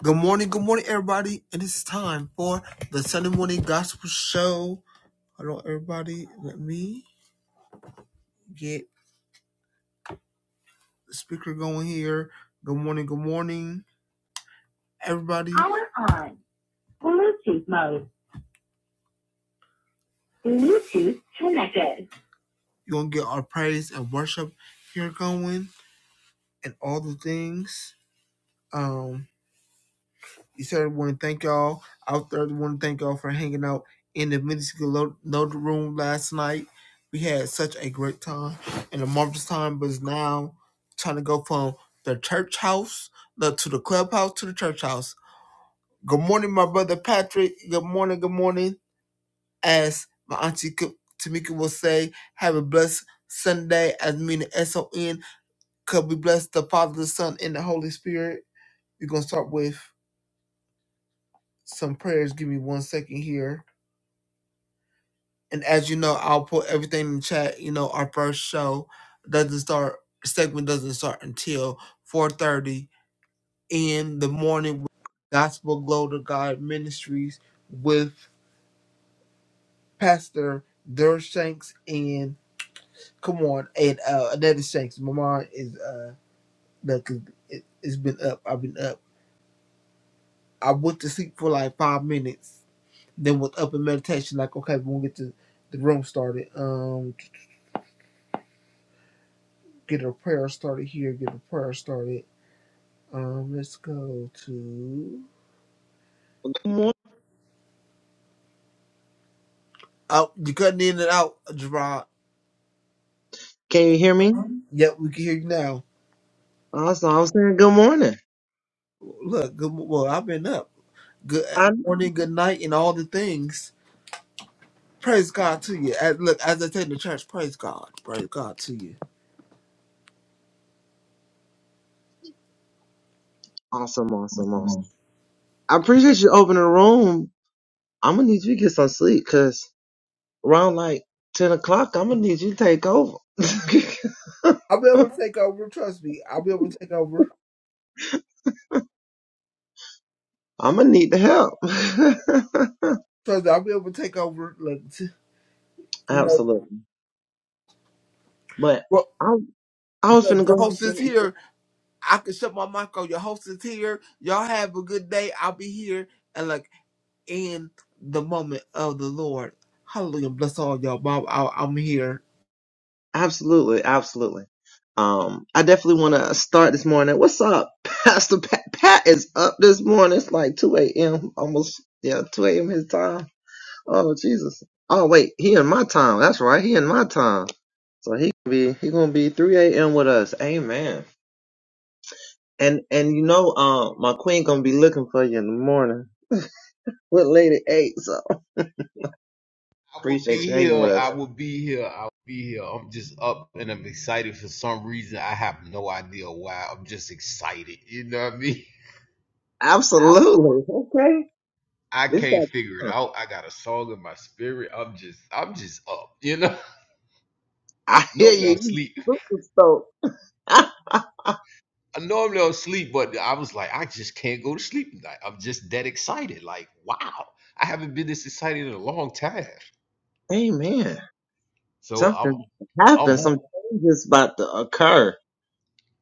Good morning, good morning, everybody. and It is time for the Sunday morning gospel show. Hello, everybody. Let me get the speaker going here. Good morning, good morning, everybody. Power on. Bluetooth mode. Bluetooth connected. You're gonna get our praise and worship here going and all the things. Um. You said I want to thank y'all out there. I want to thank y'all for hanging out in the Minuscule Lo- Room last night. We had such a great time and a marvelous time, but it's now trying to go from the church house the, to the clubhouse to the church house. Good morning, my brother Patrick. Good morning, good morning. As my auntie K- Tamika will say, have a blessed Sunday, as meaning S O N. Could we bless the Father, the Son, and the Holy Spirit? We're going to start with some prayers. Give me one second here. And as you know, I'll put everything in the chat. You know, our first show doesn't start segment doesn't start until four thirty in the morning with Gospel Glow to God Ministries with Pastor Dur Shanks and come on and uh Anetta Shanks. My mom is uh look it, it's been up. I've been up. I went to sleep for like five minutes, then was up in meditation, like, okay, we will gonna get the, the room started. Um get a prayer started here, get a prayer started Um, let's go to. Oh, you cutting in and out, Gerard. Yep, we can hear you now. Look, good. mo- Well, I've been up. Good uh, morning, good night, and all the things. Praise God to you. As, look, as I take the church, praise God. Praise God to you. Mhm. I'll be able to take over. Trust me. I'll be able to take over. Trust me. I'll be able to take over. Look, t- you know, well, the, the host is here. I can shut my mic off. Your host is here. Y'all have a good day. I'll be here. And look. in the moment of the Lord. Hallelujah. Bless all y'all. Bob, I, I'm here. I will be here. I will be here. I will be here. I'm just up and I'm excited for some reason. I have no idea why. I'm just excited. You know what I mean? Absolutely. I can't figure it out. I got a song in my spirit. I'm just, I'm just up. You know. Normally I'll sleep. I normally I'll sleep, but I was like, I just can't go to sleep tonight. I'm just that excited. Like, wow, I haven't been this excited in a long time. So I'm, I'm up.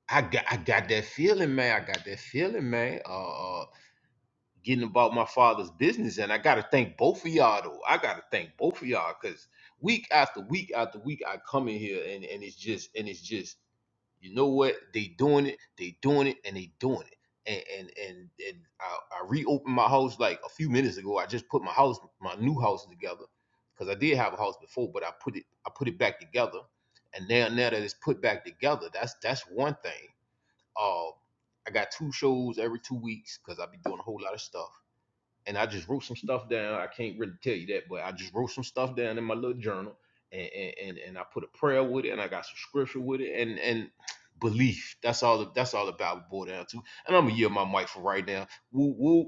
I got, I got that feeling, man. I got that feeling, man. Uh. uh, getting about my father's business. And I got to thank both of y'all, though. I got to thank both of y'all because week after week after week, I come in here and, and it's just, and it's just, you know what? They doing it, they doing it, and they doing it. And and and, and I, I reopened my house like a few minutes ago. I just put my house, my new house together because I did have a house before, but I put it, I put it back together. And now, now that it's put back together, that's that's one thing. Uh, I got two shows every two weeks because I be doing a whole lot of stuff and I just wrote some stuff down. I can't really tell you that, but I just wrote some stuff down in my little journal, and and and, I put a prayer with it, and I got some scripture with it, and and belief. That's all. That's all about it boiled down to. And I'm gonna yield my mic for right now. Whoop whoop.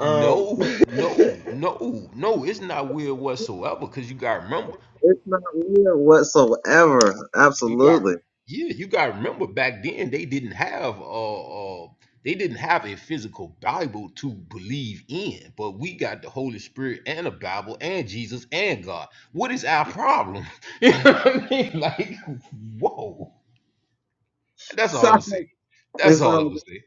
No, no, no, no. It's not weird whatsoever. Cause you gotta remember, you got yeah you got to remember back then they didn't have uh, uh they didn't have a physical bible to believe in but we got the holy spirit and a bible and jesus and god what is our problem you know what i mean like whoa that's all i'm saying that's all i'm saying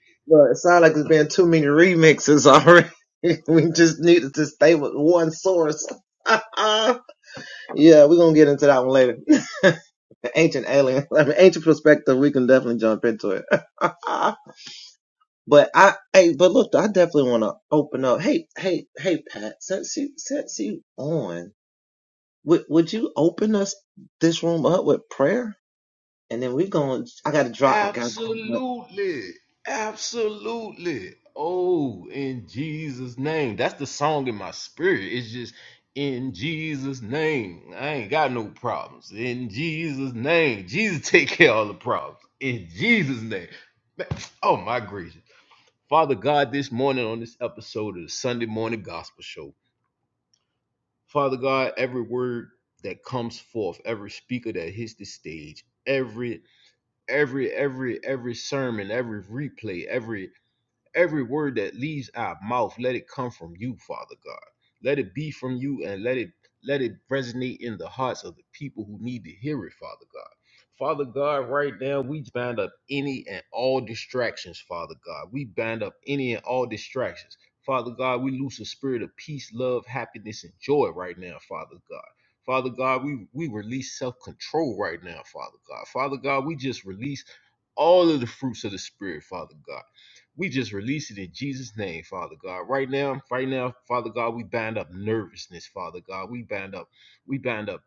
Absolutely. Absolutely. Oh, in Jesus' name. That's the song in my spirit. It's just in Jesus' name. I ain't got no problems. In Jesus' name. Jesus take care of all the problems. In Jesus' name. Ma- Oh my gracious. Father God, this morning on this episode of the Sunday morning gospel show. Father God, every word that comes forth, every speaker that hits the stage, every every every every sermon, every replay, every Every word that leaves our mouth, let it come from you, Father God. Let it be from you and let it let it resonate in the hearts of the people who need to hear it, Father God. Father God, right now we bind up any and all distractions, Father God. We bind up any and all distractions. Father God, we loose a spirit of peace, love, happiness, and joy right now, Father God. Father God, we, we release self control right now, Father God. Father God, we just release all of the fruits of the Spirit, Father God. We just release it in Jesus' name, Father God. Right now, right now, Father God, we bind up nervousness, Father God. We bind up, we bind up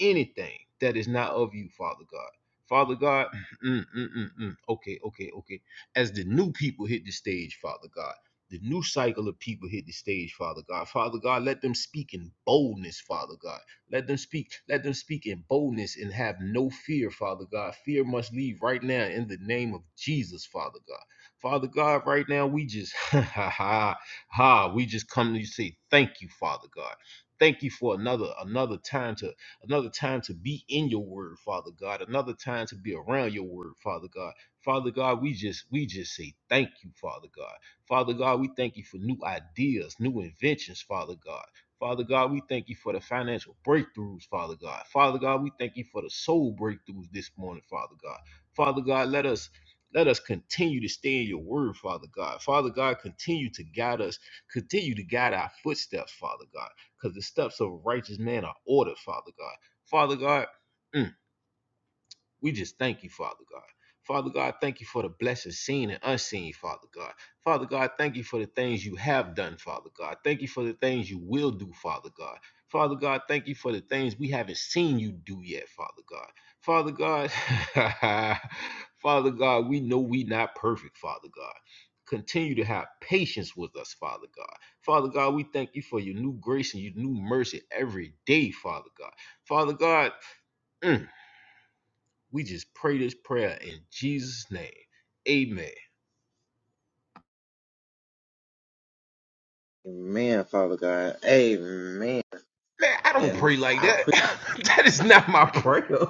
anything that is not of you, Father God. Father God, mm, mm, mm, mm. okay, okay, okay. As the new people hit the stage, Father God, the new cycle of people hit the stage, Father God. Father God, let them speak in boldness, Father God. Let them speak, let them speak in boldness and have no fear, Father God. Fear must leave right now in the name of Jesus, Father God. Father God, right now we just ha ha ha ha we just come to you say thank you, Father God. Thank you for another another time to another time to be in your word, Father God, another time to be around your word, Father God. Father God, we just we just say thank you, Father God. Father God, we thank you for new ideas, new inventions, Father God. Father God, we thank you for the financial breakthroughs, Father God. Father God, we thank you for the soul breakthroughs this morning, Father God. Father God, let us let us continue to stay in your word, Father God. Father God, continue to guide us, continue to guide our footsteps, Father God because the steps of a righteous man are ordered, Father God. Father God, mm, we just thank you, Father God. Father God, thank you for the blessings seen and unseen, Father God. Father God, thank you for the things you have done, Father God. Thank you for the things you will do, Father God. Father God, thank you for the things we haven't seen you do yet, Father God. Father God, Father God, we know we not perfect, Father God. Continue to have patience with us, Father God. Father God, we thank you for your new grace and your new mercy every day, Father God. Father God, mm, we just pray this prayer in Jesus' name. Amen. Man, I don't pray like that. that is not my prayer.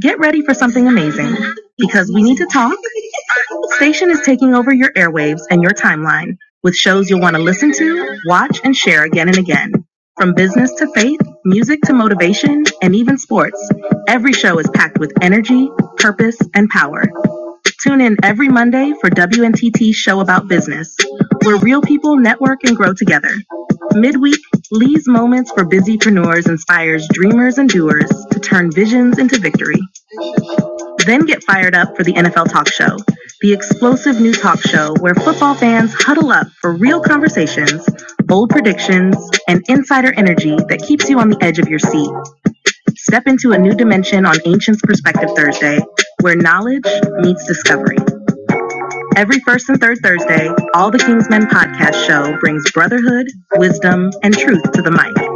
Get ready for something amazing because we need to talk. Station is taking over your airwaves and your timeline with shows you'll want to listen to, watch, and share again and again. From business to faith, music to motivation, and even sports, every show is packed with energy, purpose, and power. Tune in every Monday for WNTT's show about business, where real people network and grow together. Midweek, Lee's Moments for Busypreneurs inspires dreamers and doers to turn visions into victory. Then get fired up for the NFL Talk Show, the explosive new talk show where football fans huddle up for real conversations, bold predictions, and insider energy that keeps you on the edge of your seat. Step into a new dimension on Ancients Perspective Thursday, where knowledge meets discovery. Every first and third Thursday, All the Kingsmen podcast show brings brotherhood, wisdom, and truth to the mic.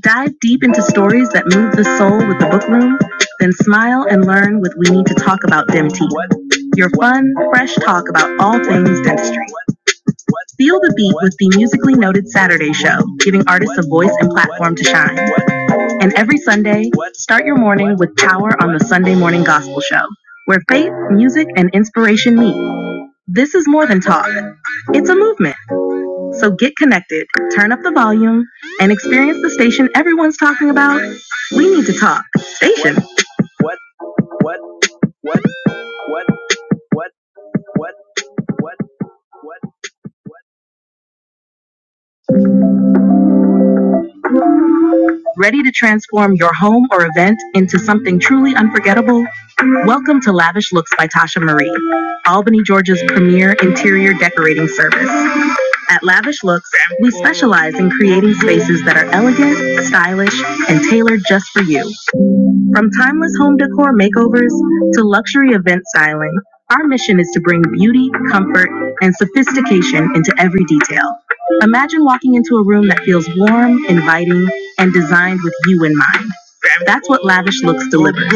Dive deep into stories that move the soul with the book room, then smile and learn with We Need to Talk About DEMT, your fun, fresh talk about all things dentistry. Feel the beat with the musically noted Saturday show, giving artists a voice and platform to shine. And every Sunday, start your morning with Power on the Sunday Morning Gospel Show, where faith, music, and inspiration meet. This is more than talk, it's a movement. So get connected, turn up the volume, and experience the station everyone's talking about. We need to talk. Station. What? What? What? What? What? What? What? What? Ready to transform your home or event into something truly unforgettable? Welcome to Lavish Looks by Tasha Marie, Albany, Georgia's premier interior decorating service. At Lavish Looks, we specialize in creating spaces that are elegant, stylish, and tailored just for you. From timeless home decor makeovers to luxury event styling, our mission is to bring beauty, comfort, and sophistication into every detail. Imagine walking into a room that feels warm, inviting, and designed with you in mind. That's what Lavish Looks delivers.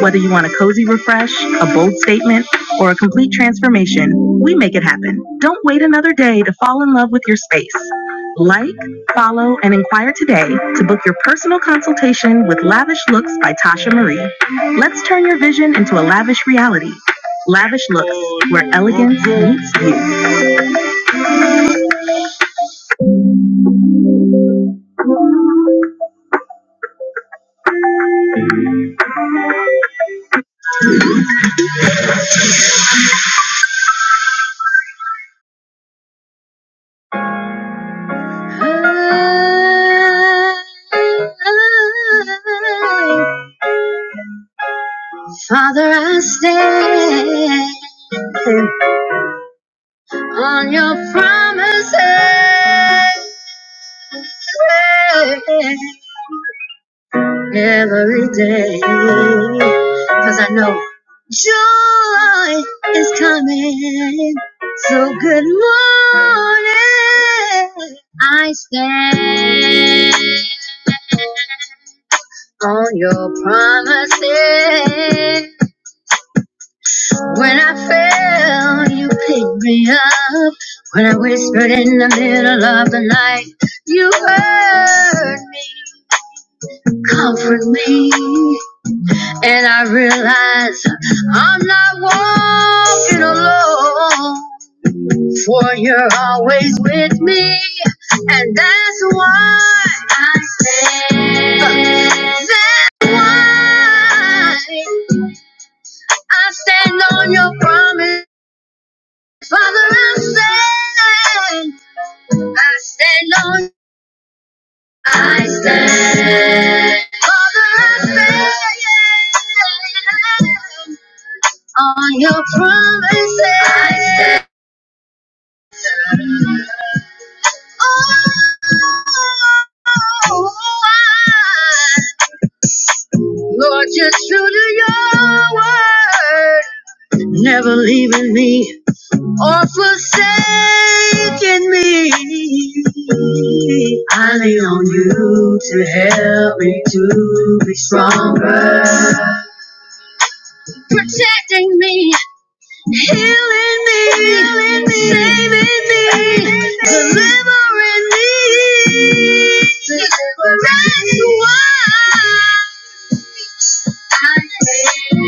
Whether you want a cozy refresh, a bold statement, or a complete transformation, we make it happen. Don't wait another day to fall in love with your space. Like, follow, and inquire today to book your personal consultation with Lavish Looks by Tasha Marie. Let's turn your vision into a lavish reality. Lavish Looks, where elegance meets you. Father, I stand on your promises. Every day, 'cause I know joy is coming. So good morning. I stand on your promises. When I fell, you picked me up. When I whispered in the middle of the night, you heard me. Comfort me. And I realize I'm not walking alone. For you're always with me. And that's why I stand. That's why I stand on your promise. Father, I stand. I stand on I stand. Father, I stand on your promises. I stand. Oh, Lord, you're true to your word, never leaving me. or forsaken me. I lean on you to help me to be stronger. Protecting me, healing me, healing me saving me, delivering me. That's why. I stand,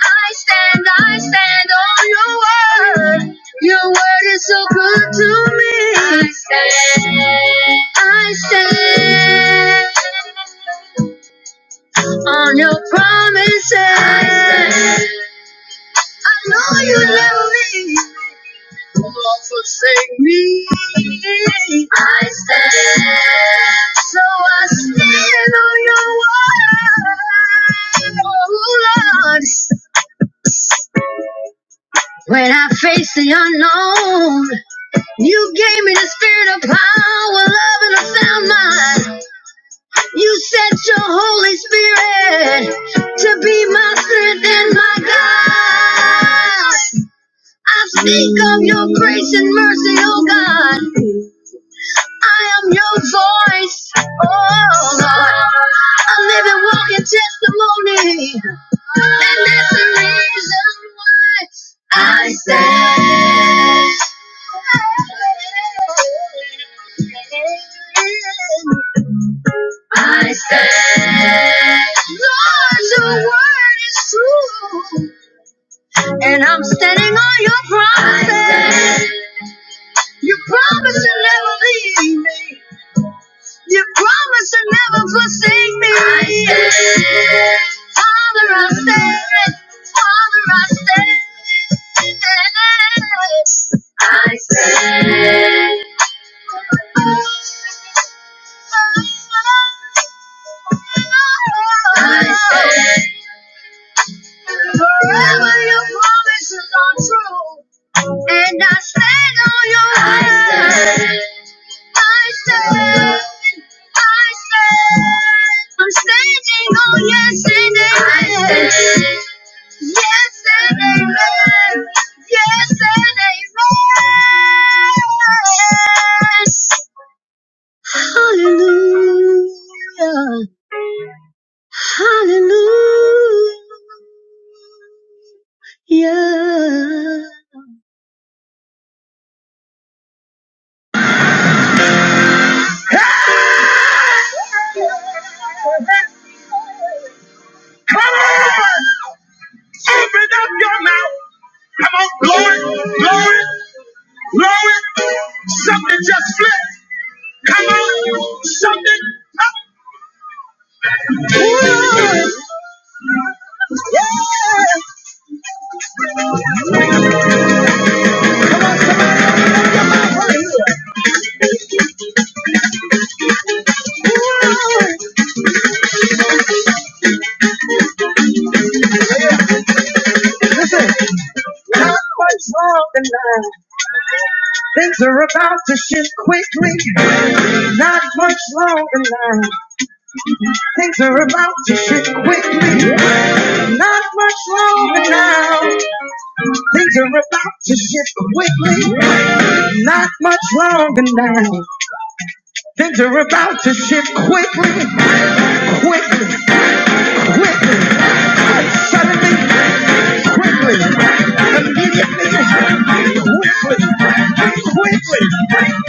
I stand I stand on your word. Your word is so good to me. I stand, I stand on your promises. I stand know you love me. Don't forsake me. I stand, so I stand on your word. Oh Lord, when I face the unknown, you gave me the spirit of power, love, and a sound mind. You sent your Holy Spirit to be my strength and my God. I speak of your grace and mercy, oh God. I am your voice, oh Lord. I live and walk in testimony, and that's the reason why I stand. I stand. Lord, your word is true, and I'm standing on your promises. You promise to never leave me. You promise to never forsake me. I stand. Father, I stand. Father, I stand. I stand. I stand. Forever your promises are true. And I stand on your I word. stand. I stand. I stand. I'm standing on yes and amen. Yes and amen. Yes and amen. Hallelujah. Hallelujah. Come on, blow it, blow it, blow it. Something just flipped. Come on, something. Ooh, yeah. not much longer now. Things are about to shift quickly. Not much longer now. Things are about to shift quickly. Not much longer now. Things are about to shift quickly. Not much longer now. Things are about to shift quickly. quickly, quickly, suddenly, quickly, immediately, quickly, quickly,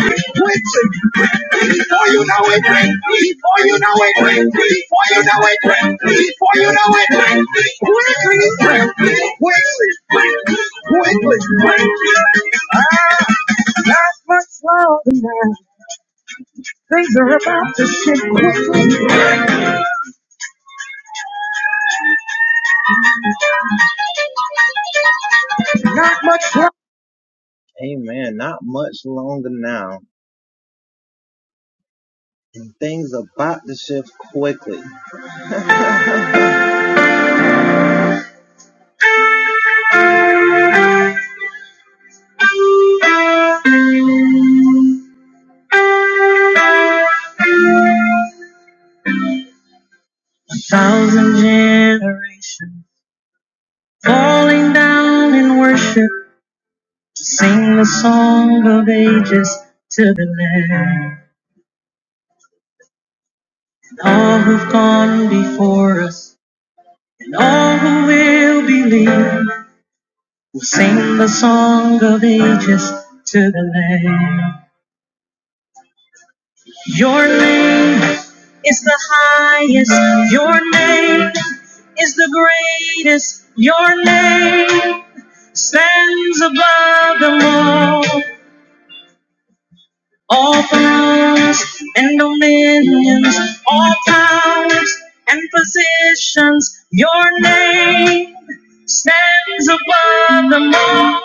quickly. Before you know it, before you know it, before you know it, before you know it, quickly, quickly, quickly. Not much slower than that. Things are about to shift quickly. Not much slower. Thousand generations falling down in worship to sing the song of ages to the Lamb. And all who've gone before us and all who will believe will sing the song of ages to the Lamb. Your name is the highest. Your name is the greatest. Your name stands above them all. all powers and dominions, all powers and positions. Your name stands above them all,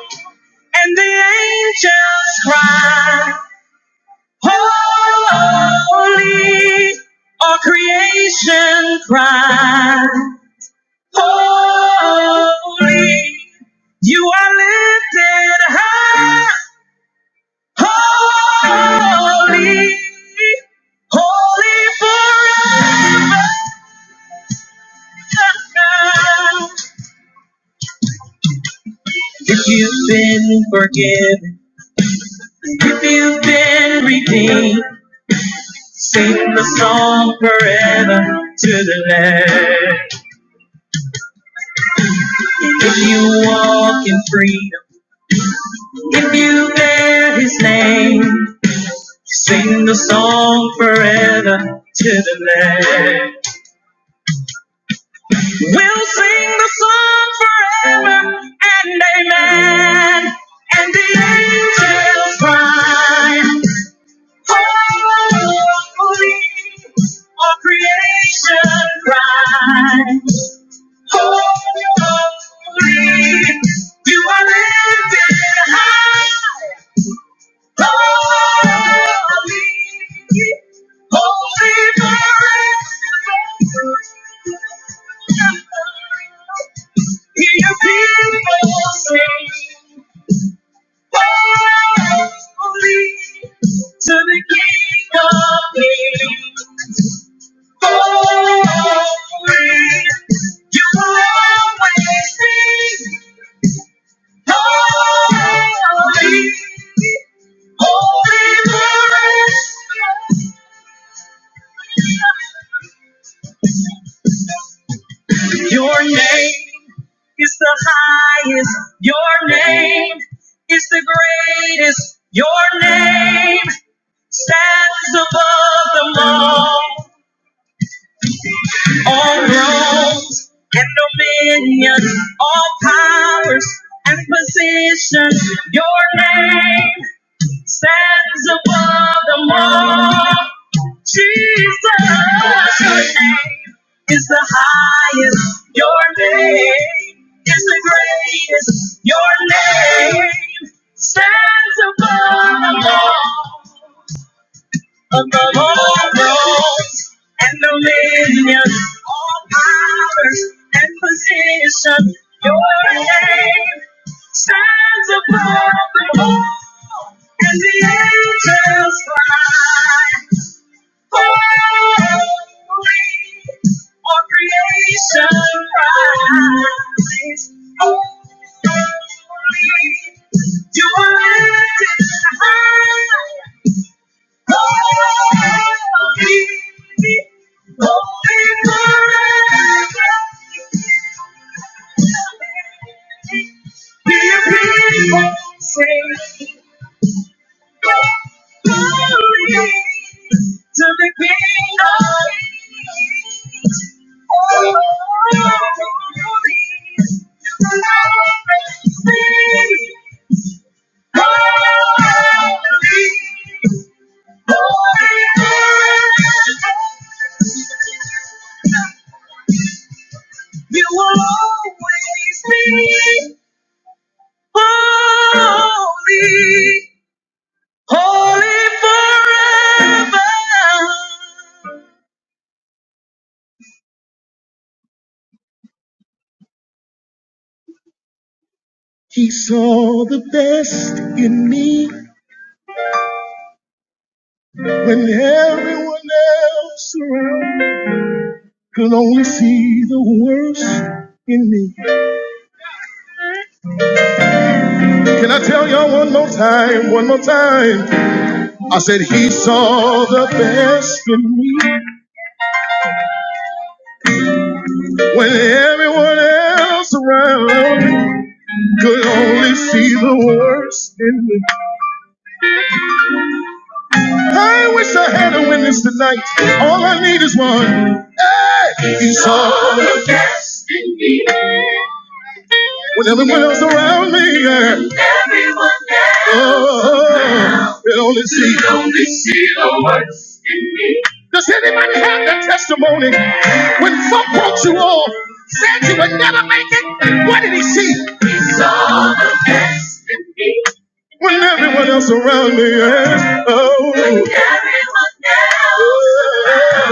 and the angels cry, Holy! All creation cry, Holy! You are lifted high, holy. holy forever now. If you've been forgiven, if you've been redeemed, sing the song forever to the Lamb. If you walk in freedom, if you bear His name, sing the song forever to the Lamb. We'll sing the song forever and amen. And the angels cry. Holy, holy, all creation cry. Holy, holy, you are lifted high. Holy, holy forever. Hear your people sing. Holy to the King of Kings. Holy, you always be holy, holy Lord. Your name is the highest. Your name is the greatest. Your name stands above them all. Dominion, all powers, position. Your name stands above the multitude. Your name is the highest. Your name is the greatest. Your name stands above them all of the Lord knows and dominion, all powers and position. Your name stands above the world, and the angels cry, Holy, all creation cries, Holy, you are lifted high. Only for me, only forever. Be your peace of mind. Only to make me happy. Only for me, to make me happy. You will always be holy, holy forever. He saw the best in me when everyone else around could only see the worst in me. Can I tell y'all one more time? One more time. I said, He saw the best in me when everyone else around could only see the worst. I wish I had a witness tonight. All I need is one. It's saw when everyone else around me. Yeah. Everyone else oh, could Could only see the worst. Does anybody have that testimony? When folk walked you off, said you would never make it, what did he see? He saw the best in me. when everyone else around me is oh. When everyone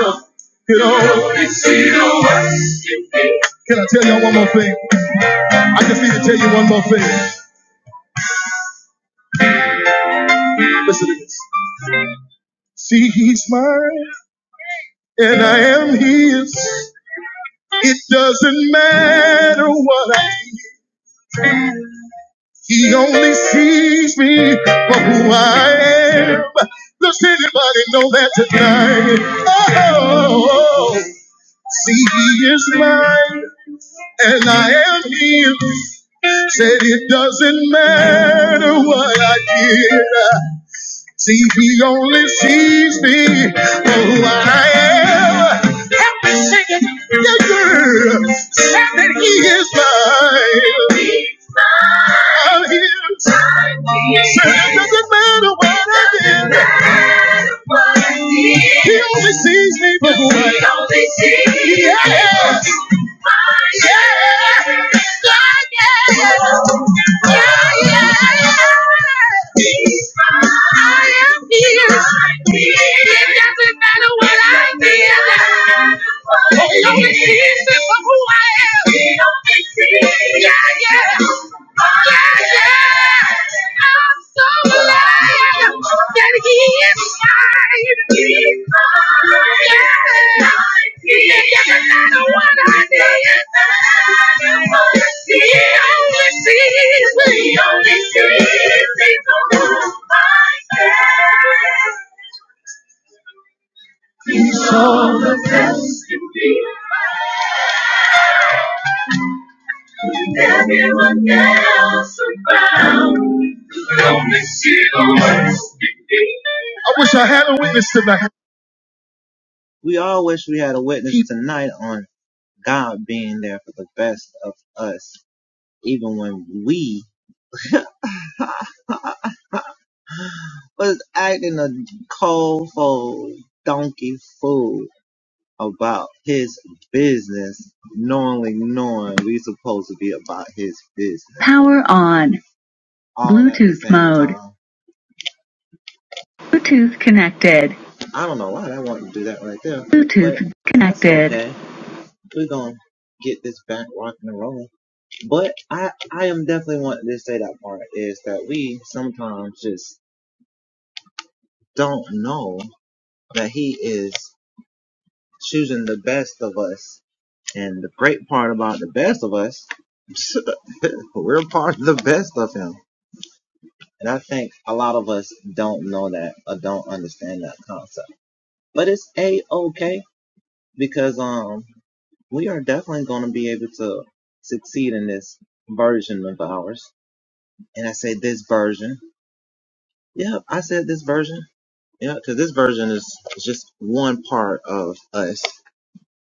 else you know. Can see the worst in me. Can I tell y'all one more thing? I just need to tell you one more thing. See, he's mine and I am his. It doesn't matter what I do. He only sees me for who I am. Does anybody know that tonight? Oh, see, he is mine and I am healed. Said it doesn't matter what I did. See, he only sees me for who I am. Help me sing it, yeah, yeah. Said that he is mine. He's mine. I'm healed. Said it doesn't matter what I did. Matter what I did. He only sees me for who I am. He only sees me. Yeah. Yeah, yeah. Yeah, yeah. I'm so alive that he is mine. He's mine. Yeah. He doesn't matter what I did. He only sees me. He only sees me for who I am. He saw the test in me. Everyone else around. I wish I had a witness tonight. Power on. Bluetooth connected. Bluetooth. Connect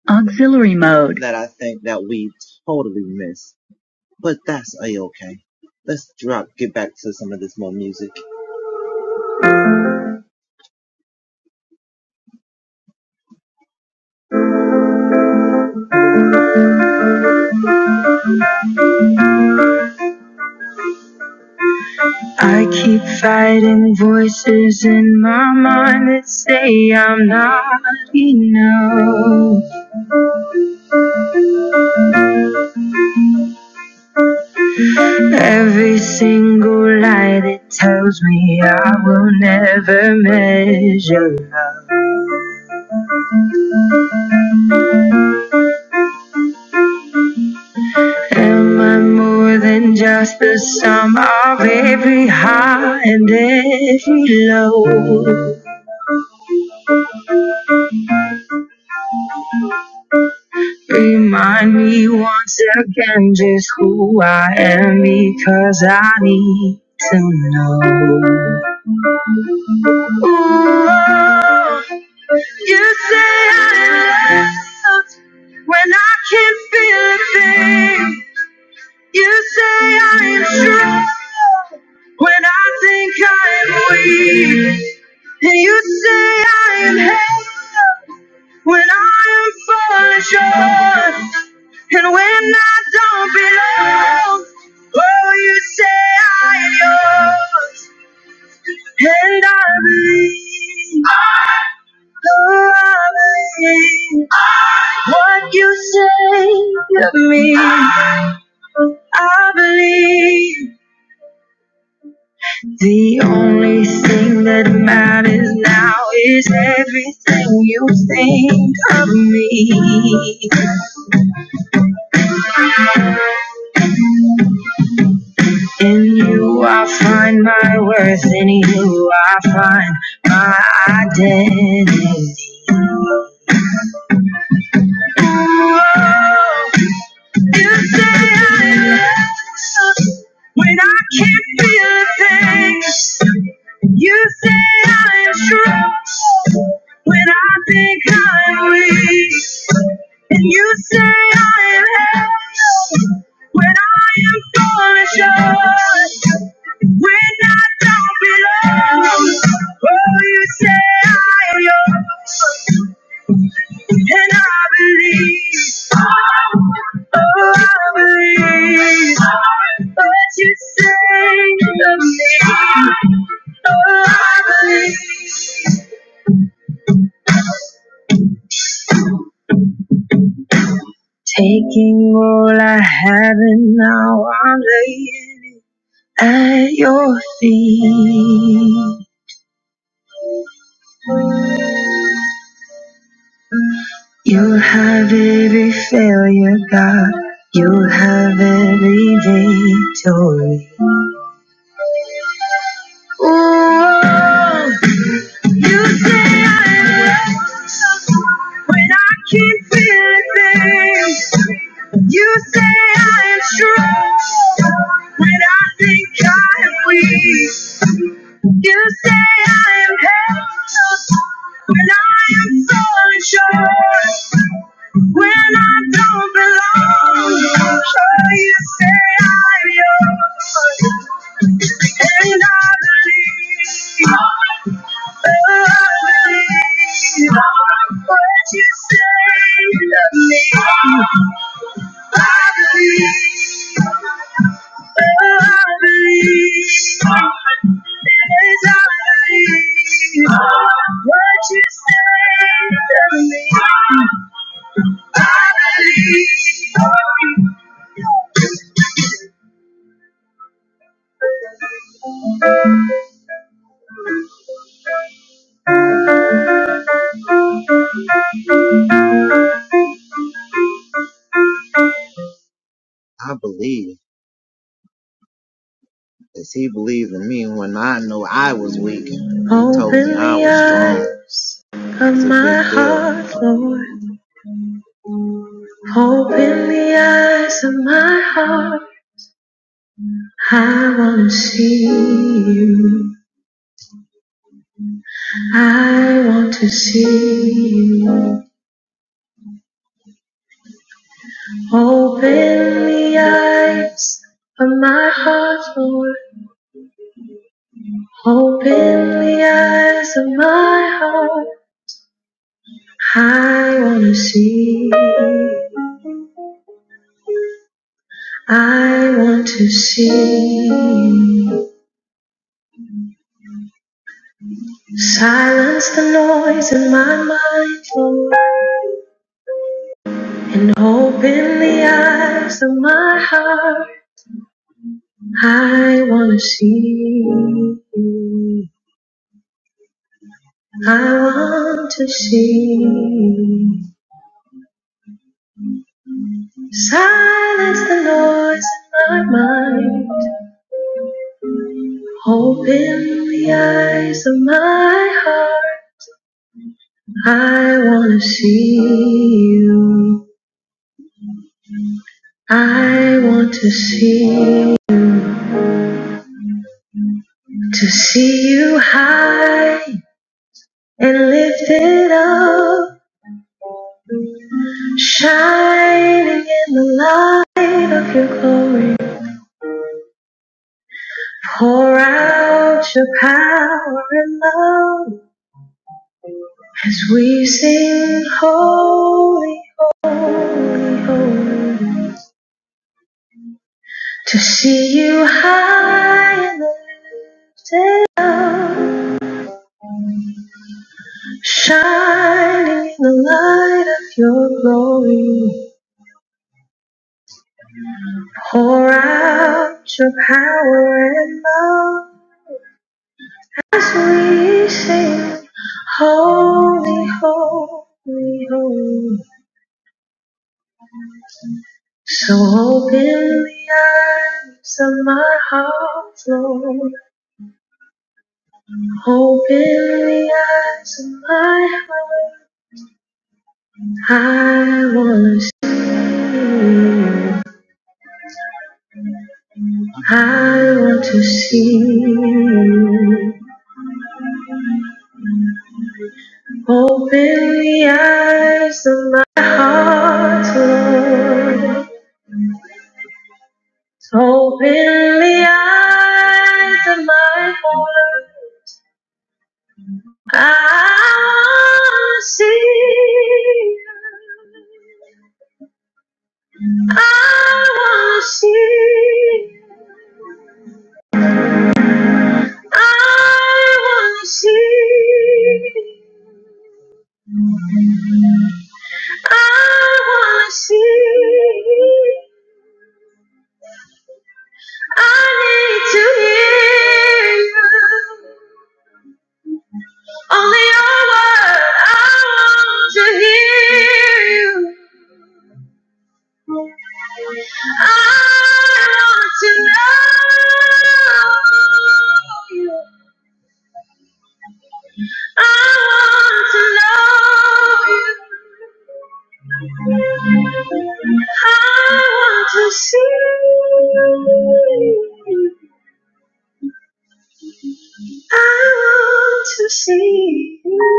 Auxiliary mode. I'm not enough. Every single lie that tells me I will never measure. Am I more than just the sum of every high and every low? Remind me once again just who I am because I need. Ooh, you say I'm loved. When I can't feel a thing, you say I am strong. I think I am weak. You say I am held when I am falling short. And when I don't belong, oh, you say I am yours. And I believe, oh, I believe what you give me. You I find where I find my identity. when I can't feel things. You say I am strong when I think I'm weak. And you say I am held. when I am falling short. When I don't belong, oh, you say I am yours. I believe. I believe. Taking all I have and now I'm laying at your feet. You have every failure, God. You have every day to keep feeling. things. You say I am strong when I think I am weak. You say I am helpless when I am so unsure. When I don't belong, oh, you say I'm yours, and I believe, oh, I believe what you say to me. I believe. Open the eyes of my heart, Lord. Open the eyes of my heart. I wanna see, I want to see. Silence the noise in my mind. I want to see. Silence the noise in my mind. Hoping to see you high and lift it up. Shining in the light of your glory. Pour out your power and love. We sing holy, holy, holy to see you high and lifted up, shining in the light of your glory. Pour out your power and love as we sing holy, holy, holy. So open the eyes of my heart, Lord. Open the eyes of my heart. I wanna see you. I want to see you. Open the eyes of my heart, Lord. Open the eyes of my heart. I wanna see you. I wanna see you. I wanna see. I wanna see. I need to hear you. Only your word. I want to hear you. I want to know you. I want to know you. I want to see you. I want to see you.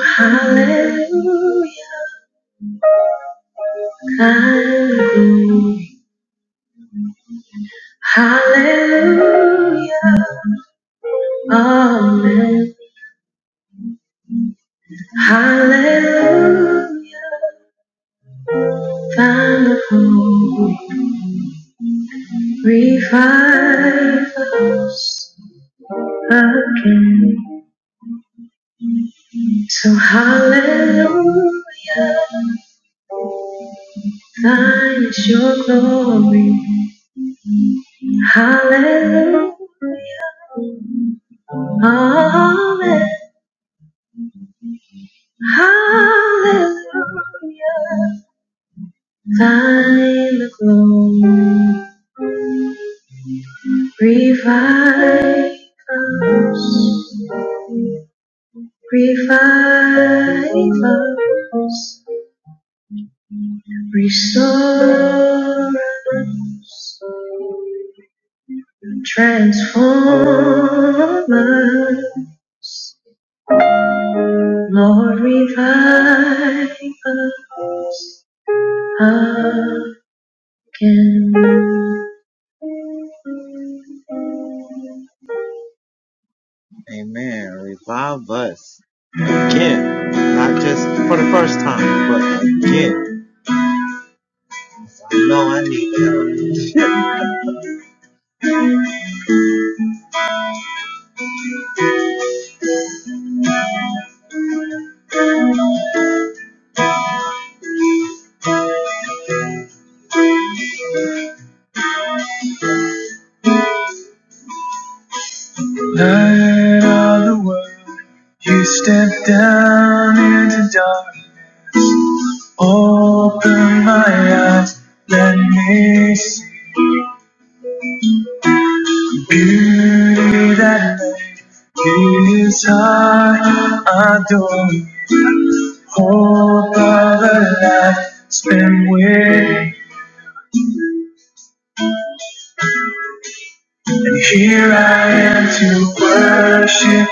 Hallelujah. Hallelujah. Amen. Hallelujah. find the hope. Revive again. So hallelujah, thine is your glory. Hallelujah, hallelujah, hallelujah, thine the glory. Revive us, revive us, restore us, transform us. Light of the world. You step down into dark, open my eyes, let me see beauty that it is hard, adore. Hope of a life spent with, and here I am to worship,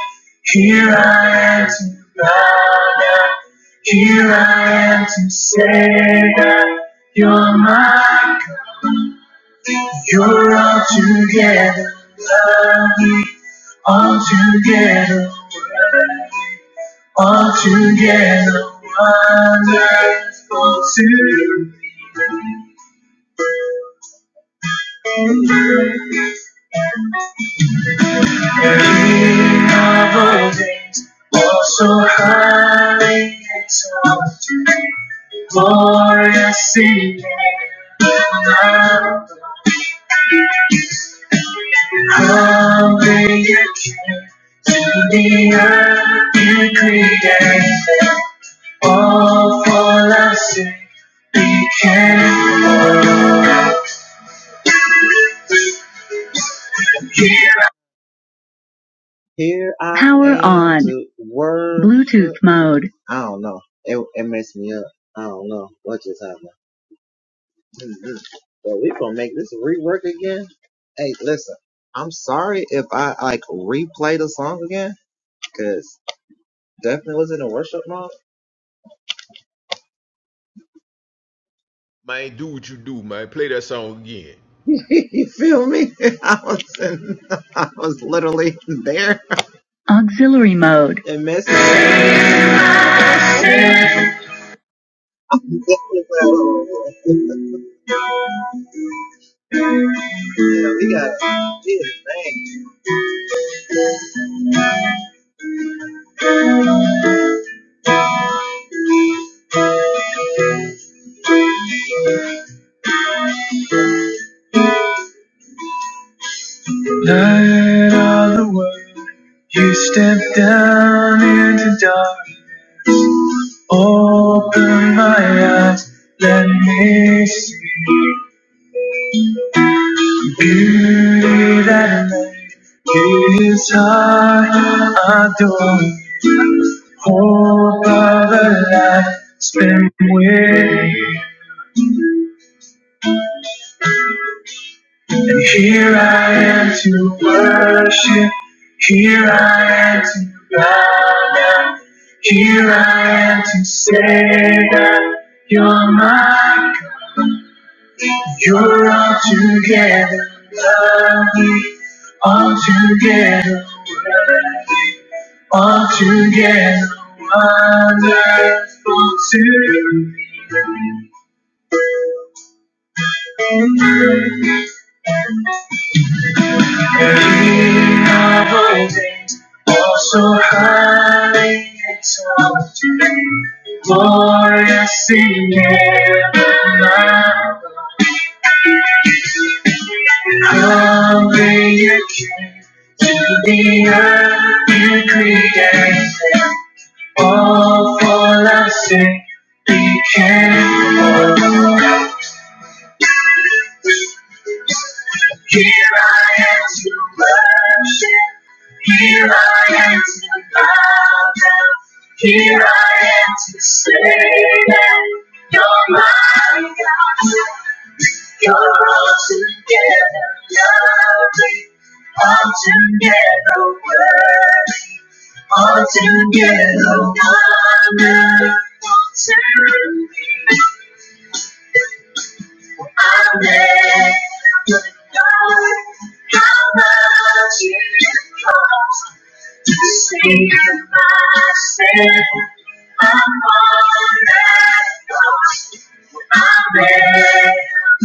here I am to bow down, here I am to say that you're my. You're all together, all together, all together. Wonderful to double day. So high, glorious in humbly to the earth you created. All for us if we can. Bluetooth mode, Man, do what you do, man. Play that song again. auxiliary mode. Light of the world, you step down into dark. Open my eyes, let me see beauty that is I adore. Hope of a life spent with you. And here I am to worship, here I am to bow down, here I am to say that you're my God. You're altogether lovely, altogether worthy, altogether wonderful to me. King of all things, oh so highly exalted, glorious in heaven, now. Humbly you came to the earth you created, all for love's sake. together work. All together honor. Serving. Amen. Lord, how much it cost to save myself. I'm on that cross. Amen.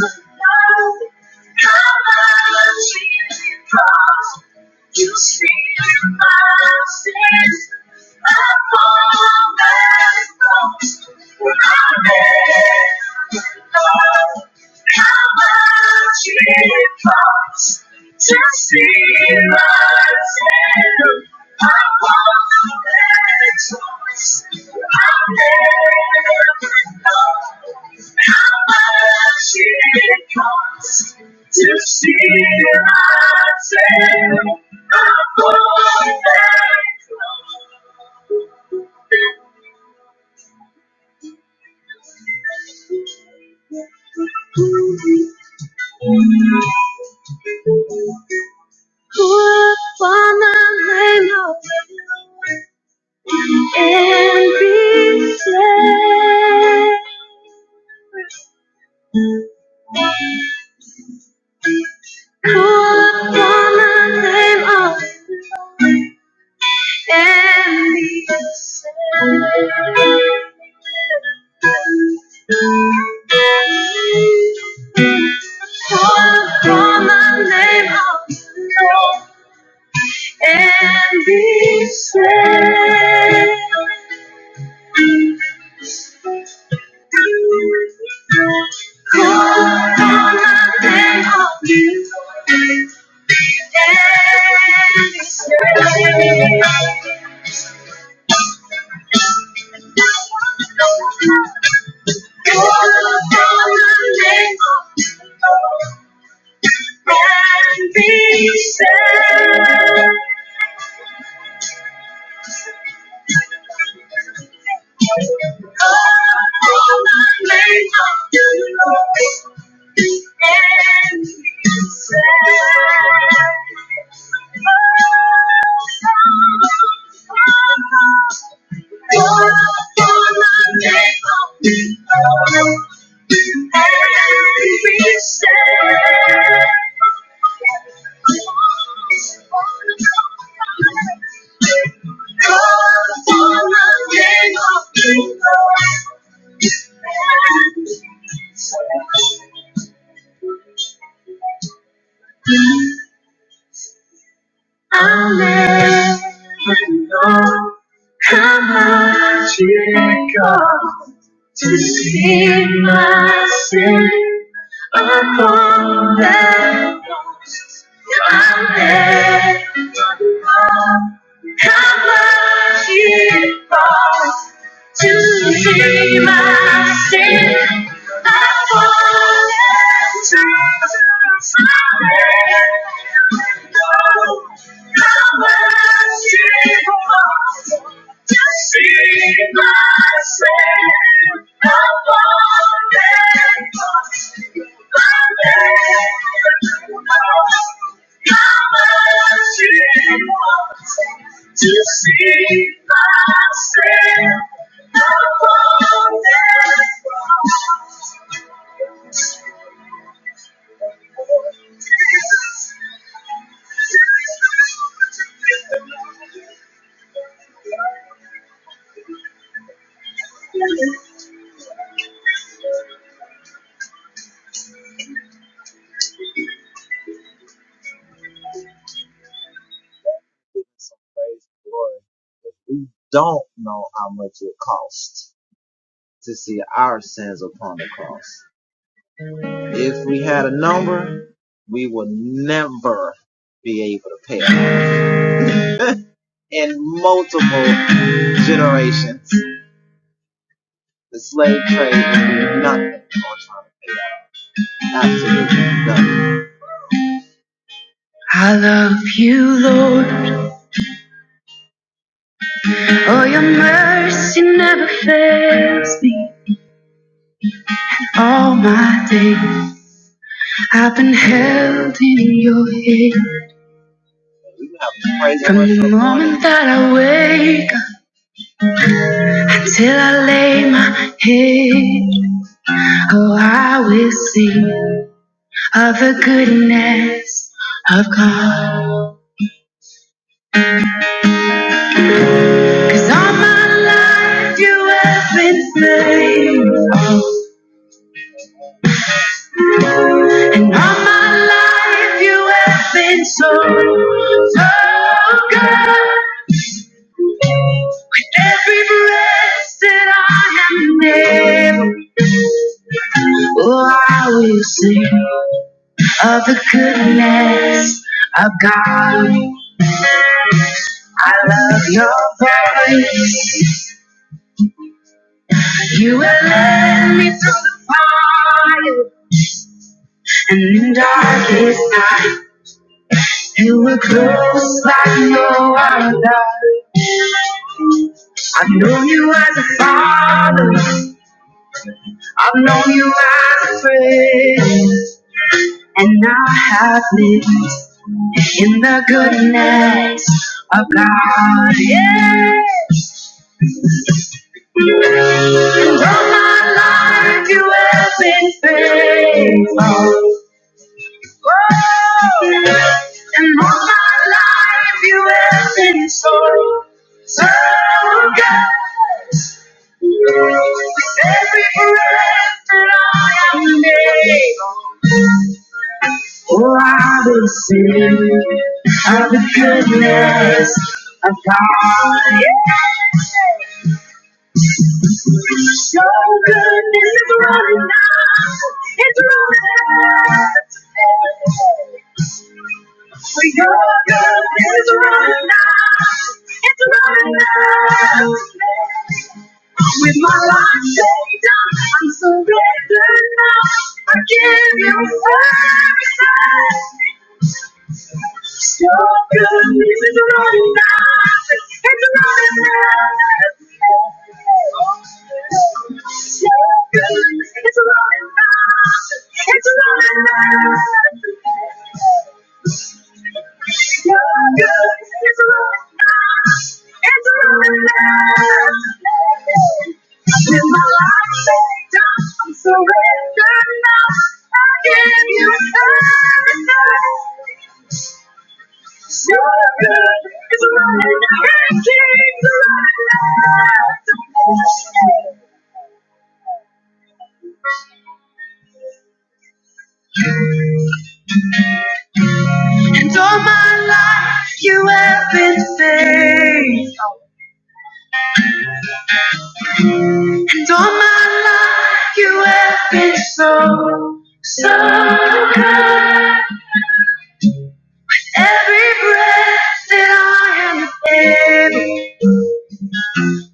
Lord, how much it cost. You see my sins, my fall back when I let go. How much it costs to see my sin, I won't let it I never know. How much it costs to see myself upon that cross. Put the name of and be saved. Put the name of and be saved. Call on the name of you and be saved. Call on the name of you and be saved. Thank you. I'll let you know how much it costs to see my sin upon that cross. I'll let you know how much it costs. to free myself. I fall into something. No, no mercy for us to See myself above and to see myself above the moment that you have been slain, all my life and in darkest night, you were close like no other. I've known you as a father, I've known you as a friend, and now I have lived in the goodness of God. Yeah. And all my life you have been faithful. Someday Oh, I will sing of the goodness. Your goodness is running out. Your goodness is running out. It's running out. My life they done now. I give you thanks. Goodness is running out. It's running out. Your goodness is running out. It's running out.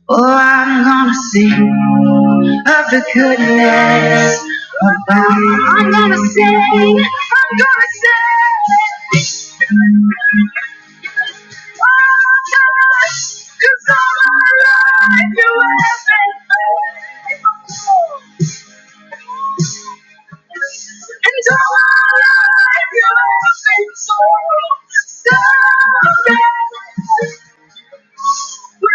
Oh, I'm gonna see the goodness. I'm gonna see. And all my life, you have been so so bad. Just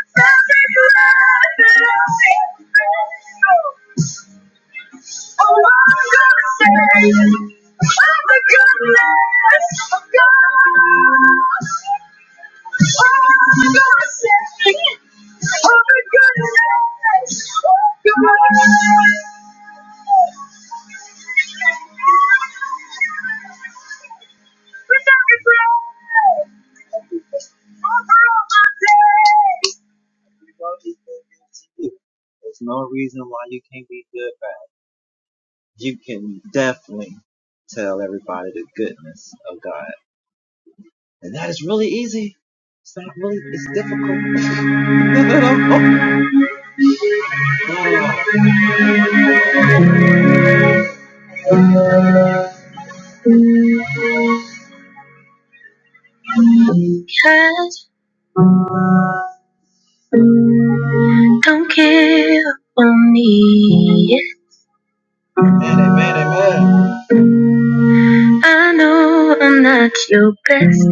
don't care for me. I know I'm not your best.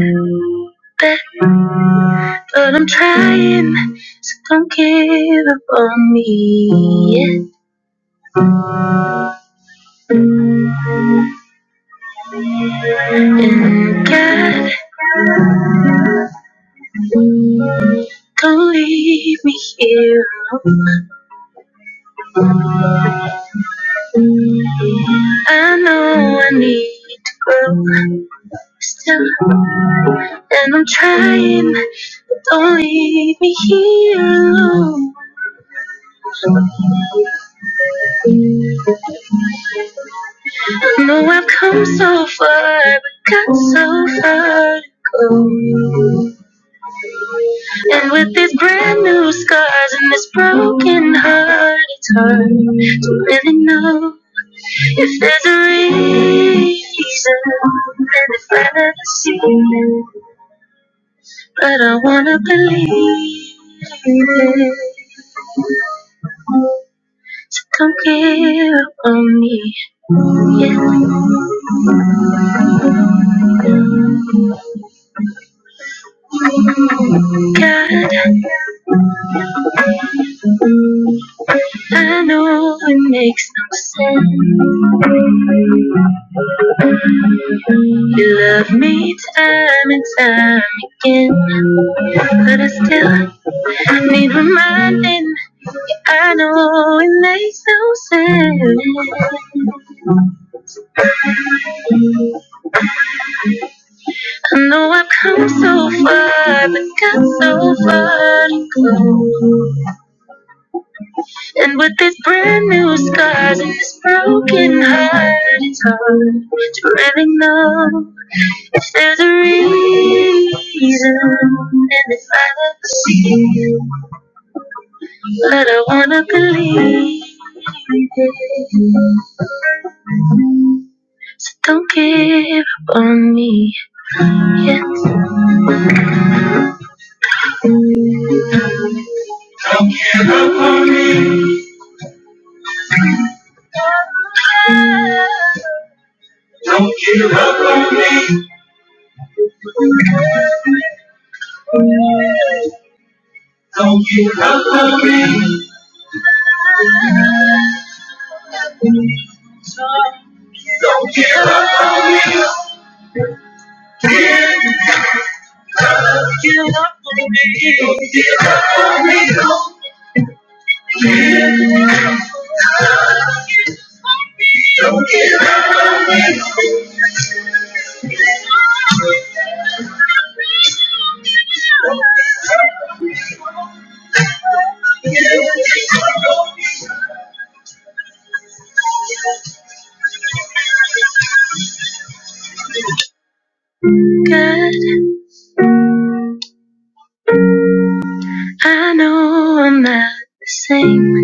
I'm trying for you so far. And with these brand new scars and this broken heart, it's hard to really know if there's a reason. And if I never see it, but I believe it. So far, but got so far. And with these brand new scars and this broken heart, it's hard to really know if there's a reason. And if I don't wanna believe, don't give up on me. Don't give up on me. Don't give up on me. Don't give up on me. Don't give up on me. Don't give up on me. I know I'm not the same,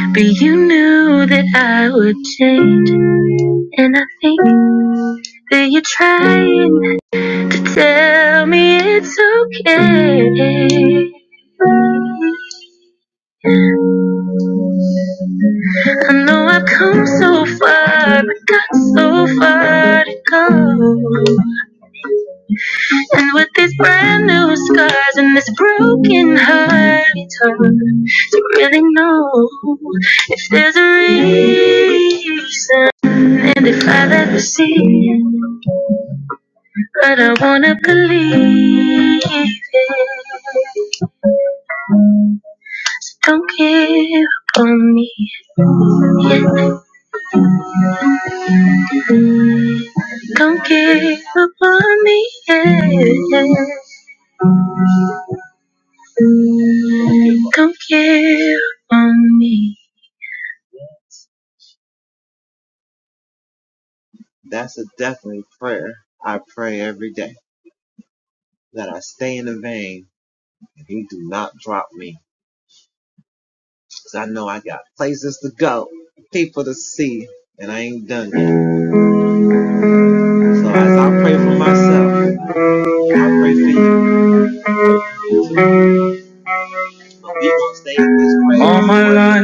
but you knew that I would change. And I think that you're trying to tell me it's okay. So far, but not so far to go and hurt. But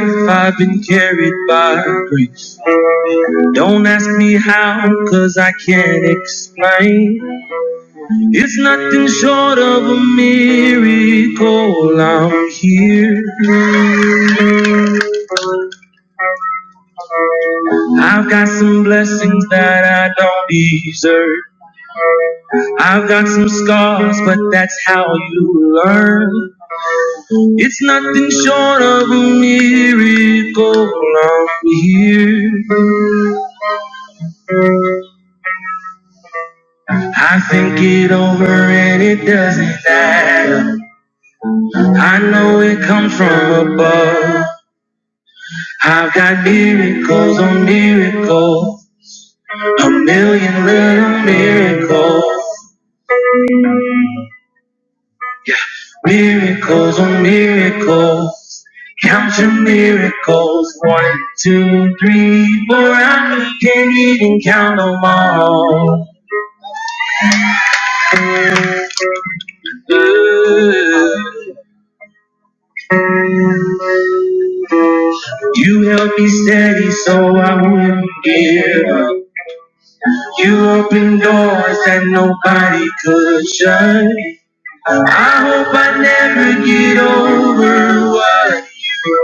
if I've been carried by grace, don't ask me how, cause I can't explain. It's nothing short of a miracle. I'm here. I've got some blessings that I don't deserve. I've got some scars, but that's how you learn. It's nothing short of a miracle. I'm here. I think it over and it doesn't add up. I know it comes from above. I've got miracles on miracles, a million little miracles, miracles on miracles. Count your miracles, one, two, three, four. I can't even count them all. Ooh. You held me steady so I wouldn't give up. You opened doors that nobody could shut. I hope I never get over what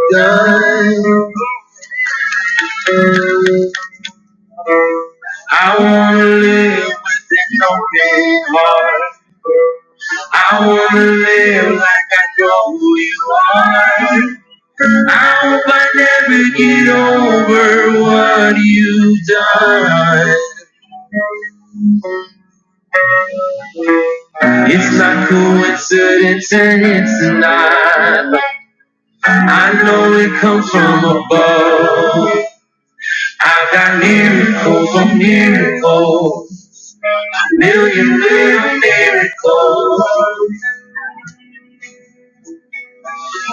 you have done. I wanna live, I wanna live like mine. I hope I never get over what you've done. It's not coincidence and it's not. I know it comes from above. I got miracles on miracles, million little miracles,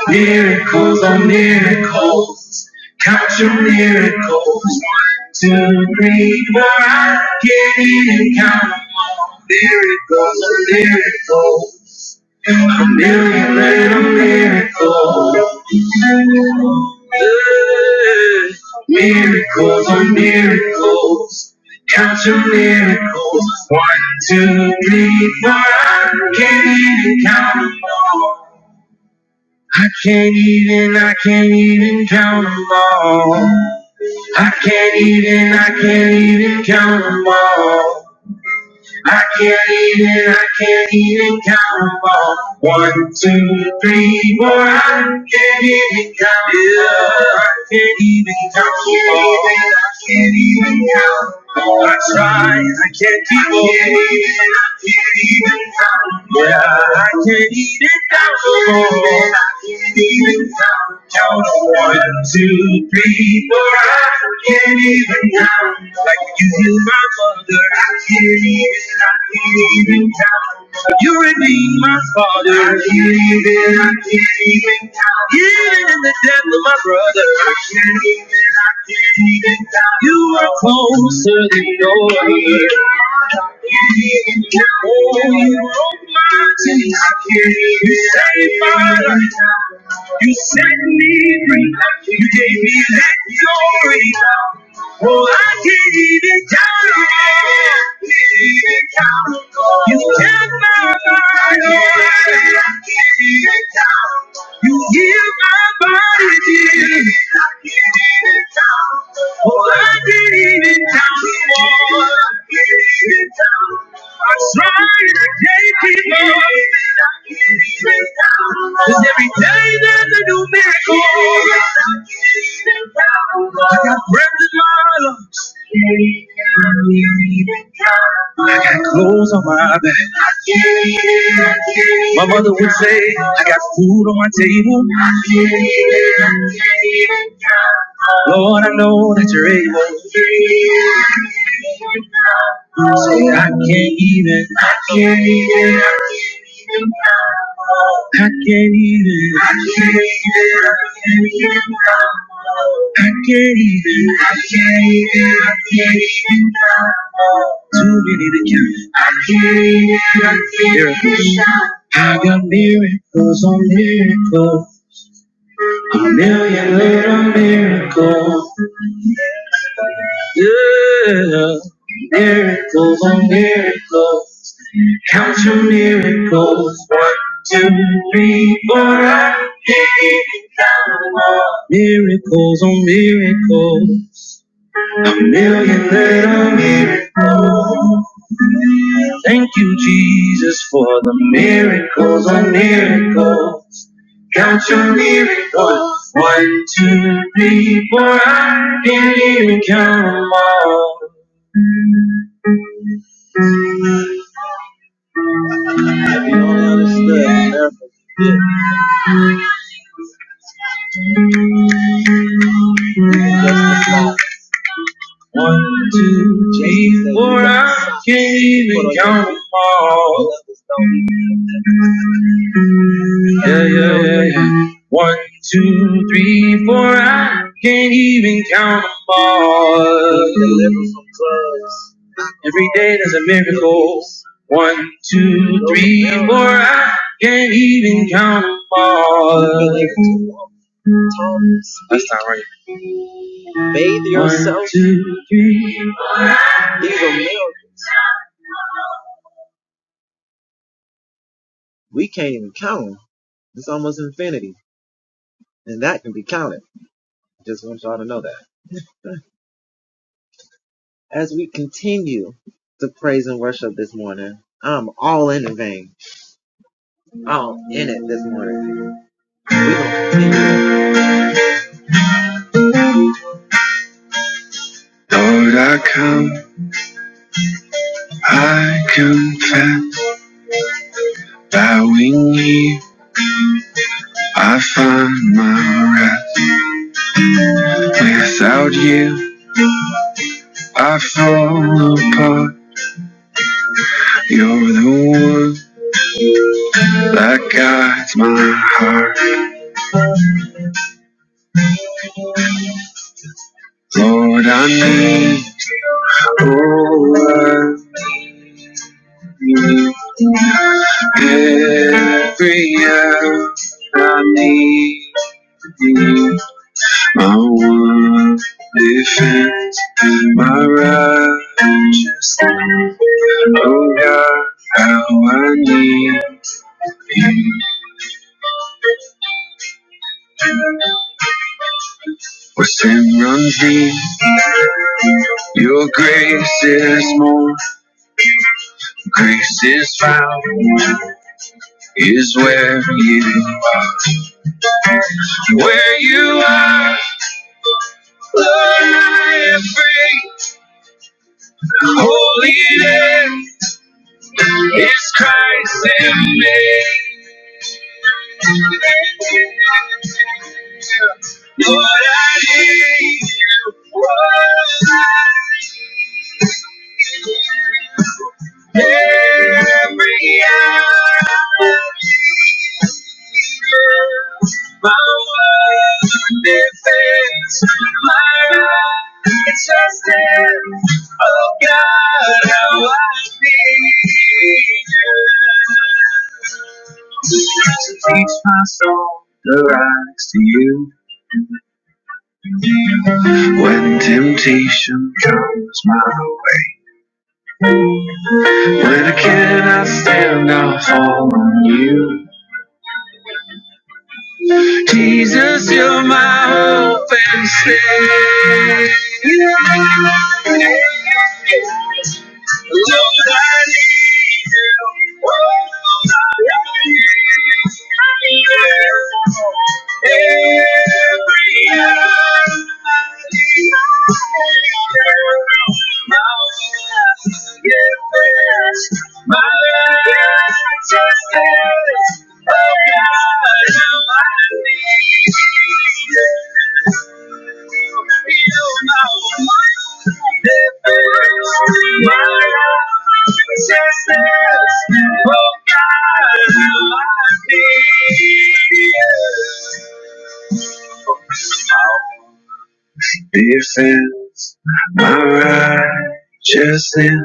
miracles on miracles. Count your miracles. One, two, three, four. I get it and count. miracle, a miracle, a miracle, a miracle. Yeah. Miracles on miracles, count your miracles. One, two, three, four. I can't even count them all. I can't even, I can't even count them all. I can't even, I can't even count them all. I can't even, I can't even count 'em all. One, two, three, four. I can't even count 'em all. I can't even count 'em all. I can't even count 'em all. I try, I can't keep 'em. I can't even, count. can all. Yeah, I can't even count 'em all. I can't even count 'em count on one, two, can't even count. I can't even, I can't the death of my brother. are closer than gold. Oh, you glorify the Hebrew in that glory. Oh, I can't even count it. Can't even count it. You kept my mind. I can't even count. You got it did. I can't even count. Oh, I can't even count. I can't even count. I sleep. on. Cause every day there's a new miracle. I got breath in my I got clothes on my back. My mother would say, I got food on my table. Lord, I know that you're able. Say, I can't even. I can't even. I can't even. I can't even. I can't. Too many to count. I can't Miracles. I got miracles on miracles. Million little miracles. Yeah. Miracles on miracles. Count your miracles. One, two, three, four. I can't even count them all. Miracles on miracles. A million little miracles. Thank you, Jesus, for the miracles on miracles. Count your miracles. One, two, three, four. I can't even count them all. One, two, three, four. I can't even count them all. Yeah, yeah, yeah, yeah. One, two, three, four. I can't even count them all. Deliver Every day there's a miracle. One, two, three, four. I can't even count them all. That's not right. Two, three, four. Every hour I need you. My one defend my refuge. Oh God, how I need. Where sin runs deep, your grace is more. Grace is found. is where you, where you are. Glory and free, holiness is Christ in me. It's but how I feel. Jesus, you're my hope and stay. My life just says, oh God, I need you. You know my this is my righteousness.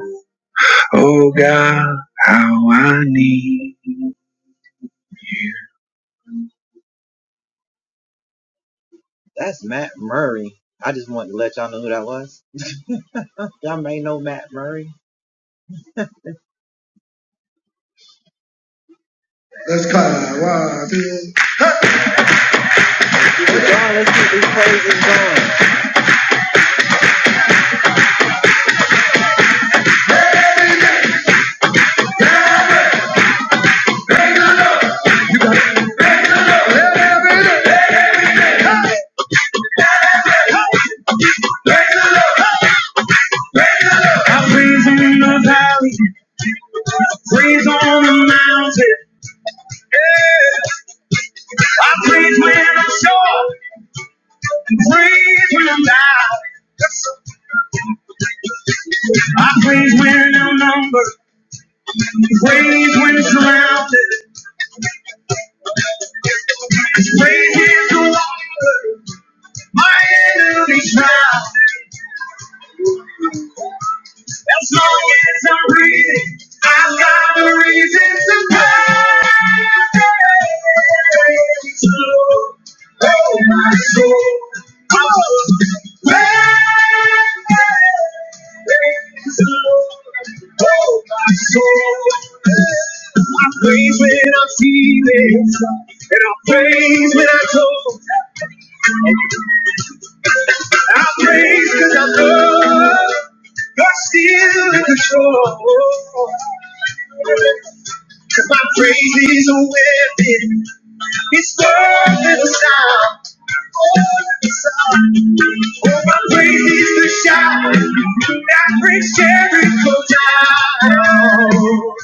Oh God, how I need. I praise him in the valley, praise on the mountain. I praise when I'm short, praise when I'm down. I praise when I'm numbered, praise when surrounded. Radiant through these nights I'm breathing. I'm a reason to praise. Oh, my soul. Oh, praise the Lord. Oh, my soul. Jesus. And I praise when I go. I praise because I know you're still in control. Cause my praise is a weapon. It's worth the sound. Oh, my praise is the shout that brings Jericho down.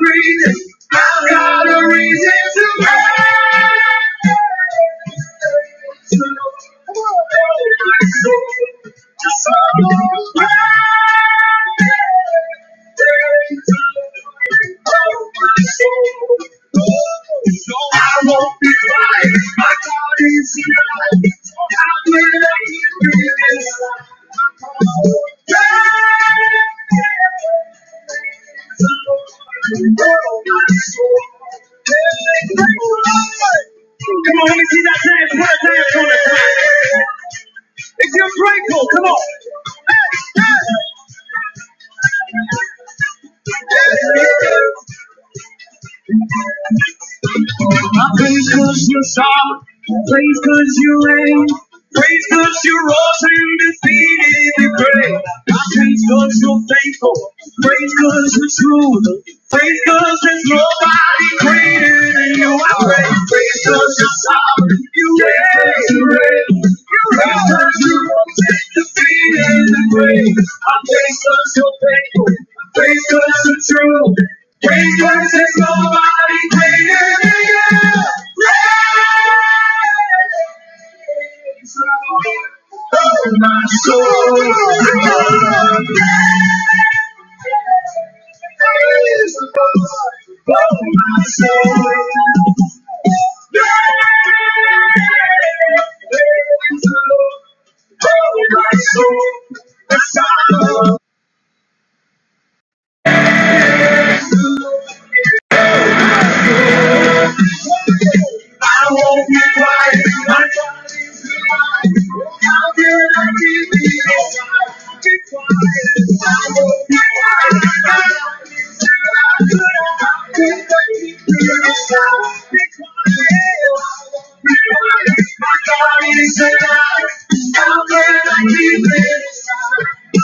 breathing. I've got a reason to praise. Just so I won't be quiet. My God is here. I will let you be this. Come on, let me see that dance. Put a dance on it. If you're grateful, come on. Hey, hey. I praise cause you shot, praise cause you reign, praise cause you rose and defeated the grave. I praise cause you're faithful, praise cause you're true, praise cause there's nobody greater than you. I praise, praise cause you're sovereign, you reign, you Praise cause you rose and defeated the grave. I praise cause you're faithful, praise cause you're true. Because there's nobody greater than you. Praise the Lord. Oh, my soul. Praise the Lord. Oh, my soul. Praise the Lord. Oh, my soul. That's our Lord. I won't be quiet. My God is alive. How can I be the I'll be quiet. I won't be quiet. My God is alive. How can I be the I'll be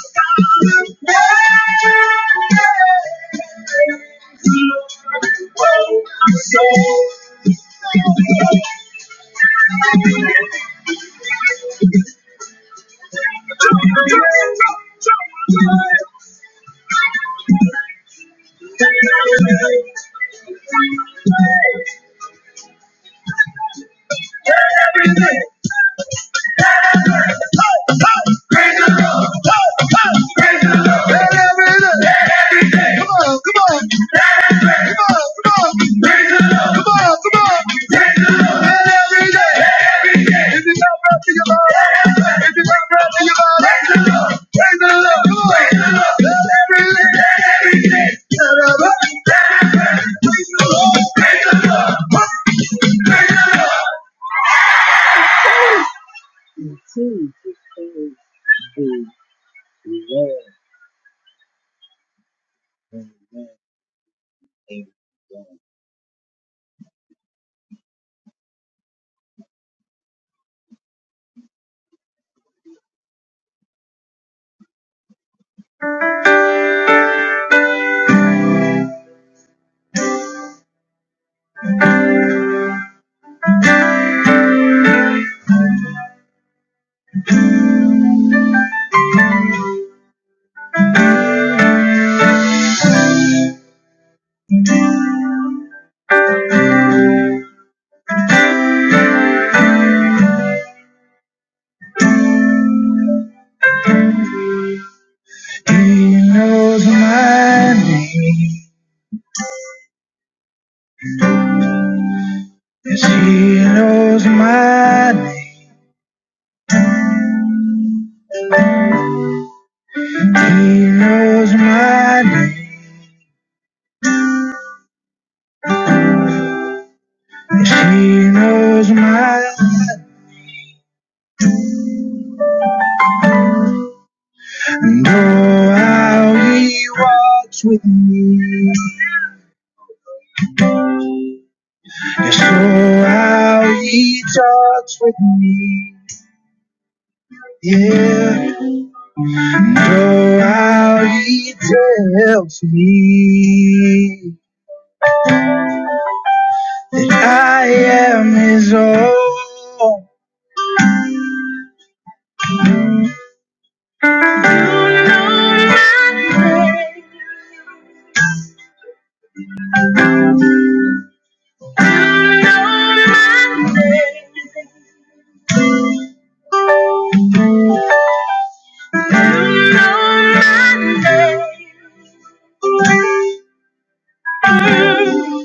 quiet. I won't be quiet. My God is alive. How can I be this? Come on, come on, come on, come on, come on, come on. Is it not breath in your lungs? Is it not breath in your lungs? Raise it up, raise it up, raise it up. Let every leg get up. Praise the Lord, praise the Lord, praise the Lord. He knows my name. Yes, He knows my name. He knows my name. Yes, He knows my name. And oh, how He walks with me. You know how he talks with me. Yeah. You know how he tells me that I am his own. I know my name.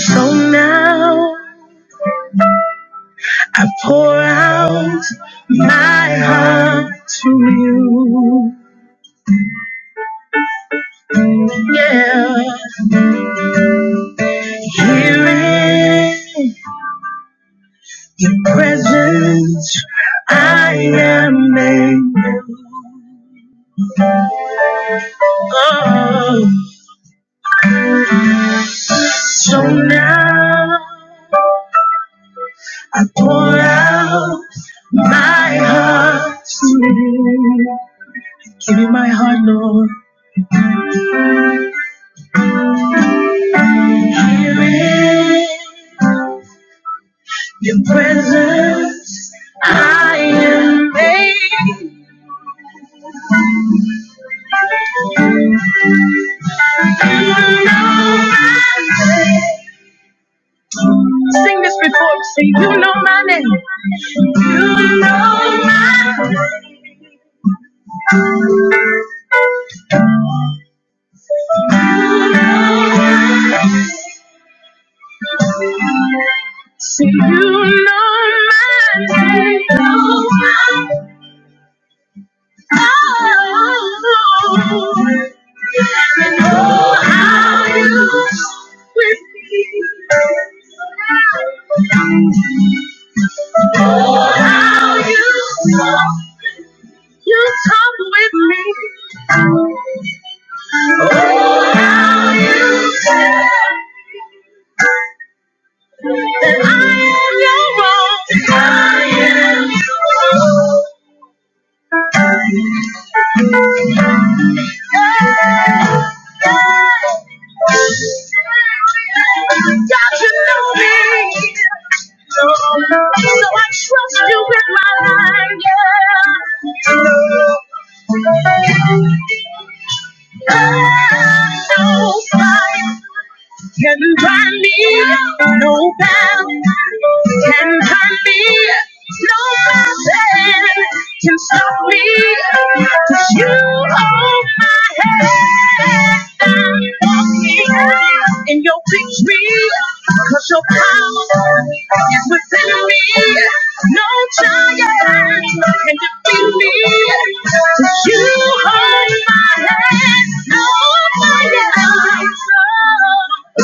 So now I pour out my heart to you. Yeah, here in your presence, I am made. new. Oh, so now I pour out. My heart to you. Give me my heart, Lord. Here in your presence. I may sing this before you say, You know my name. You know my name. You know my name. You know how you talk with me. How you talk. You talk with me. Oh, how you talk. that I am your own. that I am your own. God, you know me. So I trust you with my life. Yeah. Oh, by me, no bound can by me. No mountain can stop me. 'Cause you hold my hand. I'm walking in your victory, 'cause your power is within me. No giant can defeat me. 'Cause you hold my hand. No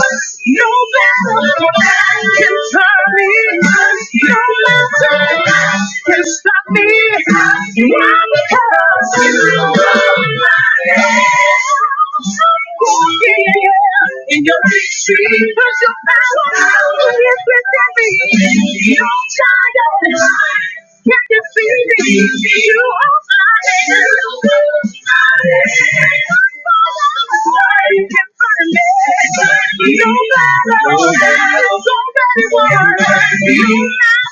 fire no man can turn me. No mountain can stop me. Why? Because you are my head. in your victory. Because your power is within me. You're giant. Can you You You you're You me? me. are are my find No matter what, you're not gonna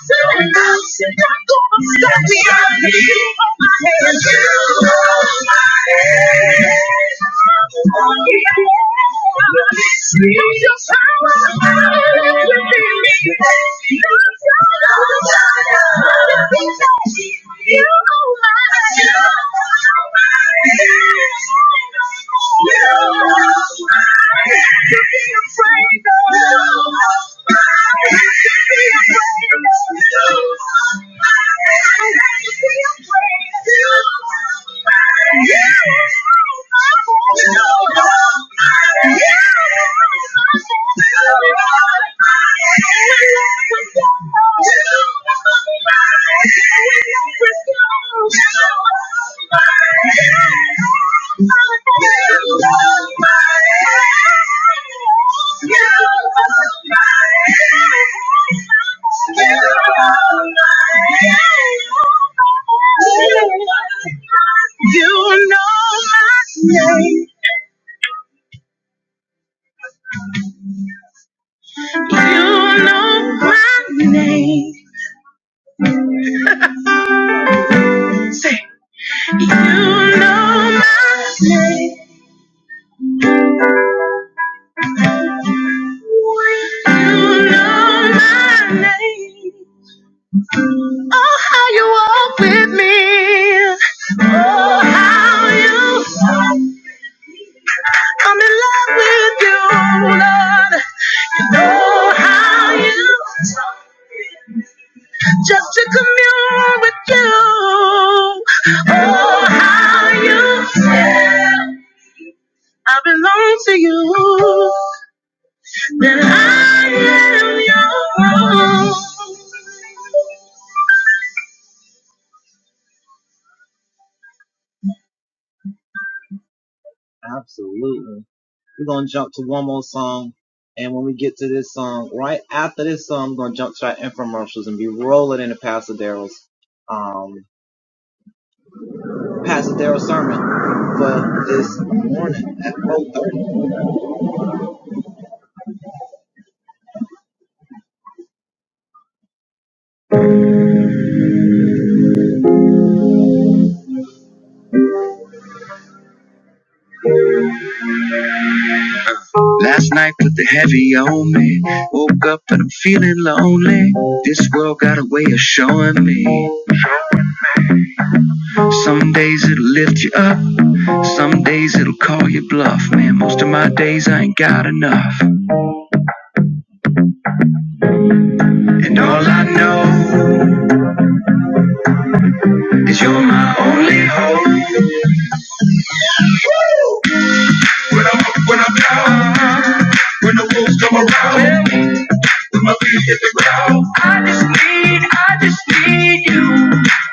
stop Just how I feel. your power. within me. Yeah. You know my name. Oh, how you love me. You know how you with you. Oh, how you say. Show me some of the most amazing. I ain't got enough. When the wolves come around, yeah. we hit the ground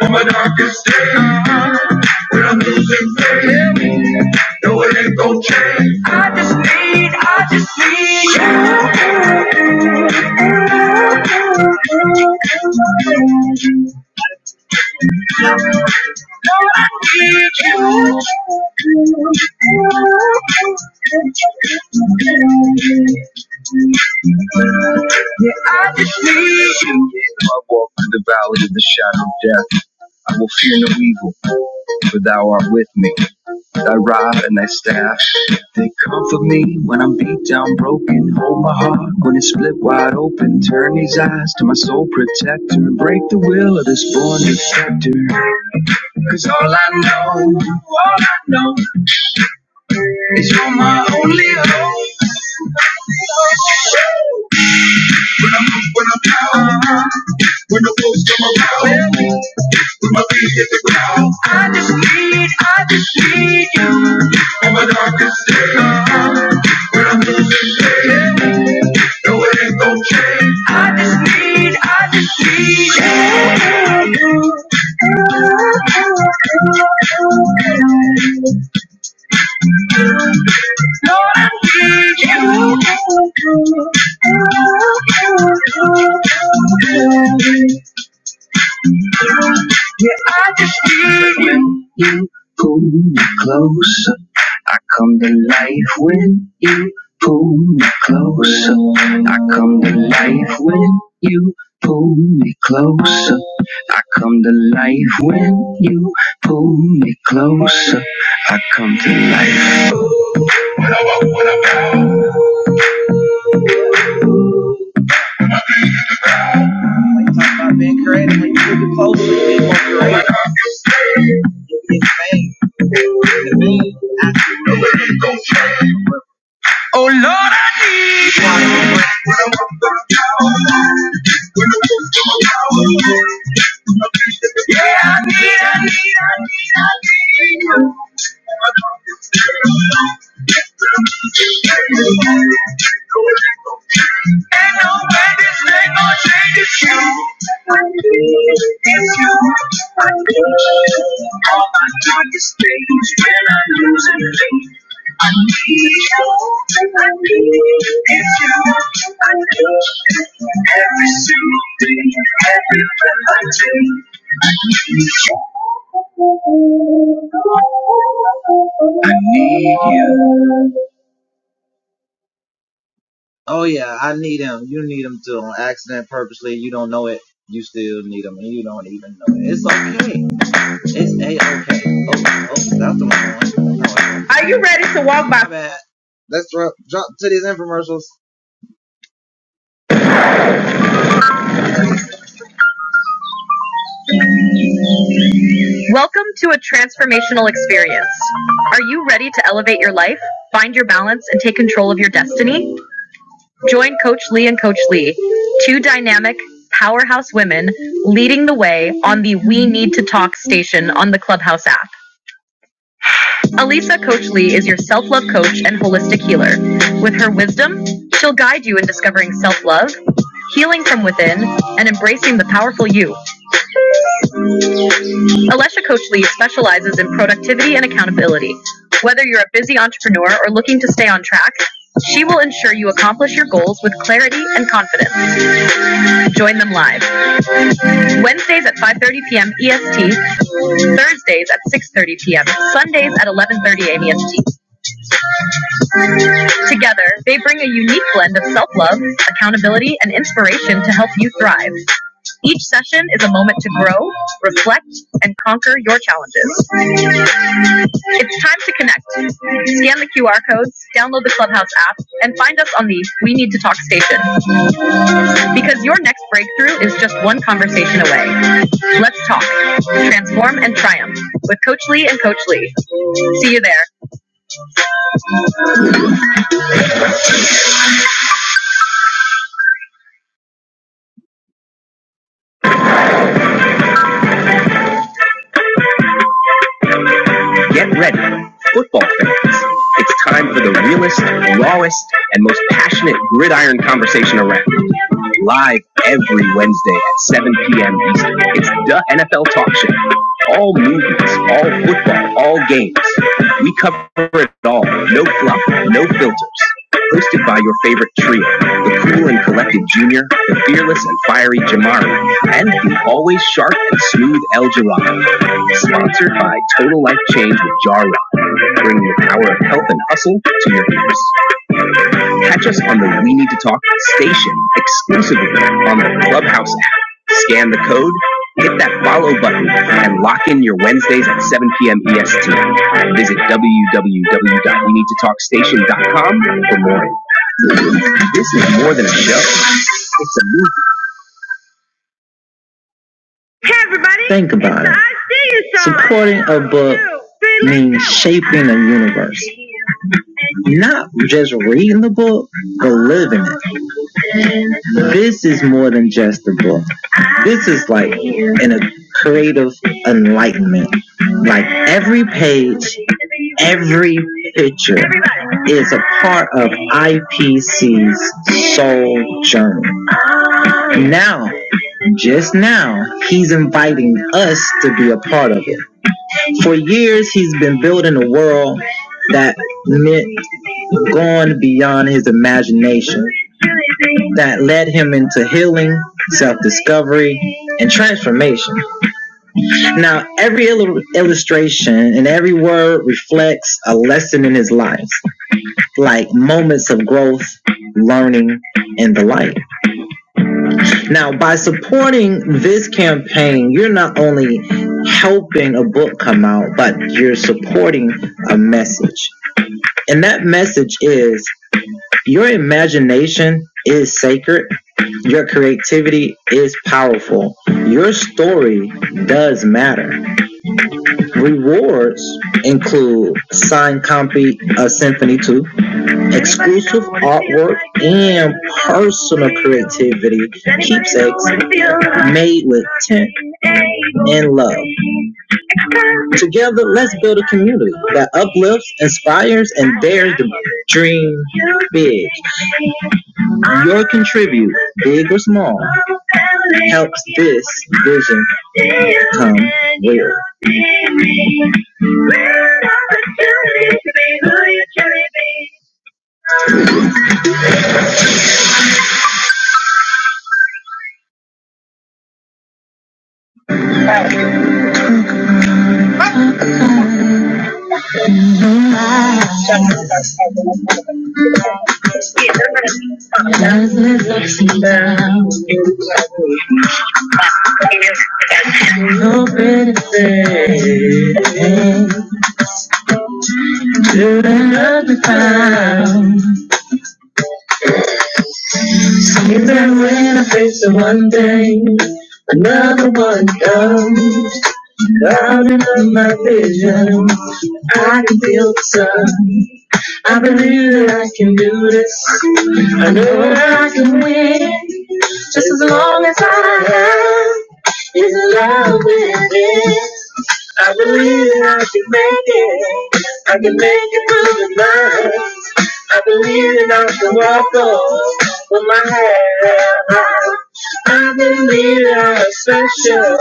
on my darkest day. When I'm losing faith, yeah. no, it ain't gon' change. I need you. I need you. Yeah, I just need you. I walk through the valley of the shadow of death, I will fear no evil, for thou art with me. I rob and I stash. They comfort me when I'm beat down, broken. Hold my heart when it's split wide open. Turn these eyes to my soul protector. Break the will of this born defector. Cause all I know, all I know is you're my only need. I get when you pull me close. I come to life when you pull me closer. I come to life when you pull me closer. I come to life when you pull me closer. I come to life. Oh Lord, yeah, I need, I need, I need, I need you. When this day my change is you, I believe in you, I believe. All my darkness when I lose and I believe To a transformational experience. Are you ready to elevate your life, find your balance, and take control of your destiny? Join Coach Lee and Coach Lee, two dynamic, powerhouse women leading the way on the We Need to Talk station on the Clubhouse app. Alisa Coach Lee is your self love coach and holistic healer. With her wisdom, she'll guide you in discovering self love, healing from within, and embracing the powerful you. Alesha Coach Lee specializes in productivity and accountability. Whether you're a busy entrepreneur or looking to stay on track, she will ensure you accomplish your goals with clarity and confidence. Join them live Wednesdays at 5:30 p.m. EST, Thursdays at 6:30 p.m., Sundays at 11:30 a.m. EST. Together, they bring a unique blend of self love, accountability, and inspiration to help you thrive. Each session is a moment to grow, reflect, and conquer your challenges. It's time to connect. Scan the QR codes, download the Clubhouse app, and find us on the We Need to Talk station because your next breakthrough is just one conversation away. Let's talk, transform, and triumph with Coach Lee and Coach Lee. See you there. Get ready, football fans. It's time for the realest, rawest, and most passionate gridiron conversation around. Live every Wednesday at 7 p.m. Eastern. It's the NFL Talk Show. All movies, all football, all games. We cover it all. No fluff, no filters. Hosted by your favorite trio, the cool and collected Junior, the fearless and fiery Jamari, and the always sharp and smooth El Jirado. Sponsored by Total Life Change with Jar Rock, bringing the power of health and hustle to your ears. Catch us on the We Need to Talk station exclusively on the Clubhouse app. Scan the code, hit that follow button, and lock in your Wednesdays at 7 p.m. EST. Visit w w w dot we need to talk station dot com for more. This is more than a show. It's a movie. Support book, exclusive artwork and personal creativity. keepsakes, feel Your contribute, big or small, helps this vision come real. So Remember in the face of one day, another one comes. Clouding up my vision, I can feel the sun. I believe that I can do this. I know I can win, just as long as I have love within. I believe that I can make it. I can make it through the night. I believe that I can walk on with my head high. I believe you're special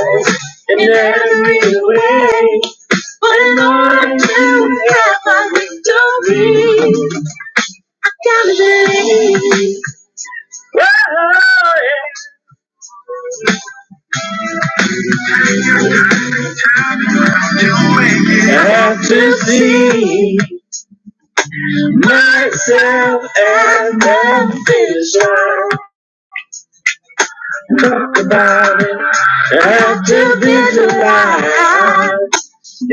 in every way, Lord. You have to see myself as that God. Talk about it. Have to visualize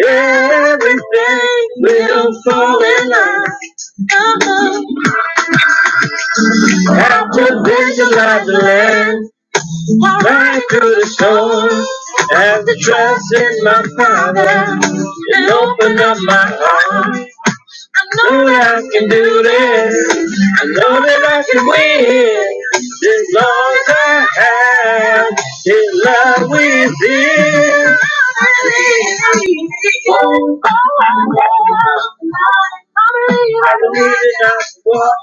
everything will fall in line. Have to visualize the land right through the storm. Have to trust in my Father and open up my heart. know that I can do this. I know that I can win. As long as I have God with me. Oh, I believe in my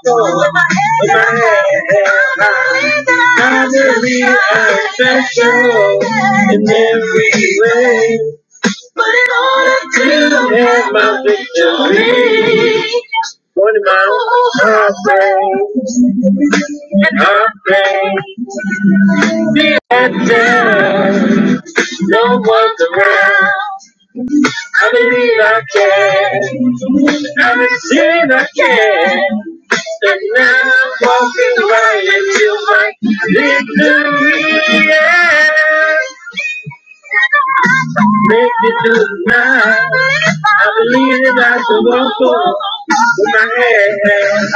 soul. With my head high. I believe I'm special in every way. But in order to have my victory, my heart breaks. I'm the mean I can. I said I can. Now I'm walking right into my victory. Yeah. If you do not believe it, I can walk on with my hands.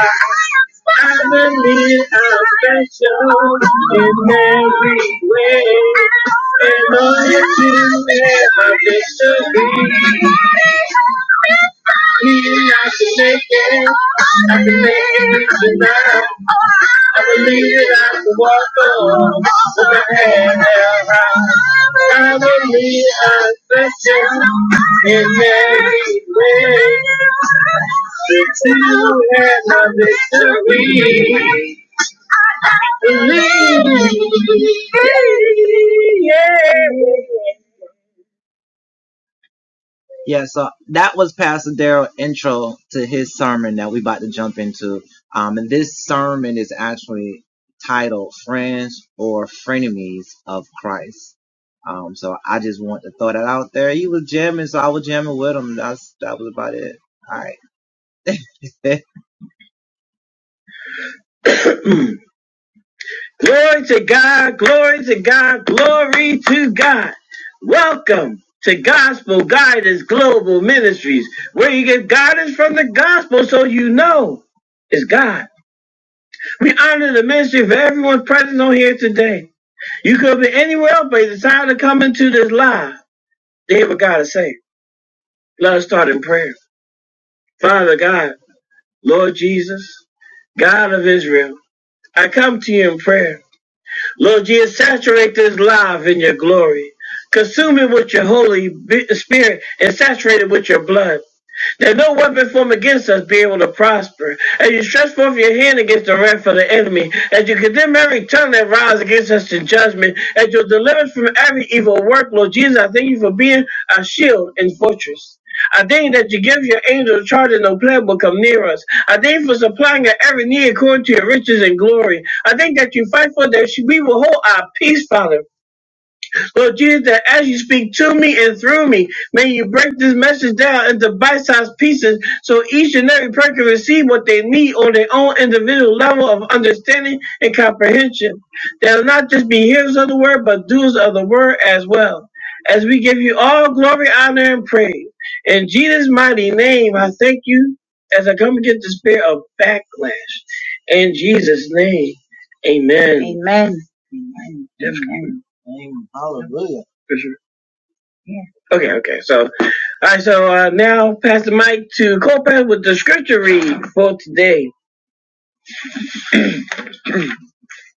I believe I'm special in every way. And all you do is my victory. Mean I can make it. I can make it tonight. I believe that I can walk on with my head held high. I believe I'm such a victory. Mm. Glory to God, glory to God, glory to God. Welcome to Gospel Guidance Global Ministries, where you get guidance from the gospel so you know it's God. We honor the ministry of everyone present on here today. You could be anywhere else, but you decided to come into this live to hear what God is saying. Let us start in prayer. Father God, Lord Jesus, God of Israel, I come to you in prayer. Lord Jesus, saturate this life in your glory. Consume it with your Holy Spirit and saturate it with your blood. That no weapon formed against us be able to prosper. against the wrath of the enemy, as you condemn every tongue that rises against us in judgment, as you deliver us from every evil work, Lord Jesus, I thank you for being our shield and fortress. I thank you that you give your angels charge and no plague will come near us. I thank you for supplying our every need according to your riches and glory. I thank that you fight for that we will hold our peace, Father. Lord Jesus, that as you speak to me and through me, may you break this message down into bite-sized pieces so each and every person can receive what they need on their own individual level of understanding and comprehension. They'll not just be hearers of the word, but doers of the word as well. As we give you all glory, honor, and praise. In Jesus' mighty name, I thank you as I come against the spirit of backlash. In Jesus' name, amen. Amen. Yes, Amen. for sure. Okay, okay. So All right, so uh, now pass the mic to Corpus with the scripture read for today.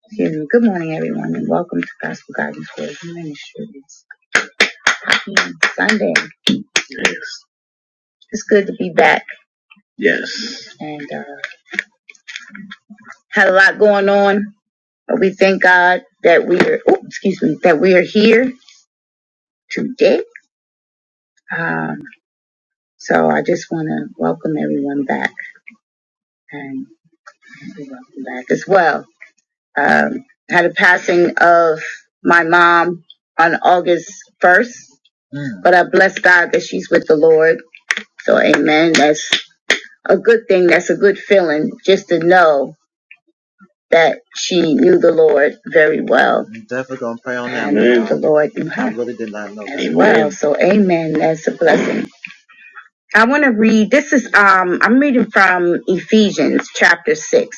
Excuse me. Good morning, everyone, and welcome to Gospel Guidance Word Ministries. Happy Sunday. It's good to be back, and uh, had a lot going on, but we thank God that we are. Oh, excuse me, that we are here today. Um, so I just want to welcome everyone back, and you're welcome back as well. Um, had a passing of my mom on August 1st. But I bless God that she's with the Lord. So amen. That's a good thing. That's a good feeling just to know that she knew the Lord very well. Lord very well. So amen. That's a blessing. I want to read this is um I'm reading from Ephesians chapter six.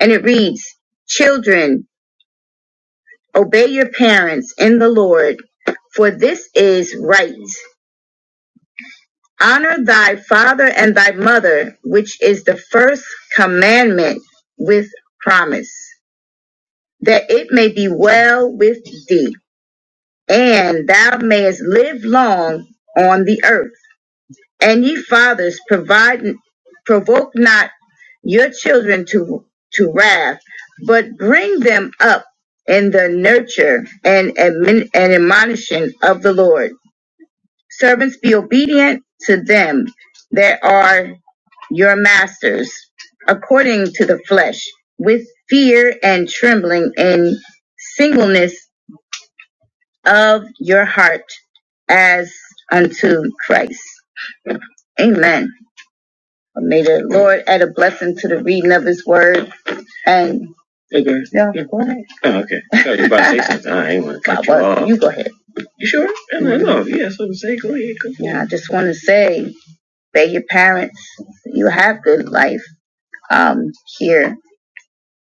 And it reads, Children, obey your parents in the Lord, for this is right. Honor thy father and thy mother, which is the first commandment with promise, that it may be well with thee, and thou mayest live long on the earth. And ye fathers, provide, provoke not your children to, to wrath, but bring them up in the nurture and, admon- and admonition of the Lord. Servants, be obedient to them that are your masters according to flesh in singleness of your as unto amen lord at a blessed and You about to say something. God, well, you go yeah i just want to say obey your parents you have good life um here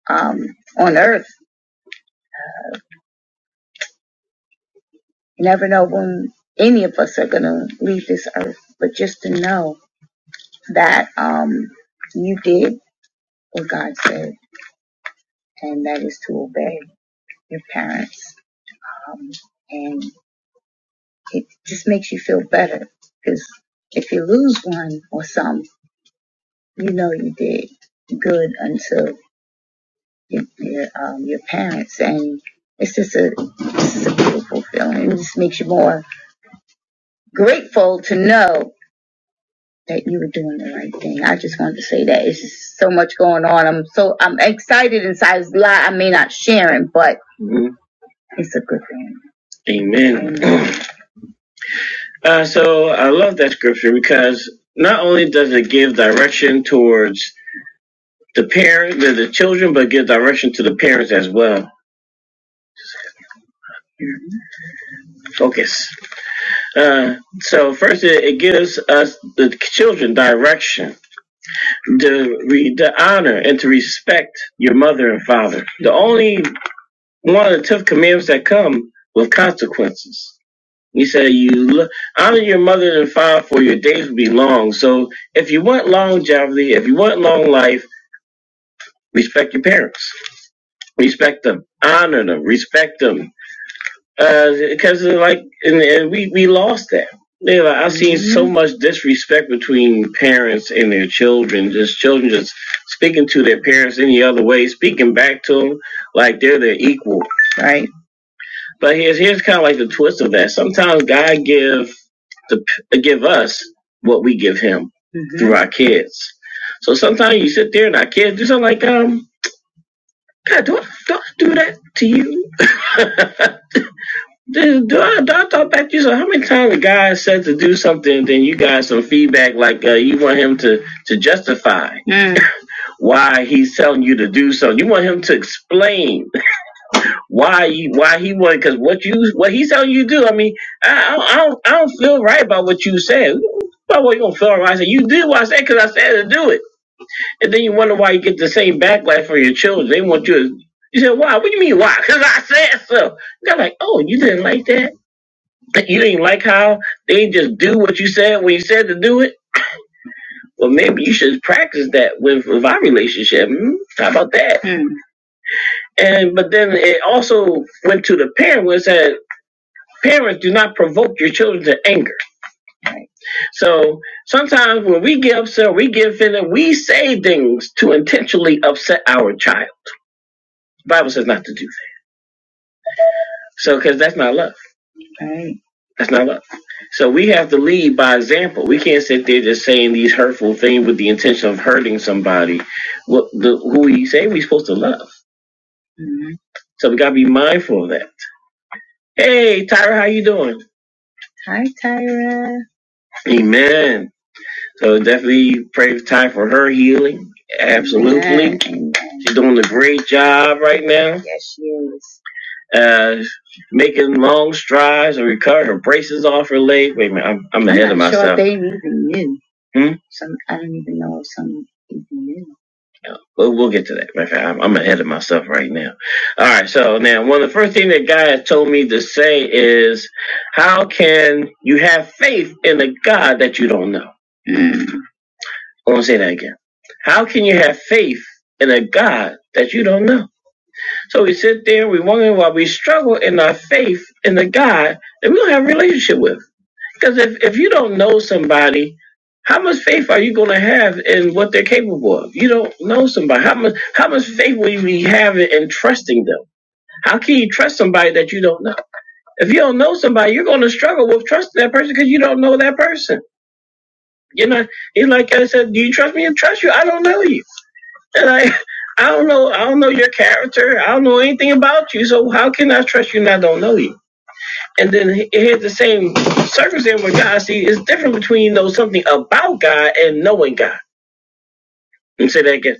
um on earth you never know when any of us are gonna leave this earth but just to know that um you did what god said and that is to obey your parents um, and it just makes you feel better. One, um, you know, it good to your, your um, your, it's just a, it's a beautiful, it just makes you more grateful that you were doing the right thing. I just wanted to say that it's just so much going on. I'm so I'm excited inside. It's a I may not share it, but it's a good thing. Amen. Uh, so I love that scripture because not only does it towards the parent, the, the children, but give direction to the parents as well. Focus. Uh, so first, it, it gives us the children direction to re, to honor and to respect your mother and father. The only one of the tough commandments that come with consequences. He said, "You lo- honor your mother and father, for your days will be long." So, if you want longevity, if you want long life, respect your parents. Respect them. Honor them. Respect them because like and, and we we lost that. Yeah, like, I've seen so much disrespect between parents and their children. Just children just speaking to their parents any other way, speaking back to them like they're their equal. But here's here's kind of like the twist of that. Sometimes God give the give us what we give Him Mhm. through our kids. So sometimes you sit there and our kids do something like, um, God, do I, do I do that to you? Do, do I, do I talk back to you? So how many times a guy said to do something, then you got some feedback like uh, you want him to to justify Mm. why he's telling you to do something. You want him to explain why you why he want because what you what he's telling you to do. I mean, I, I don't I don't feel right about what you said. About what you gonna feel right? I said you did what I said because I said to do it, and then you wonder why you get the same backlash from your children. They want you. to, You said why? What do you mean why? Because I said so. They're like, oh, you didn't like that. Like, You didn't like how they just do what you said when you said to do it. Well, maybe you should practice that with, with our relationship. Hmm? How about that? Hmm. And but then it also went to the parent where it said, "Parents, do not provoke your children to anger." So sometimes when we get upset, we get offended, we say things to intentionally upset our child. The Bible says not to do that. So because that's not love. That's not love. So we have to lead by example. We can't sit there just saying these hurtful things with the intention of hurting somebody. What the who we say we're supposed to love. So we gotta be mindful of that. Hey Tyra, how you doing? Hi Tyra. Amen. So definitely pray for Ty for her healing. Absolutely. Amen. She's doing a great job right now. Yes, she is. uh, making long strides and recovered. Her braces off her leg. Wait a minute, I'm, I'm ahead of I'm not of sure if myself. They even knew. Hmm? Some I don't even know if some even knew. We'll, we'll get to that. Matter of fact, I'm, I'm ahead of myself right now. All right. So now, one of the first thing that God has told me to say is, how can you have faith in a God that you don't know? Mm. I'm gonna say that again. How can you have faith in a God that you don't know? So we sit there, we wonder why we struggle in our faith in the God that we don't have a relationship with. Because if, if you don't know somebody, how much faith are you going to have in what they're capable of? You don't know somebody. How much how much faith will you be having in trusting them? How can you trust somebody that you don't know? If you don't know somebody, you're going to struggle with trusting that person because you don't know that person. You know, it's like I said, do you trust me? I trust you. I don't know you. And I, I don't know, I don't know your character. I don't know anything about you. So how can I trust you and I don't know you? And then he- here's the same circumstance with God. See, it's different between you know something about God and knowing God. Let me say that again.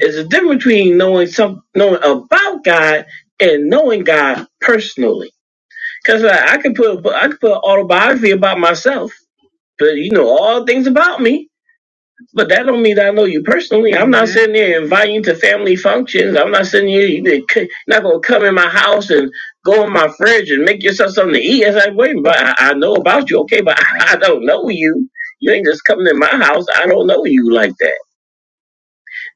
It's a difference between knowing some knowing about God and knowing God personally. Because I, I could put I could put an autobiography about myself, but you know all things about me But that don't mean that I know you personally. I'm not sitting there inviting you to family functions. I'm not sitting here. You you're not gonna come in my house and go in my fridge and make yourself something to eat. It's like, wait, but I, I know about you, okay? But I, I don't know you. You ain't just coming in my house. I don't know you like that.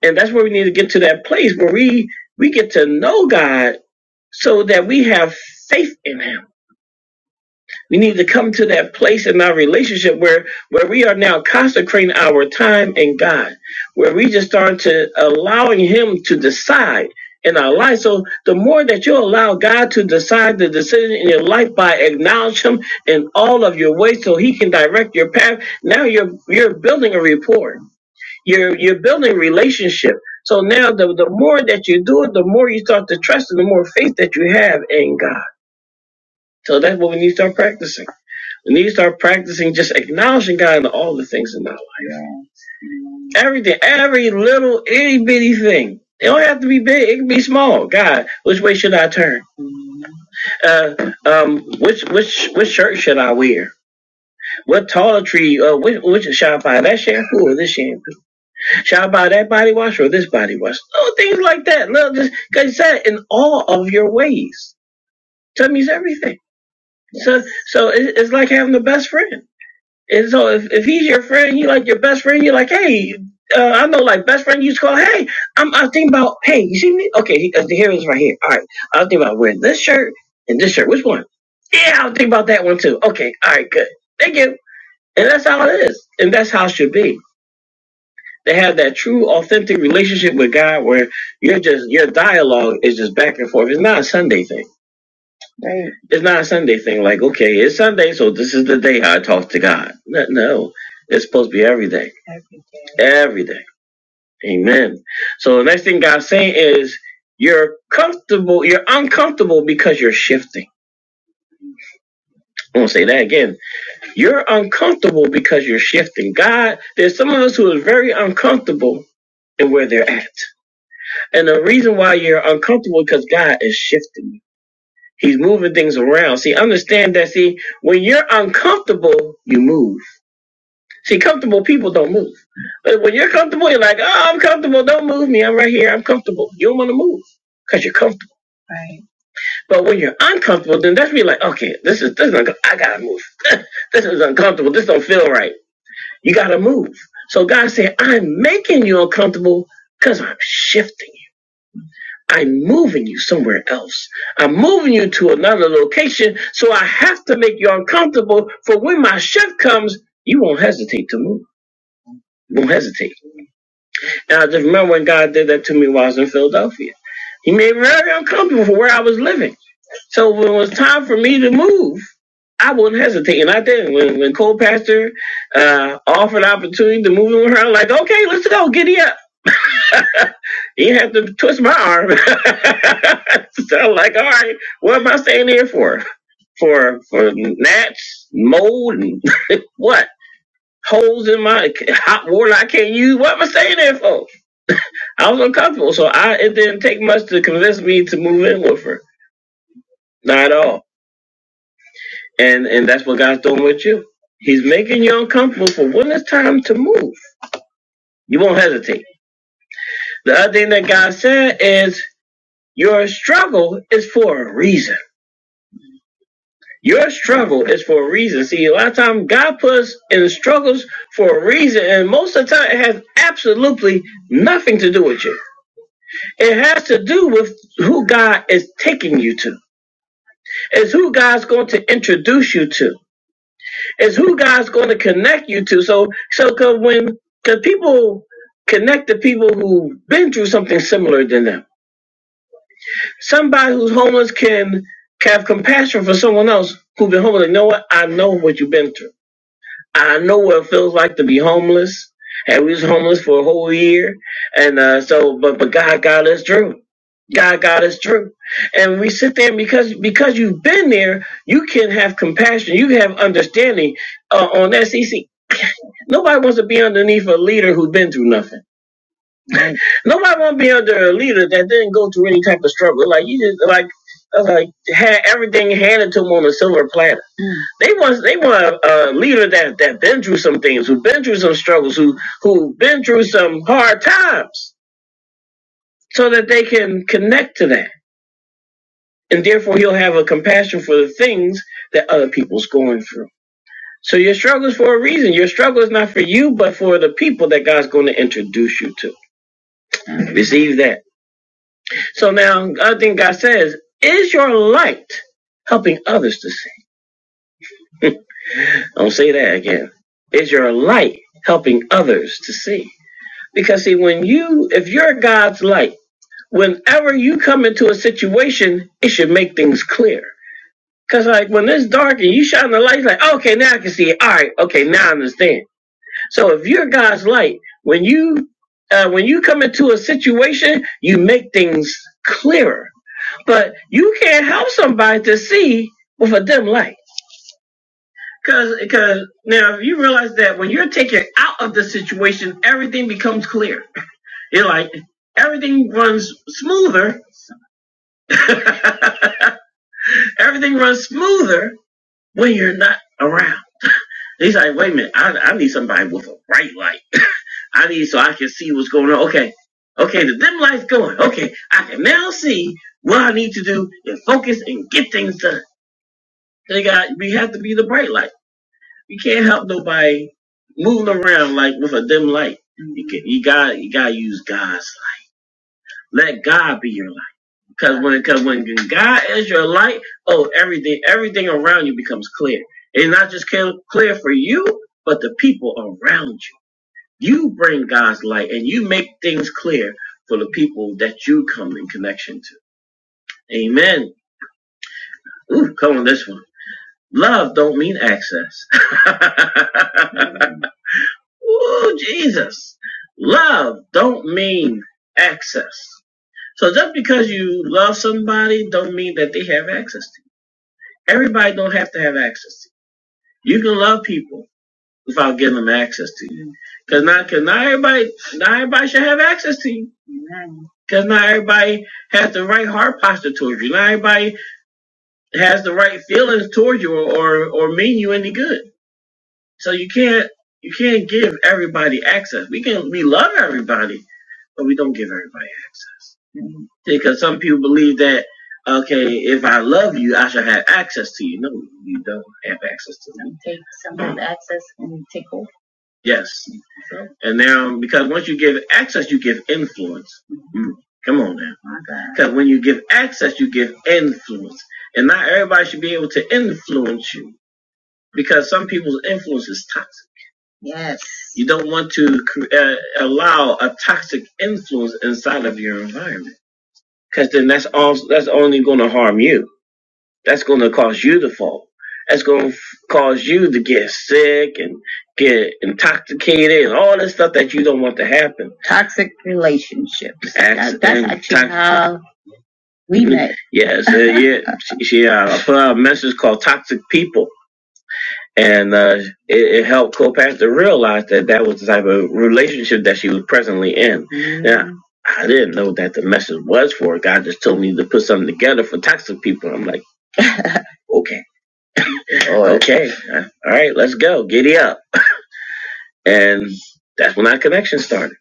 And that's where we need to get to that place where we we get to know God so that we have faith in Him we need to come to that place in our relationship where where we are now consecrating our time in God, where we just start to allowing Him to decide in our life. So the more that you allow God to decide the decision in your life by acknowledge Him in all of your ways, so He can direct your path. Now you're you're building a rapport. You're you're building a relationship. So now the, the more that you do it, the more you start to trust and the more faith that you have in God. So that's what we need to start practicing. We need to start practicing just acknowledging God in all the things in our life. Everything, every little itty bitty thing. It don't have to be big. It can be small. God, which way should I turn? Uh, um, which which which shirt should I wear? What taller tree? Uh, which which should I buy that shampoo or this shampoo? Should I buy that body wash or this body wash? Little things like that. Little, just, cause it's that in all of your ways. That means everything. Yes. So so it, it's like having the best friend. And so if, if he's your friend, he like your best friend, you're like, hey, uh, I know like best friend you used to call, hey, I'm I think about, hey, you see me? Okay, uh, here it is right here. All right. I was thinking about wearing this shirt and this shirt. Which one? Yeah, I'll think about that one too. Okay, all right, good. Thank you. And that's how it is. And that's how it should be. They have that true, authentic relationship with God where you're just your dialogue is just back and forth. It's not a Sunday thing. It's not a Sunday thing like, okay, it's Sunday, so this is the day I talk to God. No, no. It's supposed to be every day. Everything. Amen. So the next thing God's saying is you're comfortable, you're uncomfortable because you're shifting. I'm gonna say that again. You're uncomfortable because you're shifting. God, there's some of us who are very uncomfortable in where they're at. And the reason why you're uncomfortable is because God is shifting you. He's moving things around. See, understand that see, when you're uncomfortable, you move. See, comfortable people don't move. But when you're comfortable, you're like, oh, I'm comfortable. Don't move me. I'm right here. I'm comfortable. You don't want to move because you're comfortable. But when you're uncomfortable, then that's when you're like, okay, this is this is unco- I gotta move. this is uncomfortable. This don't feel right. You gotta move. So God said, I'm making you uncomfortable because I'm shifting you. I'm moving you somewhere else. I'm moving you to another location. So I have to make you uncomfortable for when my shift comes, you won't hesitate to move. You won't hesitate. And I just remember when God did that to me while I was in Philadelphia. He made me very uncomfortable for where I was living. So when it was time for me to move, I wouldn't hesitate. And I did. When when Cole Pastor uh, offered an opportunity to move in with her, I'm like, okay, let's go, giddy up. He had to twist my arm. so I'm like, all right, what am I staying here for? For for gnats, mold, and what? Holes in my hot water I can't use. What am I staying there for? I was uncomfortable, so I it didn't take much to convince me to move in with her. Not at all. And and that's what God's doing with you. He's making you uncomfortable for when it's time to move. You won't hesitate. The other thing that God said is your struggle is for a reason. Your struggle is for a reason. See, a lot of time God puts us in struggles for a reason, and most of the time it has absolutely nothing to do with you. It has to do with who God is taking you to. is who God's going to introduce you to, is who God's going to connect you to. So, so cause when cause people connect to people who've been through something similar than them, somebody who's homeless can have compassion for someone else who's been homeless. You know what? I know what you've been through. I know what it feels like to be homeless. And we was homeless for a whole year. And uh, so, but but God got us through. God got us through. And we sit there because because you've been there, you can have compassion. You can have understanding uh, on that. see, see, Nobody wants to be underneath a leader who's been through nothing. Right. Nobody want to be under a leader that didn't go through any type of struggle. Like you just like uh, like had everything handed to them on a silver platter. They want they want a, a leader that that been through some things, who been through some struggles, who who been through some hard times, so that they can connect to that, and therefore he'll have a compassion for the things that other people's going through. So your struggle is for a reason. Your struggle is not for you, but for the people that God's going to introduce you to. Receive that. So now, other thing God says is your light helping others to see. Don't say that again. Is your light helping others to see? Because see, when you, if you're God's light, whenever you come into a situation, it should make things clear. Cause like when it's dark and you shine the light, like okay, now I can see it. All right, okay, now I understand. So if you're God's light, when you uh, when you come into a situation, you make things clearer. But you can't help somebody to see with a dim light. Cause, cause now you realize that when you're taken out of the situation, everything becomes clear You're like, everything runs smoother. everything runs smoother when you're not around. He's like, wait a minute, I, I need somebody with a bright light. I need so I can see what's going on. Okay, okay, the dim light's going. Okay, I can now see what I need to do and focus and get things done. They got, we have to be the bright light. You can't help nobody moving around like with a dim light. You, can, you got, you gotta use God's. light. Let God be your light. Cause when cause when God is your light, oh everything everything around you becomes clear. It's not just clear clear for you, but the people around you. You bring God's light and you make things clear for the people that you come in connection to. Amen. Ooh, come on this one. Love don't mean access. Ooh, Jesus. Love don't mean access. So just because you love somebody don't mean that they have access to you. Everybody don't have to have access to you. You can love people without giving them access to you. Cause not, cause not everybody, not everybody should have access to you. Cause not everybody has the right heart posture towards you. Not everybody has the right feelings towards you or, or, or mean you any good. So you can't, you can't give everybody access. We can, we love everybody, but we don't give everybody access. Because some people believe that, okay, if I love you, I should have access to you. No, you don't have access to me. Take someone's mm. access and take over. Yes. And now, because once you give access, you give influence. Mm-hmm. Mm. Come on now. My God. Because when you give access, you give influence. And not everybody should be able to influence you because some people's influence is toxic. Yes. You don't want to uh, allow a toxic influence inside of your environment because then that's all that's only going to harm you. That's going to cause you to fall. That's going to cause you to get sick and get intoxicated and all that stuff that you don't want to happen. Toxic relationships. That- that's actually toxic- how we met. Yes, uh, yeah. She, she uh, put out a message called "Toxic People." and uh, it, it helped Cleopatra to realize that that was the type of relationship that she was presently in. Mm-hmm. Now, I didn't know that the message was for her. God just told me to put something together for toxic people. I'm like, okay, oh, okay, Uh, all right, let's go, giddy up, and that's when our connection started.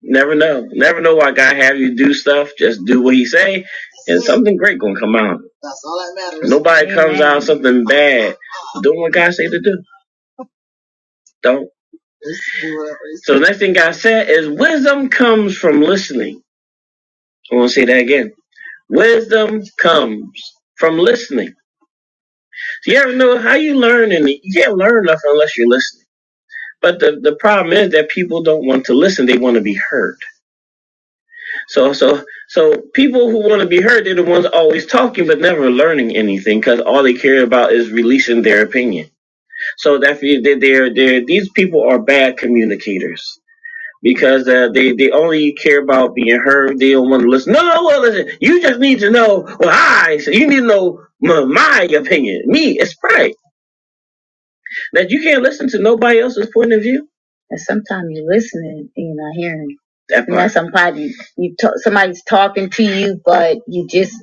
Never know, never know why God have you do stuff. Just do what He say, and something great gonna come out. That's all that matters. Nobody Amen. comes out something bad. Do what God say to do. Don't. So the next thing I said is wisdom comes from listening. I want to say that again. Wisdom comes from listening. So you ever know how you learn and you can't learn nothing unless you're listening. But the, the problem is that people don't want to listen. They want to be heard. So so so people who want to be heard, they're the ones always talking but never learning anything because all they care about is releasing their opinion. So that they they're, they're, these people are bad communicators. because uh, they they only care about being heard. They don't want to listen. No, no, well, listen. You just need to know what I. So you need to know my, my opinion. Me, it's right that you can't listen to nobody else's point of view. And sometimes you're listening and you're not hearing. That You know, part. somebody you talk, somebody's talking to you, but you just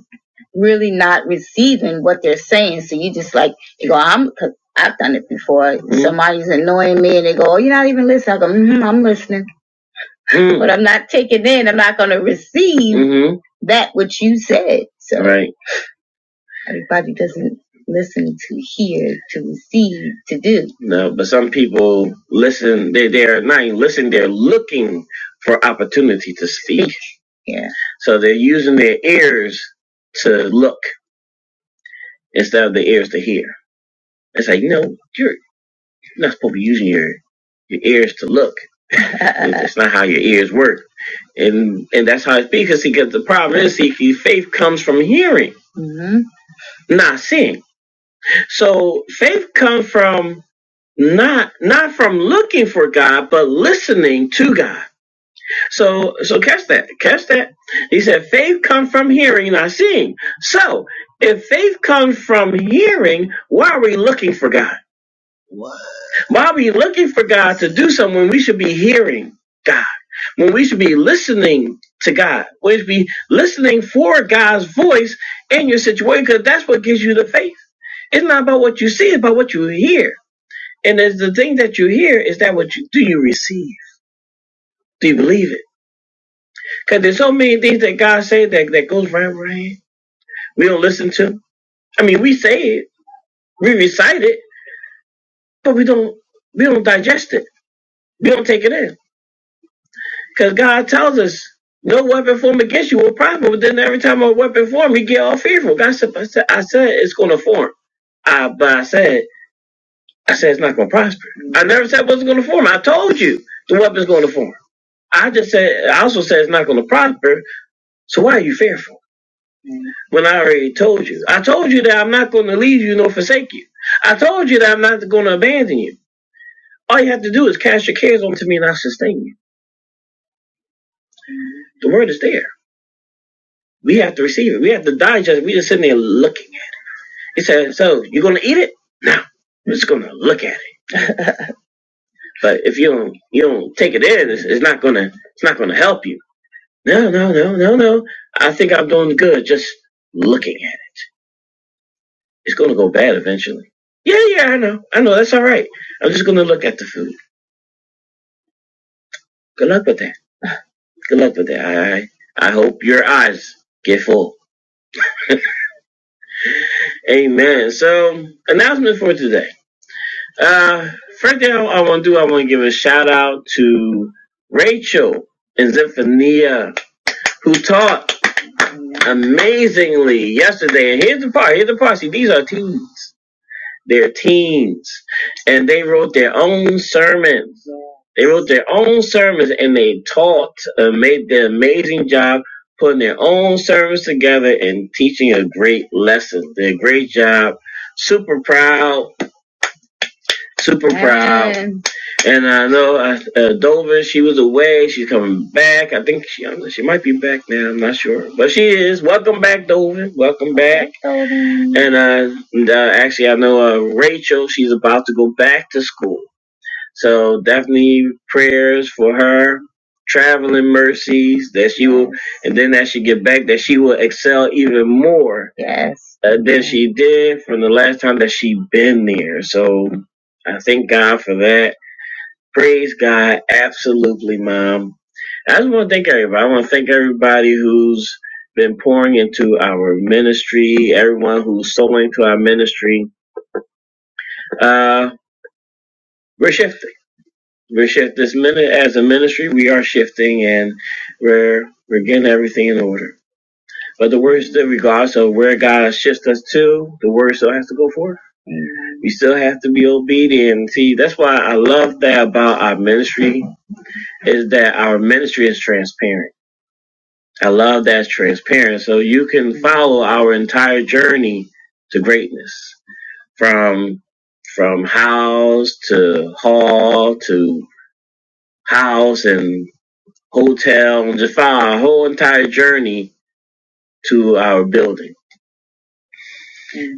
really not receiving what they're saying. So you just like you go, I'm. Cause I've done it before. Mhm. Somebody's annoying me, and they go, "Oh, you're not even listening." I go, mm-hmm, "I'm listening." Mm. What I'm not taking in, I'm not going to receive hmm that which you said. So Right. everybody doesn't listen to hear, to receive, to do. No, but some people listen. They they're not even listening. They're looking for opportunity to speak. Speak. Yeah. So they're using their ears to look instead of their ears to hear. It's like no, you're You're not supposed to be using your your ears to look. That's not how your ears work. And and that's how it speaks. Because See, because the problem is, see, see, faith comes from hearing, Mhm. not seeing. So faith comes from not not from looking for God, but listening to God. So so catch that, catch that. He said, faith comes from hearing, not seeing. So if faith comes from hearing, why are we looking for God? Why are we looking for God to do something when we should be hearing God? When we should be listening to God? We should be listening for God's voice in your situation because that's what gives you the faith. It's not about what you see, it's about what you hear. And it's the thing that you hear is that what you do you receive? Do you believe it? Because there's so many things that God said that, that goes right over our head. We don't listen to. I mean, we say it, we recite it, but we don't we don't digest it. We don't take it in. Because God tells us, no weapon formed against you will prosper. But then every time a weapon formed, you get all fearful. God said, I said, I said it's going to form. I, but I said, I said it's not going to prosper. I never said it wasn't going to form. I told you the weapon's going to form. I just said, I also said it's not going to prosper. So why are you fearful? When I already told you, I told you that I'm not going to leave you nor forsake you. I told you that I'm not going to abandon you. All you have to do is cast your cares onto me and I'll sustain you. The word is there. We have to receive it. We have to digest. it. We just sitting there looking. He said, "So you gonna eat it? No, you're just gonna look at it. But if you don't, you don't take it in, it's, it's not gonna, it's not gonna help you. No, no, no, no, no. I think I'm doing good just looking at it. It's gonna go bad eventually. Yeah, yeah, I know, I know. That's all right. I'm just gonna look at the food. Good luck with that. Good luck with that. I, I hope your eyes get full. Amen. So announcement for today. Uh, first thing I, want to do, I want to give a shout out to Rachel and Zephaniah, who taught amazingly yesterday. And here's the part. Here's the part. See, these are teens. They're teens, and they wrote their own sermons. They wrote their own sermons, and they taught. Uh, made the amazing job putting their own sermons together and teaching a great lesson. Did a great job. Super proud. Super proud. Amen. And I know uh, uh, Dover, she was away. She's coming back. I think she she might be back now. I'm not sure, but she is. Welcome back, Dover. Welcome back. And uh, and, uh actually, I know uh, Rachel. She's about to go back to school, so definitely prayers for her. Traveling mercies that she will, and then as she get back, that she will excel even more uh, than she did from the last time that she been there. So I thank God for that Praise God. Absolutely, Mom. I just want to thank everybody. I want to thank everybody who's been pouring into our ministry, everyone who's sowing to our ministry. Uh, we're shifting. We're shifting this minute as a ministry. We are shifting and we're, we're getting everything in order. But the word still, regardless of where God shifts us to, the word still has to go forth. We still have to be obedient. See, that's why I love that about our ministry is that our ministry is transparent I love that transparent. So you can follow our entire journey to greatness from from house to hall to house and hotel and just follow our whole entire journey to our building.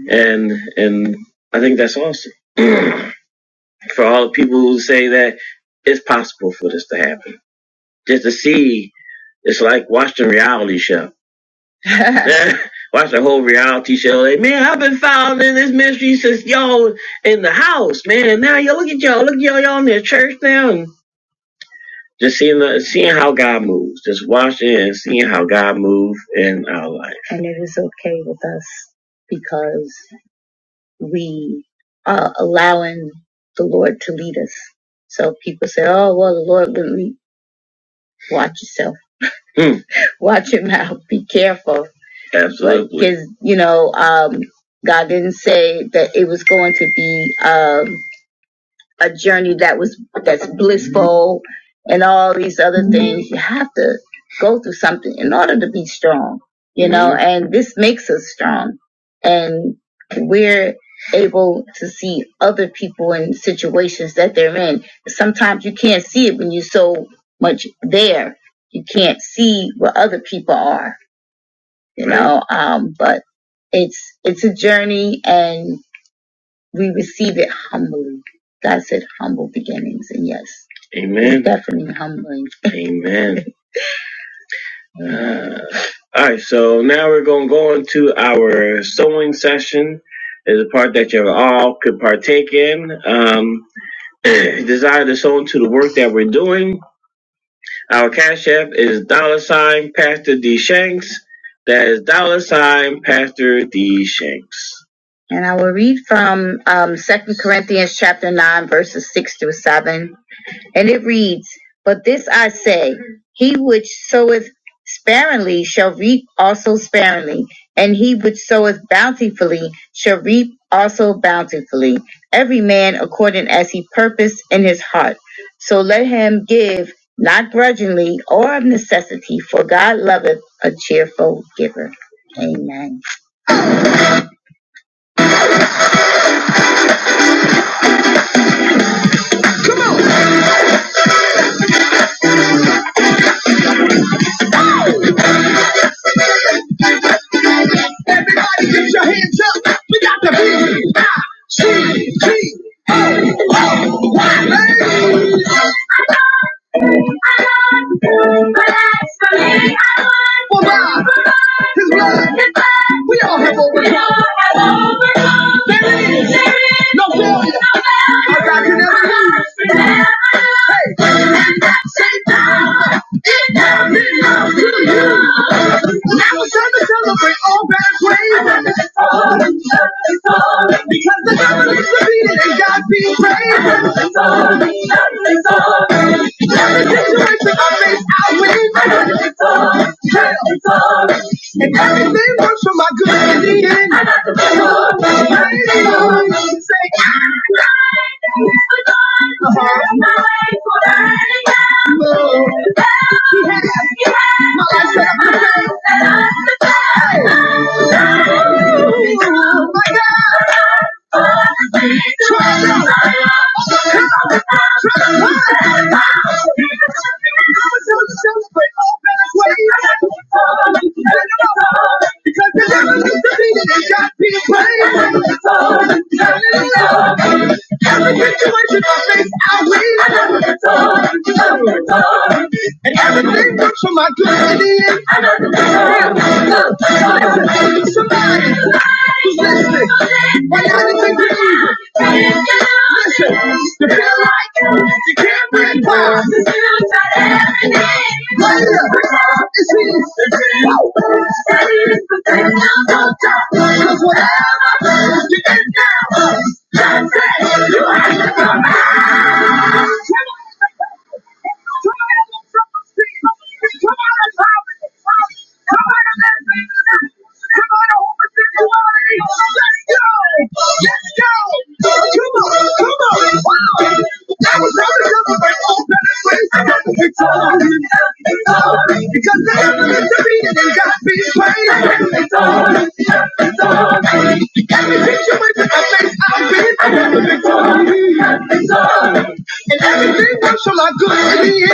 And and I think that's awesome. for all the people who say that it's possible for this to happen. Just to see it's like watching a reality show Watch the whole reality show. Like, man, I've been following this ministry since y'all in the house, man. And now y'all look at y'all, look at y'all, y'all in the church now, and just seeing the, seeing how God moves, just watching and seeing how God moves in our life. Because we are allowing the Lord to lead us. So people say, "Oh, well, the Lord will lead." Watch yourself. Hmm. Watch your mouth. Be careful. Absolutely. Like, 'cause, um, God didn't say that it was going to be. Um, a journey that was that's blissful and all these other things. You have to go through something in order to be strong, you know, and this makes us strong. And we're able to see other people in situations that they're in. Sometimes you can't see it when you're so much there. You can't see where other people are, you know. Um, but it, and we was humbly. God exists. Amen. Amen. Uh, all right, so now we're going to go into our sewing session. Is a part that you all could partake in. Um, desire to sow into the work that we're doing. Our cash app is dollar sign Pastor D Shanks. That is dollar sign Pastor D Shanks. And I will read from um, 2 Corinthians chapter 9, verses 6 through 7. And it reads, But this I say, he which soweth sparingly shall reap also sparingly, and he which soweth bountifully shall reap also bountifully. Every man according as he purposed in his heart. So let him give, not grudgingly. For God, his word, we all have overcome. There it is. No failure. I reckon every I'm in love with you. Now it's time to celebrate all God's ways. It's all in love, it's all in love. Because the devil is defeated and God be praised. It's all in love, it's all, all, Every situation I face, I win. It's all in love, it's all, all. And everything works for my good in the end. I got to be all in love, Praise the Lord. Say, I am love you. Somebody, listen, right now, listen to me. Listen, Every promise is answered. Right here. Every promise is his. That is the thing I'm gonna do. 'Cause whatever you can do, that's it. You have to come Let's go! Let's go! Come on! Come on! Wow! That was really good. But oh, that is great. I got the victory. Victory. Because the enemy defeated and God be praised. Victory. Victory. Every situation that I face, I've been. I got the victory. Victory. And everything works for my good in the end.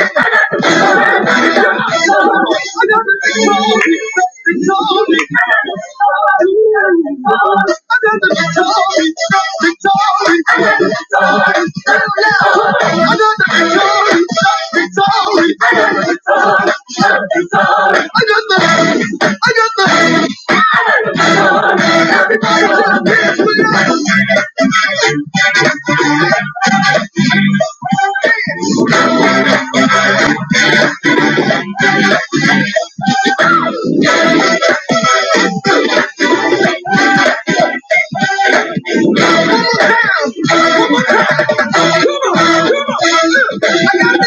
I got the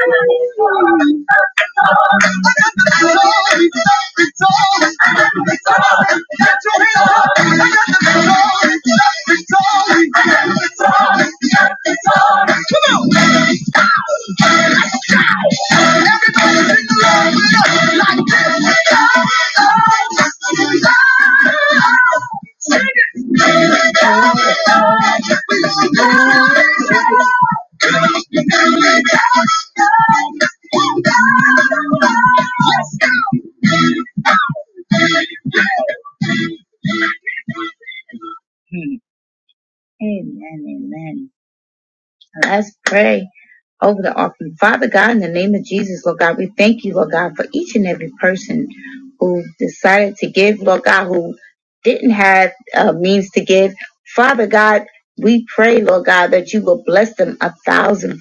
victory! Let's go! Father God, in the name of Jesus, we- who decided to give, who didn't have uh, means to give, Father God, we, for God that you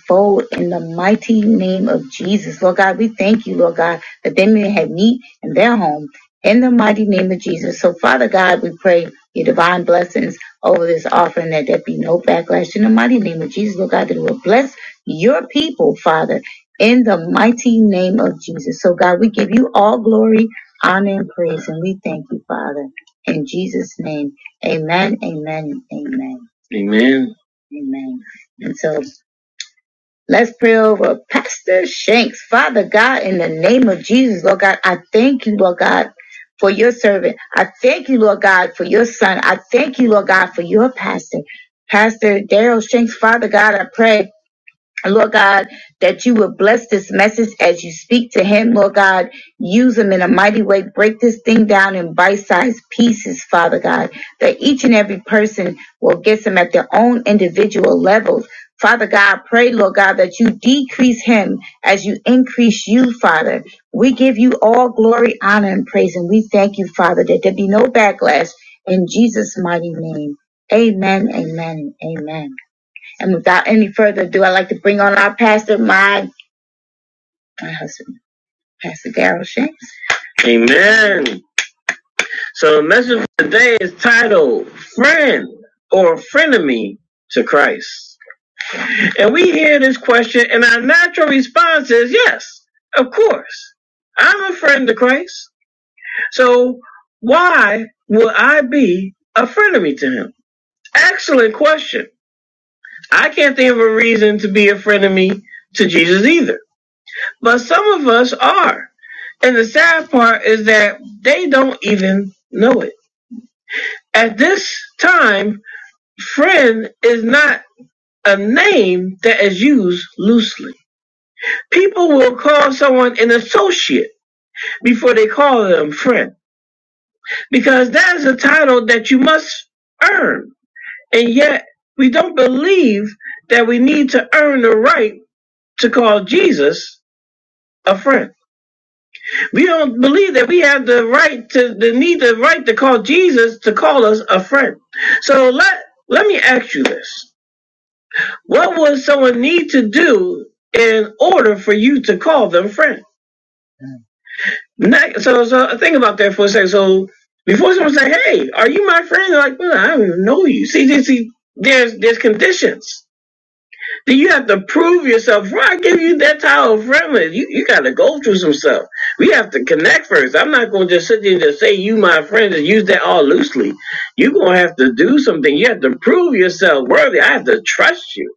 fold in the mighty name of Jesus. Lord God, we thank you, Lord God, that they may have meat in their home in the mighty name of Jesus. So, Father God, we pray your divine blessings over this offering that there be no backlash in the mighty name of Jesus, Lord God, that it will bless your people, Father, in the mighty name of Jesus. So, God, we give you all glory, honor, and praise, and we thank you, Father. In Jesus' name, amen, amen, amen. Amen. And so. Let's pray over Pastor Shanks. Father God, in the name of Jesus, Lord God, I thank you, Lord God, for your servant. I thank you, Lord God, for your son. I thank you, Lord God, for your pastor. Pastor Daryl Shanks, Father God, I pray. Lord God, that you will bless this message as you speak to him. Lord God, use him in a mighty way. Break this thing down in bite-sized pieces, Father God, that each and every person will get some at their own individual levels. Father God, pray, Lord God, that you decrease him as you increase you, Father. We give you all glory, honor, and praise, and we thank you, Father, that there be no backlash in Jesus' mighty name. Amen, amen, amen. And without any further ado, I'd like to bring on our pastor, my, my husband, Pastor Darrell Shanks. Amen. So the message today is titled Friend or Frenemy to Christ. And we hear this question, and our natural response is yes, of course. I'm a friend to Christ. So why would I be a frenemy to him? Excellent question. I can't think of a reason to be a frenemy to Jesus either. But some of us are. And the sad part is that they don't even know it. At this time, friend is not a name that is used loosely. People will call someone an associate before they call them friend because that is a title that you must earn. And yet, we don't believe that we need to earn the right to call Jesus a friend. We don't believe that we have the right to the need the right to call Jesus to call us a friend. So let let me ask you this. What would someone need to do in order for you to call them friend? Not, so so think about that for a second. So before someone say, Hey, are you my friend? They're like, well, I don't even know you. See, see, see, there's there's conditions. Then you have to prove yourself. Before I give you that type of friendly, you, you got to go through some stuff. We have to connect first. I'm not going to just sit there and just say you my friend and use that all loosely. You're going to have to do something. You have to prove yourself worthy. I have to trust you.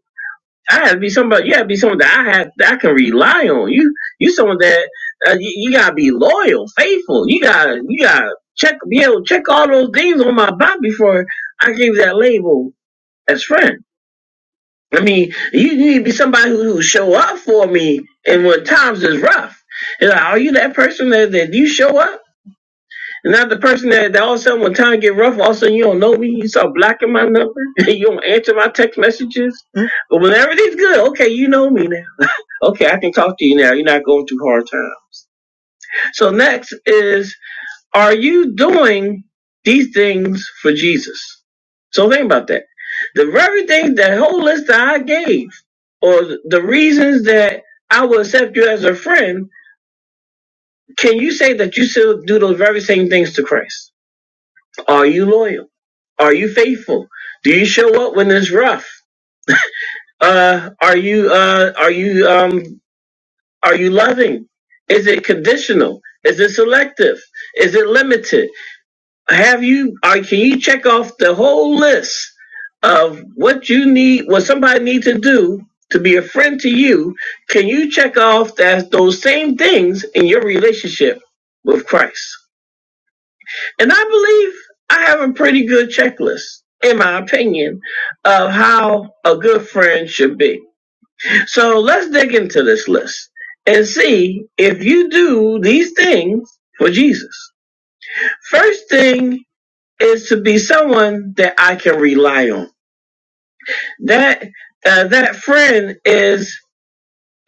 I have to be somebody. You have to be someone that I have that I can rely on. You you someone that uh, you, you gotta be loyal, faithful. You gotta you gotta check be able to check all those things on my body before I give that label as friend. I mean, you need to be somebody who who show up for me. And when times is rough, you know, are you that person that, that you show up? And not the person that, that all of a sudden when time get rough, all of a sudden you don't know me, you start blocking my number, you don't answer my text messages. Mm. But when everything's good, okay, you know me now. okay, I can talk to you now. You're not going through hard times. So next is are you doing these things for Jesus? So think about that. The very thing, the whole list that I gave, or the reasons that I will accept you as a friend, can you say that you still do those very same things to Christ? Are you loyal? Are you faithful? Do you show up when it's rough? Uh, are you uh, are you um, are you loving? Is it conditional? Is it selective? Is it limited? have you or can you check off the whole list of what you need what somebody needs to do to be a friend to you can you check off that those same things in your relationship with christ and i believe i have a pretty good checklist in my opinion of how a good friend should be so let's dig into this list and see if you do these things for jesus first thing is to be someone that I can rely on. That uh, that friend is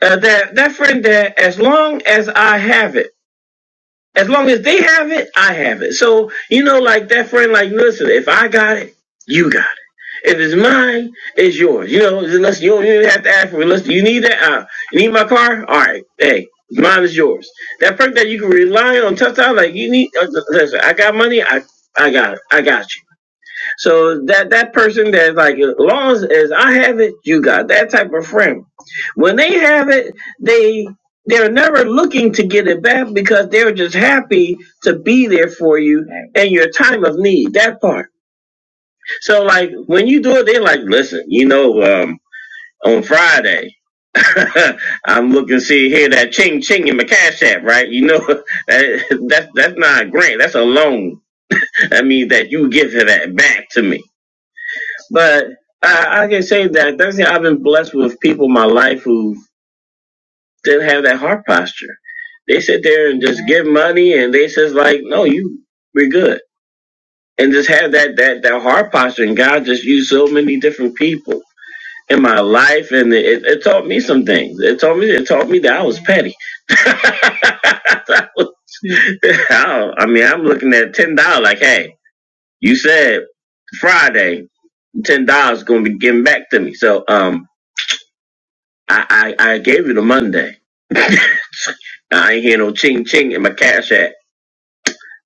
uh, that that friend that as long as I have it, as long as they have it, I have it. So you know, like that friend, like listen, if I got it, you got it. If it's mine, it's yours. You know, unless you don't even have to ask for it. Listen, you need that. Uh, you need my car. All right, hey. Mine is yours. That person that you can rely on, tough time, like you need. Uh, listen, I got money. I, I got it. I got you. So that that person that's like, as long as, as I have it, you got that type of friend. When they have it, they they're never looking to get it back because they're just happy to be there for you in your time of need. That part. So like when you do it, they're like, listen, you know, um, on Friday. I'm looking to see here that ching ching in my cash app, right? You know that, that's that's not a grant, that's a loan. I mean that you give it that back to me. But I, I can say that that's I've been blessed with people in my life who didn't have that heart posture. They sit there and just give money, and they says like, "No, you, we're good," and just have that that that heart posture. And God just used so many different people in my life, and it, it taught me some things. It taught me it taught me that I was petty. I, was- I I mean, I'm looking at ten dollars. Like, hey, you said Friday, ten dollars going to be given back to me. So, um, I, I, I gave you the Monday. I ain't hear no ching ching in my cash app.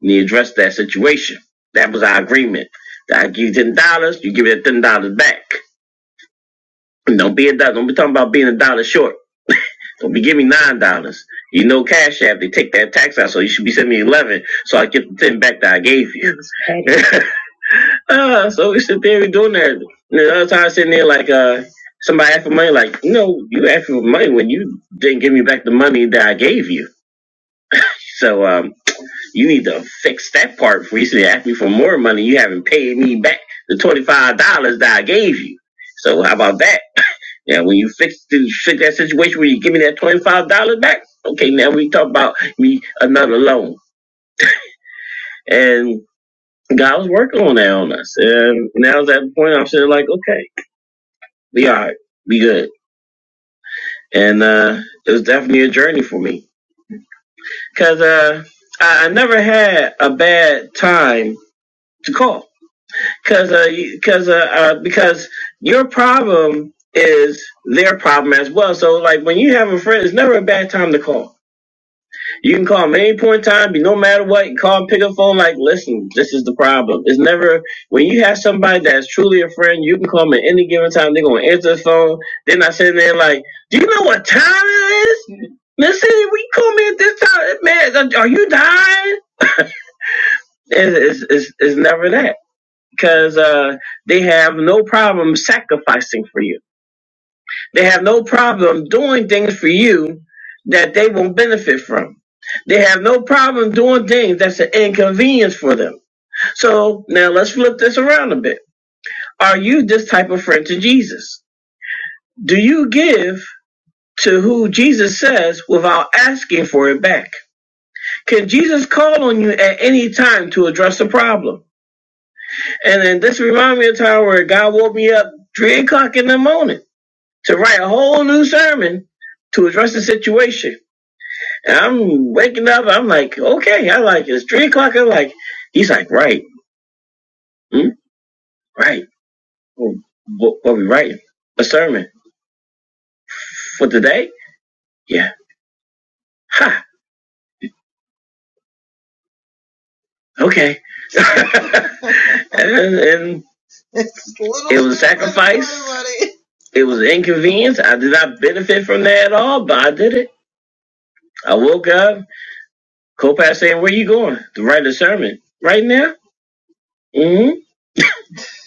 And he addressed that situation. That was our agreement. That I give you ten dollars, you give me that ten dollars back. And Don't be a dollar. Don't be talking about being a dollar short. Don't be giving me nine dollars. You know, Cash App they take that tax out, so you should be sending me eleven, so I get the ten back that I gave you. Uh, so we sit there, we doing that. And the other time sitting there like uh somebody asking for money, like, you know, you asked for money when you didn't give me back the money that I gave you. So um you need to fix that part before you sit there ask me for more money. You haven't paid me back the twenty five dollars that I gave you. So how about that? Yeah, when you fix the fix that situation where you give me that twenty five dollars back, okay, now we talk about me another loan. And God was working on that on us. And now at that point I'm sitting like, okay. be all right, be good. And uh, it was definitely a journey for me because uh, I, I never had a bad time to call because uh, 'cause, uh, uh, because your problem is their problem as well. So like when you have a friend, it's never a bad time to call You can call them at any point in time, be no matter what. You call pick up phone, like, listen, this is the problem. It's never, when you have somebody that's truly a friend, you can call them at any given time. They're going to answer the phone. They're not sitting there like, do you know what time it is? Listen, we call me at this time. Man, are are you dying? It's, it's, it's, it's never that. Because uh, they have no problem sacrificing for you they have no problem doing things for you that they won't benefit from. They have no problem doing things that's an inconvenience for them. So now let's flip this around a bit. Are you this type of friend to Jesus? Do you give to who Jesus says without asking for it back? Can Jesus call on you at any time to address a problem? And then this reminds me of a time where God woke me up three o'clock in the morning to write a whole new sermon to address the situation And I'm waking up. I'm like, okay, I like it. It's three o'clock. I'm like, he's like, right, hmm? right. Well, What, what we writing? A sermon for today? Yeah. Ha. Okay. and, and it was a sacrifice. It was inconvenience. I did not benefit from that at all, but I did it. I woke up. Copac saying, "Where you going to write a sermon right now?" Hmm.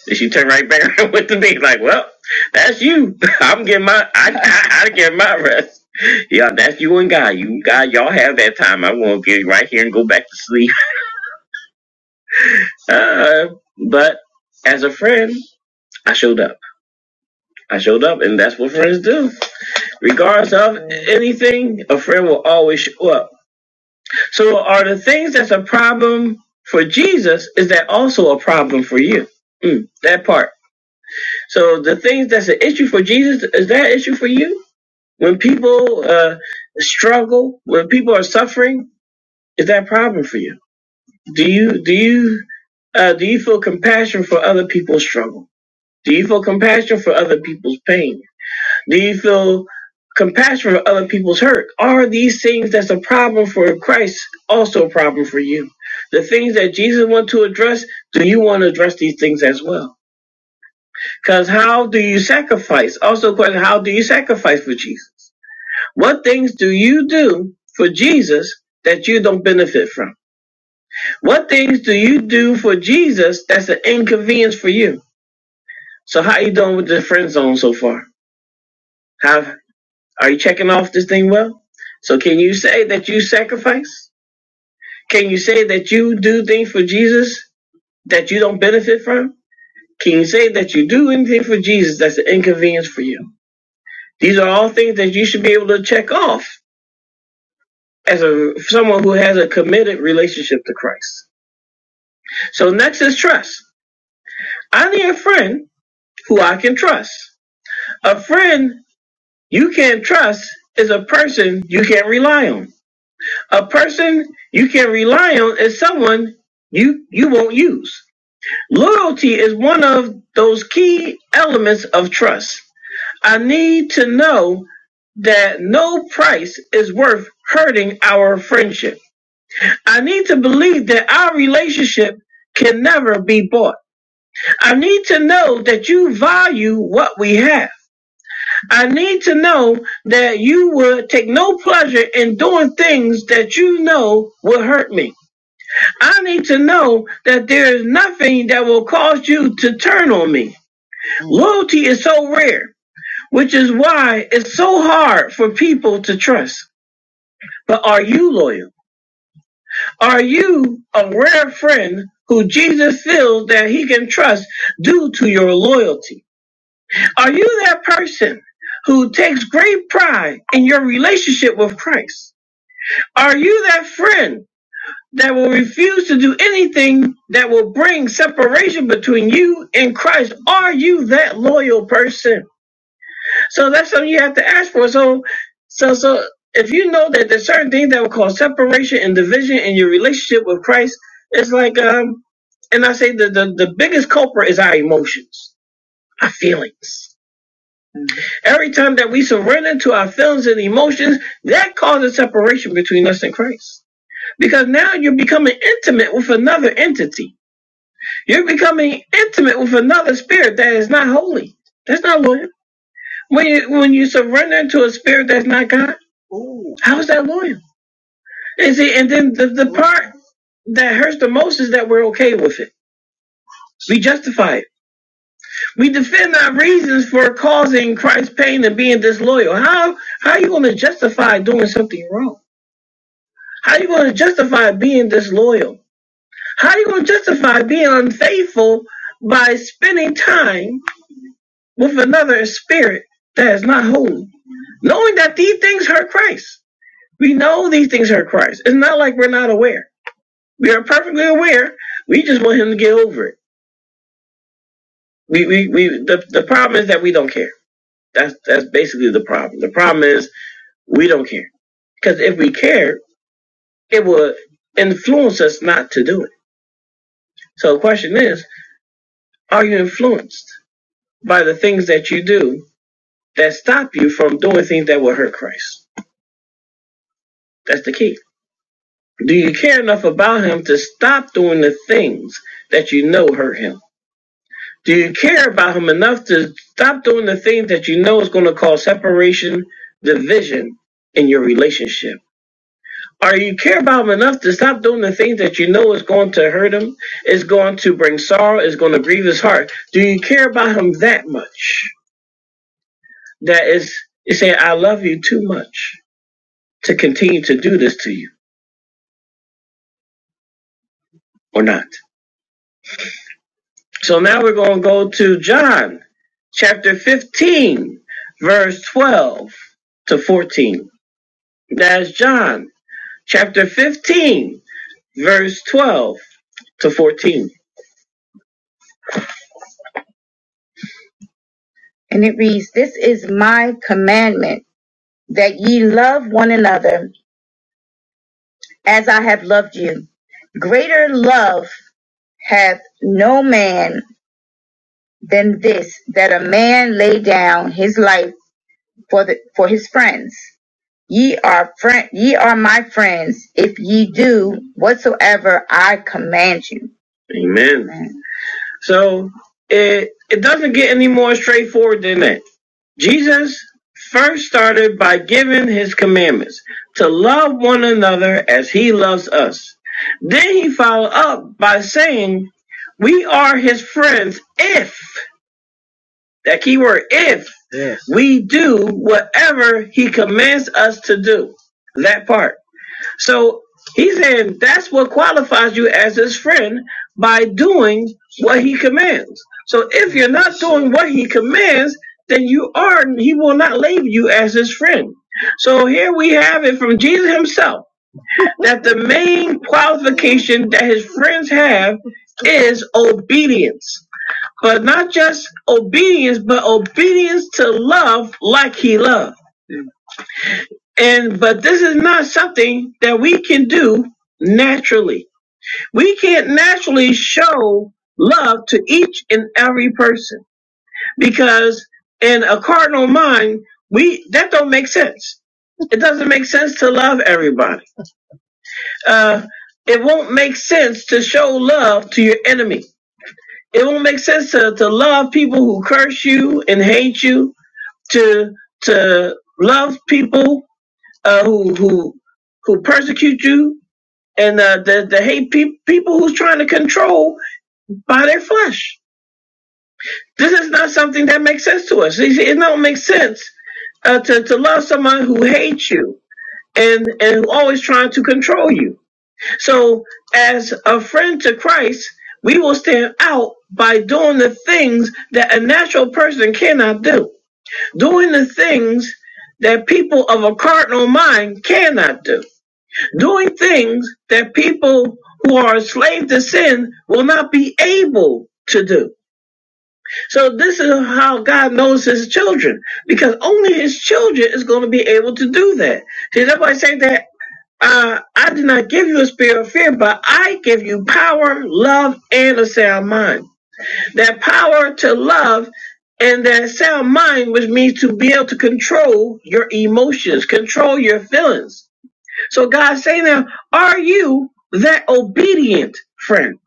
And she turned right back around with the knee, like, well, that's you. I'm getting my, I, I, I get my rest. Yeah, that's you and God. You and God, y'all have that time. I'm gonna get right here and go back to sleep. Uh, but as a friend, I showed up. I showed up, and that's what friends do. Regardless of anything, a friend will always show up. So, are the things that's a problem for Jesus is that also a problem for you? Mm, that part. So, the things that's an issue for Jesus is that an issue for you? When people uh, struggle, when people are suffering, is that a problem for you? Do you do you uh, do you feel compassion for other people's struggle? Do you feel compassion for other people's pain? Do you feel compassion for other people's hurt? Are these things that's a problem for Christ also a problem for you? The things that Jesus wants to address, do you want to address these things as well? Because how do you sacrifice? Also, question: How do you sacrifice for Jesus? What things do you do for Jesus that you don't benefit from? What things do you do for Jesus that's an inconvenience for you? So how you doing with the friend zone so far? How are you checking off this thing well? So can you say that you sacrifice? Can you say that you do things for Jesus that you don't benefit from? Can you say that you do anything for Jesus that's an inconvenience for you? These are all things that you should be able to check off as a someone who has a committed relationship to Christ. So next is trust. I need a friend who I can trust. A friend you can not trust is a person you can not rely on. A person you can rely on is someone you you won't use. Loyalty is one of those key elements of trust. I need to know that no price is worth hurting our friendship. I need to believe that our relationship can never be bought. I need to know that you value what we have. I need to know that you would take no pleasure in doing things that you know will hurt me. I need to know that there is nothing that will cause you to turn on me. Loyalty is so rare, which is why it's so hard for people to trust. But are you loyal? Are you a rare friend who Jesus feels that he can trust due to your loyalty? Are you that person who takes great pride in your relationship with Christ? Are you that friend that will refuse to do anything that will bring separation between you and Christ? Are you that loyal person? So that's something you have to ask for. So, so, so if you know that there's certain things that will cause separation and division in your relationship with Christ, it's like, um, and I say the, the, the biggest culprit is our emotions, our feelings Every time that we surrender to our feelings and emotions, that causes separation between us and Christ. Because now you're becoming intimate with another entity. You're becoming intimate with another spirit that is not holy. That's not loyal. When you when you surrender to a spirit that's not God, how is that loyal? And see, and then the, the part that hurts the most is that we're okay with it. We justify it. We defend our reasons for causing Christ pain and being disloyal. How how are you going to justify doing something wrong? How are you going to justify being disloyal? How are you going to justify being unfaithful by spending time with another spirit that is not holy? Knowing that these things hurt Christ. We know these things hurt Christ. It's not like we're not aware. We are perfectly aware. We just want him to get over it. We, we, we, the, the problem is that we don't care. That's, that's basically the problem. The problem is we don't care. Because if we cared, it would influence us not to do it. So the question is, are you influenced? by the things that you do that stop you from doing things that will hurt Christ. That's the key. Do you care enough about him to stop doing the things that you know hurt him? Do you care about him enough to stop doing the things that you know is going to cause separation, division in your relationship? Are you care about him enough to stop doing the things that you know is going to hurt him, is going to bring sorrow, is going to grieve his heart? Do you care about him that much? That is, you say, I love you too much to continue to do this to you or not. So now we're going to go to John chapter 15, verse 12 to 14. That's John chapter 15, verse 12 to 14. And it reads, This is my commandment that ye love one another as I have loved you. Greater love hath no man than this, that a man lay down his life for, the, for his friends. Ye are friend, ye are my friends if ye do whatsoever I command you. Amen. Amen. So it it doesn't get any more straightforward than that. Jesus first started by giving his commandments to love one another as he loves us. Then he followed up by saying, We are his friends if, that key word, if we do whatever he commands us to do. That part. So he's saying that's what qualifies you as his friend by doing what he commands. So if you're not doing what he commands, then you are, he will not label you as his friend. So here we have it from Jesus himself that the main qualification that his friends have is obedience, but not just obedience, but obedience to love like he loves. And but this is not something that we can do naturally. We can't naturally show love to each and every person because in a cardinal mind, we that don't make sense. It doesn't make sense to love everybody. Uh, it won't make sense to show love to your enemy. It won't make sense to, to love people who curse you and hate you. To to love people uh, who who who persecute you and uh, the the hate pe- people who's trying to control by their flesh. This is not something that makes sense to us. It, it don't make sense uh, to to love someone who hates you and and who always trying to control you. So as a friend to Christ, we will stand out by doing the things that a natural person cannot do, doing the things that people of a carnal mind cannot do doing things that people who are enslaved to sin will not be able to do. So this is how God knows his children, because only his children is going to be able to do that. See, that's why I say that uh, I did not give you a spirit of fear, but I give you power, love, and a sound mind. That power to love and that sound mind, which means to be able to control your emotions, control your feelings so God saying now, are you that obedient friend?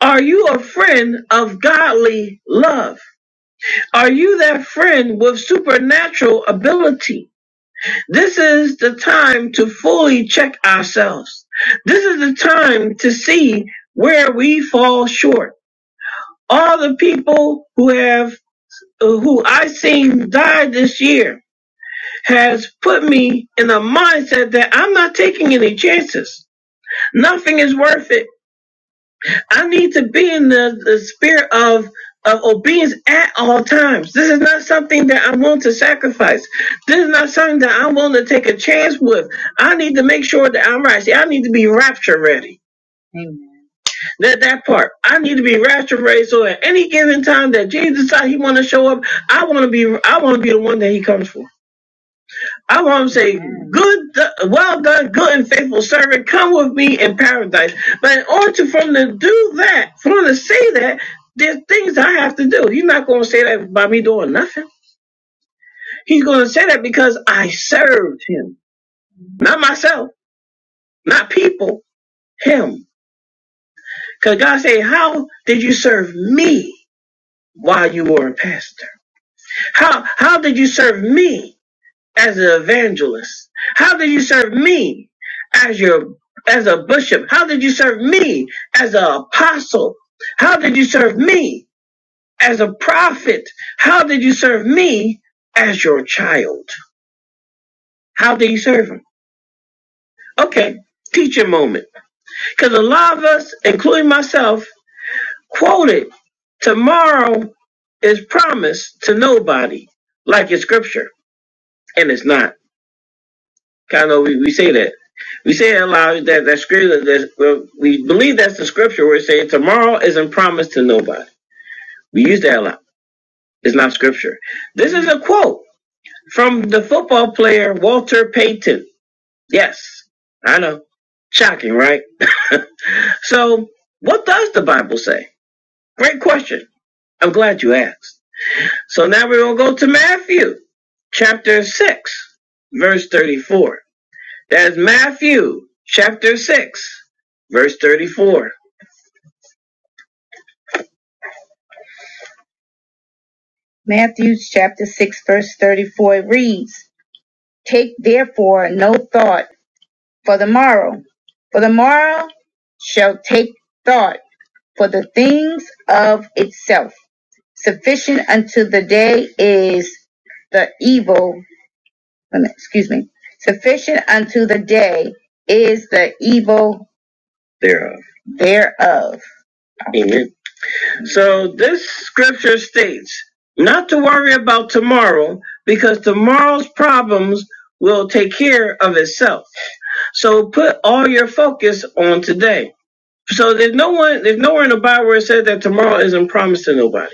Are you a friend of godly love? Are you that friend with supernatural ability? This is the time to fully check ourselves. This is the time to see where we fall short. All the people who have who I seen die this year has put me in a mindset that I'm not taking any chances. Nothing is worth it. I need to be in the, the spirit of of obedience at all times. This is not something that I am willing to sacrifice. This is not something that I'm willing to take a chance with. I need to make sure that I'm right. See, I need to be rapture ready. That that part. I need to be rapture ready. So at any given time that Jesus decides he want to show up, I want to be I want to be the one that he comes for. I want to say, good, well done, good and faithful servant. Come with me in paradise. But in order to, for him to do that, for him to say that, there's things I have to do. He's not going to say that by me doing nothing. He's going to say that because I served him, not myself, not people, him. Because God said, how did you serve me while you were a pastor? How how did you serve me? as an evangelist? How did you serve me as your as a bishop? How did you serve me as an apostle? How did you serve me as a prophet? How did you serve me as your child? How did you serve him? Okay, teacher moment. Because a lot of us, including myself, quoted tomorrow is promised to nobody like it's scripture, and it's not. Kind of, we, we say that. We say it aloud that that scripture that well, we believe that's the scripture where it says tomorrow isn't promised to nobody. We use that a lot. It's not scripture. This is a quote from the football player Walter Payton. Yes, I know. Shocking, right? So, what does the Bible say? Great question. I'm glad you asked. So now we're gonna go to Matthew chapter six, verse thirty-four. That's Matthew chapter 6, verse 34. Matthew chapter 6, verse 34 reads, Take therefore no thought for the morrow, for the morrow shall take thought for the things of itself. Sufficient unto the day is the, excuse me, sufficient unto the day is evil thereof. Amen. So this scripture states not to worry about tomorrow because tomorrow's problems will take care of itself. So put all your focus on today. So there's no one, there's nowhere in the Bible where it says that tomorrow isn't promised to nobody.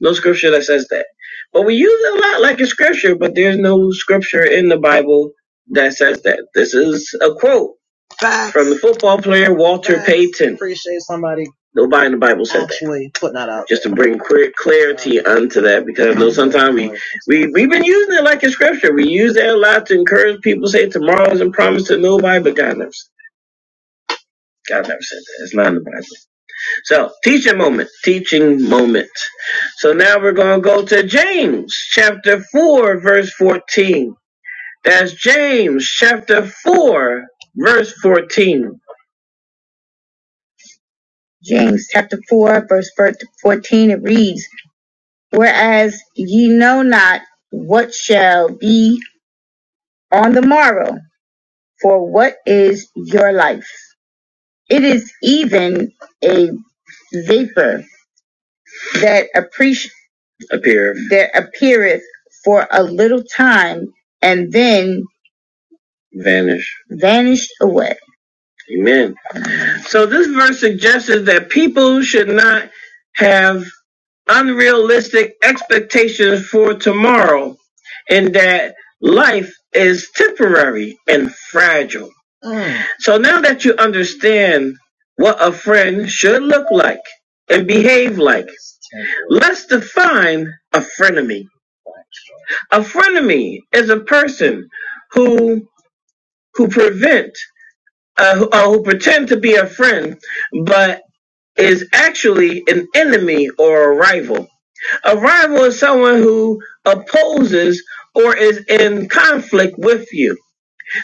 No scripture that says that. But we use it a lot like in scripture, but there's no scripture in the Bible that says that. This is a quote Facts. from the football player Walter Facts. Payton. Appreciate somebody. Nobody in the Bible said actually that. putting that out. Just to bring clear clarity onto that, because I know sometimes we, we, we've been using it like in scripture. We use that a lot to encourage people, say tomorrow isn't promised to nobody, but God never, God never said that. It's not in the Bible. So, teaching moment, teaching moment. So now we're going to go to James chapter 4, verse 14. That's James chapter 4, verse 14. James chapter 4, verse 14, it reads, Whereas ye know not what shall be on the morrow, for what is your life? It is even a vapor that appear that appear and then vanish. vanished away. Amen. So this verse suggests that people should not have unrealistic expectations for tomorrow and that life is temporary and fragile. So now that you understand what a friend should look like and behave like, let's define a frenemy. A frenemy is a person who who prevent uh, who, uh, who pretend to be a friend, but is actually an enemy or a rival. A rival is someone who opposes or is in conflict with you.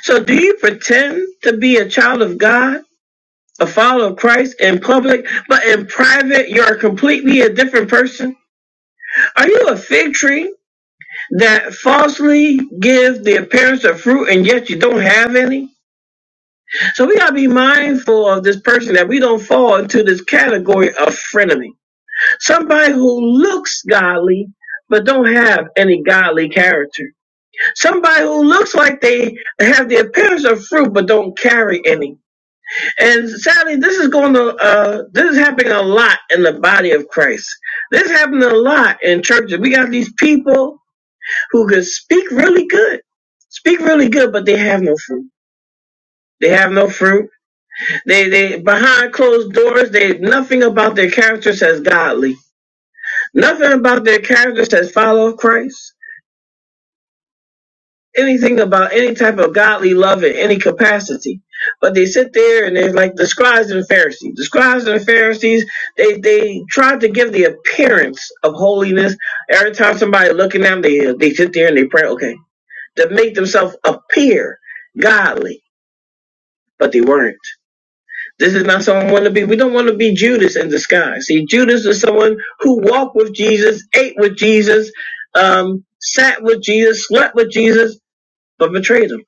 So, do you pretend to be a child of God, a follower of Christ in public, but in private you're completely a different person? Are you a fig tree that falsely gives the appearance of fruit and yet you don't have any? So we gotta be mindful of this person that we don't fall into this category of frenemy. Somebody who looks godly but don't have any godly character. Somebody who looks like they have the appearance of fruit but don't carry any. And sadly, this is going to uh, this is happening a lot in the body of Christ. This happened a lot in churches. We got these people who could speak really good, speak really good, but they have no fruit. They have no fruit They they behind closed doors. They nothing about their character says godly. Nothing about their character says follow Christ. Anything about any type of godly love in any capacity. But they sit there and they're like the scribes and Pharisees. The scribes and Pharisees, they they try to give the appearance of holiness. Every time somebody looking at them, they they sit there and they pray, okay, to make themselves appear godly, but they weren't. This is not someone we want to be. We don't want to be Judas in disguise. See, Judas is someone who walked with Jesus, ate with Jesus, um, sat with Jesus, slept with Jesus, but betrayed him.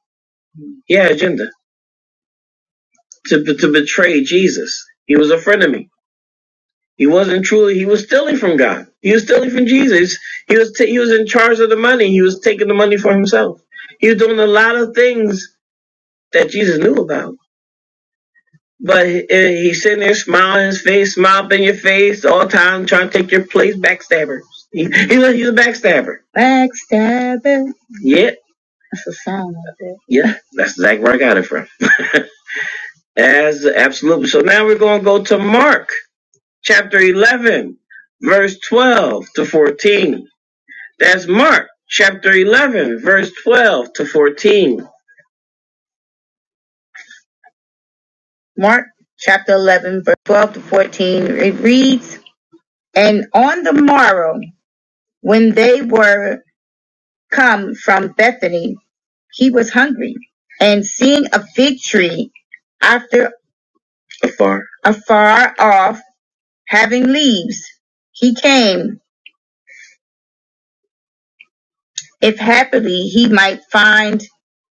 He had an agenda to to betray Jesus. He was a frenemy. He wasn't truly. He was stealing from God. He was stealing from Jesus. He was ta- he was in charge of the money. He was taking the money for himself. He was doing a lot of things that Jesus knew about But he, eh, he's sitting there smiling in his face, smile up in your face all the time, trying to take your place, backstabber. He, he's, a, he's a backstabber. Yeah, yeah, that's exactly where I got it from. As absolutely. So now we're going to go to Mark chapter 11, verse 12 to 14. That's Mark chapter 11, verse 12 to 14. Mark chapter 11, verse 12 to 14. It reads, And on the morrow, when they were come from Bethany, he was hungry, and seeing a fig tree after afar off, having leaves, he came, if happily he might find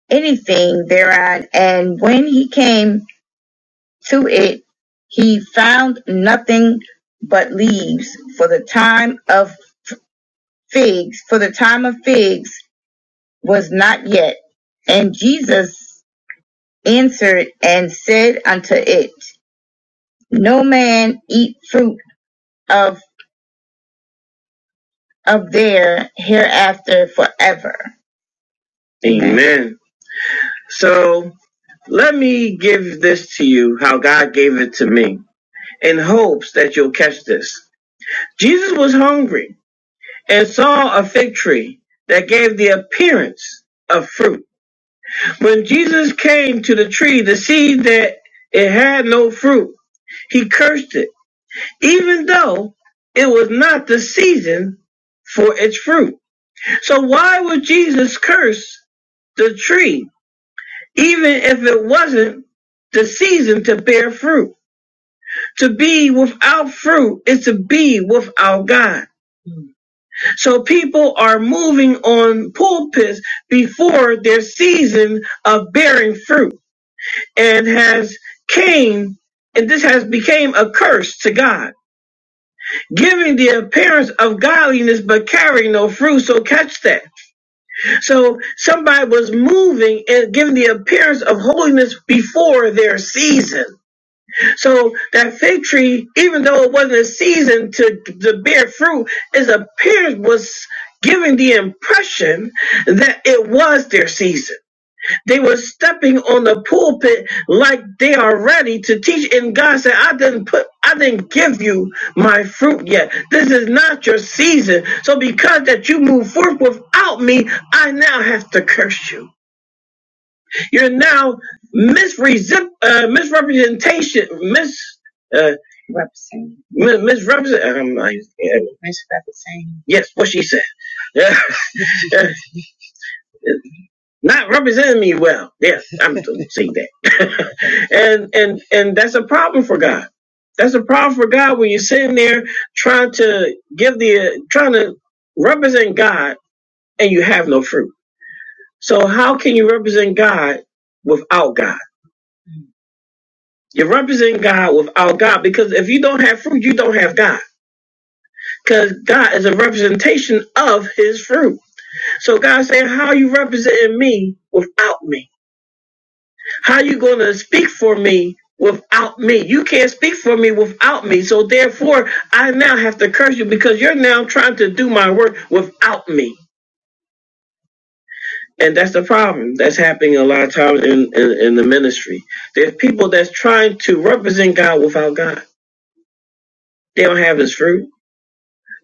anything thereon. And when he came to it, he found nothing but leaves, for the time of figs, for the time of figs was not yet. And Jesus answered and said unto it, no man eat fruit of the hereafter. Amen. So let me give this to you how God gave it to me in hopes that you'll catch this. Jesus was hungry and saw a fig tree that gave the appearance of fruit. When Jesus came to the tree to see that it had no fruit, he cursed it, even though it was not the season for its fruit. So why would Jesus curse the tree, even if it wasn't the season to bear fruit. To be without fruit is to be without God. So people are moving on pulpits before their season of bearing fruit and has came and this has become a curse to God, giving the appearance of godliness but carrying no fruit. So catch that. So somebody was moving and giving the appearance of holiness before their season. So that fig tree, even though it wasn't a season to, to bear fruit, its appearance was giving the impression that it was their season. They were stepping on the pulpit like they are ready to teach. And God said, I didn't put, I didn't give you my fruit yet. This is not your season. So because that you move forth without me, I now have to curse you. You're now misrepresent, uh, misrepresentation, mis, uh, Represent. mi- misrepresent. Um, I, yeah. Misrepresent. Yes, what she said. not representing me well. Yes, I'm gonna say that. and and and that's a problem for God. That's a problem for God when you're sitting there trying to give the trying to represent God and you have no fruit. So how can you represent God without God? You're representing God without God because if you don't have fruit, you don't have God. Because God is a representation of His fruit. So God's saying, "How are you representing me without me?" How you going to speak for me without me? You can't speak for me without me. So therefore, I now have to curse you because you're now trying to do my work without me. And that's the problem that's happening a lot of times in, in, in the ministry. There's people that's trying to represent God without God. They don't have his fruit.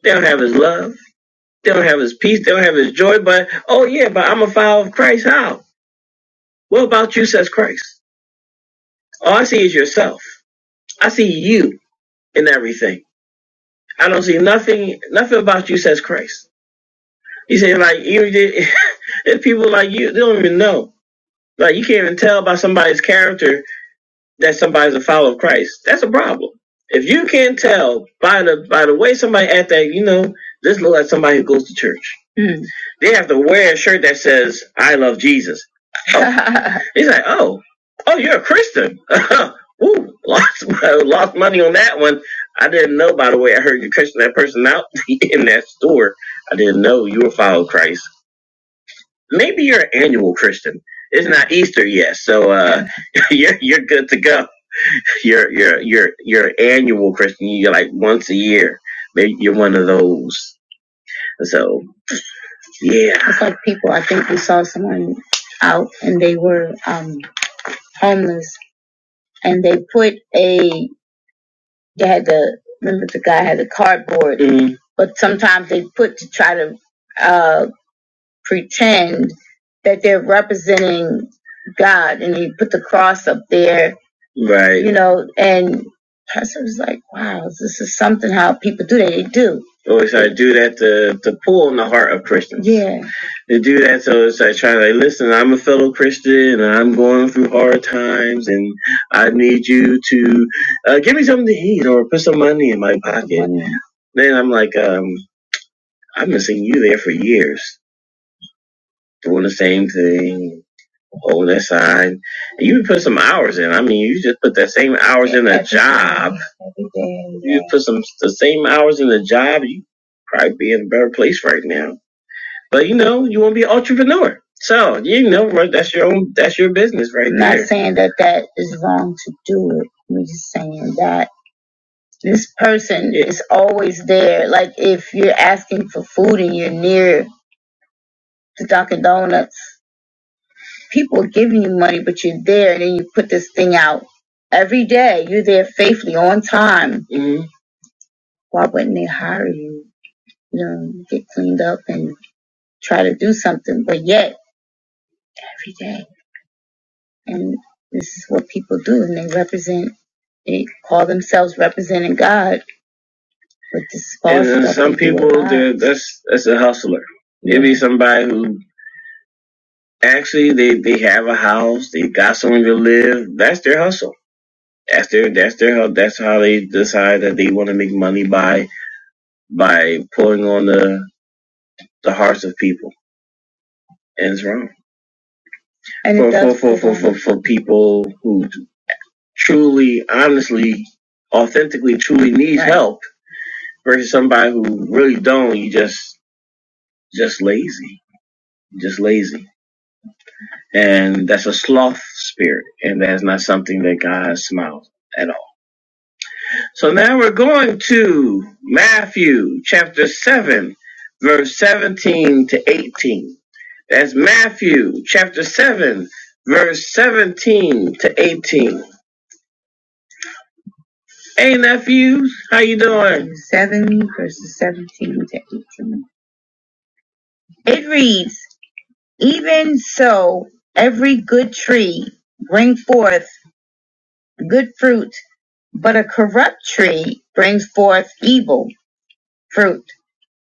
They don't have his love. They don't have his peace. They don't have his joy. But, oh yeah, but I'm a follower of Christ. How? What about you, says Christ? All I see is yourself. I see you in everything. I don't see nothing nothing about you says Christ. You say like even if if people like you, they don't even know. Like you can't even tell by somebody's character that somebody's a follower of Christ. That's a problem. If you can't tell by the by the way somebody act that, you know, this looks like somebody who goes to church. Mm. They have to wear a shirt that says, I love Jesus. Oh. He's like, Oh, oh, you're a Christian. Ooh, lost lost money on that one. I didn't know by the way I heard you cursing that person out in that store. I didn't know you were following Christ. Maybe you're an annual Christian. It's not Easter yet, so uh, you're you're good to go your your your your annual Christian. You're like once a year. Maybe you're one of those. So yeah. It's like people. I think we saw someone out and they were um homeless and they put a they had the remember the guy had the cardboard. Mhm. But sometimes they put to try to uh pretend that they're representing God and they put the cross up there. Right. You know, and Pastor was like, wow, this is something how people do that. They do. Oh, it's like do that to, to pull on the heart of Christians. Yeah. They do that so it's like trying to like, listen, I'm a fellow Christian and I'm going through hard times and I need you to uh, give me something to eat or put some money in my pocket. Mm-hmm. Then I'm like, um, I've been seeing you there for years doing the same thing On that side, You put some hours in. I mean, you just put that same hours in a job. You put some the same hours in a job, you probably be in a better place right now. But you know, you want to be an entrepreneur. So you know, right, that's your own, that's your business right there. I'm Not saying that that is wrong to do it. I'm just saying that this person Yeah. is always there. Like if you're asking for food and you're near the Dunkin' Donuts people giving you money, but you're there and then you put this thing out every day. You're there faithfully on time. Why wouldn't they hire you? You know, get cleaned up and try to do something, but yet every day. And this is what people do, and they represent. And some people, that's that's a hustler. Maybe somebody who actually they they have a house, they got somewhere to live. That's their hustle. That's their that's their That's how they decide that they want to make money by by pulling on the the hearts of people, and it's wrong And it for it does for for for for, for people who truly, honestly, authentically, truly need Right. help versus somebody who really don't. You just just lazy, just lazy, and that's a sloth spirit, and that's not something that God smiles at all. So now we're going to Matthew chapter seven, verse seventeen to eighteen. That's Matthew chapter 7, verse 17 to 18. Hey nephews, how you doing? 7 verses 17 to 18. It reads, Even so, every good tree bring forth good fruit, but a corrupt tree brings forth evil fruit.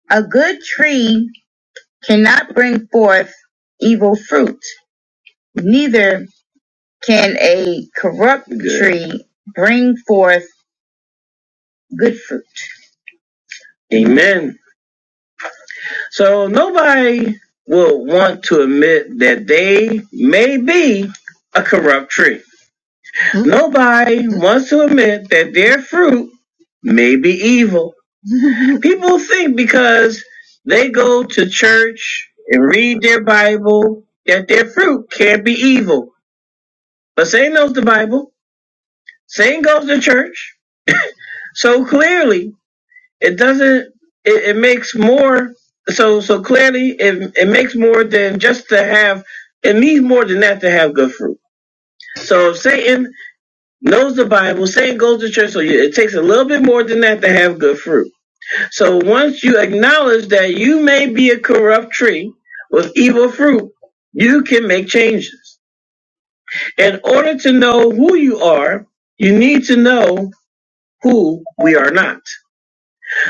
A good tree can Good. tree. Amen. So nobody will want to admit that they may be a corrupt tree. Nobody wants to admit that their fruit may be evil. People think because they go to church and read their Bible that their fruit can't be evil. But Satan knows the Bible. Satan goes to church. So clearly it doesn't it, it makes more so so clearly it, it makes more than just to have it needs more than that to have good fruit so if satan knows the bible satan goes to church so you, it takes a little bit more than that to have good fruit so once you acknowledge that you may be a corrupt tree with evil fruit you can make changes in order to know who you are you need to know who we are not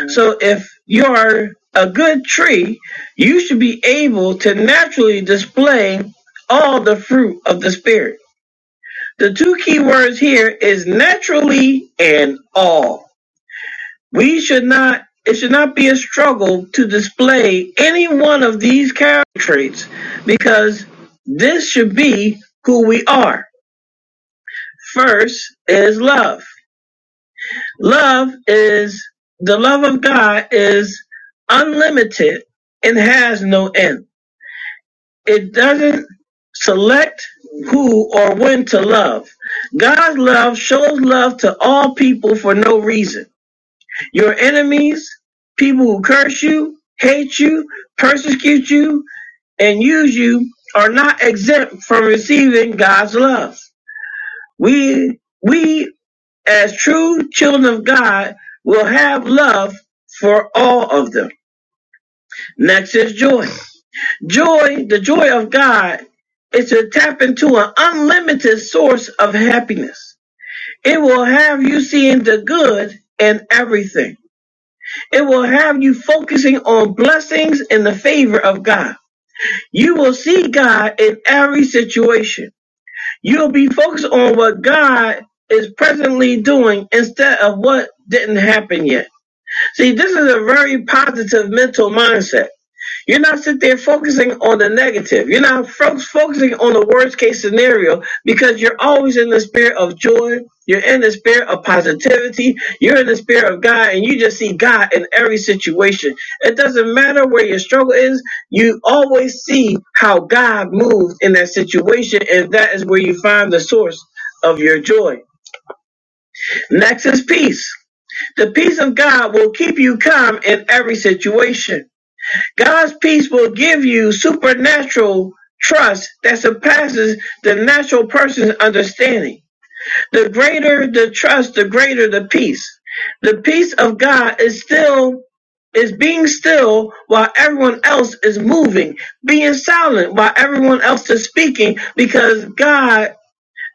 So if you're a good tree, you should be able to naturally display all the fruit of the spirit. The two key words here is naturally and all. We should not it should not be a struggle to display any one of these character traits because this should be who we are. First is love. Love is the love of God is unlimited and has no end. It doesn't select who or when to love. God's love shows love to all people for no reason. Your enemies, people who curse you, hate you, persecute you, and use you are not exempt from receiving God's love. We we as true children of God will have love for all of them. Next is joy. Joy, the joy of God, is to tap into an unlimited source of happiness. It will have you seeing the good in everything. It will have you focusing on blessings and the favor of God. You will see God in every situation. You'll be focused on what God is presently doing instead of what didn't happen yet. See, this is a very positive mental mindset. You're not sitting there focusing on the negative. You're not fo- focusing on the worst case scenario because you're always in the spirit of joy. You're in the spirit of positivity. You're in the spirit of God, and you just see God in every situation. It doesn't matter where your struggle is. You always see how God moved in that situation, and that is where you find the source of your joy. Next is peace. The peace of God will keep you calm in every situation. God's peace will give you supernatural trust that surpasses the natural person's understanding. The greater the trust, the greater the peace. The peace of God is still is being still while everyone else is moving, being silent while everyone else is speaking because God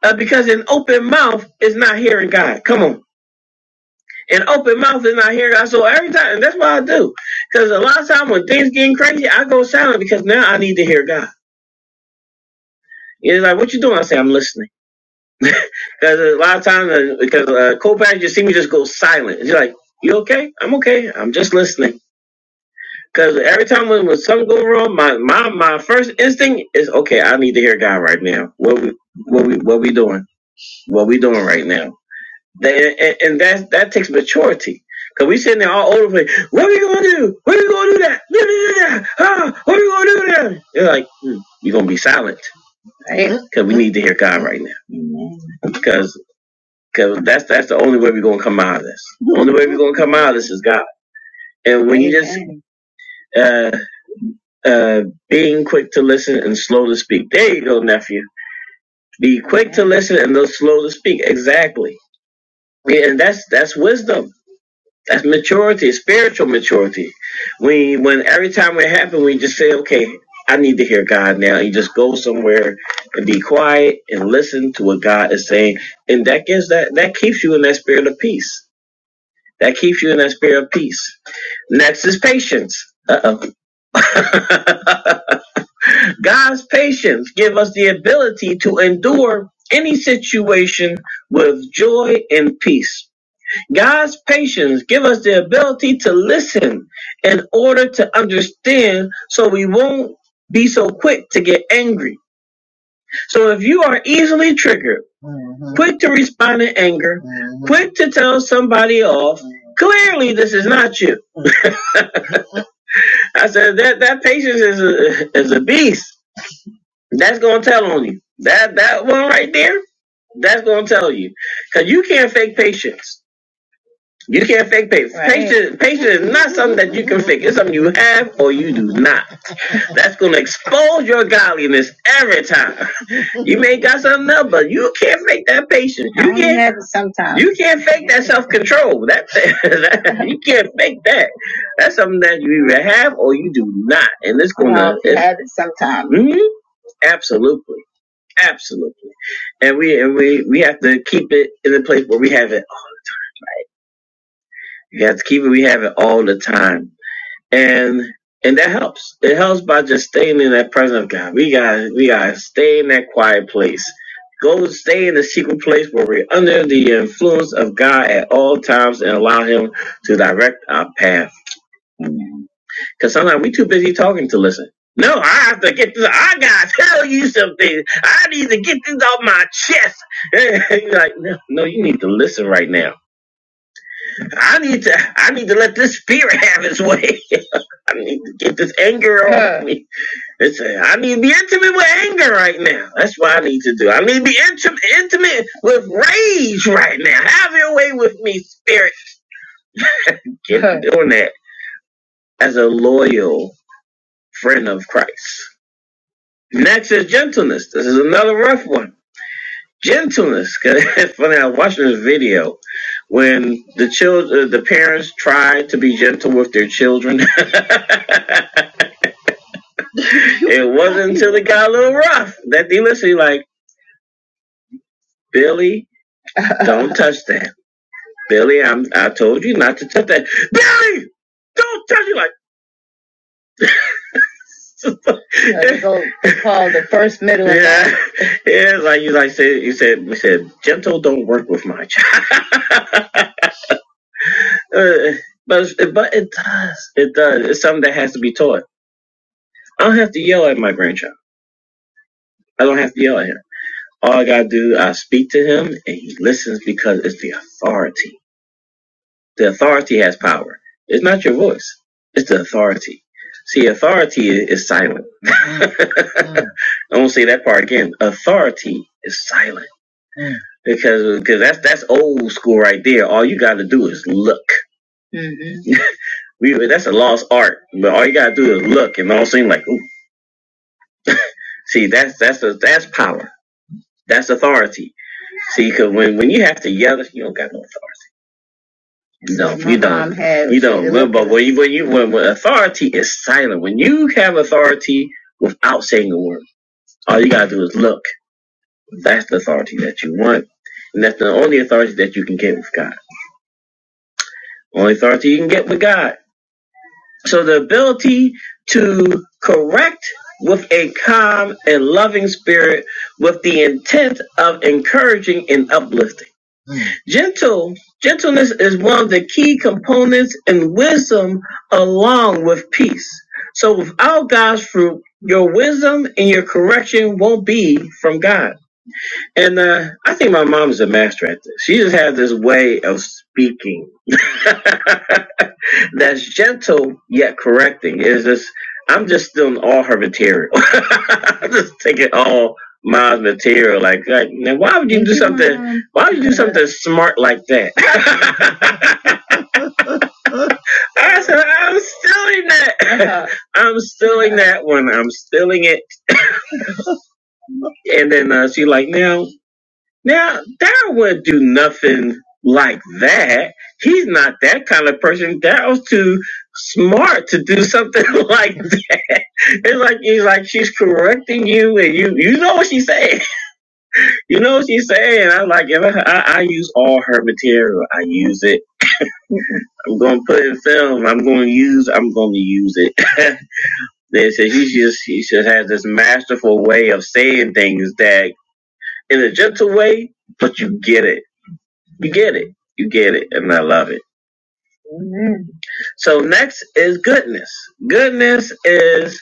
uh, because an open mouth is not hearing God. Come on and open mouth is not here, God. So every time, and that's what I do. Because a lot of time when things getting crazy, I go silent because now I need to hear God. Yeah, It's like, what you doing? I say, I'm listening. Because a lot of times, uh, because uh, co-parents just see me just go silent. It's like, you okay? I'm okay. I'm just listening. Because every time when, when something go wrong, my, my my first instinct is, okay, I need to hear God right now. What we what we what we doing? What we doing right now? That- and, that that takes maturity. Cause we sitting there all over the place. What are we gonna do? What are we gonna do that? No, no, no, no. Ah, what are we gonna do that? You're like, hmm, you're gonna be silent. Cause we need to hear God right now. Cause cause that's that's the only way we're gonna come out of this. The only way we're gonna come out of this is God. And when you just uh uh being quick to listen and slow to speak. There you go, nephew. Be quick to listen and then slow to speak. Exactly. Yeah, and that's that's wisdom That's maturity, spiritual maturity. We when every time it happens, we just say, "Okay, I need to hear God now." You just go somewhere and be quiet and listen to what God is saying, and that gives that that keeps you in that spirit of peace. That keeps you in that spirit of peace. Next is patience. Uh oh. God's patience give us the ability to endure any situation with joy and peace. God's patience give us the ability to listen in order to understand so we won't be so quick to get angry. So if you are easily triggered, quick to respond in anger, quick to tell somebody off, clearly this is not you. I said that that patience is a, is a beast. That's going to tell on you. That that one right there, that's going to tell you cuz you can't fake patience. You can't fake patience. Right. Patience, patience is not something that you can fake. It's something you have or you do not. That's going to expose your godliness every time. You may got something else, but you can't fake that patience. You Only can't. have it sometimes. You can't fake that self control. That, that you can't fake that. That's something that you either have or you do not, and it's gonna. No, Mhm. absolutely, absolutely, and we and we we have to keep it in a place where we have it. We have to keep it. We have it all the time and and that helps. It helps by just staying in that presence of God. We got we got to stay in that quiet place. Go stay in the secret place where we're under the influence of God at all times and allow Him to direct our path. Because sometimes we too busy talking to listen. No, I have to get this. I gotta tell you something. I need to get this off my chest. You're like, no, no, you need to listen right now. I need to I need to let this spirit have its way. I need to get this anger yeah. off Huh. me. Listen, I need to be intimate with anger right now. That's what I need to do. I need to be intimate intimate with rage right now. Have your way with me, spirit. Get Huh. doing that as a loyal friend of Christ. Next is gentleness. This is another rough one. Gentleness. it's funny. I watched this video when the children, the parents tried to be gentle with their children. it wasn't until it got a little rough that they literally like, Billy, don't touch that. Billy, I'm, I told you not to touch that. Billy, don't touch it. Like, yeah, yeah, like you like said, you said, we said, gentle don't work with my child. Uh, but but it does. It does. It's something that has to be taught. I don't have to yell at my grandchild. I don't have to yell at him. All I gotta do, I speak to him, and he listens because it's the authority. The authority has power. It's not your voice. It's the authority. See, authority i- is silent. I won't say that part again. Authority is silent because because that's that's old school right there. All you gotta do is look. We that's a lost art, but all you gotta do is look and all seem like, ooh, see that's that's a, that's power, that's authority. See, 'cause when when you have to yell, you don't got no authority. No, you don't. you don't. Well, But when you when you when, when authority is silent, when you have authority without saying a word, all you gotta do is look. That's the authority that you want, and that's the only authority that you can get with God. Only authority you can get with God So the ability to correct with a calm and loving spirit with the intent of encouraging and uplifting. Gentle gentleness is one of the key components in wisdom along with peace. So without God's fruit, your wisdom and your correction won't be from God. And uh, I think my mom's a master at this. She just has this way of speaking that's gentle yet correcting. It's just I'm just stealing all her material. I'm just taking all mom's material. Like, like now why would you do something? Why would you do something smart like that? I said I'm stealing that. I'm stealing that one. I'm stealing it. And then uh, she like now. Now, Daryl would do nothing like that. He's not that kind of person. Daryl's too smart to do something like that. It's like he's like she's correcting you, and you you know what she's saying. You know what she's saying. I'm like, if I, I, I use all her material. I use it. I'm gonna put it in film. I'm gonna use. I'm gonna use it. they said she just she just has this masterful way of saying things that in a gentle way, but you get it You get it. You get it. And I love it. So next is goodness. Goodness is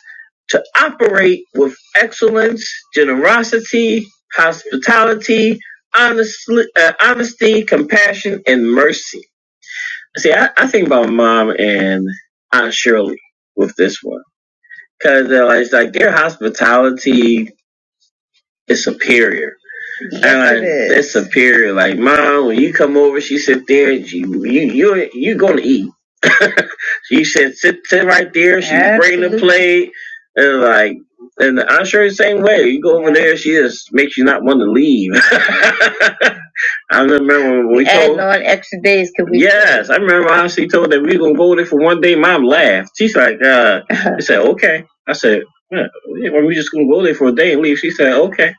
to operate with excellence, generosity, hospitality, honestly, uh, honesty, compassion, and mercy. See, I, I think about mom and Aunt Shirley with this one because uh, it's like their hospitality is superior And Yes, like that's superior. Like mom, when you come over, she sit there. And you you you gonna eat. she said sit sit right there. She's Absolutely. bringing the plate and like. And I'm sure the same way. You go over Yeah. there, she just makes you not want to leave. I remember when We we adding told. on extra days could we Yes, I remember how she told that we gonna go there for one day. Mom laughed. She's like, uh, I said okay. I said, yeah, well, we just gonna go there for a day and leave. She said okay.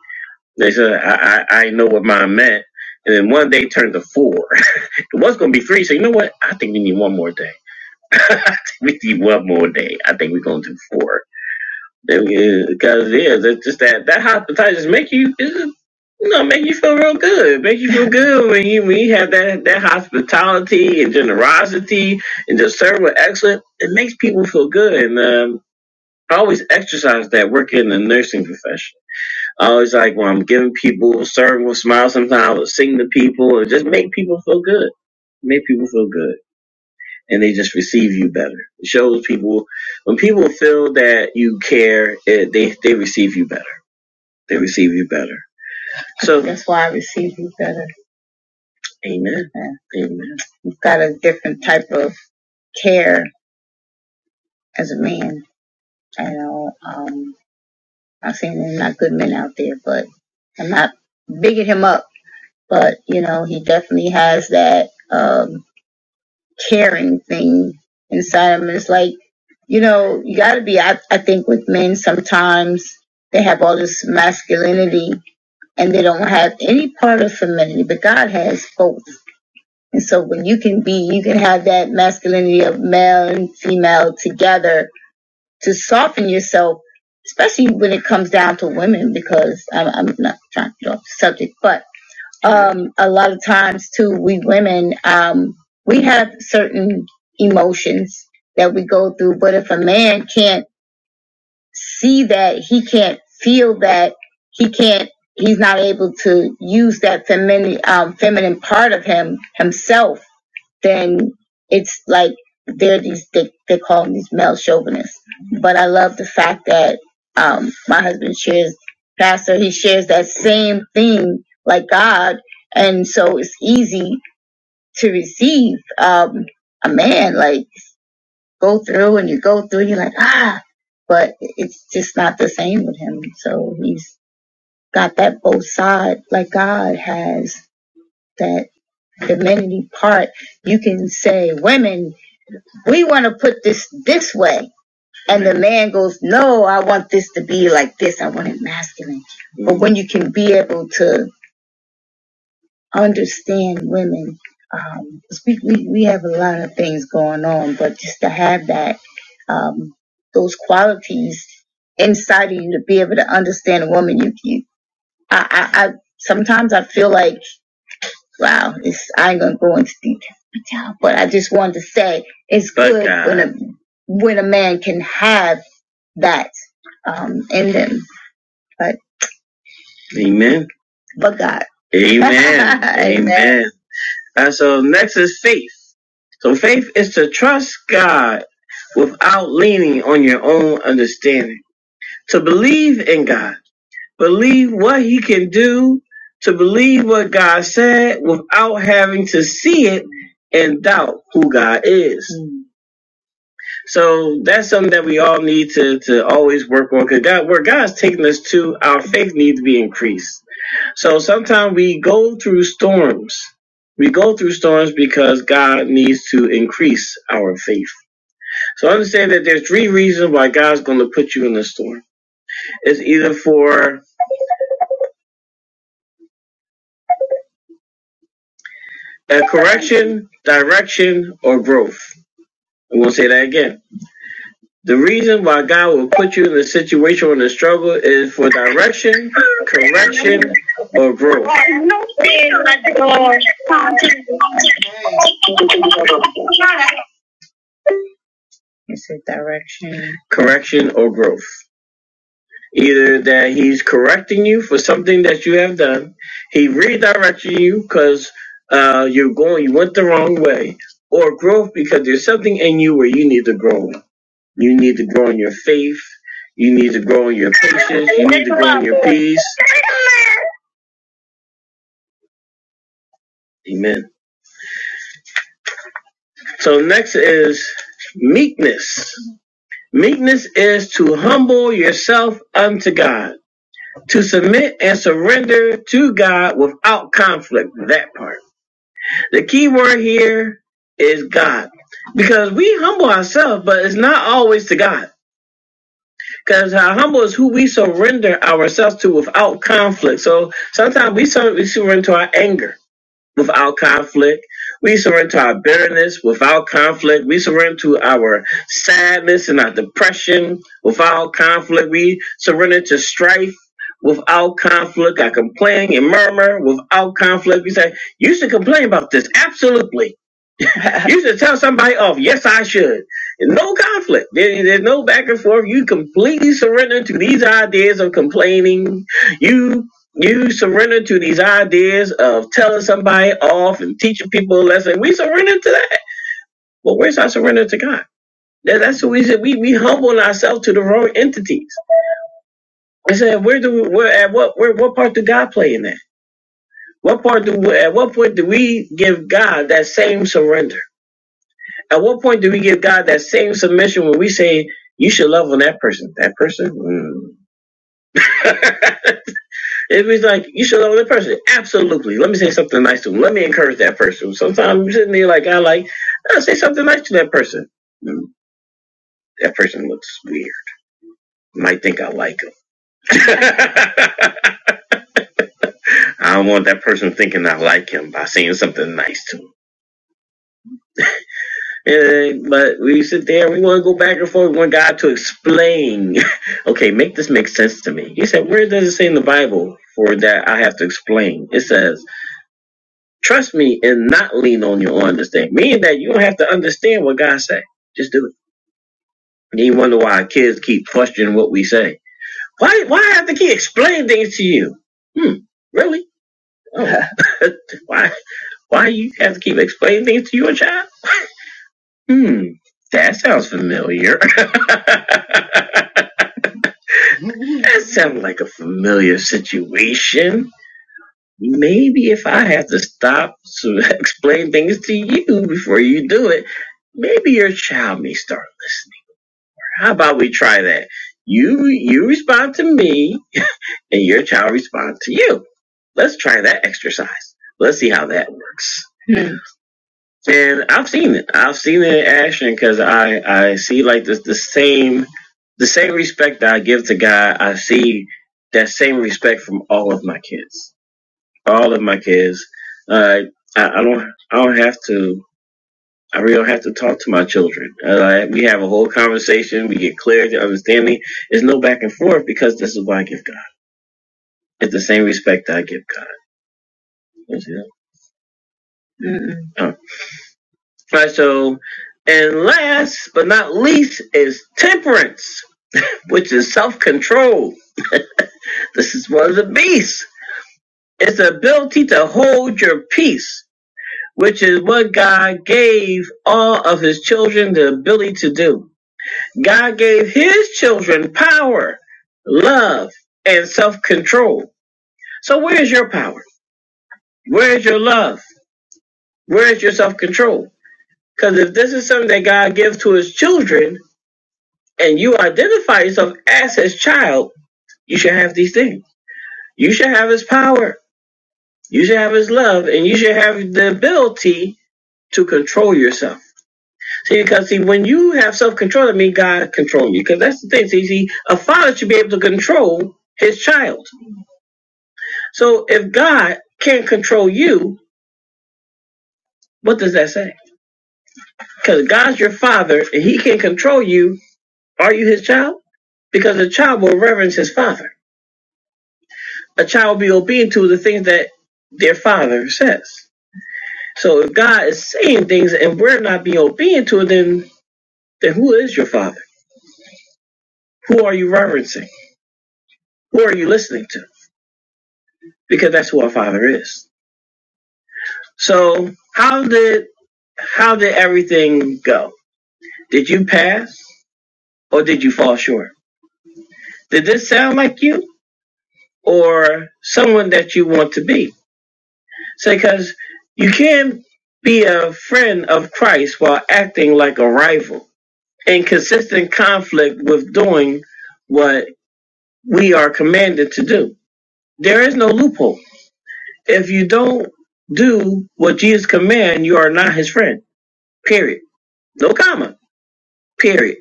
They said, I, I, I know what mine meant. And then one day turned to four. It was going to be three. So, you know what? I think we need one more day. I think we need one more day. I think we're going to do four. Because, yeah, that's just that, that hypnotizes make you, it's just, you know, make you feel real good. Make you feel good when you, when you have that, that hospitality and generosity and just serve with excellence. It makes people feel good. And um, I always exercise that working in the nursing profession I always like when I'm giving people, serving with smiles, sometimes I would sing to people and just make people feel good. Make people feel good. And they just receive you better. It shows people, when people feel that you care, it, they, they receive you better. They receive you better. So, And, you know, be, I, I think with men, sometimes they have all this masculinity, have you, but you can be, you can have that feeling, male to soften yourself, especially when it comes down to women because subject, but um, a lot of times too, we women, um, we have emotions that we go through, but if a man can't see that, he can't feel that, he can't, he's not able to use that feminine, um, feminine part of him, himself, then it's like, they're these, they, they call them these male chauvinists. But I love the fact that, um, my husband shares, pastor, he shares that same thing like God. And so it's easy to and when you understand women um 'cause we, we we have a lot of things going on but just to have that um those qualities inside of you to be able to understand a woman you, you I, I i sometimes i feel like wow it's i ain't gonna go deep but I say it's But, good uh, when a uh, when a man can have that um in them but amen but god amen amen Amen. And so next is faith So faith is to trust God without leaning on your own understanding. To believe in God, believe what He can do, to believe what God said without having to see it and doubt who God is. Mm. So that's something that we all need to, to always work on because God, where God's taking us to, our faith needs to be increased. So sometimes we go through storms. We go through storms because God needs to increase our faith. So understand that there's three reasons why God's going to put you in the storm. It's either for a correction, direction, or growth. I'm going to say that again. The reason why God will put you in a situation or in a struggle is for direction, correction, or growth. Correction or growth. Either that he's correcting you for something that you have done, he redirected you because uh, you're going, you went the wrong way, or growth because there's something in you where you need to grow. You need to grow in your faith. You need to grow in your patience. You need to grow in your peace. Amen. So next is meekness. Meekness is to humble yourself unto God, to submit and surrender to God without conflict. That part. The key word here is God. Because we humble ourselves, but it's not always to God. Because our humble is who we surrender ourselves to without conflict. So sometimes we, sur- we surrender to our anger without conflict. We surrender to our bitterness without conflict. We surrender to our sadness and our depression without conflict. We surrender to strife without conflict. I complain and murmur without conflict. We say, You should complain about this. Absolutely. you should tell somebody off. Yes, I should. No conflict. There- there's no back and forth. You completely surrender to these ideas of complaining. You you surrender to these ideas of telling somebody off and teaching people a lesson. We surrender to that. Well, where's our surrender to God? That- That's what we said. We we humble ourselves to the wrong entities. I said, where do we, where at what where what part do God play in that? What part do we, at what point do we give God that same surrender? At what point do we give God that same submission when we say you should love on that person? That person? Mm. if he's like you should love on that person, absolutely. Let me say something nice to him. Let me encourage that person. Sometimes I'm sitting there like I like I say something nice to that person. Mm, That person looks weird. Might think I like him. I don't want that person thinking I like him by saying something nice to him. And, but we sit there and we want to go back and forth. We want God to explain. okay, make this make sense to me. He said, Where does it say in the Bible for that I have to explain? It says, Trust me and not lean on your understanding. Meaning that you don't have to understand what God said. Just do it. And you wonder why kids keep questioning what we say. Why why have to keep explaining things to you? Hmm, really? Oh. why why you have to keep explaining things to your child? Hmm, that sounds familiar. that sounds like a familiar situation. Maybe if I have to stop to explain things to you before you do it, maybe your child may start listening. How about we try that? You you respond to me and your child responds to you. Let's try that exercise. Let's see how that works. And I've seen it. I've seen it in action because I I see like the the same the same respect that I give to God. I see that same respect from all of my kids. All of my kids. Uh, I, I don't I don't have to. I really don't have to talk to my children. Uh, we have a whole conversation. We get clear to understanding. There's no back and forth because this is why I give God. It's the same respect that I give God. You know? Mm-mm. Right, so, and last but not least is temperance, which is self control. This is one of the beasts. It's the ability to hold your peace, which is what God gave all of his children the ability to do. God gave his children power, love, and self control. So, where's your power? Where's your love? Where's your self control? Because if this is something that God gives to his children, and you identify yourself as his child, you should have these things. You should have his power. You should have his love, and you should have the ability to control yourself. See, because see, when you have self-control, that means God controls you. Because that's the thing. See, see, a father should be able to control his child. So if God can't control you, what does that say? Because God's your father, and He can control you. Are you His child? Because a child will reverence his father. a child will be obedient to the things that their father says. So if God is saying things and we're not being obedient to it, then then who is your father? Who are you reverencing? Who are you listening to? Because that's who our father is. So how did how did everything go? Did you pass or did you fall short? Did this sound like you or someone that you want to be? Say, because you can't be a friend of Christ while acting like a rival in consistent conflict with doing what we are commanded to do. There is no loophole. If you don't do what Jesus commands, you are not his friend. Period. No comma. Period.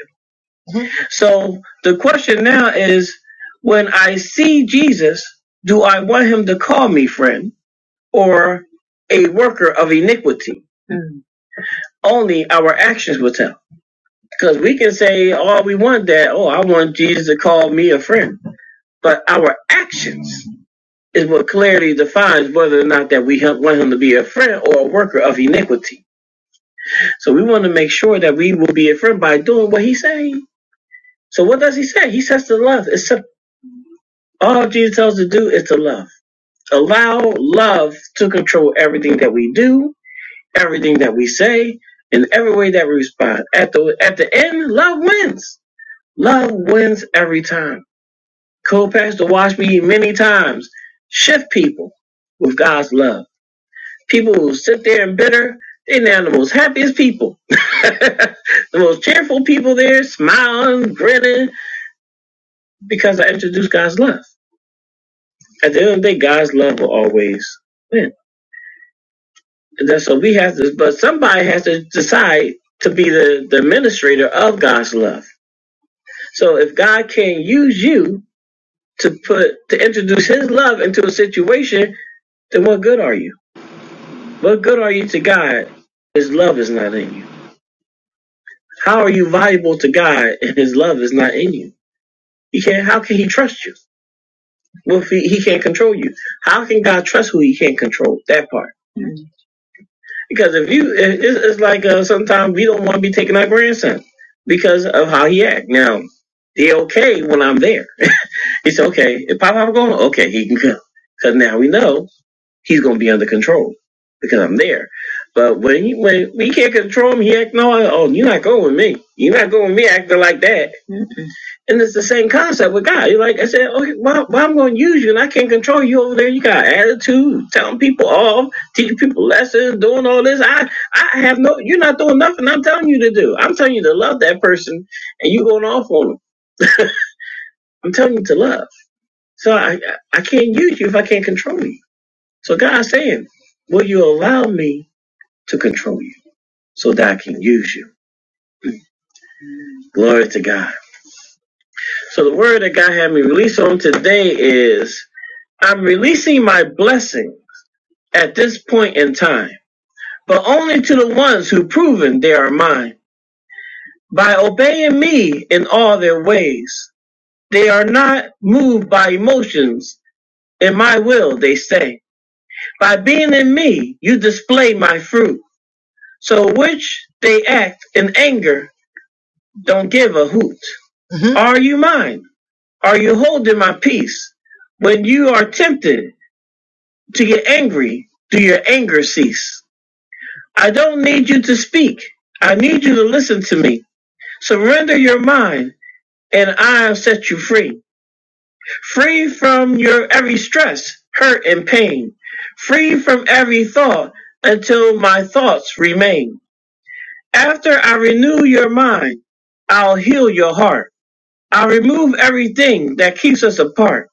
So the question now is when I see Jesus, do I want him to call me friend or a worker of iniquity? Only our actions will tell. Because we can say all we want that, oh, I want Jesus to call me a friend but our actions is what clearly defines whether or not that we help, want him to be a friend or a worker of iniquity. So we want to make sure that we will be a friend by doing what he's saying. So what does he say? He says to love. Except all Jesus tells us to do is to love. Allow love to control everything that we do, everything that we say, and every way that we respond. At the at the end, love wins. Love wins every time. Co-pastor watched me many times shift people with God's love. People who sit there and bitter, they're now the most happiest people. the most cheerful people there, smiling, grinning, because I introduced God's love. At the end of the day, God's love will always win. And that's what we have to, but somebody has to decide to be the, the administrator of God's love. So if God can use you to put, to introduce his love into a situation, then what good are you? What good are you to God? if His love is not in you. How are you valuable to God if His love is not in you? He can't. How can He trust you? Well, if he, he can't control you, how can God trust who He can't control? That part. Because if you, it, it's like uh, sometimes we don't want to be taking our grandson because of how he act. Now they okay when I'm there. It's okay if Papa going. Okay, he can come. Because now we know he's gonna be under control because I'm there. But when he, when we can't control him, he act no, oh, you're not going with me. You're not going with me acting like that. Mm-mm. And it's the same concept with God. You're like I said, okay, well, well I'm going to use you, and I can't control you over there. You got attitude, telling people off, teaching people lessons, doing all this. I I have no. You're not doing nothing. I'm telling you to do. I'm telling you to love that person, and you going off on them. I'm telling you to love. So I I I can't use you if I can't control you. So God's saying, Will you allow me to control you so that I can use you? Glory to God. So the word that God had me release on today is I'm releasing my blessing at this point in time, but only to the ones who proven they are mine. By obeying me in all their ways, they are not moved by emotions in my will, they say. By being in me, you display my fruit. So which they act in anger Don't give a hoot. Are you mine? Are you holding my peace? When you are tempted to get angry, do your anger cease? I don't need you to speak. I need you to listen to me. Surrender your mind, and I'll set you free. Free from your every stress, hurt, and pain. Free from every thought until my thoughts remain. After I renew your mind, I'll heal your heart. I remove everything that keeps us apart.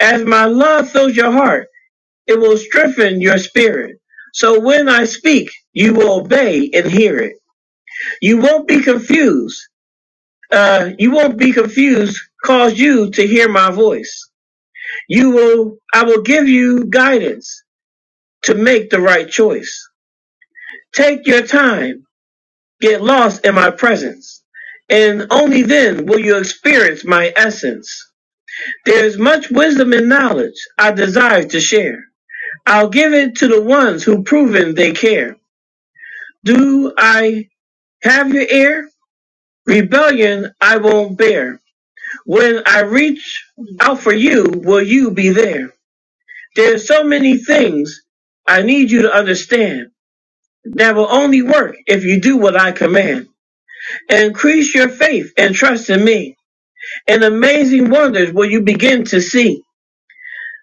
As my love fills your heart, it will strengthen your spirit. So when I speak, you will obey and hear it. You won't be confused. Uh, you won't be confused. Cause you to hear my voice. You will. I will give you guidance to make the right choice. Take your time. Get lost in my presence, and only then will you experience my essence. There is much wisdom and knowledge I desire to share. I'll give it to the ones who proven they care. Do I have your ear? Rebellion I won't bear. When I reach out for you, will you be there? There's so many things I need you to understand that will only work if you do what I command. Increase your faith and trust in me, and amazing wonders will you begin to see.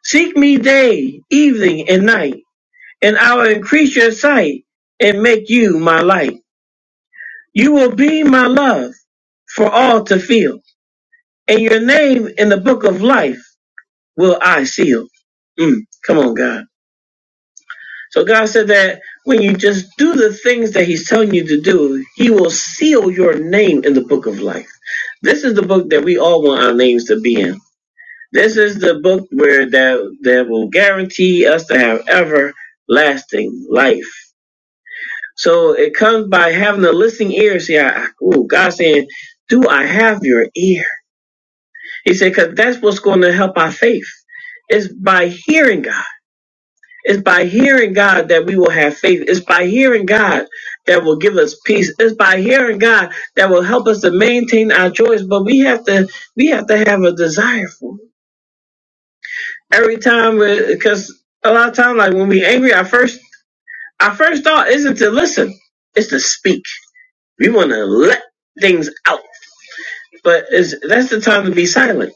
Seek me day, evening, and night and I will increase your sight and make you my light. You will be my love for all to feel, and your name in the book of life will I seal. Mm, come on, God. So God said that when you just do the things that He's telling you to do, He will seal your name in the book of life. This is the book that we all want our names to be in. This is the book where that that will guarantee us to have everlasting life. So it comes by having a listening ear. See, I, I- ooh, God saying, do I have your ear? He said, because that's what's going to help our faith. It's by hearing God. It's by hearing God that we will have faith. It's by hearing God that will give us peace. It's by hearing God that will help us to maintain our joys. But we have to, we have to have a desire for it. Every time, because a lot of times, like when we are angry, our first, our first thought isn't to listen. It's to speak. We want to let things out But it's, that's the time to be silent.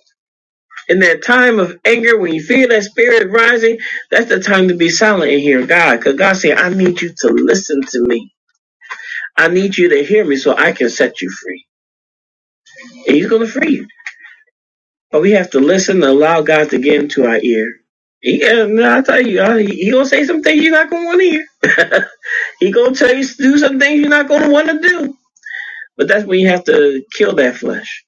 In that time of anger, when you feel that spirit rising, that's the time to be silent and hear God. Because God said, I need you to listen to me. I need you to hear me so I can set you free. And He's going to free you. But we have to listen and allow God to get into our ear. Yeah, no, I tell you, uh, he, he gonna say some things you're not gonna want to hear. he gonna tell you to do some things you're not gonna want to do. But that's when you have to kill that flesh.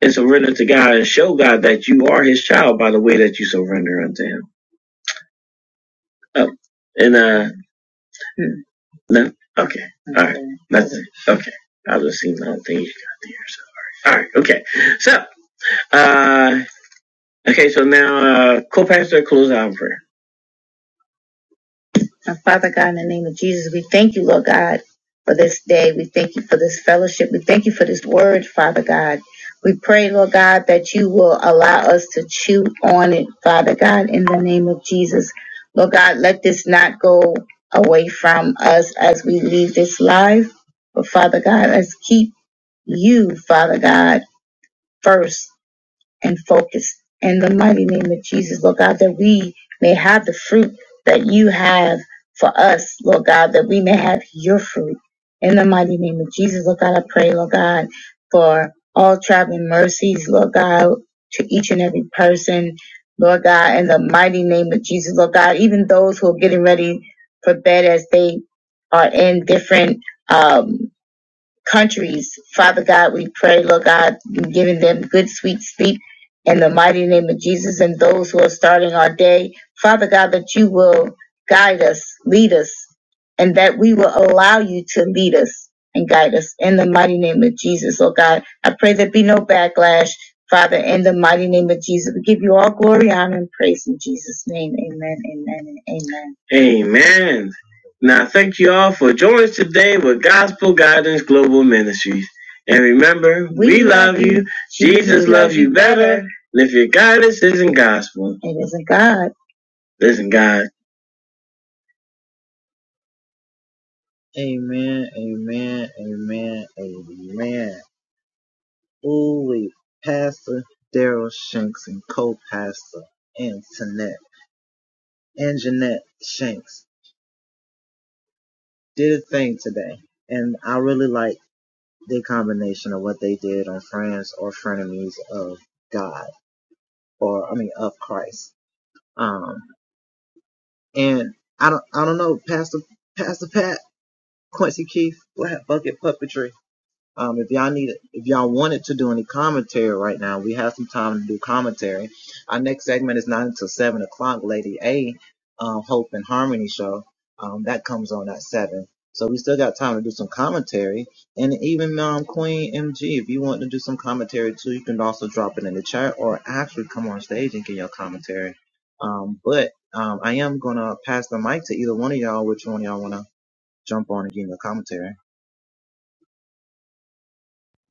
and surrender to God and show God that you are his child by the way that you surrender unto him. Oh, and uh, no, okay, all right, nothing, okay. I just seen the whole thing you got there, so. All right, All right. okay. So, uh, okay, so now, uh, co-pastor, close out in prayer. Now, Father God, in the name of Jesus, we thank you, Lord God, for this day. We thank you for this fellowship. We thank you for this word, Father God. We pray, Lord God, that you will allow us to chew on it, Father God, in the name of Jesus. Lord God, let this not go away from us as we leave this life. But Father God, let's keep you, Father God, first and focus in the mighty name of Jesus, Lord God, that we may have the fruit that you have for us, Lord God, that we may have your fruit in the mighty name of Jesus, Lord God. I pray, Lord God, for all traveling mercies, Lord God, to each and every person, Lord God, in the mighty name of Jesus, Lord God, even those who are getting ready for bed as they are in different. um countries. Father God, we pray, Lord God, giving them good, sweet sleep in the mighty name of Jesus and those who are starting our day. Father God, that you will guide us, lead us, and that we will allow you to lead us and guide us in the mighty name of Jesus, Lord God. I pray there be no backlash, Father, in the mighty name of Jesus. We give you all glory, honor, and praise in Jesus' name. Amen, amen, and amen. Amen. Now, thank you all for joining us today with Gospel Guidance Global Ministries. And remember, we, we love you. Jesus, Jesus loves you better. And if your guidance isn't gospel, it isn't God. Listen, God. It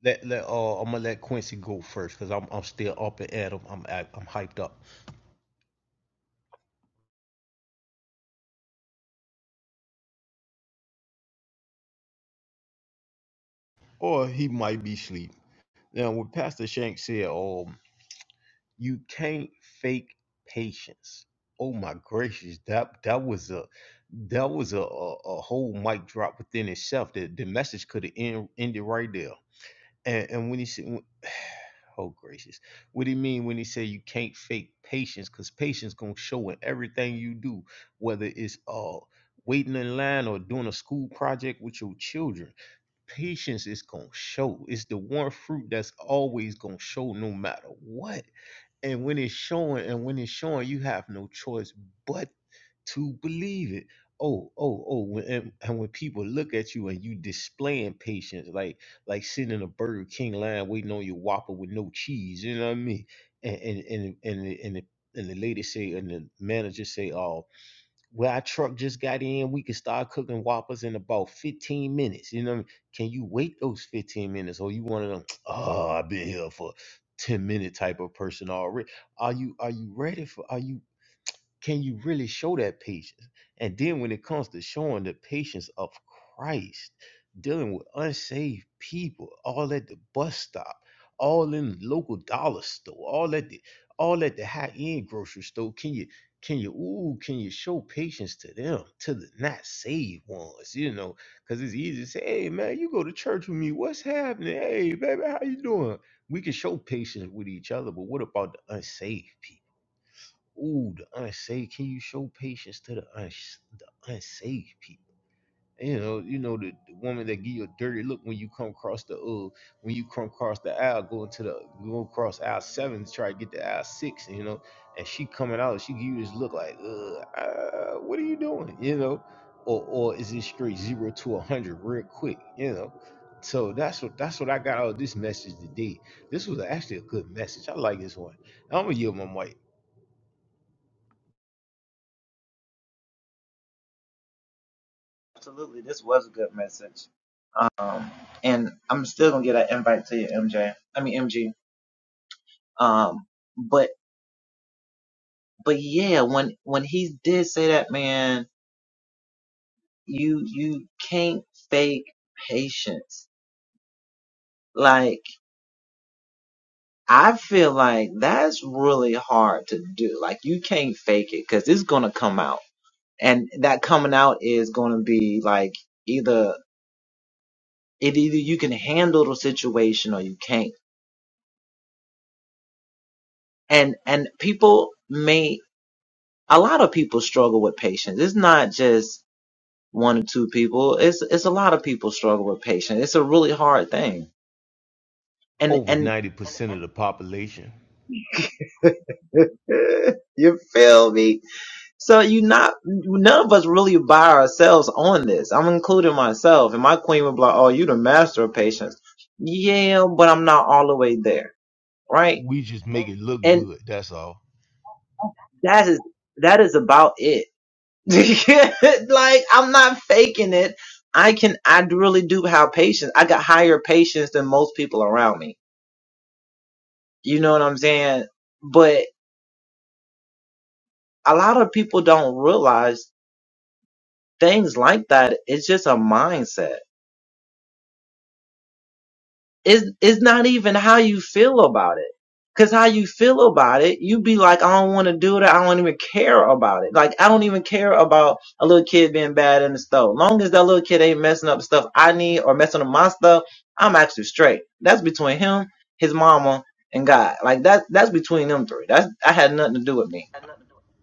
Let let uh, I'm gonna let Quincy go first because I'm I'm still up and at him. I'm I'm hyped up, or he might be asleep. Now, what Pastor Shank said, um, you can't fake patience. Oh my gracious, that that was a that was a a, a whole mic drop within itself. The the message could have end, ended right there. And, and when he said, "Oh gracious," what do you mean when he said you can't fake patience? Because patience gonna show in everything you do, whether it's uh waiting in line or doing a school project with your children. Patience is gonna show. It's the one fruit that's always gonna show no matter what. And when it's showing, and when it's showing, you have no choice but to believe it. Oh, oh, oh! When, and, and when people look at you and you displaying patience, like like sitting in a Burger King line waiting on your Whopper with no cheese, you know what I mean? And and and and the, and the, and the lady say, and the manager say, "Oh, well, our truck just got in. We can start cooking Whoppers in about fifteen minutes. You know, what I mean? can you wait those fifteen minutes, or you one of them? Oh, I've been here for." 10 minute type of person already are you are you ready for are you can you really show that patience? And then when it comes to showing the patience of Christ, dealing with unsaved people, all at the bus stop, all in the local dollar store, all at the all at the high end grocery store, can you can you ooh can you show patience to them to the not saved ones? You know, because it's easy to say, hey man, you go to church with me, what's happening? Hey baby, how you doing? We can show patience with each other, but what about the unsaved people? ooh, the unsafe. Can you show patience to the uns the unsafe people? You know, you know the, the woman that give you a dirty look when you come across the uh when you come across the aisle, going to the go across aisle seven to try to get to aisle six, you know, and she coming out, she give you this look like, uh, uh what are you doing? You know, or or is it straight zero to a hundred real quick, you know? So that's what that's what I got out of this message today. This was actually a good message. I like this one. I'm gonna yield my mic. was a good message. And I'm ji mean MG. over 90% of the population. We just make it look good, that's all.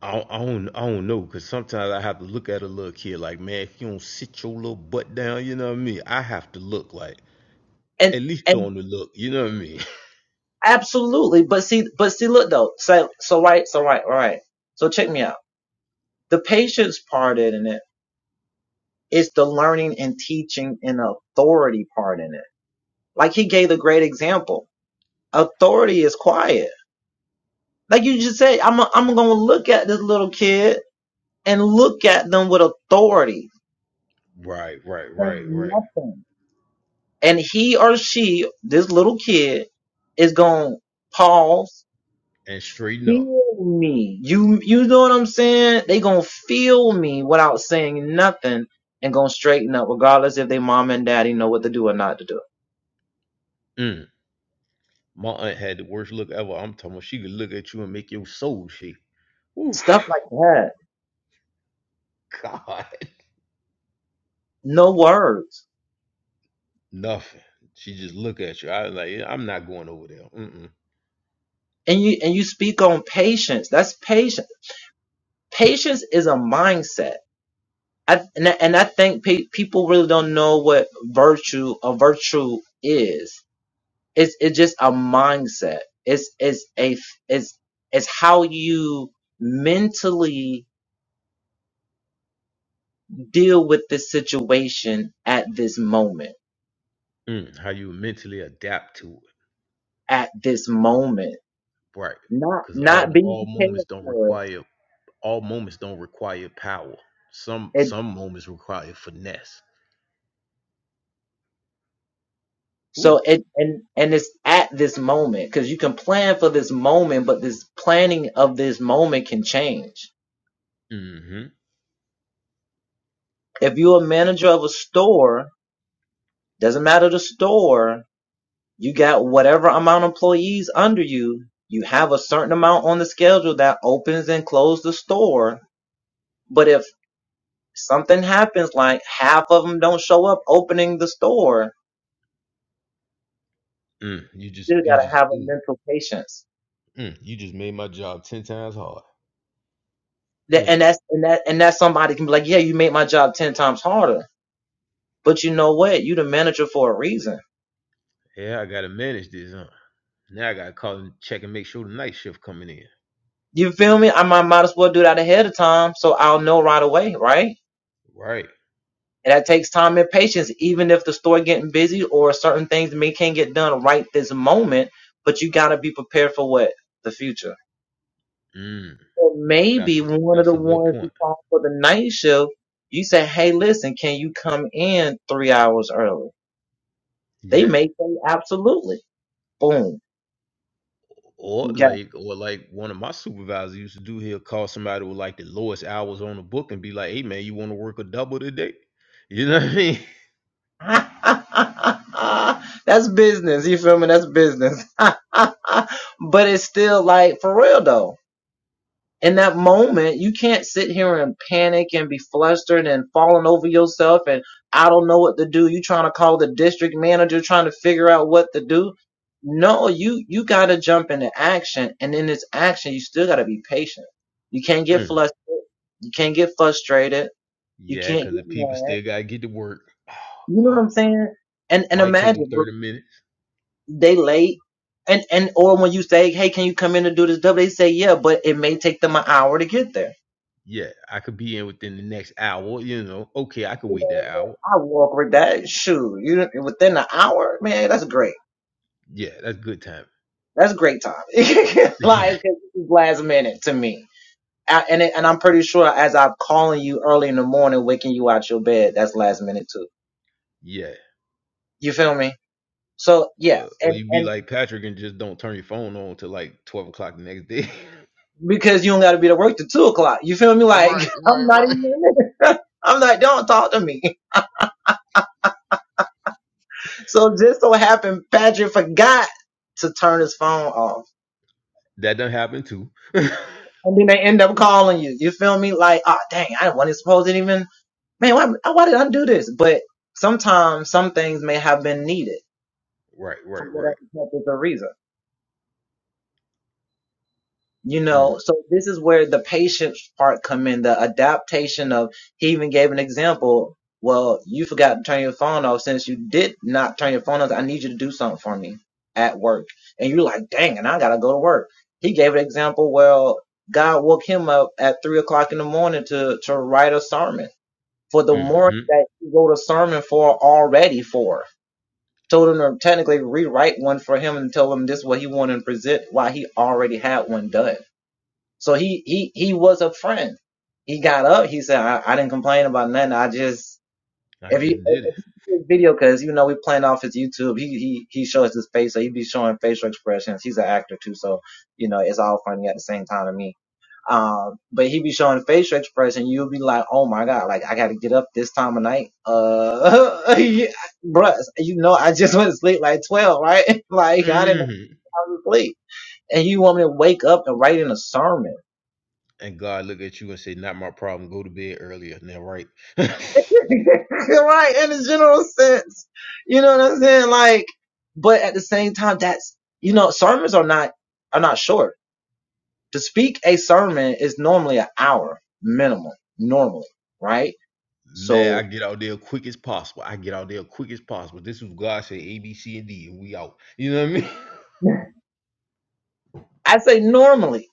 I don't, I don't, I don't know, because sometimes I have to look at a little kid like, man, if you don't sit your little butt down, you know what I mean? I have to look like, at least on the look, you know what I mean? right, right, right, right. And straighten up. Mm. My aunt had the worst look ever. I'm talking about she could look at you and make your soul shake. Ooh, God, nothing. She just look at you. I was like, I'm not going over there. Mm-mm. Patience is a mindset. I, and, I, and I think pe- people really don't know what virtue a virtue is. it's it's just a mindset. It's it's a it's it's how you mentally deal with this situation at this moment. Mm, how you mentally adapt to it, At this moment, right? not Because all all moments don't require all moments don't require power. Some at some moments require finesse. Ooh. Mm-hmm. Mm, you just you just ooh. Mm, you just made my job ten times hard. Mm, yeah, I gotta manage this, huh? Now I gotta call and check and make sure the night shift coming in. Right. Mm, that's a, one of that's a the good point. Yeah. or like or like one of my supervisors used to do he'll call somebody with like the lowest hours on the book and be like hey man you want to work a double today you know what i mean Mm. yeah because the people still gotta get to work oh god might take them 30 minutes yeah i could be in within the next hour you know okay i could wait that hour yeah that's good time yeah yeah or, or you be like patrick and just don't turn your phone on till like 12 o'clock the next day Right, right, right. that done happened too Right, right, right. Mm, hmm I just did it. hmm And God look at you and say, "Not my problem. Go to bed earlier." Now, right? normal, right? Man, I get out there quick as possible. I get out there quick as possible. This is God said A, B, C, and D, and we out. You know what I mean? I say normally,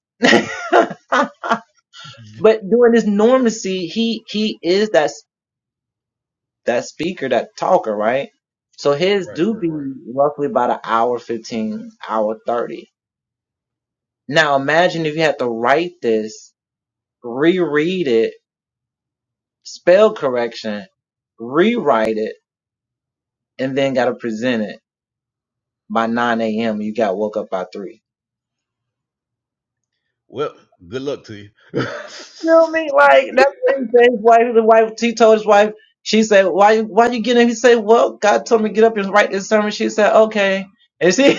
Yeah. but during this normacy, he he is that s- that speaker, that talker, right? So his right, do right, right. be roughly about an hour fifteen, hour thirty. Now imagine if you had to write this, reread it spell correction, rewrite it, and then gotta present it by 9 a.m. You got woke up by three. Well, good luck to you. hmm You know what I mean? Like that's what he said. His wife, the wife, he told his wife. She said, "Why, you- why you getting?" up?" He said, "Well, God told me to get up and write this sermon." She said, "Okay." And see,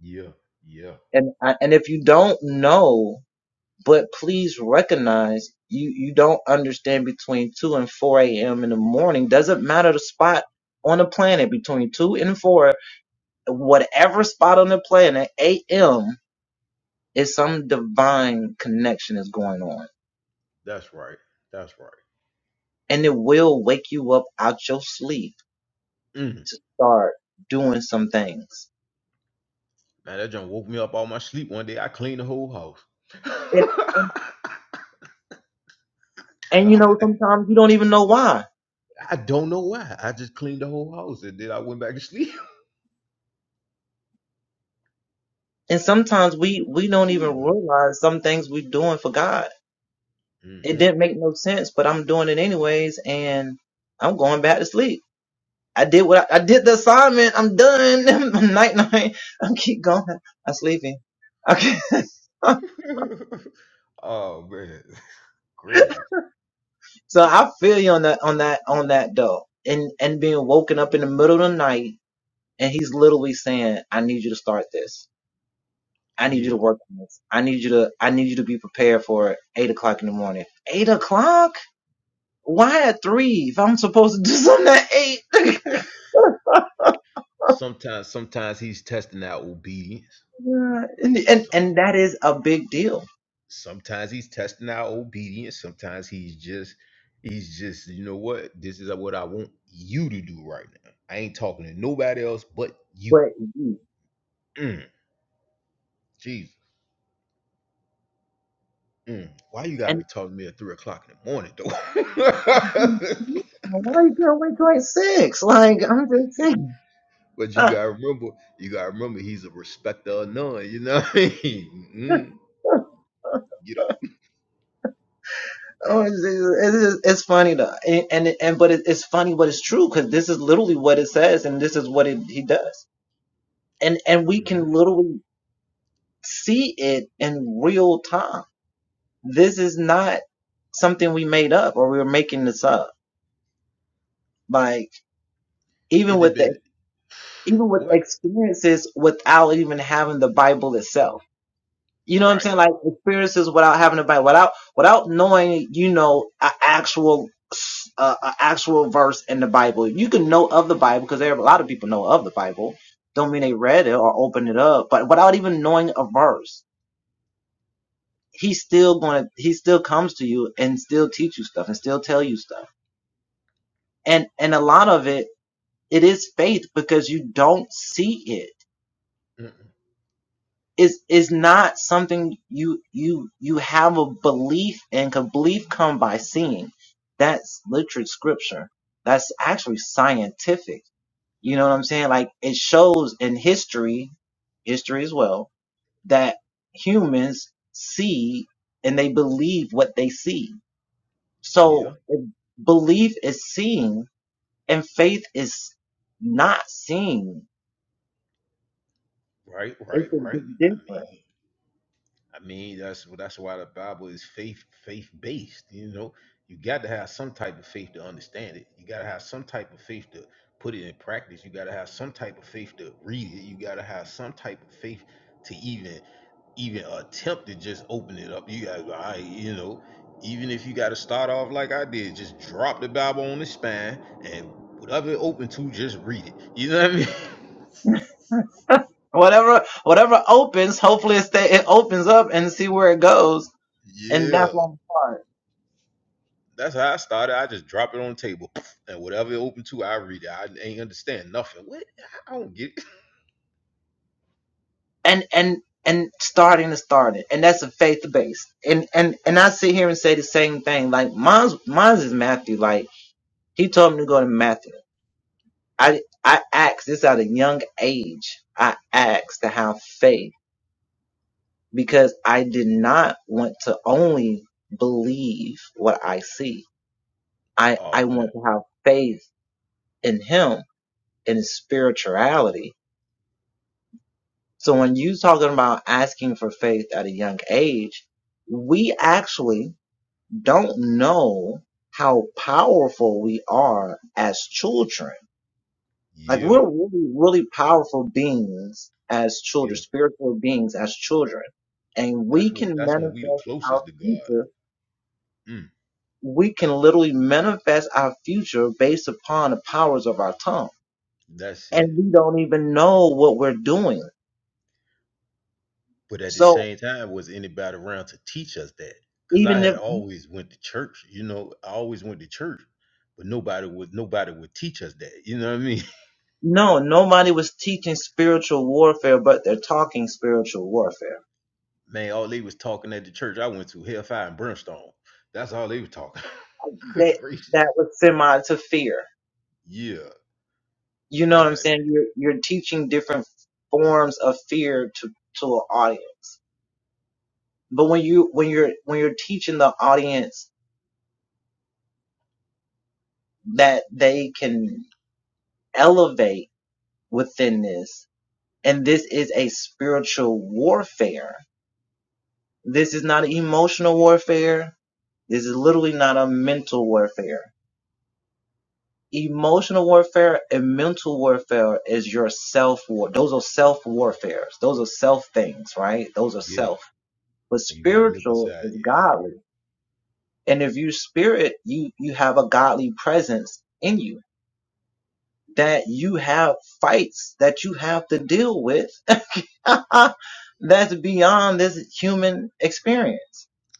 Yeah, yeah. and I- and if you don't know, but please recognize you you don't understand between two and four a.m. in the morning. Doesn't matter the spot on the planet between two and four. whatever spot on the planet, AM is some divine connection is going on, That's right. That's right. and it will wake you up out your sleep. Mm. Man, that junk woke me up all my sleep one day. I cleaned the whole house. God. I don't know why. I just cleaned the whole house and then I went back to sleep. Jesus. hmm oh man, crazy. Yeah. Sometimes, sometimes he's testing our obedience. So- Sometimes he's testing our obedience. Sometimes he's just, he's just, you know what? This is what I want you to do right now. I ain't talking to nobody else but you. Mm, Jesus. Mm. Why you gotta be talking to me at three o'clock in the morning though? But you gotta remember, you gotta remember, he's a respecter of none. You know what I mean? Mm, get up. hmm It depends. What? Right. Mm, Yeah. Right. Right. Right. I mean. I mean, that's that's why the Bible is faith faith based. You know, you got to have some type of faith to understand it. You got to have some type of faith to put it in practice. You got to have some type of faith to read it. You got to have some type of faith to even even attempt to just open it up. You got, I, you know, even if you got to start off like I did, just drop the Bible on the spine and whatever it open to, just read it. You know what I mean? Yeah. That's how I started. I just drop it on the table, and whatever it open to, I read it. I ain't understand nothing. What? I don't get it. Oh man, yeah, yeah. That's when that's when we the closest to God. Mm, that's it. But at the same time, was anybody around to teach us that? Cause I had always went to church. You know, I always went to church, but nobody would nobody would teach us that. You know what I mean? Man, all they was talking at the church I went to, hellfire and brimstone. That's all they was talking. Good gracious. Yeah. I was like, Yeah. And you gotta look inside. Yeah.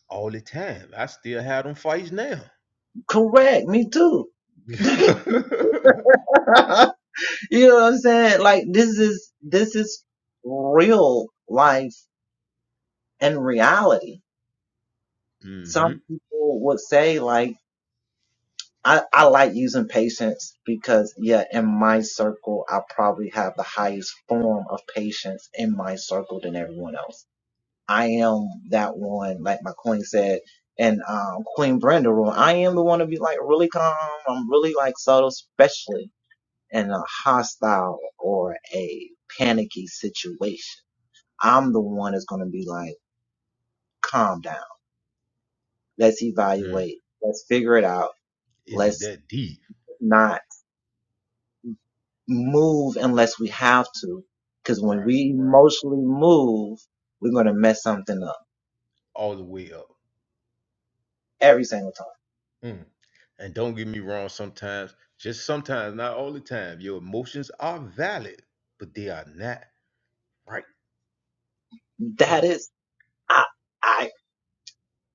All the time. I still have them fights now. mm-hmm. Mm. Is it that deep? Right, right. All the way up. Mm. And don't get me wrong, sometimes, just sometimes, not all the time, your emotions are valid, but they are not right. That Oh, is, I, I,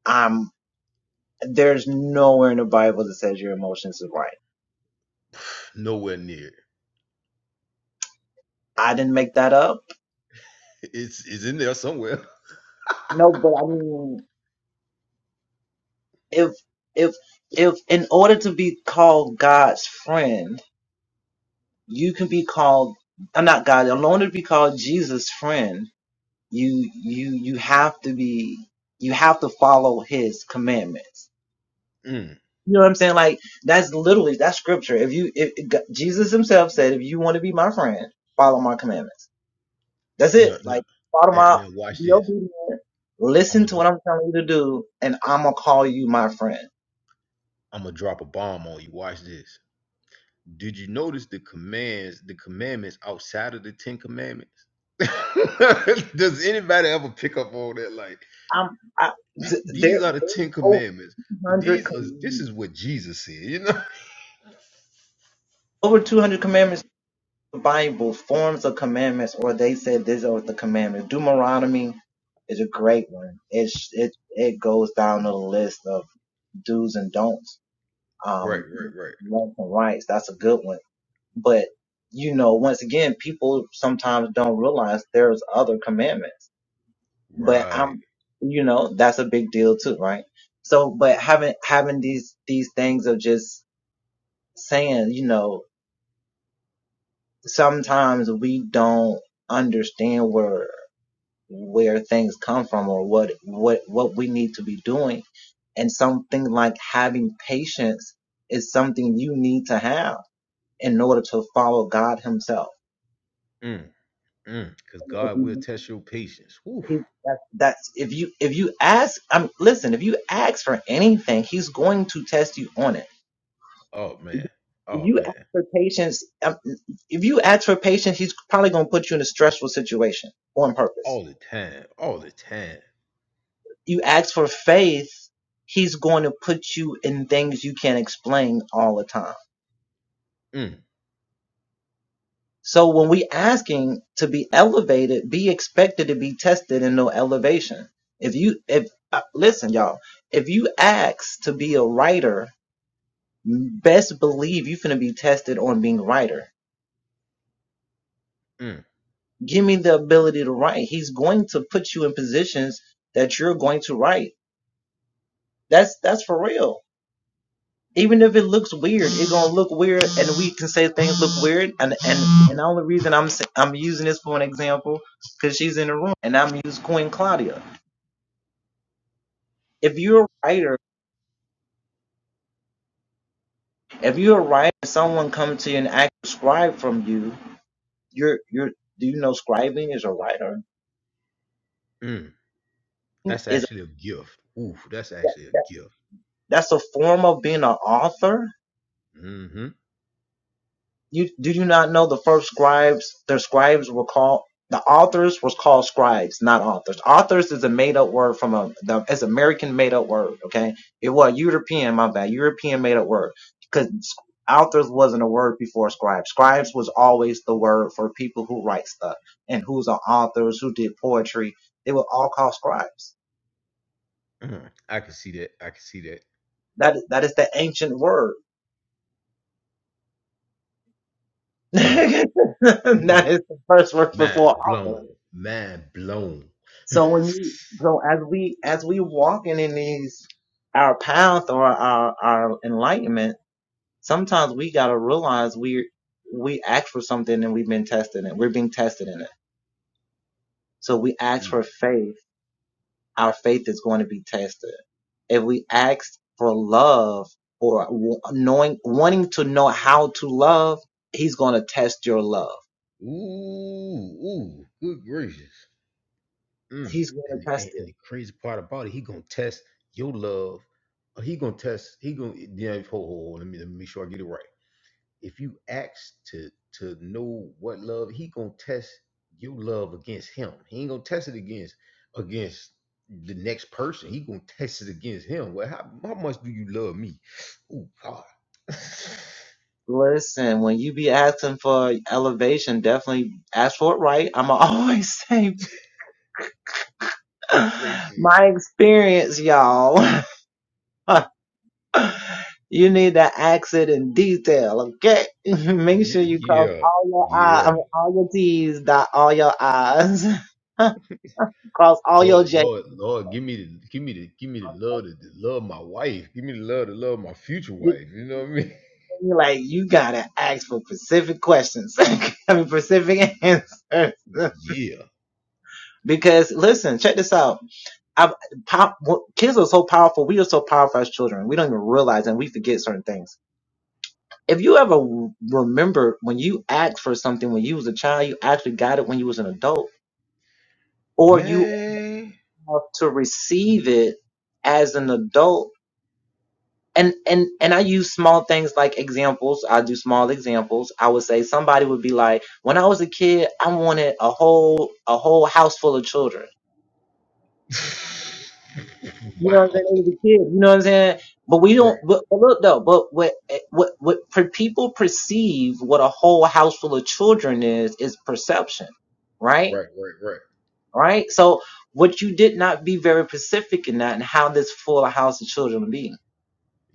I'm. There's nowhere in the Bible that says your emotions is right. nowhere near. I didn't make that up. It's it's in there somewhere. No, but I mean, if if if in order to be called God, Mm. Now, now, now, now watch this. I'm gonna dro- I'm gonna drop a bomb on you. Watch this. Did you notice the commands, the commandments outside of the Ten Commandments? Does anybody ever pick up on that? Like I'm I, th- th- there. these are the There's Ten over Commandments, but 200 these are this commandments. is what Jesus said. You know? Over 200 commandments the Bible forms of commandments, or they said these are the commandments. Deuteronomy is a great one. It's it's Right, right, right, right. Mm, mm. Cause God will test your patience. Whew. Oh man. Oh man. situation or All the time. All the time. things you can't explain. Mm, So when we asking to be elevated, be expectant. You if uh, listen, y'all. If you ask to be a writer, best believe you finna be tested on. mm, mm. That's actually a gift. Ooh, that's actually a gift. Mm-hmm. The, the authors was called scribes, not authors. Mm. I can see that. I can see that. Mm. Mm, mind blown. Mind blown. Mm. Ooh, ooh, good gracious. Mm. And, the- and and the crazy part about it, he gonna test your love. or He gonna test. He gonna. Yeah, hold, hold, hold. Let me let me make sure I get it right. If you ask to to know what love, he gonna test your love against him. He ain't gonna test it against against the next person. He gonna test it against him. Well, how how much do you love me? Ooh, God. Uh, elevation definitely ask for it right. I'ma always say Crazy. my experience, y'all. You need that accent in detail, okay? Make sure Ye- you cross Yeah, all your I, I yeah. mean, all your T's, dot all your I's, cross all your Lord, J's. Lord, Lord, give me the give me the give me the love to, to love my wife. Give me the love to love my future You wife. You know what I mean? feel me? Like you gotta ask for specific questions, I mean specific answers. Yeah. because listen, check this out. I, pop, kids are so powerful. We are so powerful as children. We don't even realize and we forget certain things. If you ever remember when you asked for something when you was a child, you actually got it when you was an adult. Or you Man. yourself to receive it as an adult. And and and I use small things like examples. I do small examples. I would say somebody would be like, when I was a kid, I wanted a whole a whole house full of children. You know what I'm wow. saying? When I was a kid, you know what I'm saying? But we Right, don't. But, but look though. But what what what per- people perceive what a whole house full of children is is perception, right? right, right, right. Right. So what you did not be very specific in that and how this full house of children be.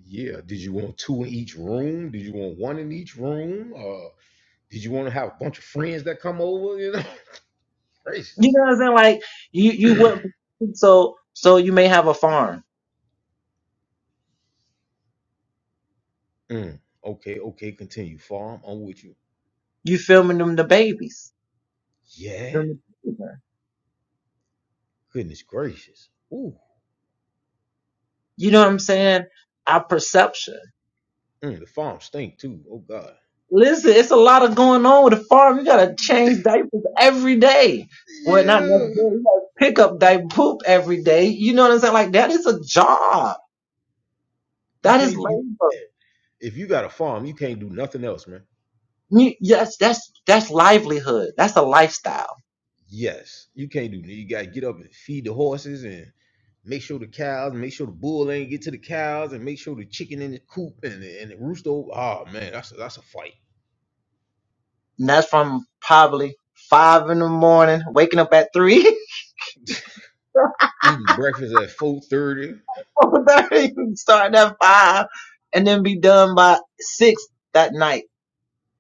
Yeah. Did you want two in each room? Did you want one in each room? Uh did you want to have a bunch of friends that come over? You know? You Gracious. know what I'm saying? Like you, you would so so you may have a farm. Mm, Okay, okay, continue. Farm, I'm with you. You filming them the babies. Yeah. them the children. Goodness gracious. Ooh. You know what I'm saying? Our perception. Mm, the farm stink too. Oh God. Listen, it's a lot of going on with the farm. You gotta Yeah. change diapers every day. Well, not yeah. necessarily. You gotta pick up diaper poop every day. You know what I'm saying? Like that is a job. You That is can't you labor. if you got a farm, you can't do nothing else, man. You, yes, that's that's life. Yes. You can't do you gotta get up and feed the horses and make sure the cows, make sure the bull ain't get to the cows, and make sure the chicken in the coop and the, and the rooster. Over. Oh man, that's a, that's a fight. Eating breakfast at four thirty.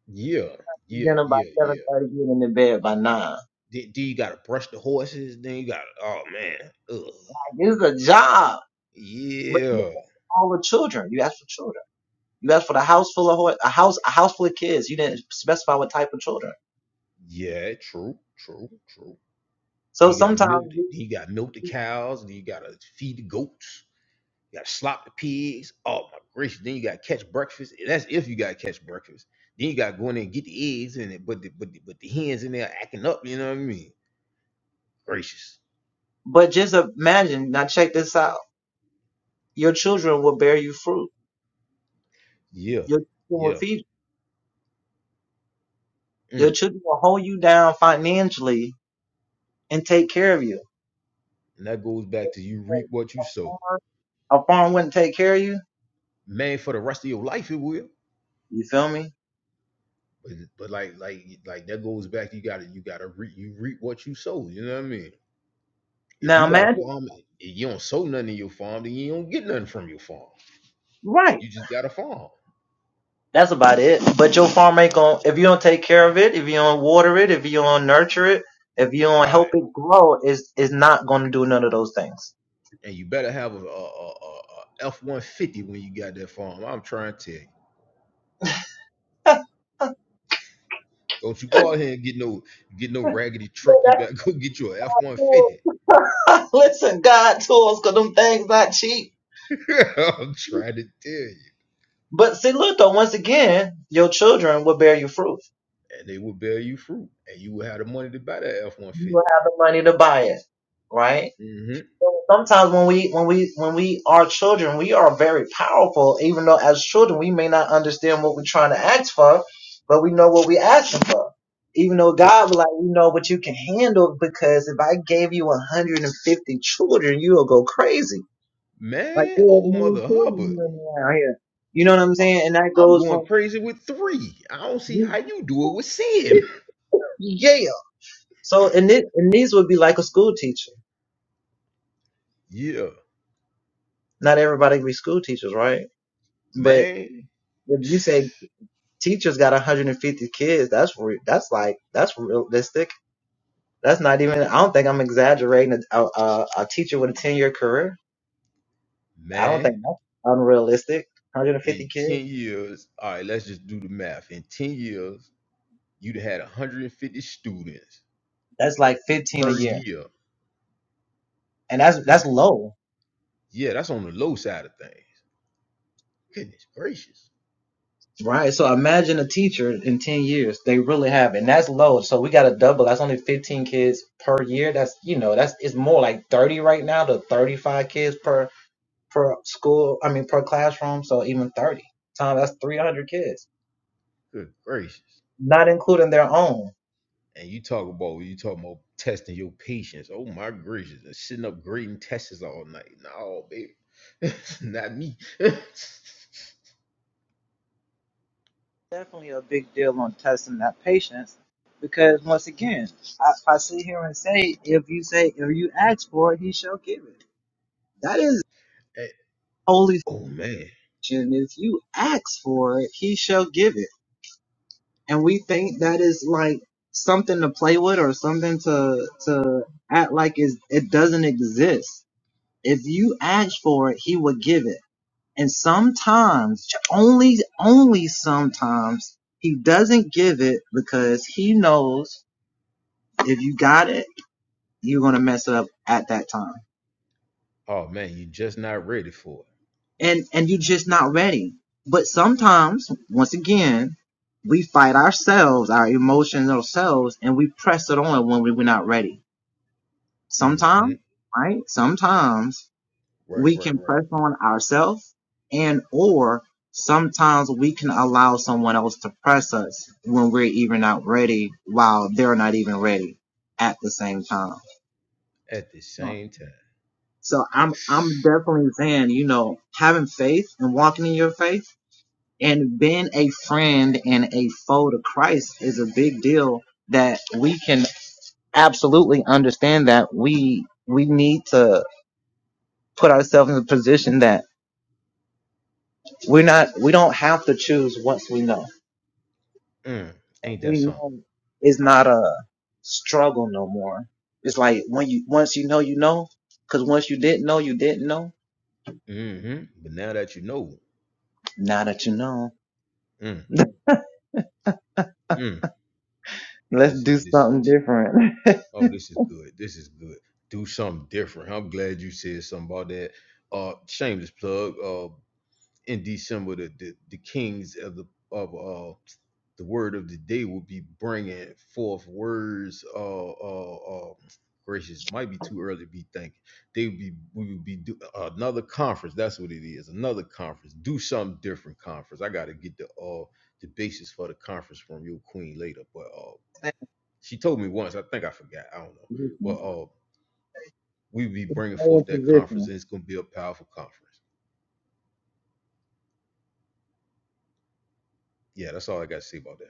Yeah, yeah, yeah, yeah. Then, then you gotta brush the horses. Then you gotta. Oh man. Ugh. Yeah. Yeah. True. True. True. Then you gotta milk the, then you gotta milk the cows, and then you gotta feed the goats, you gotta slop the pigs. Oh my gracious, then you gotta catch breakfast. and That's if you gotta catch breakfast. Then you gotta go in there and get the eggs and it, but the but the, but the hens in there acting up, you know what I mean? Gracious. But just imagine. Now check this out. Your children will bear you fruit. Yeah, Your children will yeah. feed you. Your Mm. children will hold you down financially and take care of you. And that goes back to you reap what you sow. Man, for the rest of your life it will. But, but like like like that goes back. to You gotta you gotta re, you reap what you sow. You know what I mean? If you got a farm, and you don't sow nothing in your farm, then you don't get nothing from your farm. You just got a farm, right? And you better have a a, a, a F one fifty when you got that farm. I'm trying to tell you. Don't you go out here and get no get no raggedy truck. You better go get you a F one fifty. I'm trying to tell you. And they will bear you fruit, and you will have the money to buy that F one fifty. Mm-hmm. That man, old mother Hubbard. I- I'm going crazy with three. I don't see how you do it with seven. Yeah, man, man. In ten years, all right, let's just do the math. In ten years, you'd have had 150 students That's like 15 a per year. year. And that's Good. that's low, Yeah, that's on the low side of things. Goodness gracious. right? So imagine a teacher in 10 years. They really have it. And that's low. So we got to double. That's only 15 kids per year. That's, you know, that's it's more like 30 right now to 35 kids per per school, I mean per classroom, so even 30. times—that's that's 300 kids. Good gracious. And you talk about you talking about testing your patience. Oh my gracious, and sitting up grading tests all night. No, baby, not me. Definitely a big deal on testing that patience because once again, I, I sit here and say if you say if you ask for it, he shall give it. That is Eh, holy oh man, fiction. If you ask for it, he shall give it. And we think that is like something to play with or something to to act like is it doesn't exist. If you ask for it, he will give it. And sometimes, only only sometimes, he doesn't give it because he knows if you got it, you're gonna mess it up at that time. oh man, you just not ready for and and you are just not ready. But sometimes, once again, we fight ourselves, our emotions ourselves, and we press it on when we, were not ready. it. hmm Sometimes, right? Sometimes Right, we right, can right. press on ourselves, and or sometimes we can allow someone else to press us when we're even not ready. at the same time. Mm, ain't that something? hmm But now that you know, mm, mm, this is this is oh, this is good. This is good. Do something different. I'm glad you said something about that. Uh, shameless plug. Uh, in December, the the, the Kings of the of uh the word of the day will be bringing forth words. Uh, uh, uh, gracious, might be too early to be thinking. They would be, we would be do, another conference. That's what it is. Another conference. Do something different. Conference. I got to get the uh the basis for the conference from your queen later. But uh, she told me once. I think I forgot. I don't know. But uh, we would be bringing forth that conference, and it's gonna be a powerful conference. Yeah, that's all I got to say about that.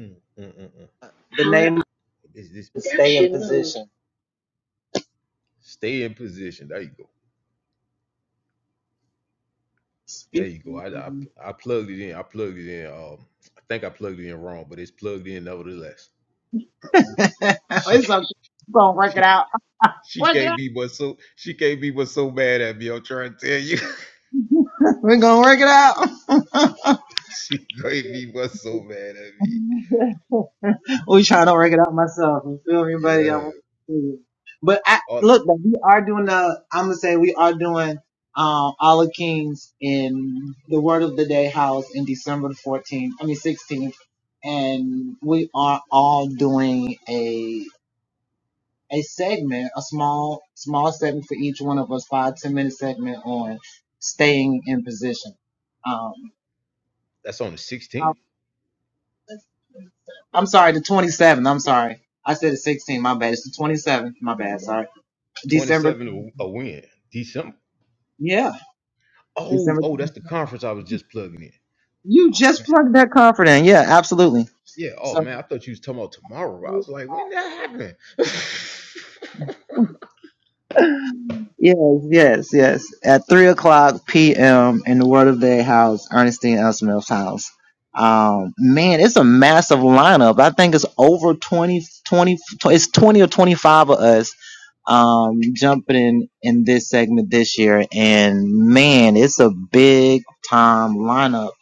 Mm, mm, mm, mm. This, this, stay in position. There you go. There you go. I, I I plugged it in. I plugged it in. Um, I think I plugged it in wrong, but it's plugged in nevertheless. She it's can't- okay. We're gonna work it she out. she can't be but so she can't be but so mad at me. I'm trying to tell you, We're gonna work it out. she can't be but so mad at me. we trying Uh, to work it out myself. You feel me, buddy? Yeah. I'm, but I, Oh, look, but we are doing the. I'm gonna say we are doing um all the kings in the Word of the Day house in December the 14th. I mean 16th, and we are all doing a a segment, a small small segment for each one of us, five ten minute segment on staying in position. Um, that's on the 16th. I'm sorry, the 27th. I'm sorry. I said the 16th. My bad. It's the 27th. My bad. Sorry. December, 27 a a win. December. yeah, Oh, December. oh, that's the conference I was just plugging in. Oh man. Yeah. Oh man, I thought you was talking about tomorrow. I was like, when that happened? Man, it's a big time lineup.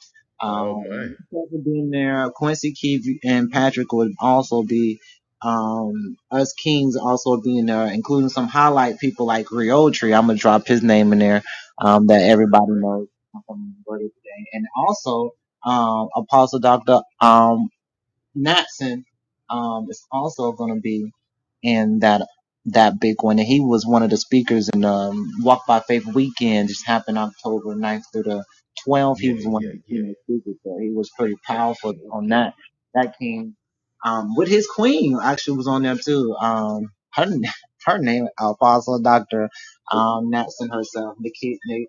oh man. Um, Kevin being there, Quincy Keith and Patrick would also be, um, us Kings also being there, including some highlight people like Riotri. I'm gonna drop his name in there, um, that Right, right, everybody right. knows from Brother today. And also, um, Apostle Dr. Um, Natson, um, is also gonna be and that that big one. And he was one of the speakers in um, Walk by Faith weekend, just happened October ninth through the 12th. He Yeah, was one of yeah, the yeah. keynote speakers there. He was pretty powerful Okay, on okay, that. That came um, with his queen actually was on there too. Um, her her name Apostle Doctor um, Natson herself, Nikki, Nick,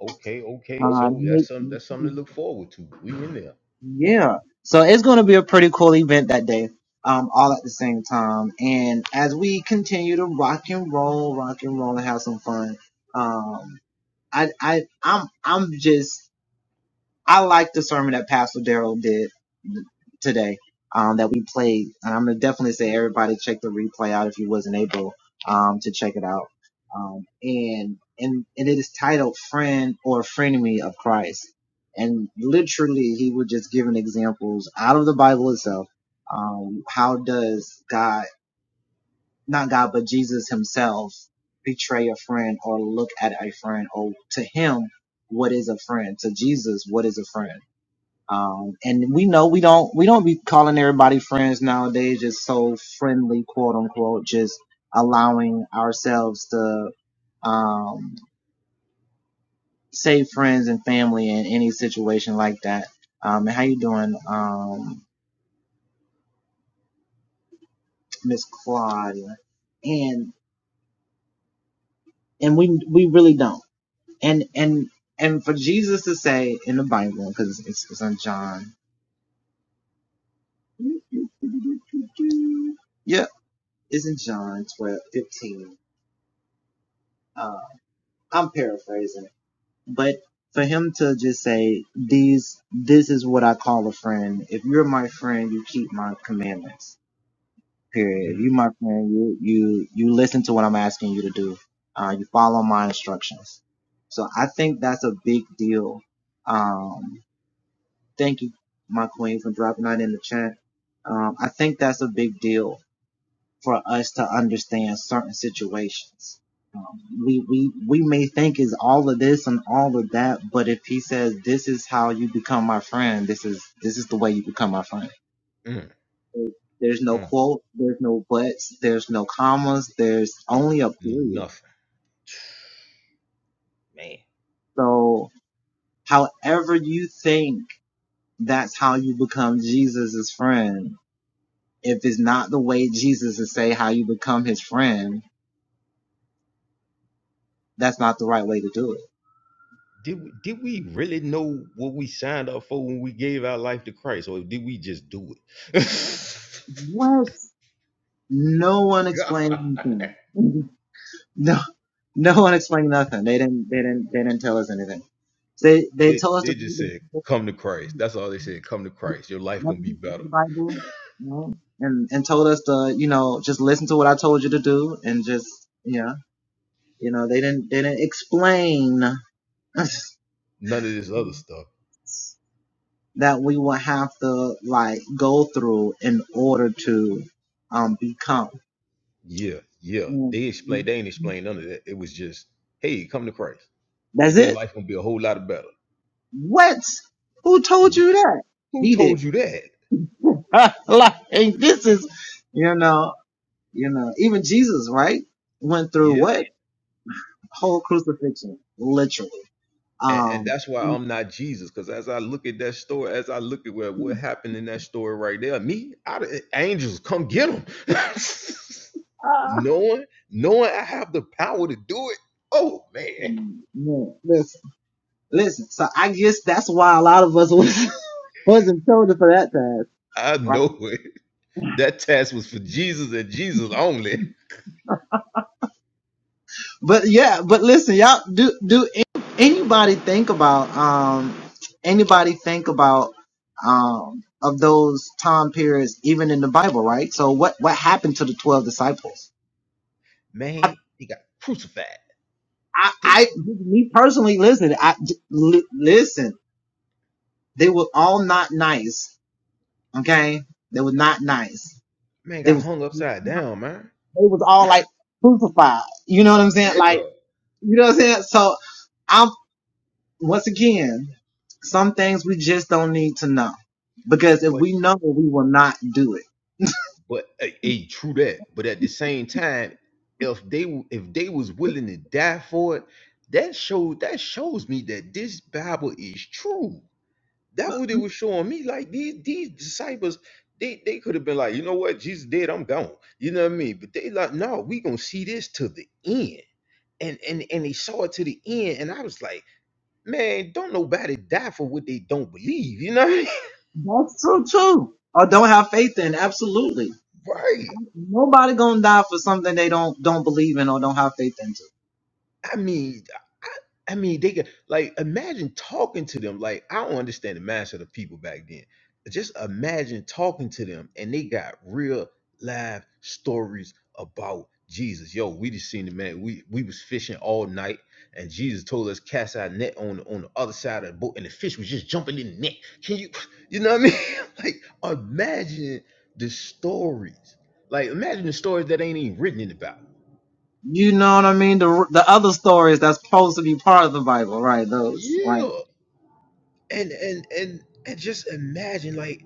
okay, okay. uh, So Nick. that's some that's something to look forward to. We in there. Yeah. So it's going to be a pretty cool event that day, um, all at the same time. And as we continue to rock and roll, rock and roll and have some fun, um, I, I, I'm, I'm just I like the sermon that Pastor Daryl did today um, that we played. And I'm gonna definitely say everybody check the replay out if you wasn't able um, to check it out. Um, and and and it is titled "Friend or Frenemy of Christ." And literally, he was just giving examples out of the Bible itself. Um, how does God, not God, but Jesus Himself, betray a friend or look at a friend, or to Him, what is a friend? To Jesus, what is a friend? Um, and we know we don't we don't be calling everybody friends nowadays. Just so friendly, quote unquote. Just allowing ourselves to um, say friends and family in any situation. That um, Miss Claudia and and we we really don't. And and isn't she paraphrasing, it, but for him to just say these this is what I call a friend. If you're my friend, you keep my commandments Period. If Mm, you my friend, you you you listen to what I'm asking you to do. Uh, you follow my instructions. So I think that's a big deal. Um, thank you, my queen, for dropping that in the chat. Um, I think that's a big deal for us to understand certain situations. Um, we we we may think is all of this and all of that, but if he says this is how you become my friend, this is this is the way you become my friend mm, there's no mm, quote, there's no buts, there's no commas, there's mm. only a No, period. nothing. So however you think that's how you become Jesus's friend, if it's not the way Jesus is saying how you become his friend, that's not the right way to do it. Did we, did we really know what we signed up for when we gave our life to Christ, or did we just do it? What? No one explained God, anything. No, no one explained nothing. They didn't, they didn't, they didn't tell us anything. They, they they told us to they read just the said, "Come to Christ." That's all they said. Come to Christ. Your life gonna Remember be he read better. the Bible, you know, and and told us to, you know, just listen to what I told you to do, and just, yeah, you know, they didn't they didn't explain None of this other stuff. that we would have to like go through in order to um become. Yeah, yeah. Mm, They mm. explained. They ain't explained none of that. It was just, "Hey, come to Christ. And That's your it. life gonna be a whole lot better." What? Who told you that? Who He did. told you that? like this is, you know, you know, even Jesus, right, went through Yeah. what whole crucifixion, literally. And, and Um, that's why I'm not Jesus. Because as I look at that story, as I look at where what happened in that story right there, me, I, d- angels, come get him. knowing, knowing I have the power to do it. Oh, man. yeah, Listen, so I guess that's why a lot of us was wasn't chosen for that task, I right? know it. That task was for Jesus and Jesus only. But yeah, but listen, y'all, do do any- anybody think about um anybody think about um of those time periods even in the Bible, right? So what what happened to the twelve disciples? I Man, he got crucified. I, Damn, I me personally, listen, I li- listen, they were all not nice, okay? They were not nice. Man They got was hung they upside down, man. was all like crucified. You know what I'm saying? Like Yeah. You know what I'm saying? So I'm once again, some things we just don't need to know because if but. we know, we will not do it. But a, a true that. But at the same time, if they if they was willing to die for it, that showed that shows me that this Bible is true. That what it was showing me. Like these these disciples, they they could have been like, you know what, Jesus dead, I'm gone. You know what I mean? But they like, no, we gonna see this to the end. And and and they saw it to the end, and I was like, man, don't nobody die for what they don't believe. You know what I mean? Right. I mean, I I mean, they could like imagine talking to them. Like I don't understand the mindset of people back then. Just imagine talking to them, and they got real live stories about Jesus. Yo, we just seen the man. We we was fishing all night, and Jesus told us cast our net on the- on the other side of the boat, and the fish was just jumping in the net. Can you, you know what I mean? like imagine the stories. Like imagine the stories that ain't even written in the Bible. Yeah, and and and and just imagine like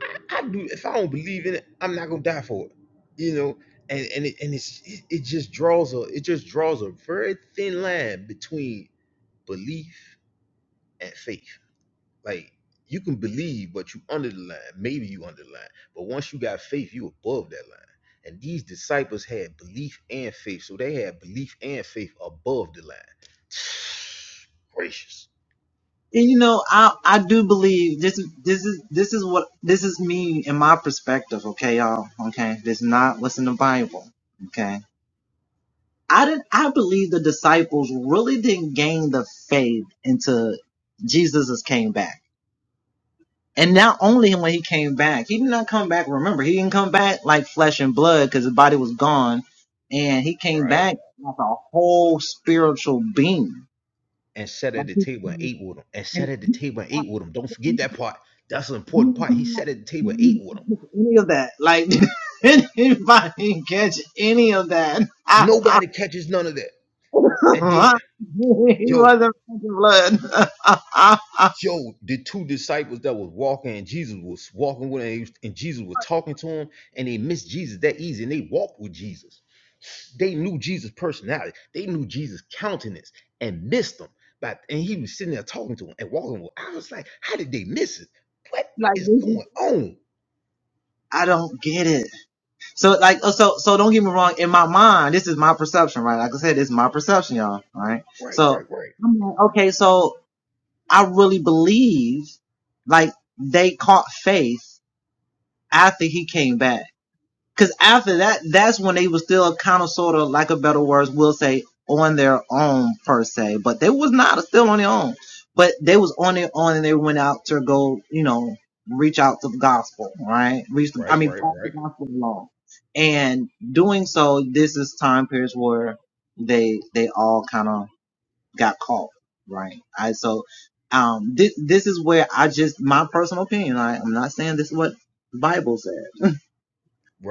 I, I do if I don't believe in it, I'm not gonna die for it, you know. And and it, and it's it, it just draws a it just draws a very thin line between belief and faith. Like you can believe, but you under the line. Maybe you under the line, but once you got faith, you above that line. And these disciples had belief and faith, so they had belief and faith above the line. Gracious, And you know, I I do believe this is this is this is what this is me in my perspective. Okay, y'all. Okay, this not what's in the Bible. Okay. I didn't, I believe the disciples really didn't gain the faith until Jesus came back. And that back, remember, he didn't come back like flesh and blood because his body was gone. And he came right? back a whole spiritual being. and sat at Like the table and ate with them. And sat at the table and ate with them. Don't forget that part. That's an important you part. He don't sat at the you table and ate don't with them. catch any of that. Like anybody can catch any of that. Nobody catches none of that. And then, yo, yo, the two disciples that was walking and Jesus was walking with him and Jesus was talking to him and they missed Jesus that easy and they walked with Jesus. They knew Jesus' personality. They knew Jesus' countenance and missed him. But and he was sitting there talking to him and walking with. him. I was like, how did they miss it? What is going on? Right, right, right. right? We used to, I Right, mean, right, pass the right, gospel along. And doing so, this is time periods where they they all kind of got caught, right? I so um this this is where I just my personal opinion. I, I'm not saying this is what the Bible says.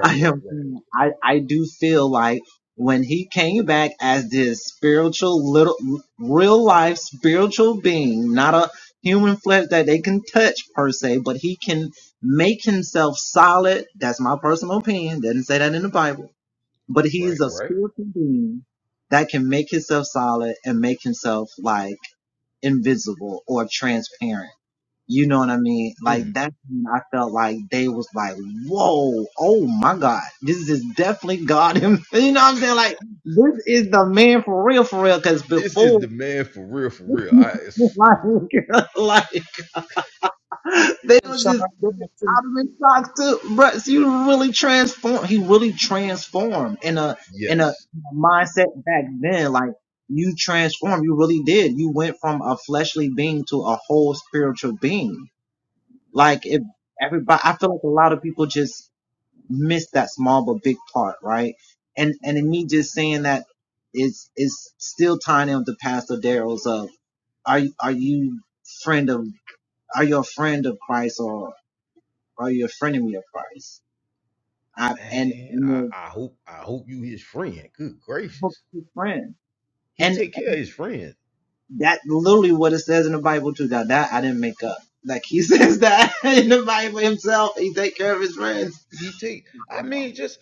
I right, am. right, I I do feel like when he came back as this spiritual little, real life spiritual being, not a human flesh that they right, right. Mm. This is the man for real, for real. I it's, So yes, still tiny of. Are you friend of? Are not?" man. I, I hope I hope you his friend. Good gracious, he and take care of his friend. that. He take. I mean, just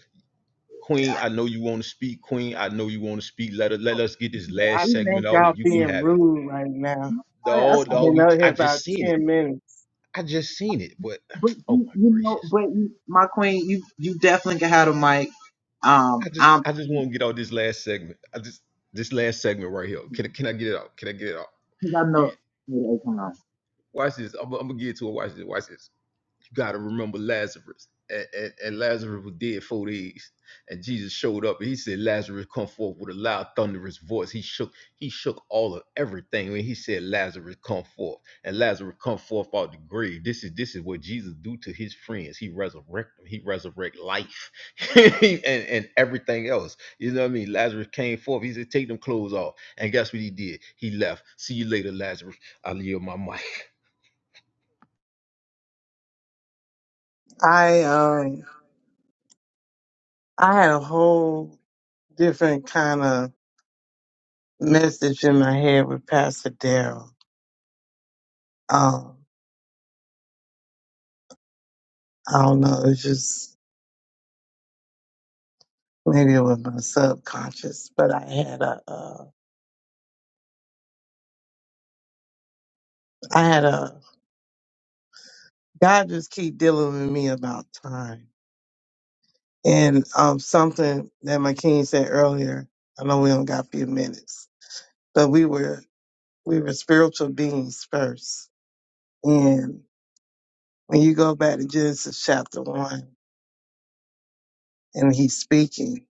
Queen. I know you want to speak, Queen. I know you want to speak. Let us let us get this I last segment think out, y'all and you can being have it. rude right now. No, I've no, been we. out here I just about seen it. ten minutes. I just seen it. But But oh you, my you, gracious, but you, my, um, 'cause I just I just want to get out this last segment. I just this last segment right here. Can I- can I get it out? Can I get it out? I You know. wait, wait, on. watch this. I'm, I'm gonna get to it. Watch this. Watch this. You gotta remember Lazarus. And, and, and Lazarus was dead four days, and Jesus showed up, and he said, "Lazarus, come forth!" With a loud, thunderous voice, he shook, he shook all of everything when he said, "Lazarus, come forth!" And Lazarus come forth out the grave. This is this is what Jesus do to his friends. He resurrect them. He resurrect life, and and everything else. You know what I mean? Lazarus came forth. He said, "Take them clothes off," and guess what he did? He left. See you later, Lazarus. I leave my mic. I um I had a whole different kind of message in my head with Pastor Daryl. Um, I don't know, it's just maybe it was my subconscious, but I had a uh, I had a God just keep dealing with me about time. And um something that my king said earlier, I know we only got a few minutes, but we were We were spiritual beings first. And when you go back to Genesis chapter one, and he's speaking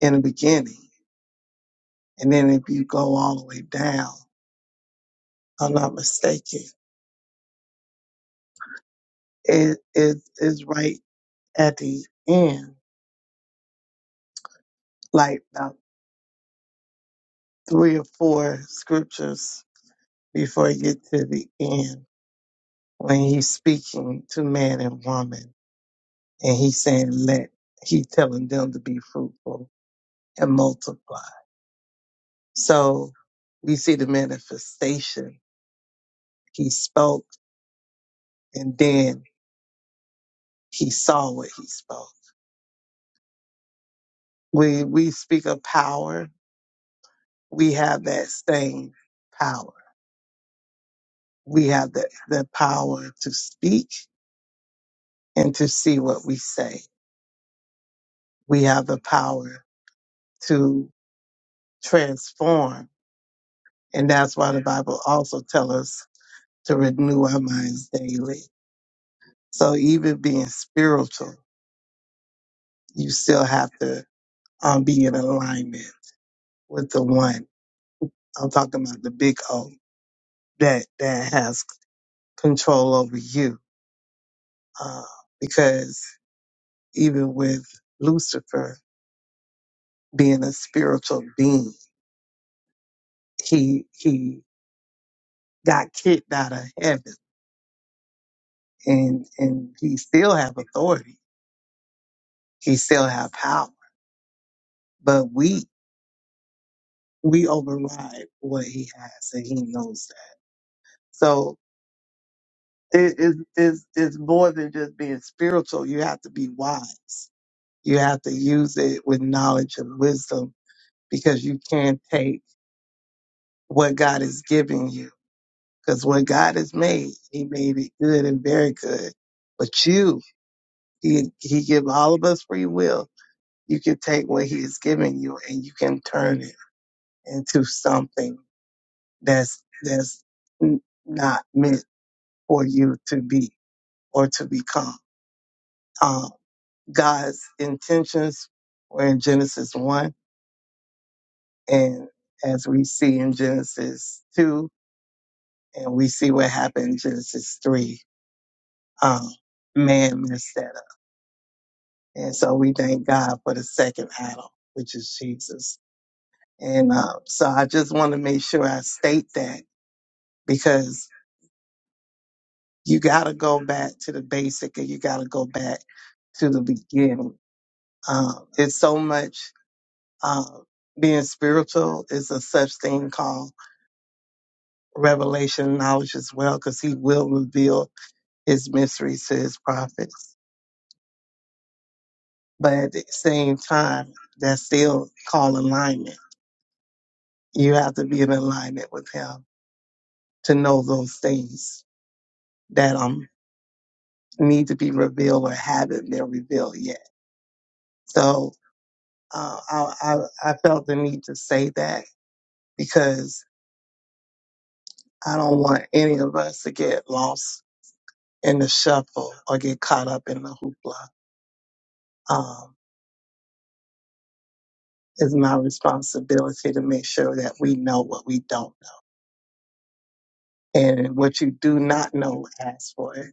in the beginning, and then if you go all the way down, I'm not mistaken, it is is right at the end, like about three or four scriptures before you get to the end, when he's speaking to man and woman, and he's saying, "Let." He's telling them to be fruitful and multiply. So we see the manifestation. He spoke and then he saw what he spoke. We we speak of power. We have that same power. We have the, the power to speak and to see what we say. We have the power to transform. And that's why the Bible also tells us to renew our minds daily. So even being spiritual, you still have to um, be in alignment with the one. I'm talking about the big O that that has control over you. Uh, because even with Lucifer being a spiritual being, he he got kicked out of heaven, and and he still have authority. He still have power, but we we override what he has, and he knows that. So it is it's, it's it's more than just being spiritual. You have to be wise You have to use it with knowledge and wisdom because you can't take what God is giving you. Because what God has made, He made it good and very good. But you, He He give all of us free will. You can take what He is giving you and you can turn it into something that's that's n- not meant for you to be or to become. Um, God's intentions were in Genesis 1 And as we see in Genesis 2, and we see what happened in Genesis 3, um, man messed that up. And so we thank God for the second Adam, which is Jesus. And uh, so I just want to make sure I state that because you got to go back to the basic and you got to go back to the beginning. Um, it's so much uh, being spiritual is a such thing called revelation knowledge as well because he will reveal It's mysteries to his prophets. But at the same time, that's still called alignment. You have to be in alignment with him to know those things that um need to be revealed or haven't been revealed yet. So uh, I, I I felt the need to say that because I don't want any of us to get lost in the shuffle or get caught up in the hoopla. Um, it's my responsibility to make sure that we know what we don't and what you do not know, ask for it.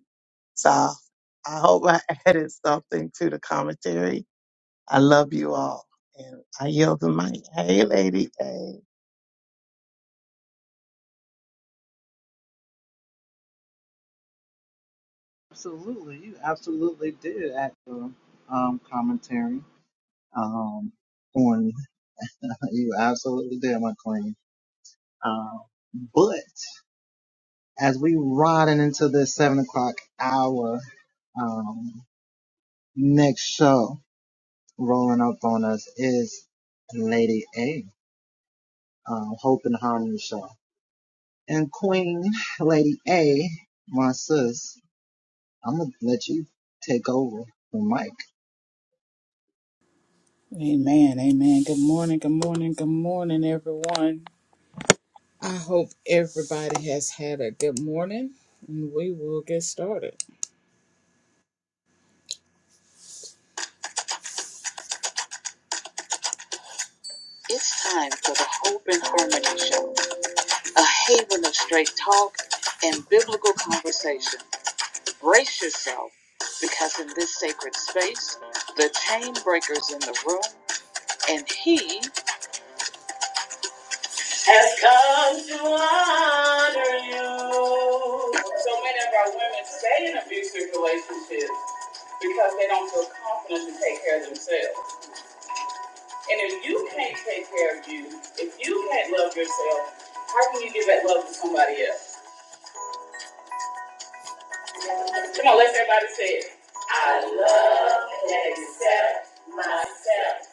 So I hope I added something to the commentary. I love you all, and I yield the mic. Hey, lady, hey. Absolutely, you absolutely did at the um commentary um on you absolutely did my queen. Um, but. as we riding into this seven o'clock hour, um, next show rolling up on us is Lady A, um, Hope and Harmony show. And Queen Lady A, my sis, I'm gonna let you take over the mic. Amen. Amen. Good morning. Good morning. Good morning, everyone. I hope everybody has had a good morning, and we will get started. Has come to honor you. So many of our women stay in abusive relationships because they don't feel confident to take care of themselves. And if you can't take care of you, if you can't love yourself, how can you give that love to somebody else? Come on, let's everybody say it. I love and accept myself.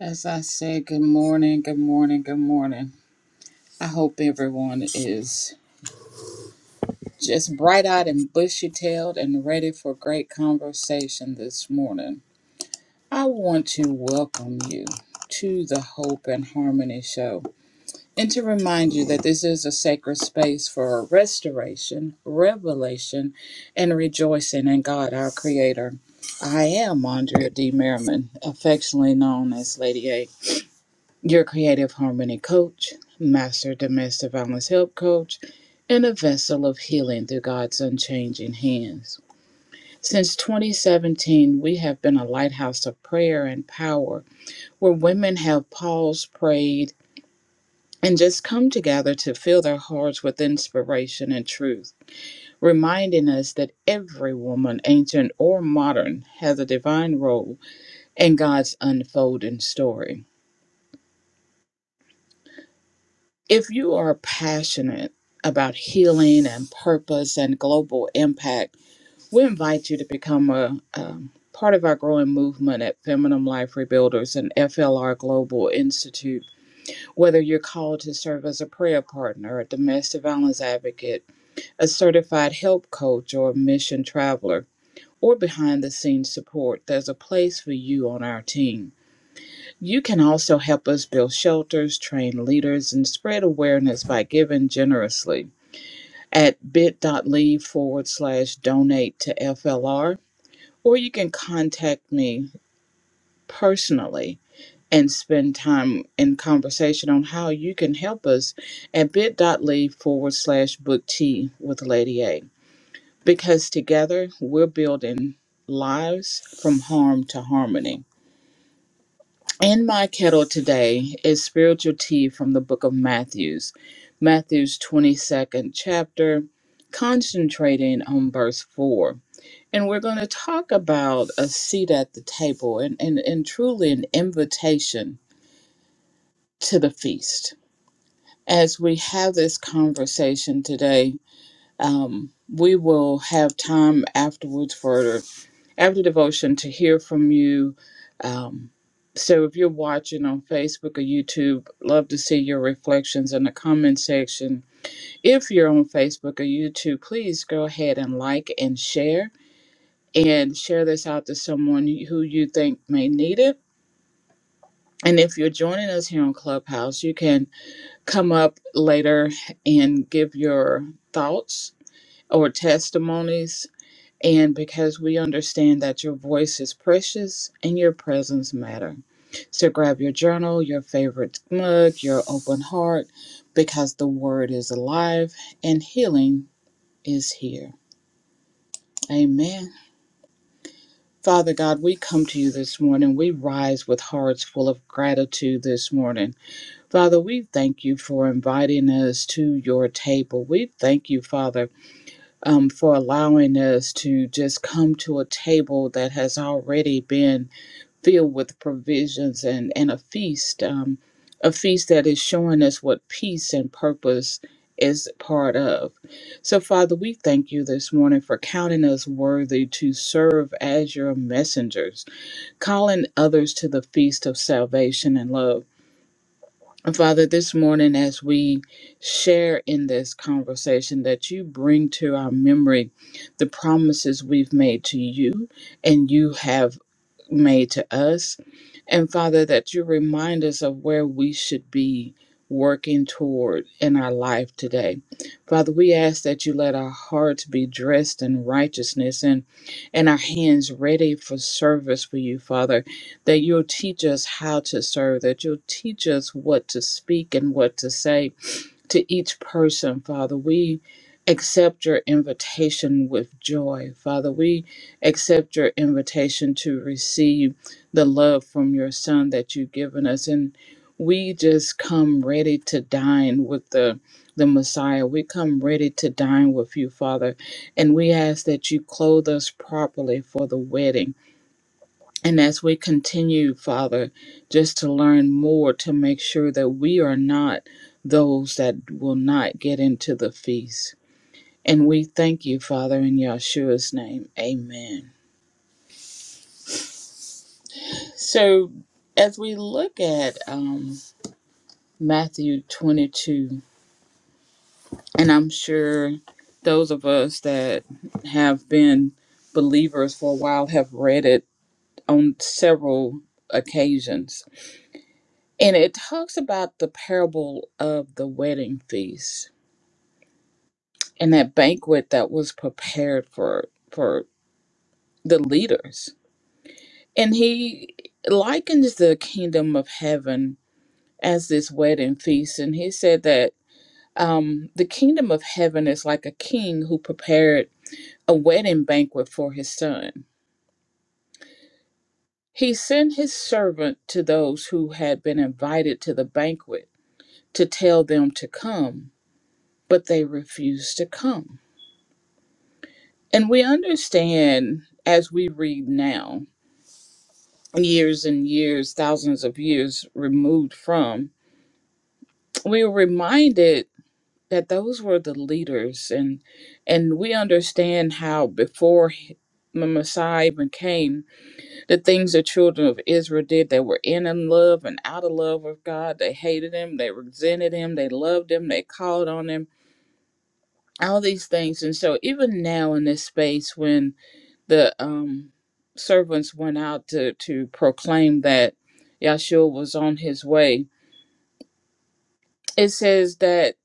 As I said, good morning, good morning, good morning. I hope everyone is just bright eyed and bushy tailed and ready for great conversation this morning. I want to welcome you to the Hope and Harmony Show. And to remind you that this is a sacred space for restoration, revelation, and rejoicing in God, our Creator. I am Andrea D. Merriman, affectionately known as Lady A, your creative harmony coach, master domestic violence help coach, and a vessel of healing through God's unchanging hands. Since 2017, we have been a lighthouse of prayer and power where women have paused, prayed, and just come together to fill their hearts with inspiration and truth, reminding us that every woman, ancient or modern, has a divine role in God's unfolding story. If you are passionate about healing and purpose and global impact, we invite you to become a, um, part of our growing movement at Feminine Life Rebuilders and FLR Global Institute. Whether you're called to serve as a prayer partner, a domestic violence advocate, a certified help coach or a mission traveler, or behind the scenes support, there's a place for you on our team. You can also help us build shelters, train leaders, and spread awareness by giving generously at bit.ly forward slash donate to FLR, or you can contact me personally and spend time in conversation on how you can help us at bit.ly forward slash book tea with Lady A. because together we're building lives from harm to harmony. In my kettle today is spiritual tea from the book of Matthews, Matthew's 22nd chapter, concentrating on verse 4. And we're going to talk about a seat at the table and, and, and truly an invitation to the feast. As we have this conversation today, um, we will have time afterwards for after devotion to hear from you. Um, so if you're watching on Facebook or YouTube, love to see your reflections in the comment section. If you're on Facebook or YouTube, please go ahead and like and share and share this out to someone who you think may need it. And if you're joining us here on Clubhouse, you can come up later and give your thoughts or testimonies and because we understand that your voice is precious and your presence matter. So grab your journal, your favorite mug, your open heart, because the word is alive and healing is here. Amen. Father God, we come to you this morning. We rise with hearts full of gratitude this morning. Father, we thank you for inviting us to your table. We thank you, Father, um, for allowing us to just come to a table that has already been filled with provisions and, and a feast, um, a feast that is showing us what peace and purpose is part of. So, Father, we thank you this morning for counting us worthy to serve as your messengers, calling others to the feast of salvation and love. And Father, this morning, as we share in this conversation, that you bring to our memory the promises we've made to you and you have made to us. And Father, that you remind us of where we should be working toward in our life today. Father, we ask that you let our hearts be dressed in righteousness and, and our hands ready for service for you, Father, that you'll teach us how to serve, that you'll teach us what to speak and what to say, to each person, Father. We accept your invitation with joy, Father. We accept your invitation to receive the love from your Son that you've given us. And we just come ready to dine with the the Messiah. We come ready to dine with you, Father. And we ask that you clothe us properly for the wedding. And as we continue, Father, just to learn more to make sure that we are not those that will not get into the feast. And we thank you, Father, in Yahshua's name. Amen. So as we look at um, Matthew 22, and I'm sure those of us that have been believers for a while have read it on several occasions And it talks about the parable of the wedding feast and that banquet that was prepared for for the leaders. And he likens the kingdom of heaven as this wedding feast. And he said that um, the kingdom of heaven is like a king who prepared a wedding banquet for his son. He sent his servant to those who had been invited to the banquet to tell them to come, but they refused to come. And we understand as we read now, years and years, thousands of years removed from, we are reminded that those were the leaders and and we understand how before he- the Messiah even came, the things the children of Israel did, they were in and love and out of love with God. They hated him, they resented him, they loved him, they called on him, all these things. And so even now in this space when the um, servants went out to, to proclaim that Yahshua was on his way. It says that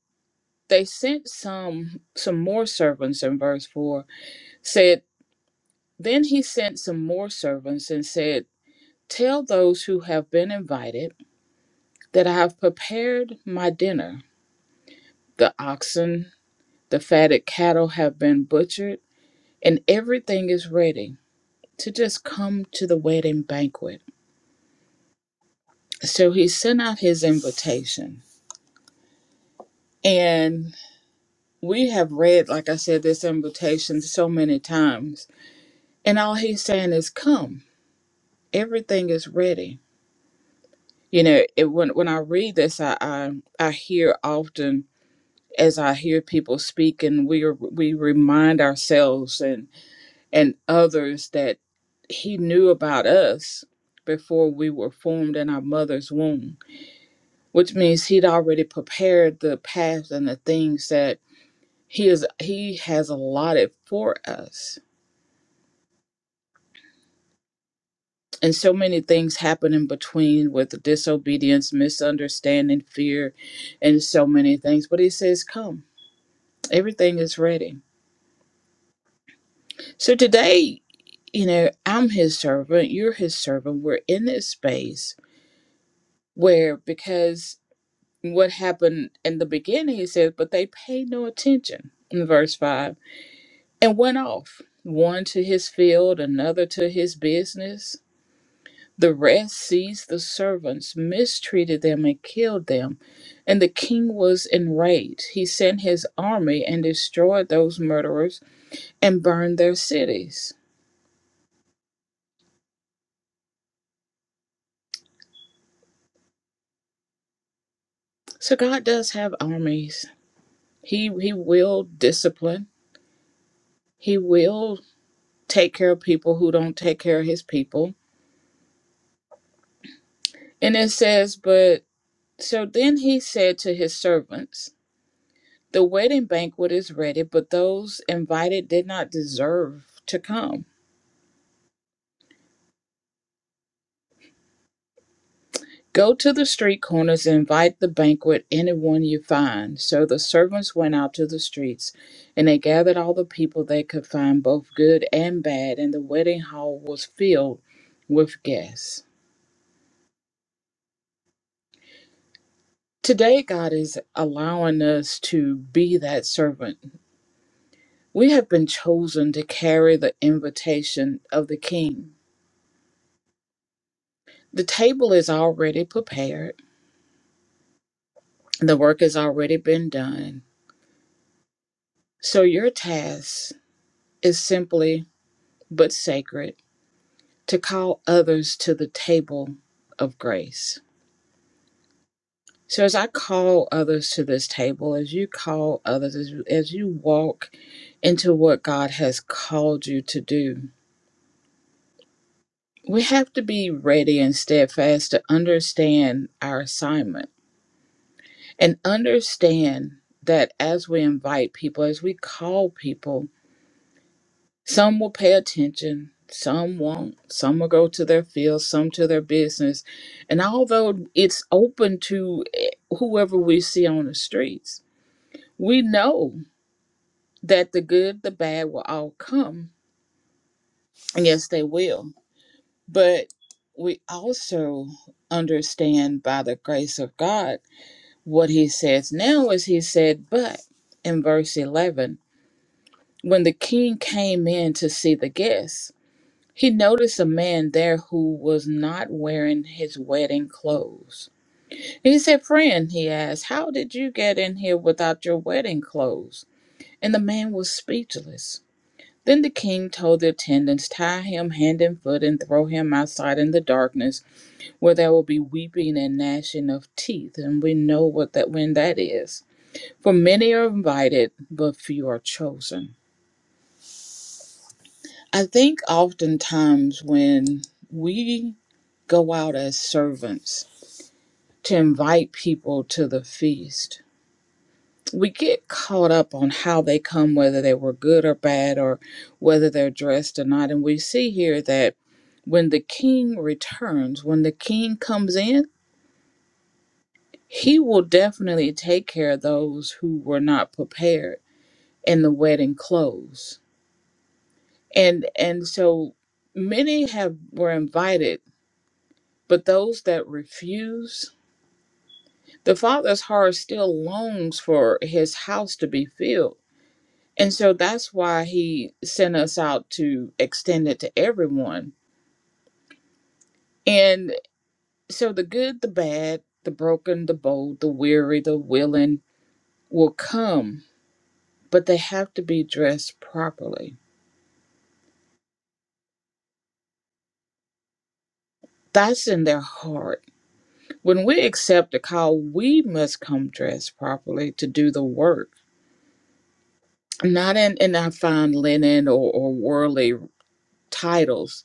they sent some some more servants in verse four. Said then he sent some more servants and said, "Tell those who have been invited that I have prepared my dinner. The oxen, the fatted cattle have been butchered, and everything is ready to just come to the wedding banquet." So he sent out his invitation And we have read, like I said, this invitation so many times. And all he's saying is, come. Everything is ready. You know, it, when, when I read this, I, I, I hear often as I hear people speak and we, are, we remind ourselves and, and others that he knew about us before we were formed in our mother's womb, which means he'd already prepared the path and the things that He is he has allotted for us. And so many things happen in between with disobedience, misunderstanding, fear, and so many things. But he says, Come, everything is ready. So today, you know, I'm his servant, you're his servant. We're in this space where because what happened in the beginning, he says, but they paid no attention in verse five and went off. One to his field, another to his business The rest seized the servants, mistreated them, and killed them. And the king was enraged. He sent his army and destroyed those murderers and burned their cities. So God does have armies. He he will discipline. He will take care of people who don't take care of his people. And it says, but so then he said to his servants, the wedding banquet is ready, but those invited did not deserve to come. Go to the street corners and invite the banquet anyone you find. So the servants went out to the streets, and they gathered all the people they could find, both good and bad, and the wedding hall was filled with guests. Today, God is allowing us to be that servant. We have been chosen to carry the invitation of the King. The table is already prepared, the work has already been done. So your task is simply but sacred to call others to the table of grace. So as I call others to this table, as you call others, as as you walk into what God has called you to do, we have to be ready and steadfast to understand our assignment and understand that as we invite people, as we call people, Some will pay attention, some won't. Some will go to their field, some to their business. And although it's open to eh, whoever we see on the streets, we know that the good, the bad will all come. And yes, they will. But we also understand by the grace of God what he says now is he said, but in verse 11, when the king came in to see the guests, He noticed a man there who was not wearing his wedding clothes. He said, Friend, he asked, how did you get in here without your wedding clothes? And the man was speechless. Then the king told the attendants, Tie him hand and foot and throw him outside in the darkness, where there will be weeping and gnashing of teeth. And we know what that when that is. For many are invited, but few are chosen. I think oftentimes when we go out as servants to invite people to the feast. We get caught up on how they come, whether they were good or bad, or whether they're dressed or not. And we see here that when the king returns, when the king comes in, he will definitely take care of those who were not prepared in the wedding clothes. And and so many have were invited, but those that refused The father's heart still longs for his house to be filled. And so that's why he sent us out to extend it to everyone. And so the good, the bad, the broken, the bold, the weary, the willing will come, but they have to be dressed properly. That's in their heart. When we accept a call, we must come dressed properly to do the work, not in, in our fine linen or, or worldly titles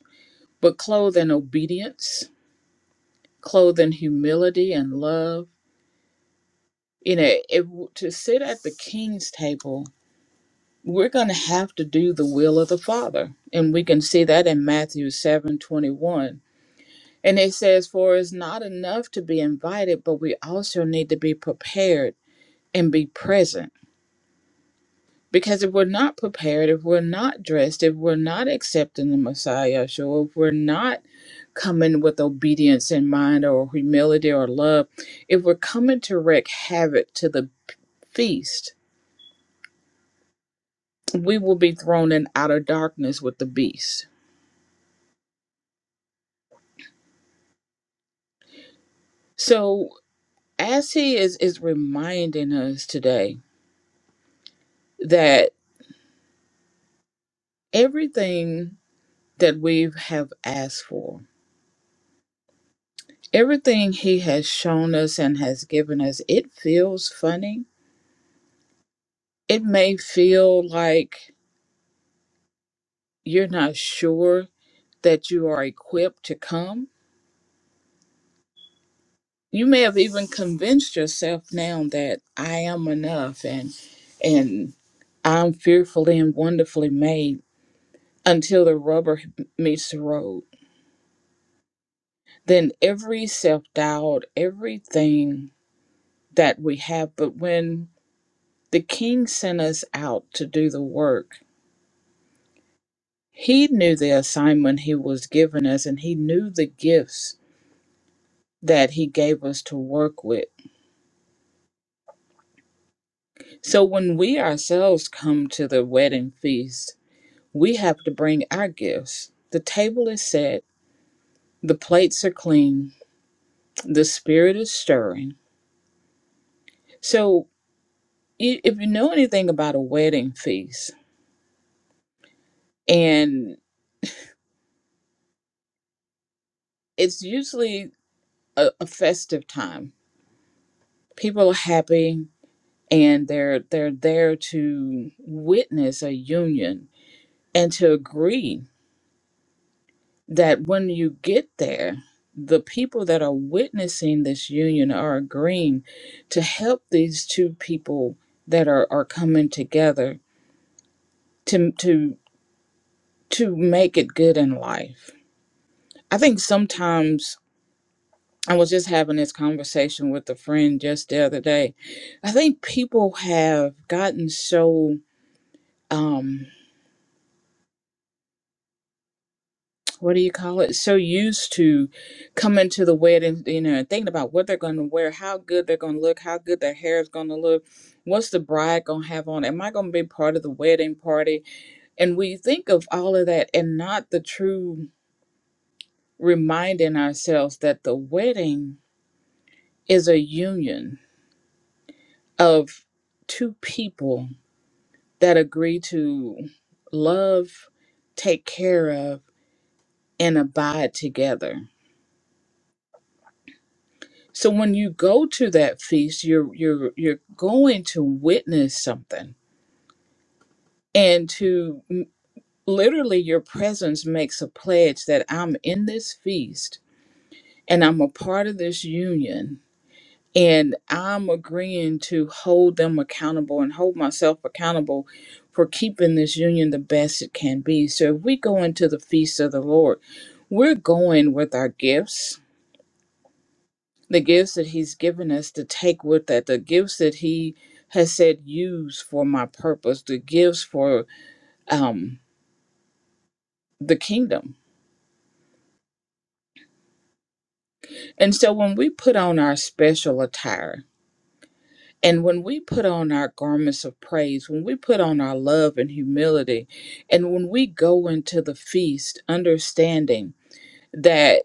but clothed in obedience, clothed in humility and love. You know, if, to sit at the king's table, we're going to have to do the will of the Father. And we can see that in Matthew seven twenty one, And it says, For it's not enough to be invited, but we also need to be prepared and be present. Because if we're not prepared, if we're not dressed, if we're not accepting the Messiah, Yeshua, if we're not coming with obedience in mind or humility or love, if we're coming to wreak havoc to the feast, we will be thrown in outer darkness with the beast. So, as he is, is reminding us today that everything that we have asked for, everything he has shown us and has given us, it feels funny. It may feel like you're not sure that you are equipped to come you may have even convinced yourself now that I am enough and and I'm fearfully and wonderfully made until the rubber meets the road. Then every self doubt, everything that we have, but when the king sent us out to do the work, he knew the assignment he was giving us and he knew the gifts that he gave us to work with. So when we ourselves come to the wedding feast, We have to bring our gifts. The table is set, the plates are clean, the spirit is stirring. So, if you know anything about a wedding feast, and it's usually a, a festive time, people are happy and they're they're there to witness a union and to agree that when you get there, the people that are witnessing this union are agreeing to help these two people that are, are coming together to to to make it good in life. I think sometimes I was just having this conversation with a friend just the other day. I think people have gotten so um what do you call it so used to coming to the wedding you know and thinking about what they're going to wear how good they're going to look how good their hair is going to look what's the bride going to have on am i going to be part of the wedding party and we think of all of that and not the true reminding ourselves that the wedding is a union of two people that agree to love take care of and abide together So when you go to that feast, you're you're you're going to witness something, and to literally your presence makes a pledge that I'm in this feast and I'm a part of this union, and I'm agreeing to hold them accountable and hold myself accountable for keeping this union the best it can be. So if we go into the feast of the Lord, we're going with our gifts the gifts that he's given us to take with that the gifts that he has said use for my purpose the gifts for um the kingdom and so when we put on our special attire and when we put on our garments of praise when we put on our love and humility and when we go into the feast understanding that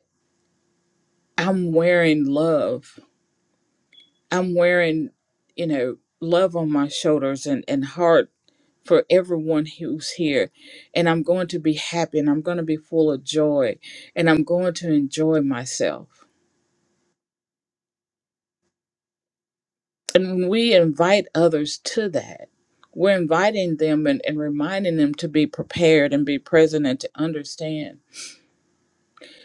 i'm wearing love I'm wearing, you know, love on my shoulders and, and heart for everyone who's here. And I'm going to be happy and I'm going to be full of joy and I'm going to enjoy myself. And when we invite others to that, we're inviting them and, and reminding them to be prepared and be present and to understand.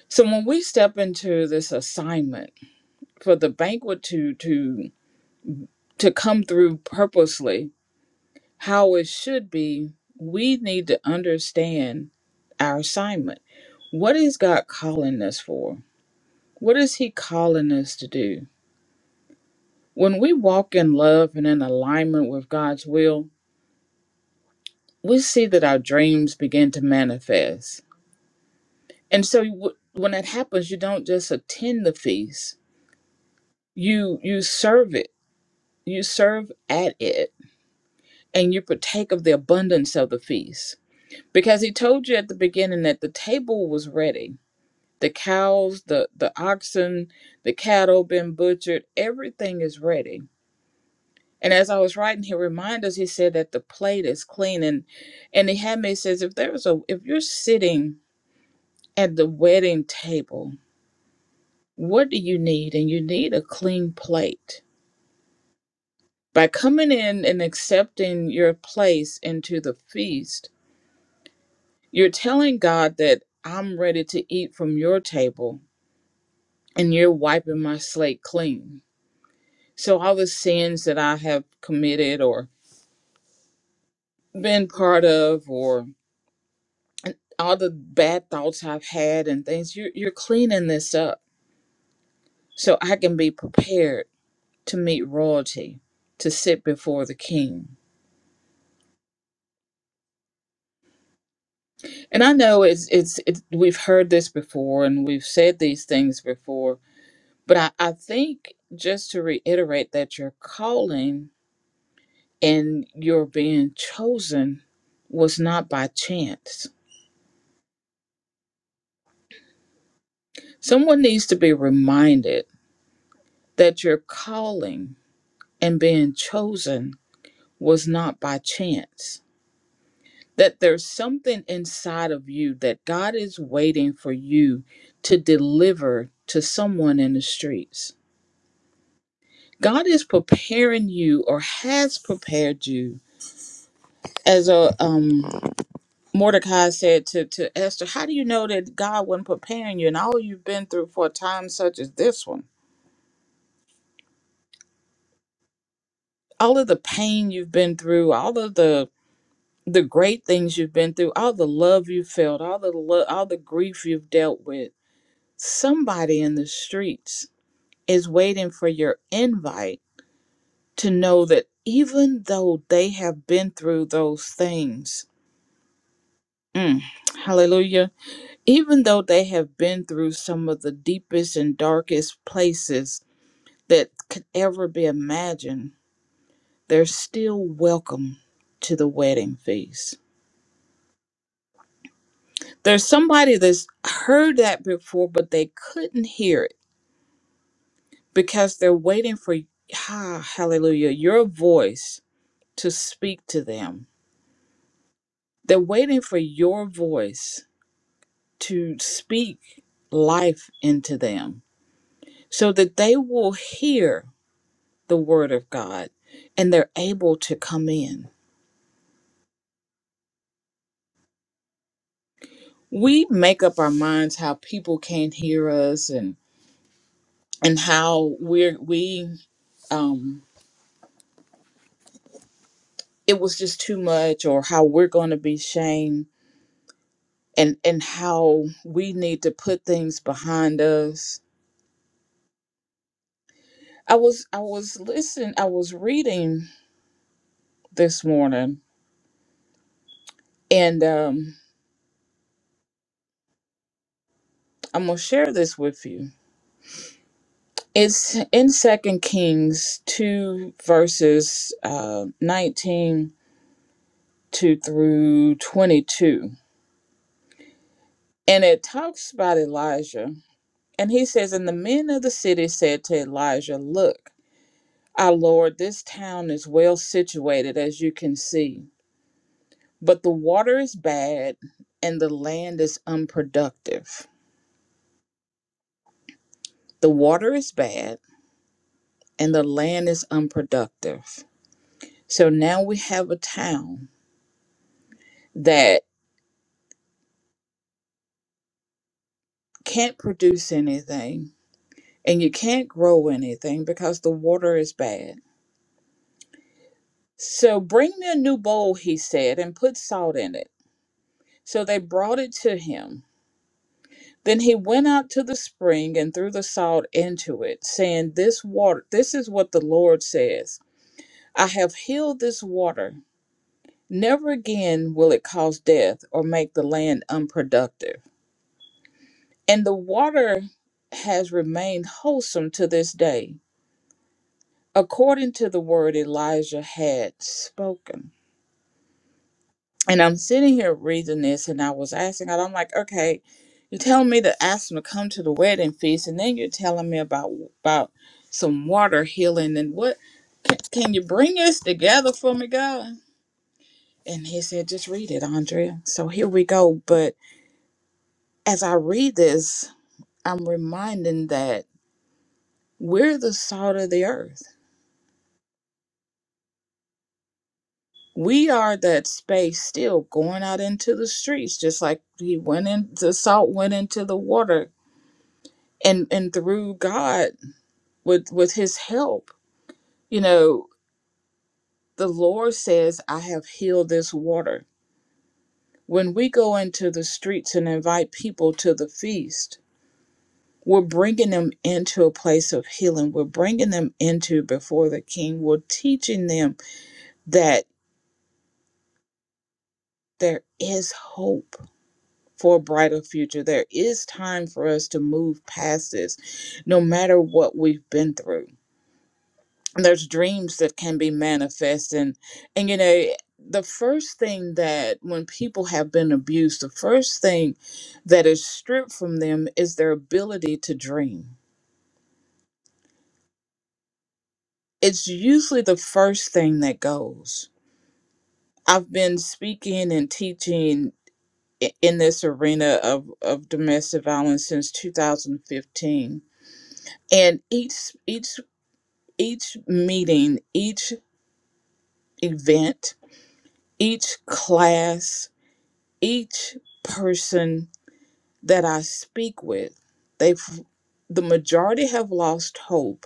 So when we step into this assignment for the banquet to to to come through purposely, how it should be, we need to understand our assignment. What is God calling us for? What is He calling us to do? When we walk in love and in alignment with God's will, we see that our dreams begin to manifest. And so w- when that happens, you don't just attend the feast, you you serve it. You serve at it and you partake of the abundance of the feast. Because he told you at the beginning that the table was ready the cows, the the oxen, the cattle been butchered, everything is ready. And as I was writing, he reminded us, he said that the plate is clean and and he had me says, if there's a if you're sitting at the wedding table, what do you need? And you need a clean plate. By coming in and accepting your place into the feast, you're telling God that I'm ready to eat from your table and you're wiping my slate clean So, all the sins that I have committed or been part of, or all the bad thoughts I've had and things, you're, you're cleaning this up so I can be prepared to meet royalty, to sit before the king. And I know it's, it's, it's we've heard this before and we've said these things before, but I, I think just to reiterate that your calling and your being chosen was not by chance Someone needs to be reminded that your calling and being chosen was not by chance, that there's something inside of you that God is waiting for you to deliver to someone in the streets. God is preparing you or has prepared you. As a um, Mordecai said to, to Esther, how do you know that God wasn't preparing you and all you've been through for a time such as this one? All of the pain you've been through, all of the the great things you've been through, all the love you felt, all the lo- all the grief you've dealt with. Somebody in the streets is waiting for your invite to know that even though they have been through those things, mm, hallelujah, even though they have been through some of the deepest and darkest places that could ever be imagined, they're still welcome to the wedding feast There's somebody that's heard that before, but they couldn't hear it because they're waiting for, ah, hallelujah, your voice to speak to them. They're waiting for your voice to speak life into them so that they will hear the word of God and they're able to come in. We make up our minds how people can't hear us and and how we're we um it was just too much or how we're going to be shamed and and how we need to put things behind us i was i was listening i was reading this morning and um i'm going to share this with you it's in second kings 2 verses uh 19 to through 22 and it talks about elijah and he says and the men of the city said to elijah look Our Lord, this town is well situated, as you can see, but the water is bad and the land is unproductive. The water is bad and the land is unproductive. So now we have a town that can't produce anything and you can't grow anything because the water is bad. So bring me a new bowl, he said, and put salt in it. So they brought it to him. Then he went out to the spring and threw the salt into it, saying, This water, this is what the Lord says I have healed this water. Never again will it cause death or make the land unproductive. And the water has remained wholesome to this day, according to the word Elijah had spoken. And I'm sitting here reading this, and I was asking God, I'm like, okay, you're telling me to ask them to come to the wedding feast, and then you're telling me about about some water healing, and what can, can you bring this together for me, God? And He said, just read it, Andrea. So here we go. But as I read this, I'm reminding that we're the salt of the earth. We are that space still going out into the streets, just like he went in. The salt went into the water and and through God with with his help you know the Lord says I have healed this water when we go into the streets and invite people to the feast we're bringing them into a place of healing we're bringing them into before the king we're teaching them that there is hope for a brighter future there is time for us to move past this no matter what we've been through and there's dreams that can be manifest and and you know the first thing that when people have been abused the first thing that is stripped from them is their ability to dream it's usually the first thing that goes i've been speaking and teaching i- in this arena of, of domestic violence since 2015 and each each each meeting each event each class each person that I speak with, they've the majority have lost hope,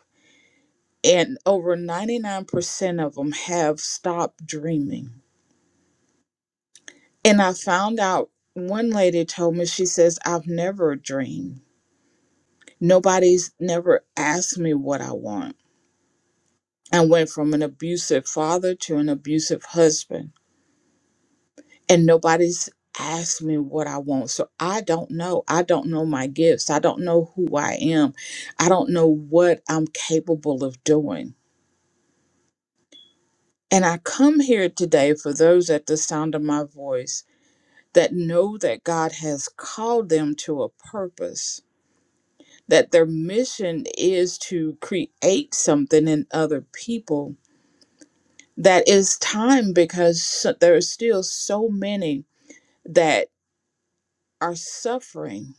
and over 99% of them have stopped dreaming. And I found out one lady told me, she says, I've never dreamed. Nobody's never asked me what I want. I went from an abusive father to an abusive husband. and nobody's asked me what I want. So I don't know. I don't know my gifts. I don't know who I am. I don't know what I'm capable of doing. And I come here today for those at the sound of my voice that know that God has called them to a purpose, that their mission is to create something in other people. That is time because so- there are still so many that are suffering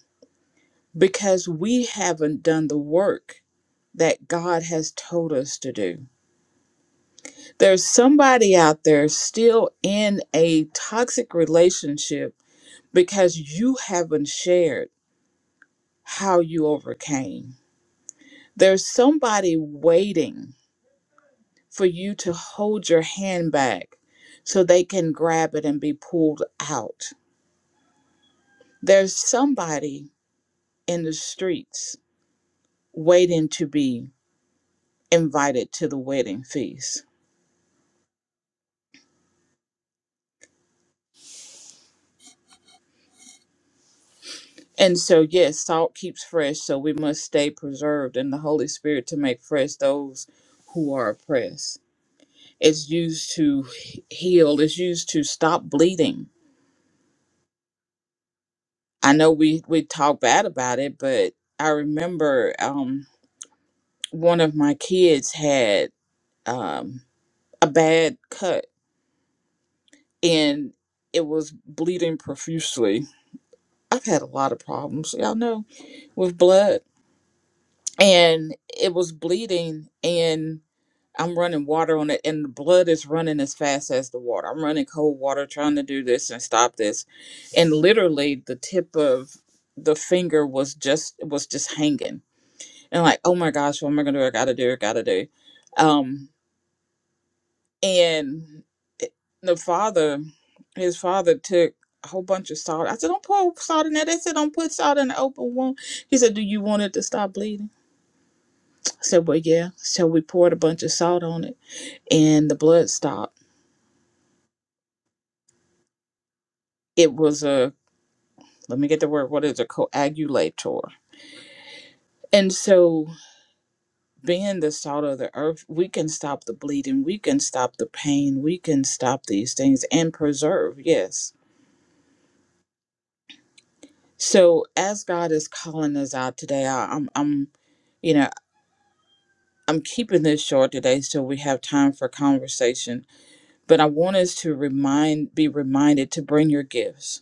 because we haven't done the work that God has told us to do. There's somebody out there still in a toxic relationship because you haven't shared how you overcame. There's somebody waiting for you to hold your hand back so they can grab it and be pulled out. There's somebody in the streets waiting to be invited to the wedding feast And so, yes, salt keeps fresh, so we must stay preserved in the Holy Spirit to make fresh those who are oppressed. It's used to he- heal, it's used to stop bleeding. I know we, we talk bad about it, but I remember um, one of my kids had um, a bad cut and it was bleeding profusely. I've had a lot of problems, y'all know, with blood. And it was bleeding, and I'm running water on it, and the blood is running as fast as the water. I'm running cold water, trying to do this and stop this, and literally the tip of the finger was just was just hanging, and like, oh my gosh, what am I gonna do? I gotta do, I gotta do, um, and it- the father, his father took a whole bunch of salt. I said, don't pour salt in that. They said, don't put salt in the open wound. He said, do you want it to stop bleeding? I said, well, yeah. So we poured a bunch of salt on it, and the blood stopped it was a let me get the word what is a coagulator and so being the salt of the earth we can stop the bleeding we can stop the pain we can stop these things and preserve yes so as god is calling us out today I, i'm i'm you know i'm keeping this short today so we have time for conversation but i want us to remind be reminded to bring your gifts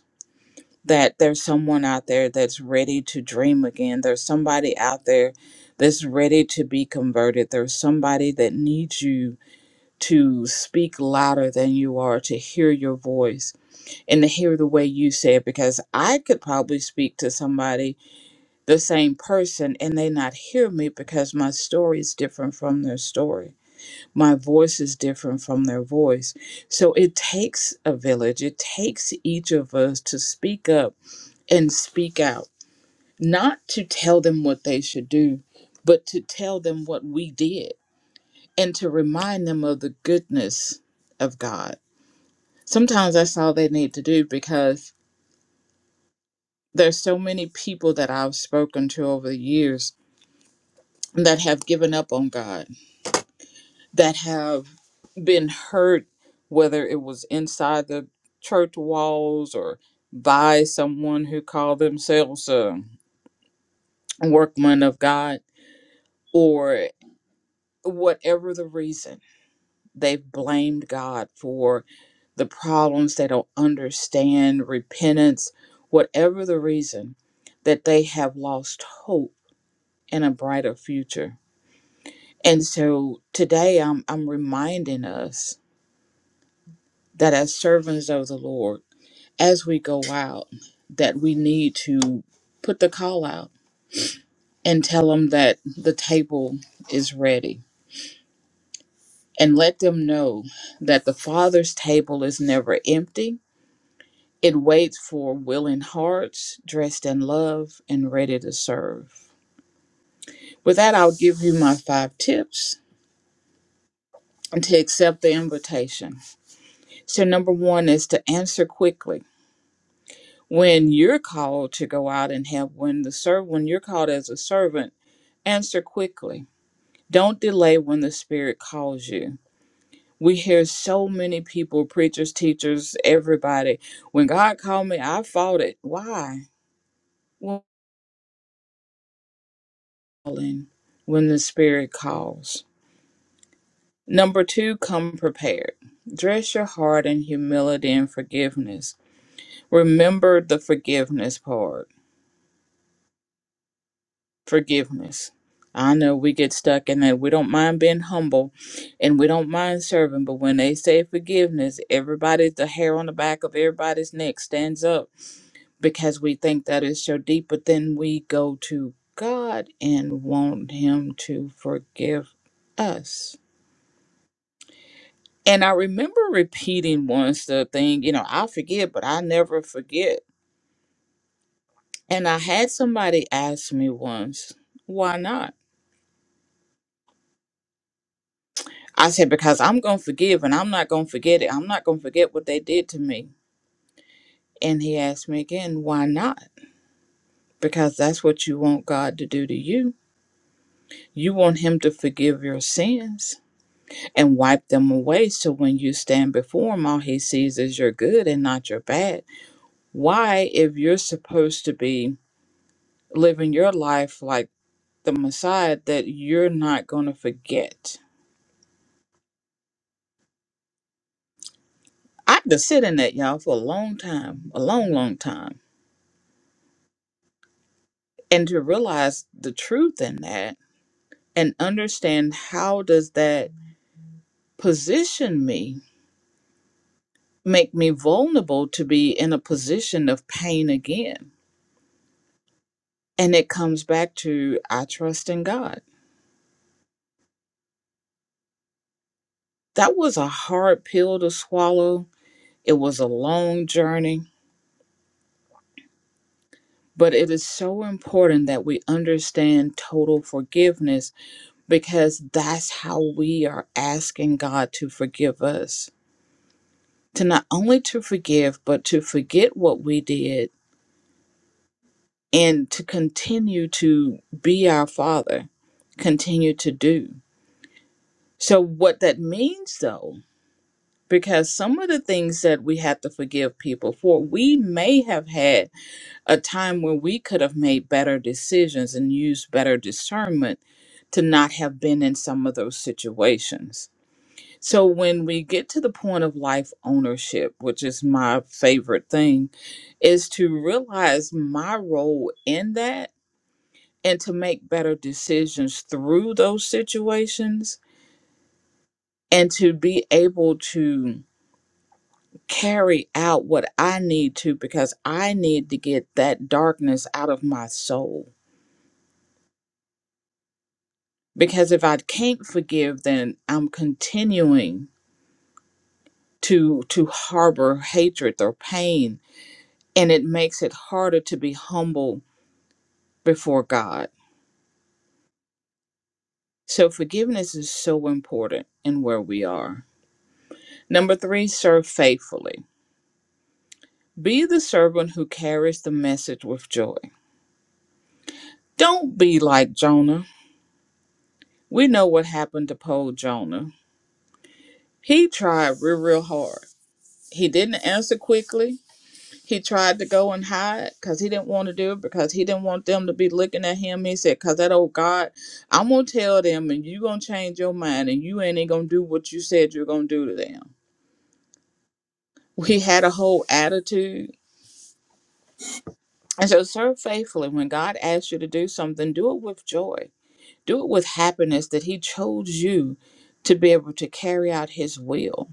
that there's someone out there that's ready to dream again. There's somebody out there that's ready to be converted. There's somebody that needs you to speak louder than you are, to hear your voice and to hear the way you say it. Because I could probably speak to somebody, the same person, and they not hear me because my story is different from their story. My voice is different from their voice. So it takes a village, it takes each of us to speak up and speak out, not to tell them what they should do, but to tell them what we did and to remind them of the goodness of God. Sometimes that's all they need to do because there's so many people that I've spoken to over the years that have given up on God, that have been hurt, whether it was inside the church walls or by someone who called themselves a workman of God, or whatever the reason, they've blamed God for the problems, they don't understand repentance, whatever the reason, that they have lost hope in a brighter future. And so today I'm, I'm reminding us that as servants of the Lord, as we go out, that we need to put the call out and tell them that the table is ready and let them know that the Father's table is never empty It waits for willing hearts dressed in love and ready to serve. With that, I'll give you my five tips to accept the invitation. So, number one is to answer quickly. When you're called to go out and help, when the serve, when you're called as a servant, answer quickly. Don't delay when the Spirit calls you. We hear so many people, preachers, teachers, everybody. When God called me, I fought it. Why? Well. calling when the Spirit calls. Number two, come prepared. Dress your heart in humility and forgiveness. Remember the forgiveness part. Forgiveness. I know we get stuck in that. We don't mind being humble and we don't mind serving, but when they say forgiveness, everybody, the hair on the back of everybody's neck stands up because we think that is so deep, but then we go to God and want Him to forgive us And I remember repeating once the thing, you know, I forget, but I never forget. And I had somebody ask me once, why not? I said, because I'm going to forgive and I'm not going to forget it. I'm not going to forget what they did to me. And he asked me again, why not? Because that's what you want God to do to you. You want Him to forgive your sins and wipe them away. So when you stand before Him, all He sees is your good and not your bad. Why, if you're supposed to be living your life like the Messiah that you're not going to forget. I had to sit in that, y'all, for a long time, a long, long time, and to realize the truth in that and understand how does that position me, make me vulnerable to be in a position of pain again. And it comes back to I trust in God. That was a hard pill to swallow. It was a long journey, but it is so important that we understand total forgiveness because that's how we are asking God to forgive us. To not only to forgive, but to forget what we did and to continue to be our Father, continue to do. So, what that means though, because some of the things that we have to forgive people for, we may have had a time where we could have made better decisions and used better discernment to not have been in some of those situations So when we get to the point of life ownership, which is my favorite thing, is to realize my role in that and to make better decisions through those situations and to be able to carry out what I need to because I need to get that darkness out of my soul. Because if I can't forgive, then I'm continuing to to harbor hatred or pain and it makes it harder to be humble before God. So, forgiveness is so important in where we are. Number three, serve faithfully. Be the servant who carries the message with joy. Don't be like Jonah. We know what happened to poor Jonah. He tried real, real hard. He didn't answer quickly, He tried to go and hide because he didn't want to do it because he didn't want them to be looking at him. He said, "Cause that old God, I'm gonna tell them, and you gonna change your mind, and you ain't gonna do what you said you're gonna do to them." He had a whole attitude, and so serve faithfully. When God asks you to do something, do it with joy, do it with happiness that He chose you to be able to carry out His will.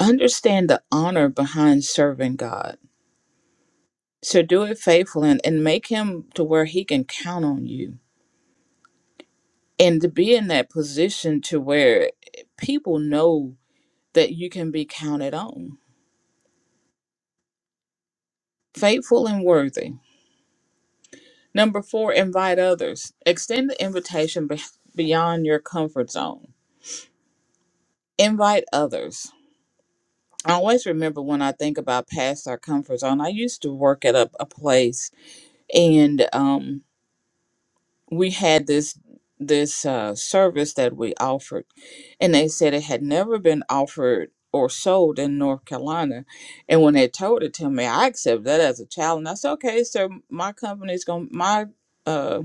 Understand the honor behind serving God. So do it faithfully and, and make him to where he can count on you and to be in that position to where people know that you can be counted on faithful and worthy number four invite others extend the invitation be- beyond your comfort zone invite others i always remember when i think about past our comfort zone i used to work at a, a place and um we had this this uh, service that we offered, and they said it had never been offered or sold in North Carolina. And when they told it to me, I accepted that as a challenge. I said, "Okay, so my company's going, to my uh,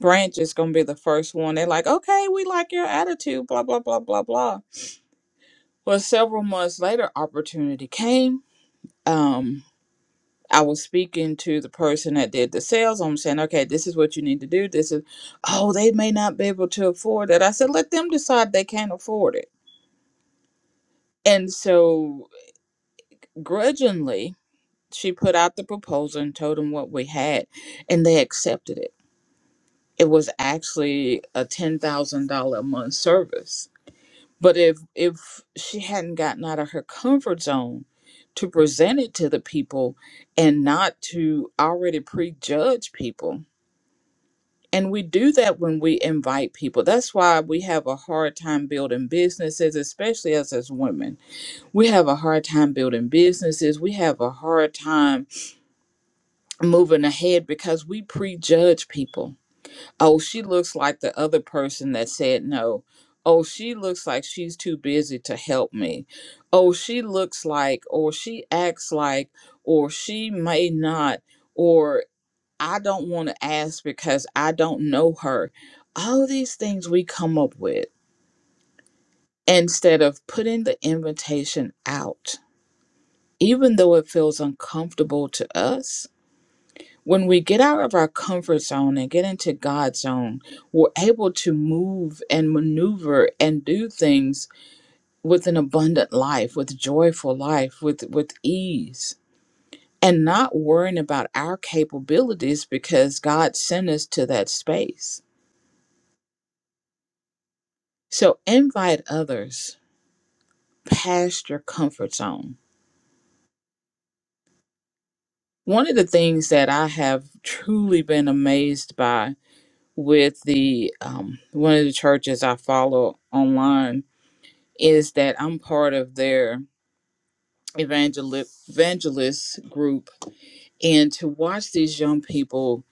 branch is going to be the first one." They're like, "Okay, we like your attitude." Blah blah blah blah blah. Well, several months later, opportunity came. Um, I was speaking to the person that did the sales. I'm saying, okay, this is what you need to do. This is, oh, they may not be able to afford it. I said, let them decide they can't afford it. And so grudgingly, she put out the proposal and told them what we had, and they accepted it. It was actually a $10,000 a month service. But if if she hadn't gotten out of her comfort zone to present it to the people and not to already prejudge people, And we do that when we invite people. That's why we have a hard time building businesses, especially us as women. We have a hard time building businesses. We have a hard time moving ahead because we prejudge people. Oh, she looks like the other person that said no. Oh, she looks like she's too busy to help me. Oh, she looks like, or she acts like, or she may not. Or I don't want to ask because I don't know her. All of these things we come up with instead of putting the invitation out, even though it feels uncomfortable to us. When we get out of our comfort zone and get into God's zone, we're able to move and maneuver and do things with an abundant life, with joyful life, with, with ease, and not worrying about our capabilities because God sent us to that space So invite others past your comfort zone. One of the things that I have truly been amazed by with the um, one of the churches I follow online is that I'm part of their evangeli- evangelist group, and to watch these young people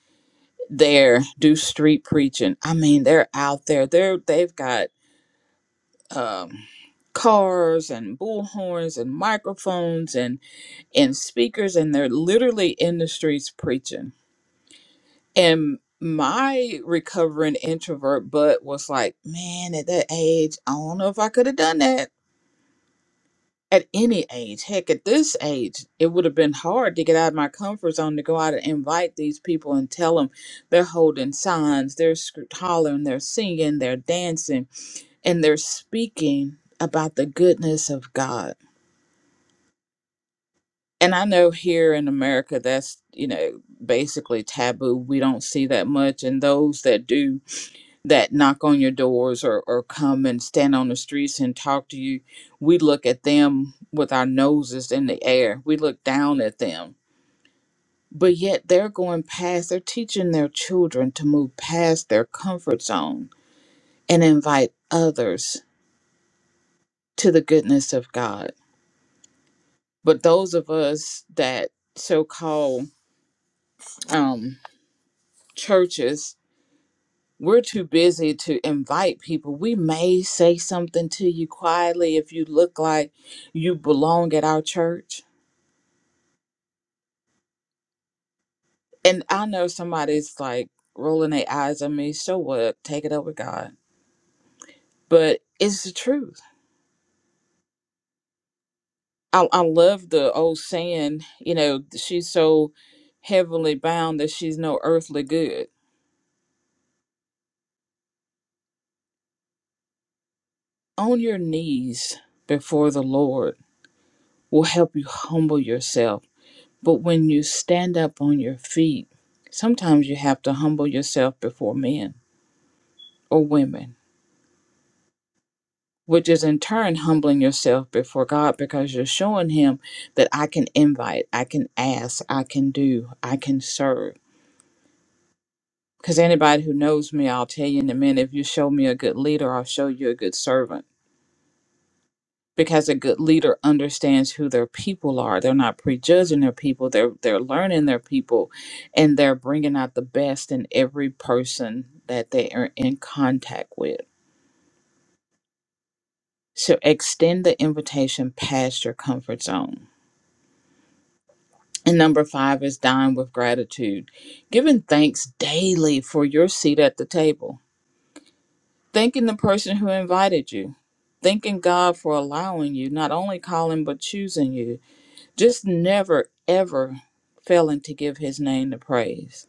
there do street preaching. I mean, they're out there. They're they've got um, cars and bullhorns and microphones and and speakers, and they're literally in the streets preaching. And my recovering introvert butt was like, man, at that age, I don't know if I could have done that. At any age, heck, at this age, it would have been hard to get out of my comfort zone to go out and invite these people and tell them they're holding signs, they're sc- hollering, they're singing, they're dancing, and they're speaking about the goodness of God and I know here in America that's you know basically taboo. We don't see that much, and those that do that knock on your doors or or come and stand on the streets and talk to you, we look at them with our noses in the air. We look down at them. But yet they're going past, they're teaching their children to move past their comfort zone and invite others to the goodness of God. But those of us that so called um, churches we're too busy to invite people. We may say something to you quietly if you look like you belong at our church. And I know somebody's like rolling their eyes at me. So what? Take it up with God. But it's the truth. I, I love the old saying, you know, she's so heavenly bound that she's no earthly good. On your knees before the Lord will help you humble yourself But when you stand up on your feet, sometimes you have to humble yourself before men or women, which is in turn humbling yourself before God because you're showing Him that I can invite, I can ask, I can do, I can serve. Because anybody who knows me, I'll tell you in a minute if you show me a good leader, I'll show you a good servant because a good leader understands who their people are. They're not prejudging their people. They're they're learning their people, and they're bringing out the best in every person that they are in contact with. So extend the invitation past your comfort zone. And number five is dine with gratitude, giving thanks daily for your seat at the table, thanking the person who invited you, thanking God for allowing you, not only calling but choosing you, Just never, ever failing to give his name the praise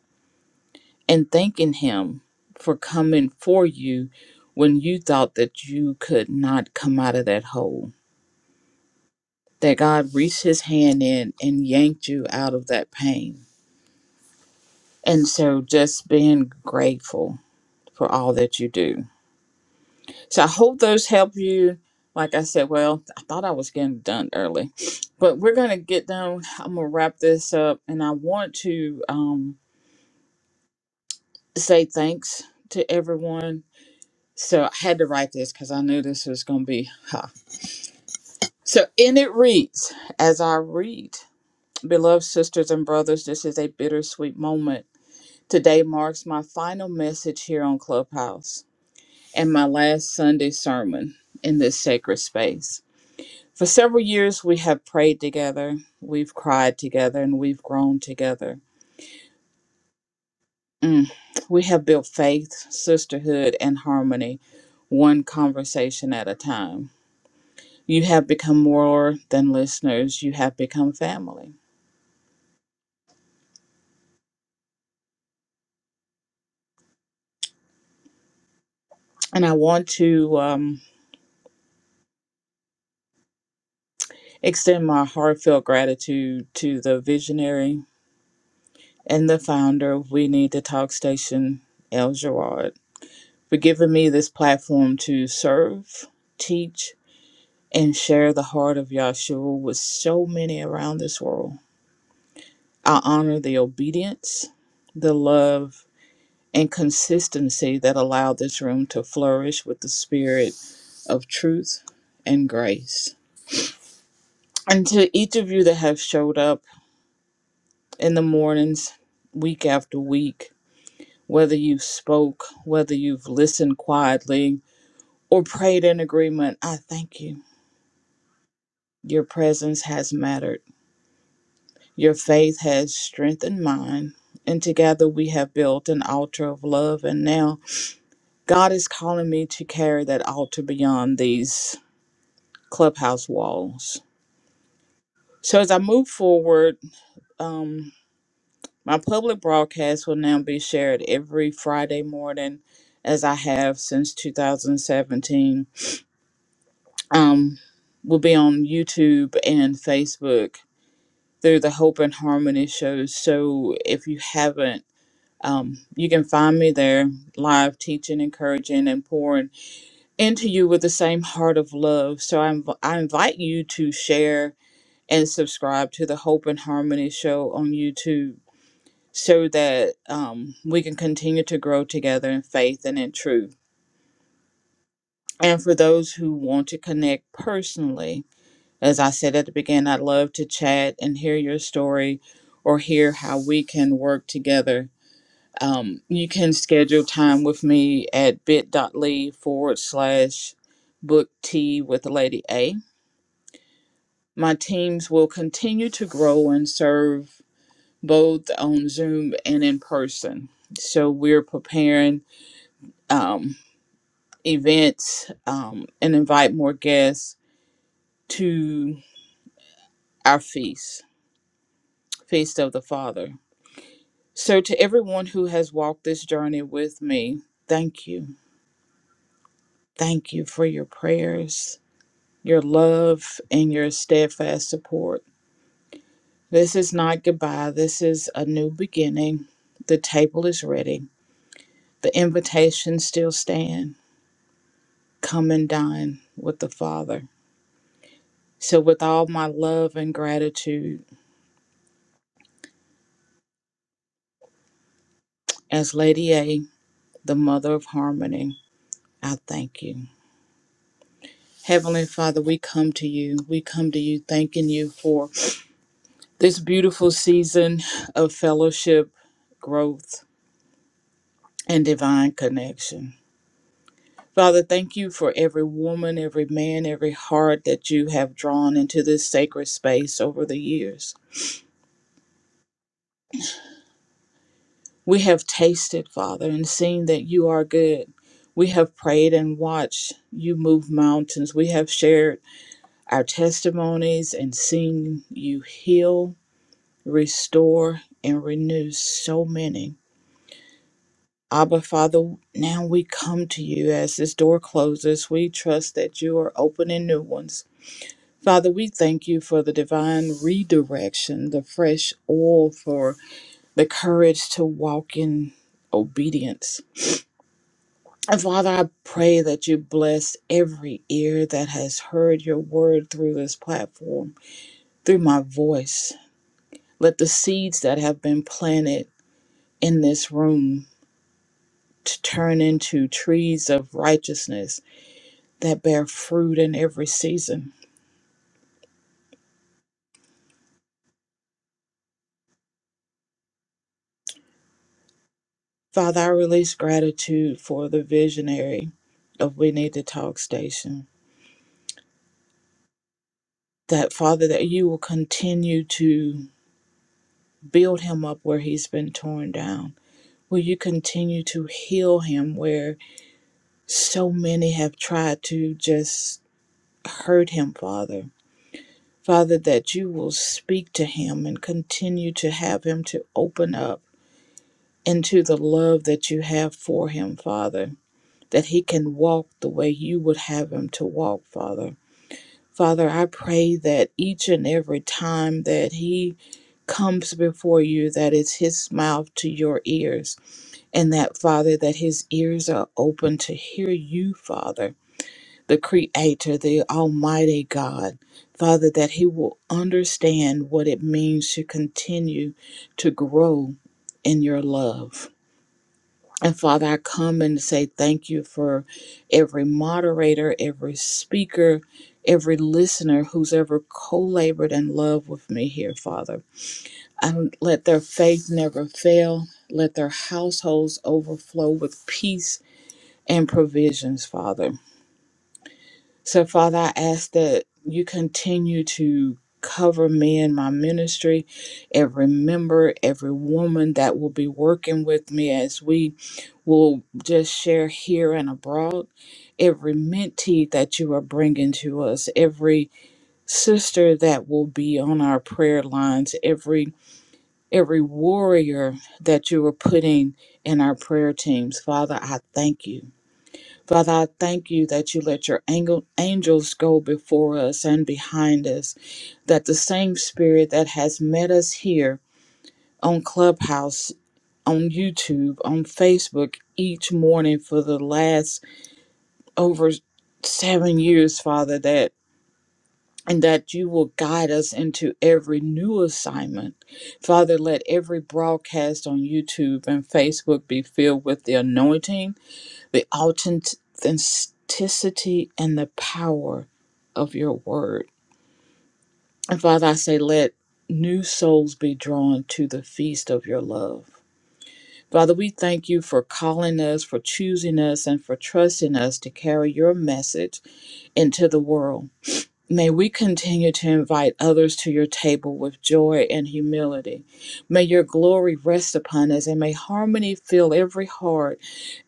and thanking him for coming for you when you thought that you could not come out of that hole. That God reached his hand in and yanked you out of that pain. And so just being grateful for all that you do. So I hope those help you. Like I said, well, I thought I was getting done early, but we're going to get done. I'm going to wrap this up and I want to. um, say thanks to everyone. So I had to write this because I knew this was going to be. Huh. So, and it reads as I read, beloved sisters and brothers, this is a bittersweet moment. Today marks my final message here on Clubhouse and my last Sunday sermon in this sacred space. For several years, we have prayed together, we've cried together, and we've grown together. Mm. We have built faith, sisterhood, and harmony, one conversation at a time. You have become more than listeners, you have become family. And I want to um, extend my heartfelt gratitude to the visionary and the founder of We Need to Talk Station, El Gerard, for giving me this platform to serve, teach, and share the heart of Yahshua with so many around this world. I honor the obedience, the love, and consistency that allowed this room to flourish with the spirit of truth and grace. And to each of you that have showed up in the mornings, week after week, whether you spoke, whether you've listened quietly, or prayed in agreement, I thank you. Your presence has mattered. Your faith has strengthened mine. And together we have built an altar of love. And now God is calling me to carry that altar beyond these clubhouse walls. So as I move forward, um, my public broadcast will now be shared every Friday morning, as I have since 2017. Um, will be on YouTube and Facebook through the Hope and Harmony shows. So if you haven't, um, you can find me there live teaching, encouraging, and pouring into you with the same heart of love. So I, inv- I invite you to share and subscribe to the Hope and Harmony show on YouTube so that um, we can continue to grow together in faith and in truth. And for those who want to connect personally, as I said at the beginning, I'd love to chat and hear your story or hear how we can work together. Um, you can schedule time with me at bit.ly forward slash book tea with Lady A My teams will continue to grow and serve both on Zoom and in person. So we're preparing um, events um, and invite more guests to our feast, Feast of the Father. So to everyone who has walked this journey with me, thank you. Thank you for your prayers, your love, and your steadfast support. This is not goodbye. This is a new beginning. The table is ready The invitation still stand. Come and dine with the Father. So with all my love and gratitude, as Lady A, the mother of harmony, I thank you. Heavenly Father, we come to you. We come to you thanking you for this beautiful season of fellowship, growth, and divine connection. Father, thank you for every woman, every man, every heart that you have drawn into this sacred space over the years. We have tasted, Father, and seen that you are good. We have prayed and watched you move mountains. We have shared our testimonies and seen you heal, restore, and renew so many. Abba, Father, now we come to you as this door closes. We trust that you are opening new ones. Father, we thank you for the divine redirection, the fresh oil for the courage to walk in obedience. And Father, I pray that you bless every ear that has heard your word through this platform, through my voice. Let the seeds that have been planted in this room to turn into trees of righteousness that bear fruit in every season. Father, I release gratitude for the visionary of We Need to Talk Station. That Father, that you will continue to build him up where he's been torn down Will you continue to heal him where so many have tried to just hurt him, Father? Father, that you will speak to him and continue to have him to open up into the love that you have for him, Father, that he can walk the way you would have him to walk, Father. Father, I pray that each and every time that he comes before you, that it's his mouth to your ears and that Father, that his ears are open to hear you, Father, the Creator, the Almighty God. Father, that he will understand what it means to continue to grow in your love. And Father, I come and say thank you for every moderator, every speaker, every listener who's ever co labored in love with me here, Father. And let their faith never fail. Let their households overflow with peace and provisions, Father. So, Father, I ask that you continue to cover me and my ministry, every member, every woman that will be working with me as we will just share here and abroad, every mentee that you are bringing to us, every sister that will be on our prayer lines, every every warrior that you are putting in our prayer teams. Father, I thank you. Father, I thank you that you let your angel, angels go before us and behind us, that the same spirit that has met us here on Clubhouse, on YouTube, on Facebook each morning for the last over seven years, Father, that and that you will guide us into every new assignment. Father, let every broadcast on YouTube and Facebook be filled with the anointing the authenticity and the power of your word. And Father, I say, let new souls be drawn to the feast of your love. Father, we thank you for calling us, for choosing us, and for trusting us to carry your message into the world. May we continue to invite others to your table with joy and humility. May your glory rest upon us, and may harmony fill every heart.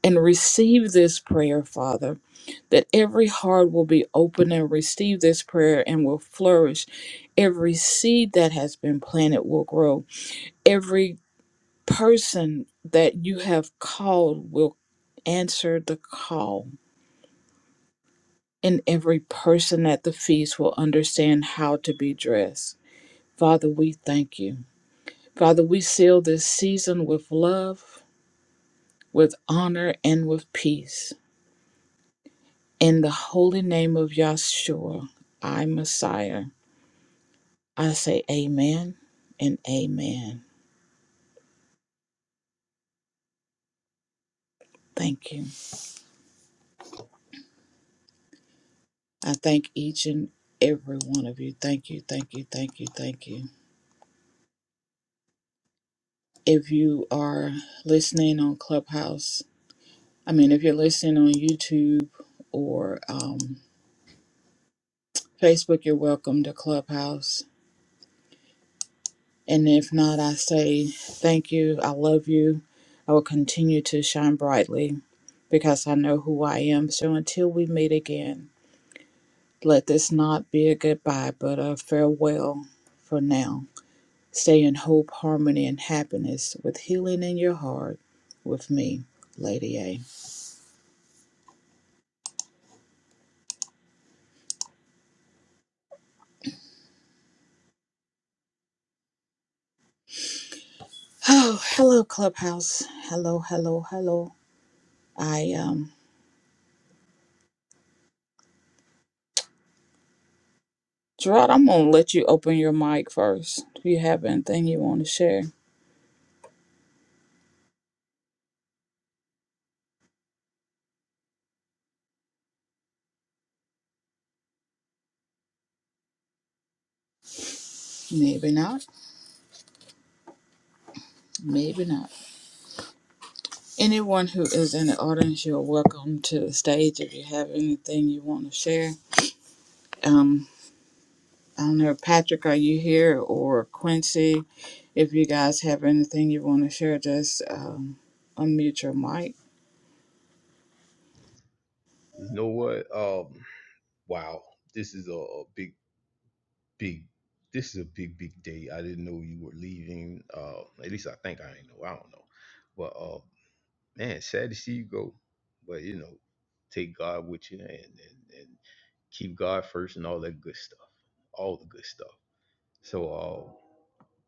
And receive this prayer, Father, that every heart will be open and receive this prayer and will flourish. Every seed that has been planted will grow. Every person that you have called will answer the call. And every person at the feast will understand how to be dressed. Father, we thank you. Father, we seal this season with love, with honor, and with peace. In the holy name of Yahshua, I, Messiah, I say amen and amen. Thank you. I thank each and every one of you. Thank you, thank you, thank you, thank you. If you are listening on Clubhouse, I mean, if you're listening on YouTube or um, Facebook, you're welcome to Clubhouse And if not, I say thank you. I love you. I will continue to shine brightly because I know who I am. So until we meet again, let this not be a goodbye, but a farewell for now. Stay in hope, harmony, and happiness with healing in your heart with me, Lady A. Oh, hello, Clubhouse. Hello, hello, hello. I, um, Gerard, I'm going to let you open your mic first. Do you have anything you want to share? Maybe not. Maybe not. Anyone who is in the audience, you're welcome to the stage if you have anything you want to share. Um, I don't know, Patrick, are you here or Quincy? If you guys have anything you want to share, just um, unmute your mic. You know what? Um, wow, this is a, a big, big. This is a big, big day. I didn't know you were leaving. Uh, at least I think I didn't know. I don't know, but uh, man, sad to see you go. But you know, take God with you and and, and keep God first and all that good stuff, all the good stuff. So, uh,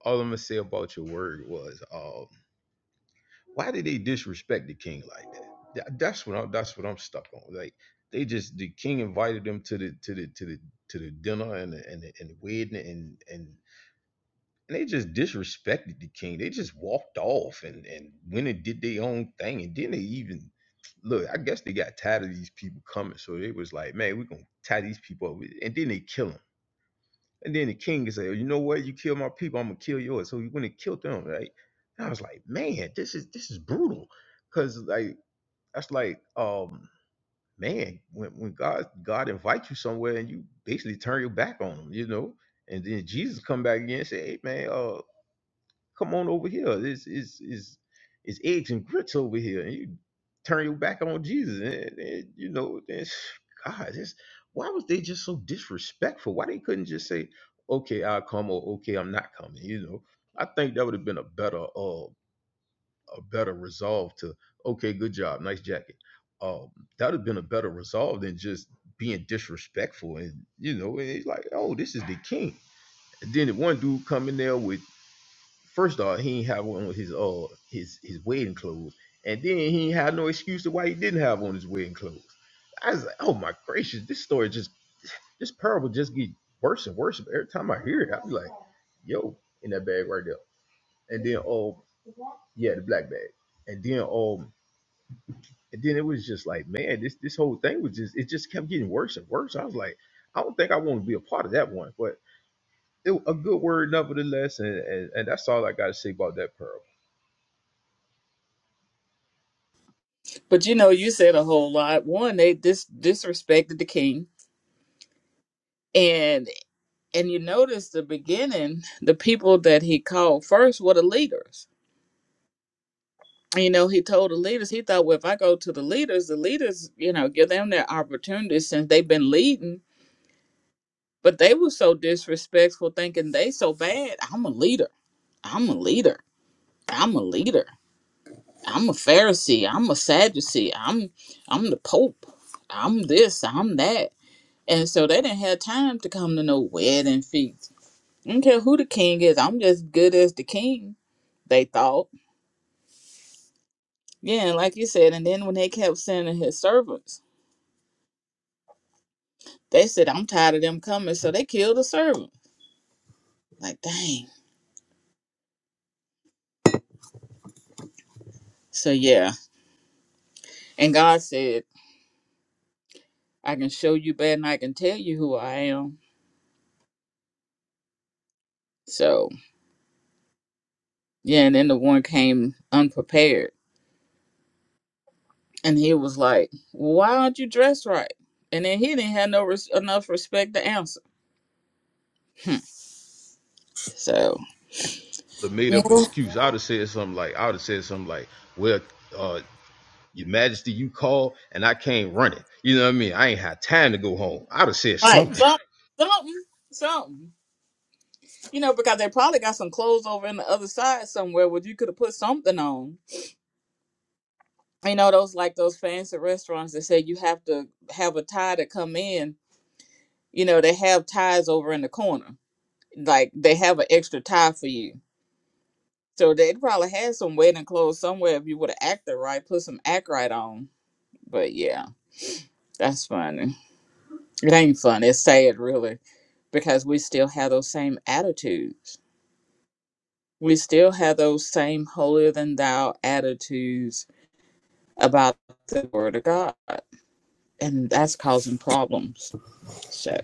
all I'm gonna say about your word was, um, Why did they disrespect the king like that? Tha- That's what I'm, that's what I'm stuck on. Like they just the king invited them to the to the to the to the dinner and the, and the, and the wedding and and and they just disrespected the king. They just walked off and and went and did their own thing and didn't they even look. I guess they got tired of these people coming, so they was like, man, we're gonna tie these people up, and then they kill them. And then the king is say, "Oh, you know what? You kill my people, I'm gonna kill yours. So he went and killed them, right? And I was like, man, this is this is brutal. Cause like that's like um man, when when God God invites you somewhere and you basically turn your back on him, you know. And then Jesus come back again and say, Hey man, uh Come on over here. It's it's it's it's eggs and grits over here. And you turn your back on Jesus, and, and you know, it's, God, it's, why was they just so disrespectful? Why they couldn't just say, "Okay, I'll come," or "Okay, I'm not coming." You know, I think that would have been a better uh a better resolve to, "Okay, good job, nice jacket." Um, that would have been a better resolve than just being disrespectful and you know and it's like oh this is the king and then the one dude come in there with first off, he ain't have one with his uh his his wedding clothes, and then he ain't had no excuse to why he didn't have on his wedding clothes. I was like, oh my gracious, this story just this parable just get worse and worse every time I hear it. I be like, yo, in that bag right there, and then oh yeah, the black bag, and then um and then it was just like man, this this whole thing was just it just kept getting worse and worse. I was like, I don't think I want to be a part of that one, but it, a good word nevertheless, and, and and that's all I got to say about that parable. But you know, you said a whole lot. One, they dis- disrespected the king, and and you notice the beginning, the people that he called first were the leaders you know, he told the leaders, he thought, well, if I go to the leaders, the leaders, you know, give them their opportunities since they've been leading. But they were so disrespectful, thinking they so bad. I'm a leader. I'm a leader. I'm a leader. I'm a Pharisee. I'm a Sadducee. I'm I'm the Pope. I'm this. I'm that. And so they didn't have time to come to no wedding feast. I don't care who the king is. I'm just good as the king. They thought. Yeah, and like you said. And then when they kept sending his servants. They said, I'm tired of them coming. So they killed a servant. Like, dang. So yeah. And God said, I can show you better than I can tell you who I am. So yeah, and then the one came unprepared. And he was like, Why aren't you dressed right? And then he didn't have no res- enough respect to answer. Hmm. So a made yeah, up excuse. I would have said something like, I would have said something like, well, uh, your majesty, you call and I can't run it. You know what I mean? I ain't had time to go home. I would have said right, something. something, something, something. You know, because they probably got some clothes over in the other side somewhere where you could have put something on. you know those like those fancy restaurants that say you have to have a tie to come in you know they have ties over in the corner like they have an extra tie for you so they probably had some wedding clothes somewhere if you would have acted right put some act right on but yeah that's funny it ain't fun it's sad really because we still have those same attitudes we still have those same holier than thou attitudes about the word of god and that's causing problems so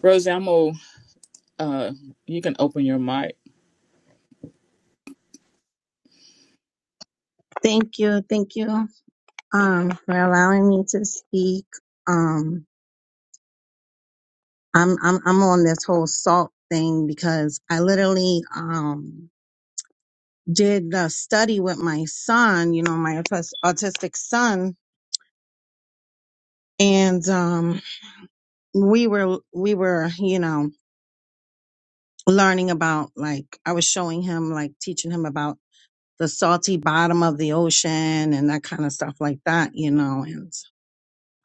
Rosie, I'm old. Uh, you can open your mic. Thank you, thank you um, for allowing me to speak. Um, I'm I'm I'm on this whole salt thing because I literally um, did the study with my son, you know, my autis- autistic son, and um, we were we were you know learning about like I was showing him like teaching him about the salty bottom of the ocean and that kind of stuff like that, you know, and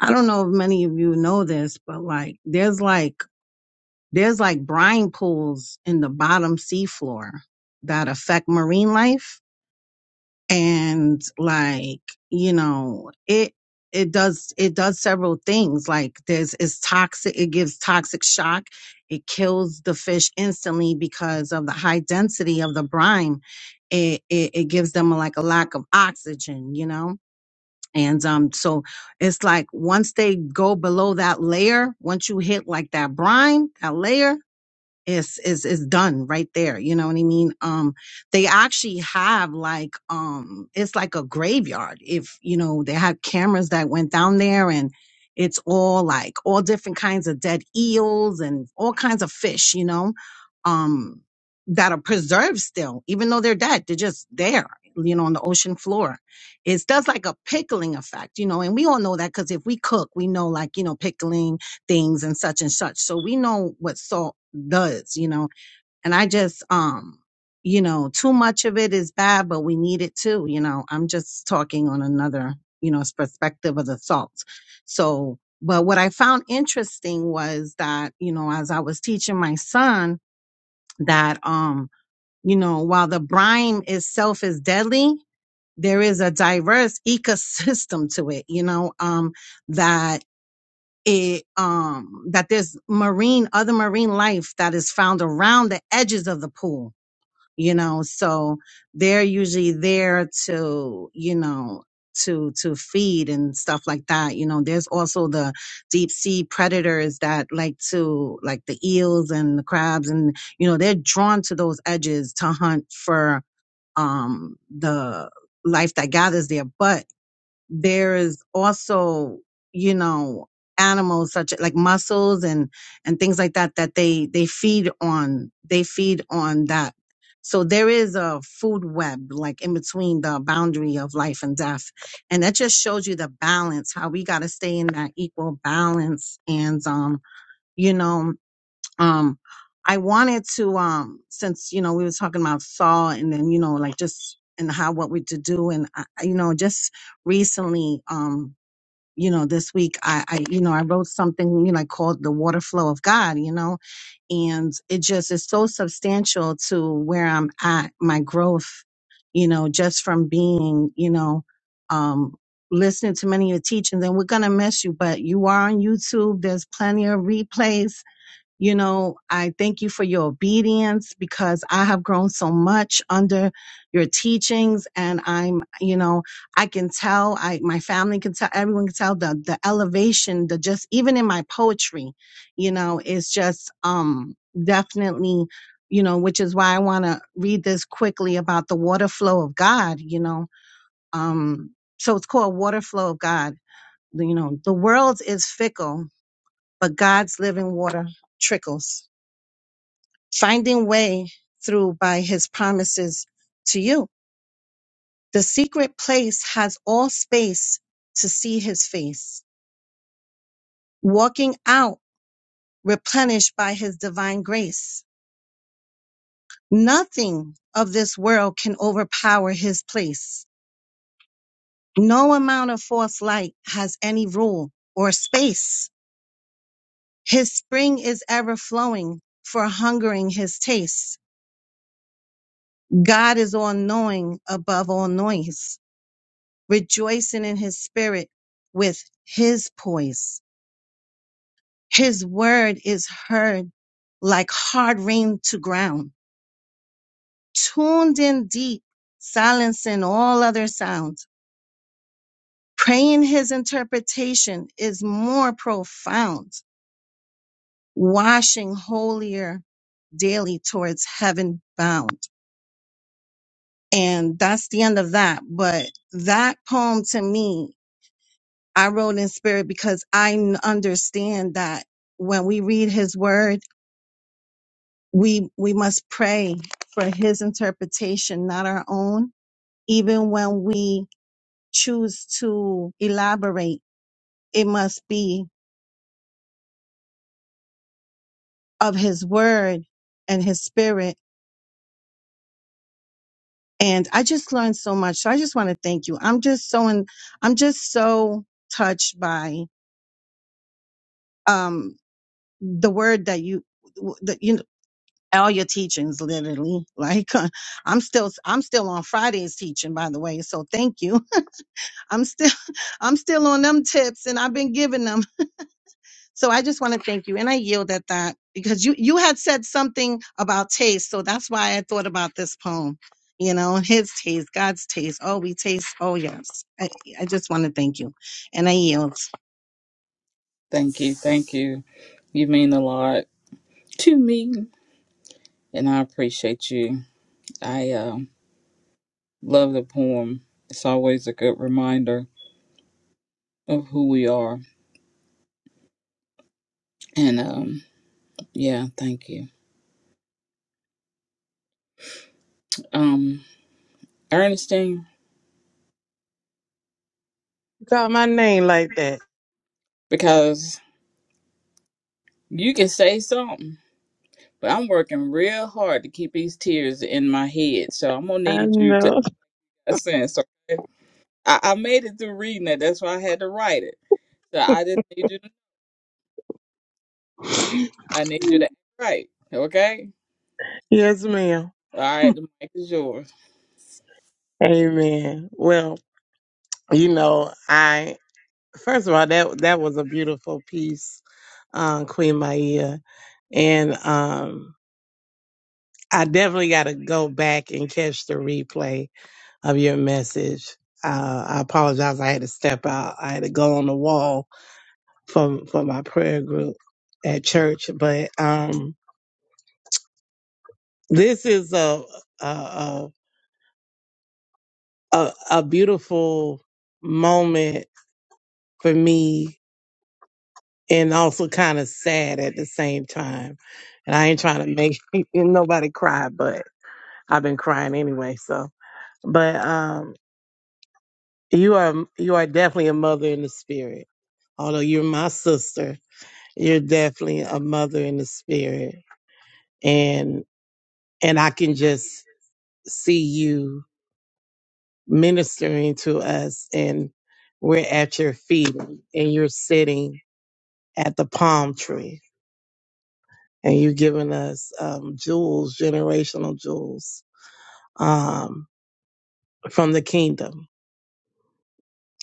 I don't know if many of you know this, but like there's like There's like brine pools in the bottom seafloor that affect marine life. And like, you know, it, it does, it does several things. Like there's, it's toxic. It gives toxic shock. It kills the fish instantly because of the high density of the brine it, it it gives them like a lack of oxygen, you know. And um, so it's like once they go below that layer, once you hit like that brine, that layer, is is is done right there you know what i mean um they actually have like um it's like a graveyard if you know they had cameras that went down there and it's all like all different kinds of dead eels and all kinds of fish you know um that are preserved still even though they're dead they're just there you know on the ocean floor it does like a pickling effect you know and we all know that because if we cook we know like you know pickling things and such and such. So we know what salt does, you know. And I just um you know, too much of it is bad, but we need it too, you know. I'm just talking on another, you know, perspective of the salt. So, but what I found interesting was that, you know, as I was teaching my son that um, you know, while the brine itself is deadly, there is a diverse ecosystem to it, you know, um, that it um that there's marine other marine life that is found around the edges of the pool you know so they're usually there to you know to to feed and stuff like that you know there's also the deep sea predators that like to like the eels and the crabs and you know they're drawn to those edges to hunt for um the life that gathers there but there is also you know animals such like mussels and and things like that that they they feed on they feed on that so there is a food web like in between the boundary of life and death and that just shows you the balance how we got to stay in that equal balance and um you know um i wanted to um since you know we were talking about saul and then you know like just and how what we to do and I, I- you know just recently um you know this week i i you know i wrote something you know I called the water flow of god you know and it just is so substantial to where i'm at my growth you know just from being you know um listening to many of your teachings and we're gonna miss you but you are on youtube there's plenty of replays you know, I thank you for your obedience because I have grown so much under your teachings and I'm, you know, I can tell, I, my family can tell, everyone can tell the, the elevation, the just, even in my poetry, you know, it's just, um, definitely, you know, which is why I want to read this quickly about the water flow of God, you know, um, so it's called water flow of God. You know, the world is fickle, but God's living water trickles finding way through by his promises to you. The secret place has all space to see his face, walking out replenished by his divine grace. Nothing of this world can overpower his place. No amount of false light has any rule or space. His spring is ever flowing for hungering his taste. God is all knowing above all noise. rejoicing in his spirit with his poise. His word is heard like hard rain to ground, tuned in deep, silencing all other sounds. Praying his interpretation is more profound, washing holier daily towards heaven bound. And that's the end of that. But that poem to me I wrote in spirit because I n- understand that when we read his word, we, we must pray for his interpretation, not our own. Even when we choose to elaborate, it must be of his word and his spirit. And I just learned so much. So I just want to thank you. I'm just so, in, I'm just so touched by, um, the word that you, that you all your teachings literally like uh, i'm still i'm still on friday's teaching by the way so thank you i'm still i'm still on them tips and i've been giving them so i just want to thank you and i yield at that because you you had said something about taste so that's why i thought about this poem you know his taste god's taste oh we taste oh yes i, I just want to thank you and i yield Thank you. Thank you. You mean a lot to me, and I appreciate you. I uh, love the poem. It's always a good reminder of who we are. And um, yeah, thank you. Um, Ernestine, You call my name like that. because you can say something, but I'm working real hard to keep these tears in my head. So I'm going to I need you to know. add a sense, okay? I, I made it through reading it. That's why I had to write it. So I just need you. To, I need you to act right. Okay. yes, ma'am. All right. The mic is yours. Amen. Well, you know, I first of all that that was a beautiful piece, um, Queen Maya, and um, I definitely got to go back and catch the replay of your message. Uh, I apologize. I had to step out. I had to go on the wall for for my prayer group at church. But um, this is a a, a a a beautiful moment for me, and also kind of sad at the same time. And I ain't trying to make nobody cry, but I've been crying anyway. So, but um, you are you are definitely a mother in the spirit. Although you're my sister, You're definitely a mother in the spirit. And and I can just see you ministering to us and we're at your feet and you're sitting at the palm tree and you're giving us um, jewels, generational jewels um, from the kingdom.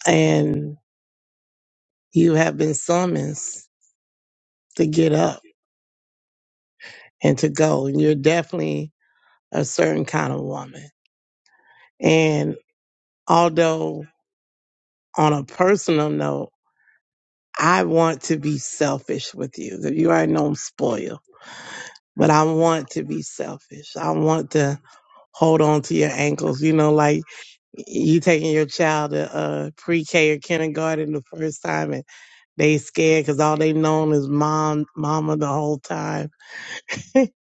And you have been summoned to get up and to go. And you're definitely a certain kind of woman. And although on a personal note, I want to be selfish with you. You already know I'm spoiled, but I want to be selfish. I want to hold on to your ankles. You know, like you taking your child to uh, pre-K or kindergarten the first time, and they scared because all they known is mom, mama the whole time, and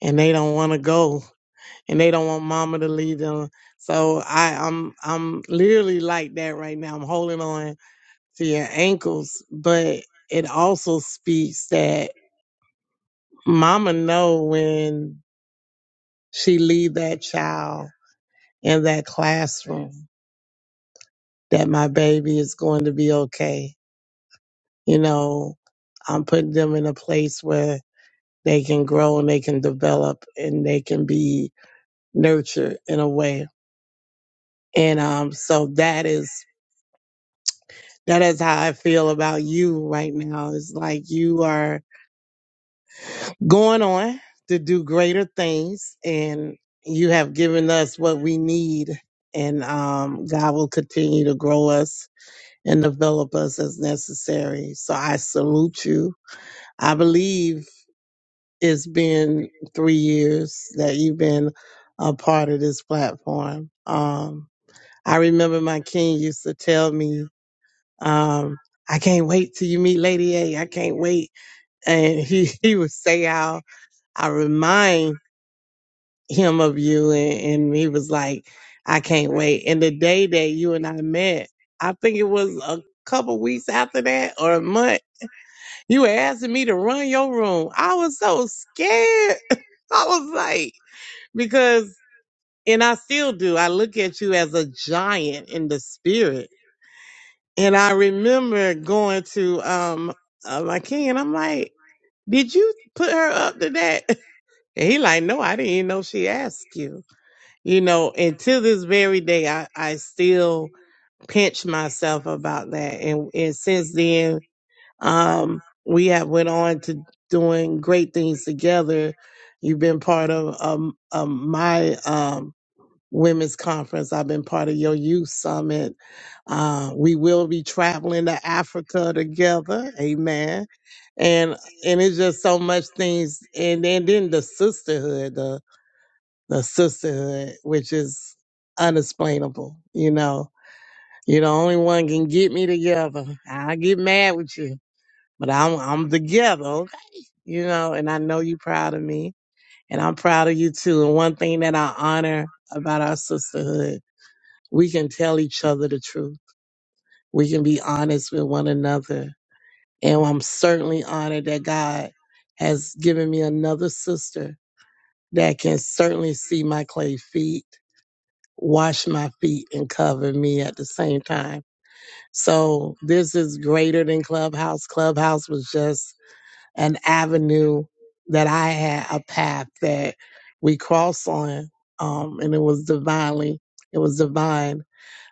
they don't want to go, and they don't want mama to leave them. So I, I'm, I'm literally like that right now. I'm holding on to your ankles, but it also speaks that. Mama know when she leave that child in that classroom that my baby is going to be okay. You know, I'm putting them in a place where they can grow and they can develop and they can be nurtured in a way. And um so that is that is how I feel about you right now. It's like you are going on to do greater things and you have given us what we need and um, god will continue to grow us and develop us as necessary so i salute you i believe it's been three years that you've been a part of this platform um, i remember my king used to tell me um, i can't wait till you meet lady a i can't wait and he, he would say how i remind him of you and, and he was like, I can't wait. And the day that you and I met, I think it was a couple weeks after that or a month, you were asking me to run your room. I was so scared. I was like, because and I still do, I look at you as a giant in the spirit. And I remember going to um uh, my king and I'm like, Did you put her up to that? And he like, No, I didn't even know she asked you. You know, and to this very day, I, I still pinch myself about that. And, and since then, um, we have went on to doing great things together. You've been part of um, um, my um, women's conference. I've been part of your youth summit. Uh, we will be traveling to Africa together. Amen. And and it's just so much things. And then then the sisterhood, the sisterhood, which is unexplainable. You know, you're the only one can get me together. I get mad with you, but I'm I'm together. Okay? You know, and I know you're proud of me, and I'm proud of you too. And one thing that I honor about our sisterhood, we can tell each other the truth. We can be honest with one another, and I'm certainly honored that God has given me another sister that can certainly see my clay feet wash my feet and cover me at the same time. So this is greater than Clubhouse. Clubhouse was just an avenue that I had a path that we crossed on. Um, and it was divinely, it was divine.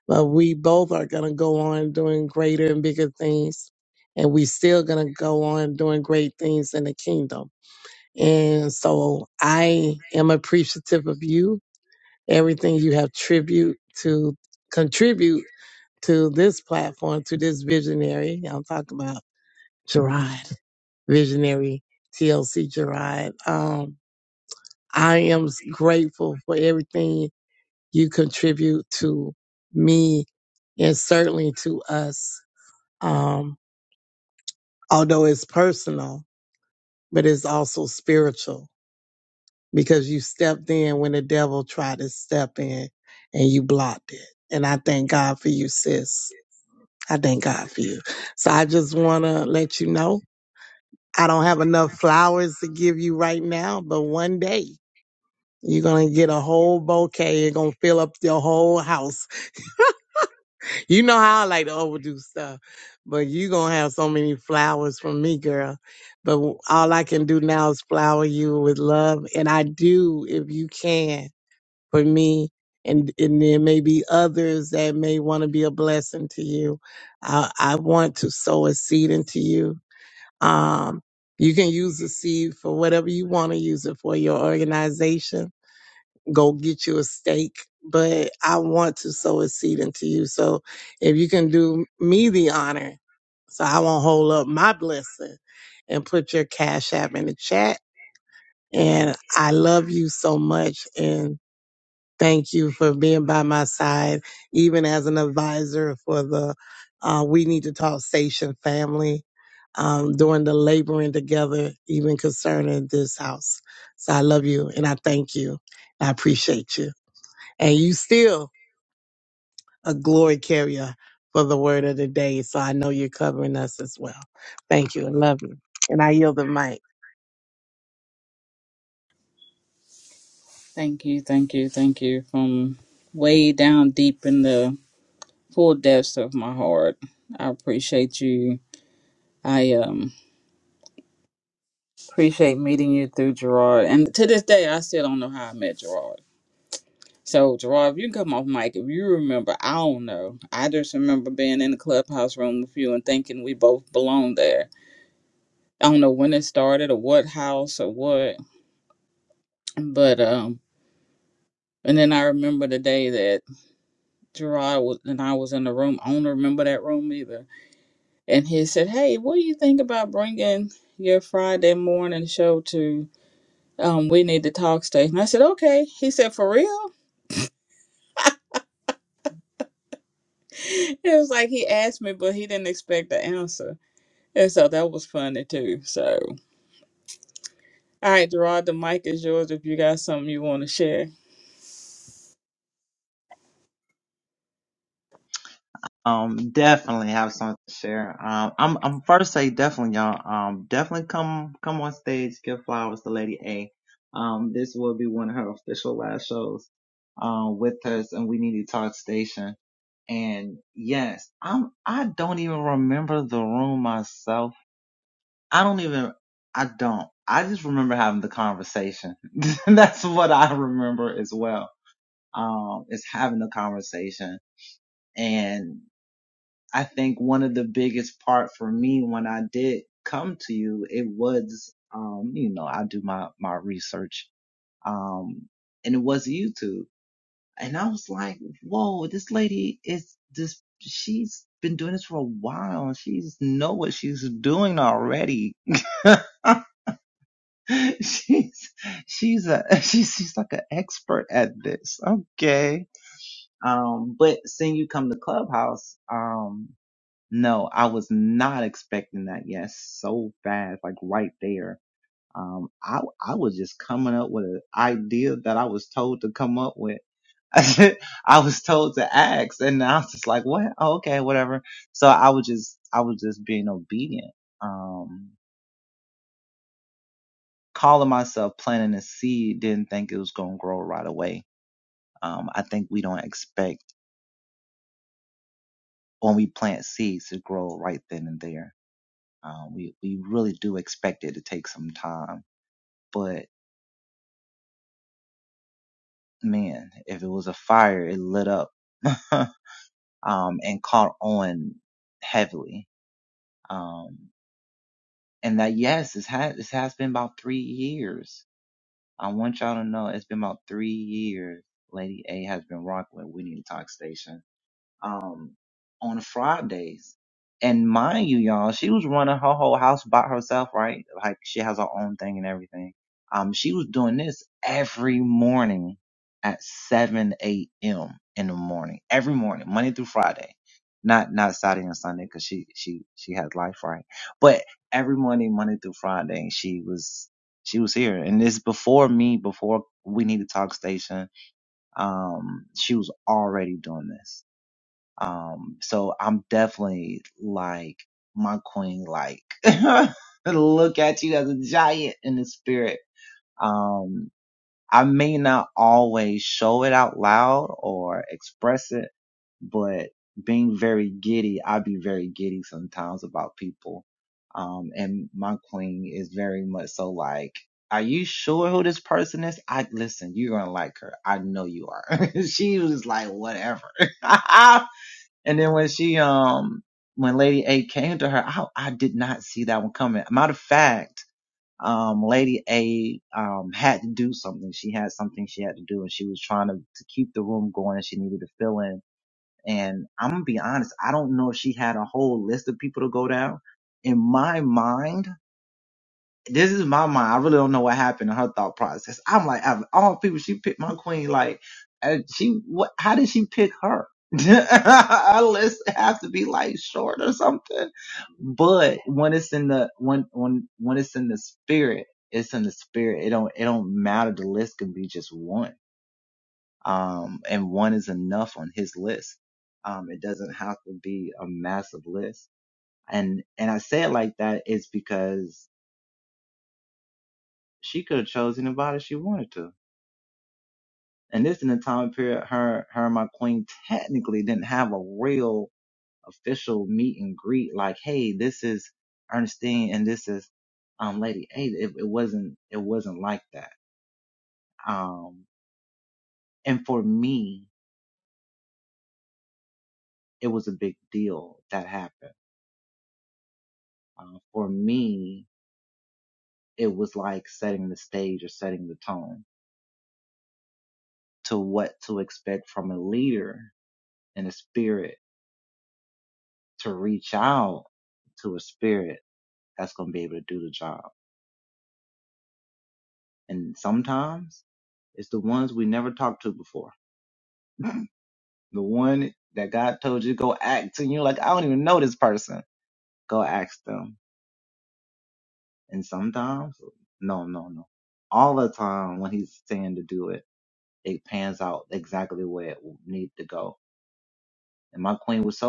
But we both are gonna go on doing greater and bigger things. And we still gonna go on doing great things in the kingdom. And so I am appreciative of you everything you have tribute to contribute to this platform to this visionary. I'm talking about Gerard, visionary TLC Gerard. Um, I am grateful for everything you contribute to me and certainly to us. Um, although it's personal, but it's also spiritual because you stepped in when the devil tried to step in and you blocked it. And I thank God for you, sis. I thank God for you. So I just want to let you know I don't have enough flowers to give you right now, but one day you're going to get a whole bouquet. You're going to fill up your whole house. You know how I like to overdo stuff, but you are going to have so many flowers from me, girl. But all I can do now is flower you with love. And I do, if you can, for me. And, and there may be others that may want to be a blessing to you. I, I want to sow a seed into you Um, you can use the seed for whatever you want to use it for your organization. Go get you a stake, but I want to sow a seed into you. So if you can do me the honor, so I won't hold up my blessing and put your cash app in the chat. And I love you so much. And Thank you for being by my side, even as an advisor for the uh, We Need to Talk Station family um, during the laboring together, even concerning this house. So I love you and I thank you. I appreciate you. And you still a glory carrier for the word of the day. So I know you're covering us as well. Thank you and love you. And I yield the mic. Thank you. Thank you. Thank you. From way down deep in the full depths of my heart, I appreciate you. I um appreciate meeting you through Gerard. And to this day, I still don't know how I met Gerard. So Gerard, if you can come off mic if you remember. I don't know. I just remember being in the clubhouse room with you and thinking we both belonged there I don't know when it started or what house or what, but um. And then I remember the day that Gerard was, and I was in the room. I don't remember that room either. And he said, "Hey, what do you think about bringing your Friday morning show to um, We Need to Talk Station?" I said, "Okay." He said, "For real?" It was like he asked me, but he didn't expect the answer, and so that was funny too. So, all right, Gerard, the mic is yours if you got something you want to share. De- I'm I'm from Company Um, this will be one of her official live shows um, with us, and we need to talk station. And yes, I'm I don't even remember the room myself I don't even. I don't. I just remember having the conversation. That's what I remember as well. Um, is having the conversation.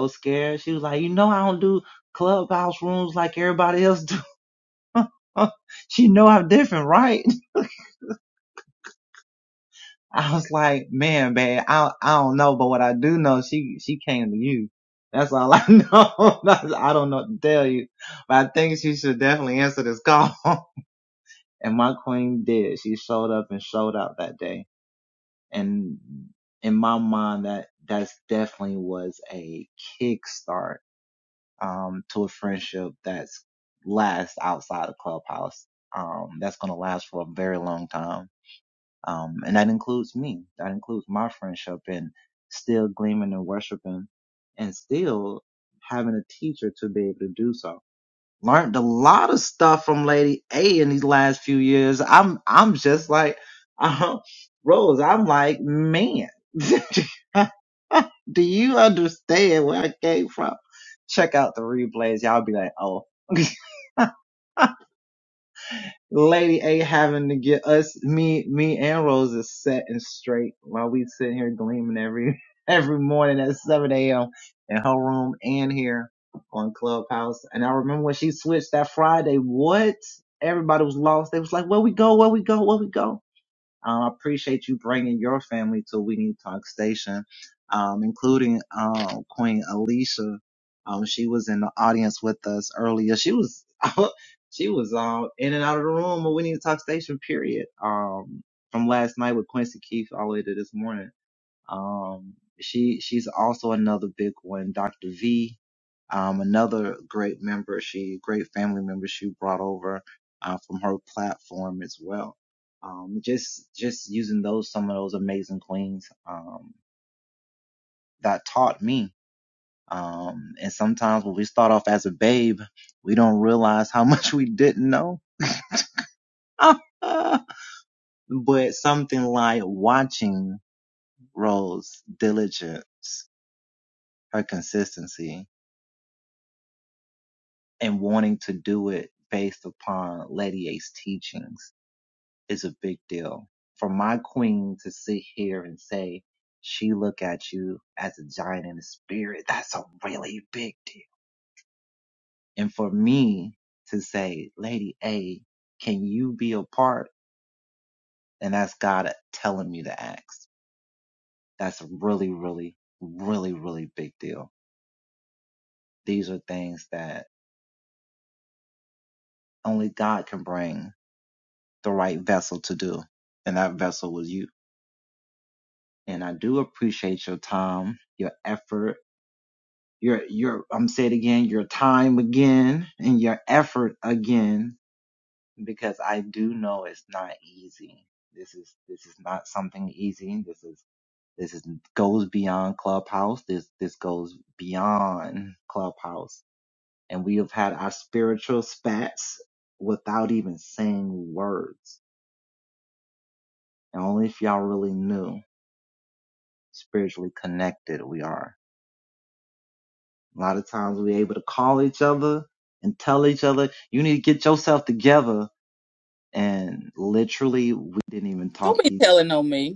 So scared. She was like, you know, I don't do clubhouse rooms like everybody else do. she know I'm different, right? I was like, man, babe, I I don't know, but what I do know, she she came to you. That's all I know. That's- I don't know what to tell you, but I think she should definitely answer this call. And my queen did. She showed up and showed out that day. And in my mind, Don't be telling on me.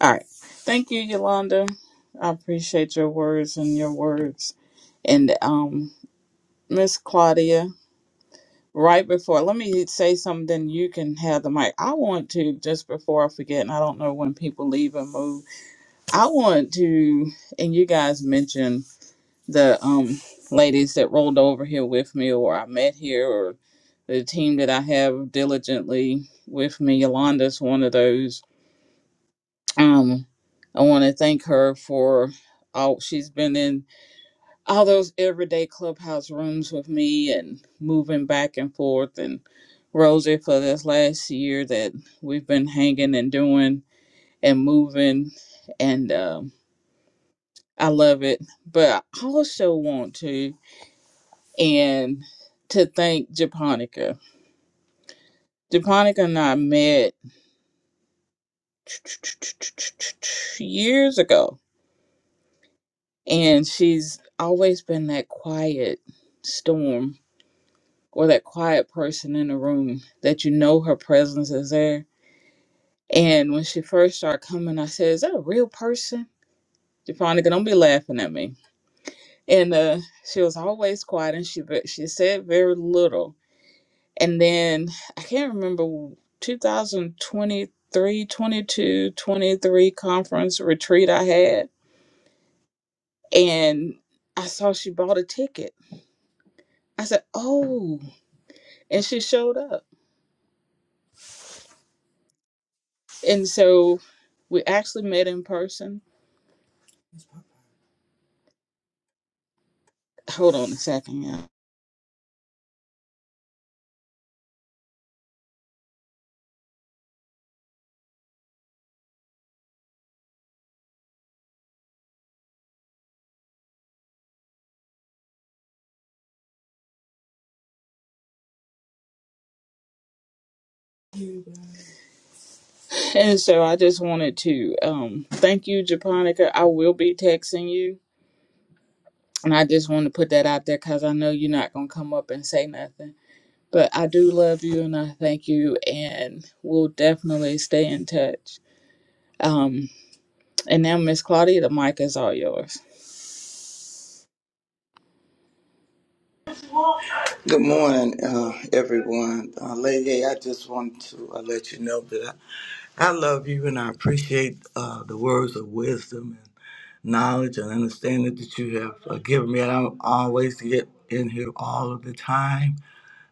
All right. Thank you, Yolanda. I appreciate your words and your words. And um Miss Claudia, right before let me say something, then you can have the mic. I want to just before I forget, and I don't know when people leave and move, I want to and you guys mentioned the um ladies that rolled over here with me or I met here or the team that I have diligently with me. Yolanda's one of those Um, I want to thank her for all she's been in all those everyday clubhouse rooms with me and moving back and forth and Rosie for this last year that we've been hanging and doing and moving and um, I love it. But I also want to and to thank Japonica. Japonica and I met years ago And she's always been that quiet storm or that quiet person in the room that you know her presence is there. And when she first started coming, I said, Is that a real person? Japonica, don't be laughing at me. And uh, she was always quiet and she ve- she said very little. And then I can't remember 2023, 22, 23 conference retreat I had. And I saw she bought a ticket. I said, Oh. and she showed up. And so we actually met in person. Hold on a second, yeah. And so I just wanted to um, thank you, Japonica. I will be texting you, and I just want to put that out there because I know you're not gonna come up and say nothing. But I do love you, and I thank you, and we'll definitely stay in touch. Um, and now, Miss Claudia, the mic is all yours. Good morning, uh, everyone. Uh, Lady, A, I just want to uh, let you know that I, I love you and I appreciate uh, the words of wisdom and knowledge and understanding that you have uh, given me. And I don't always get in here all of the time,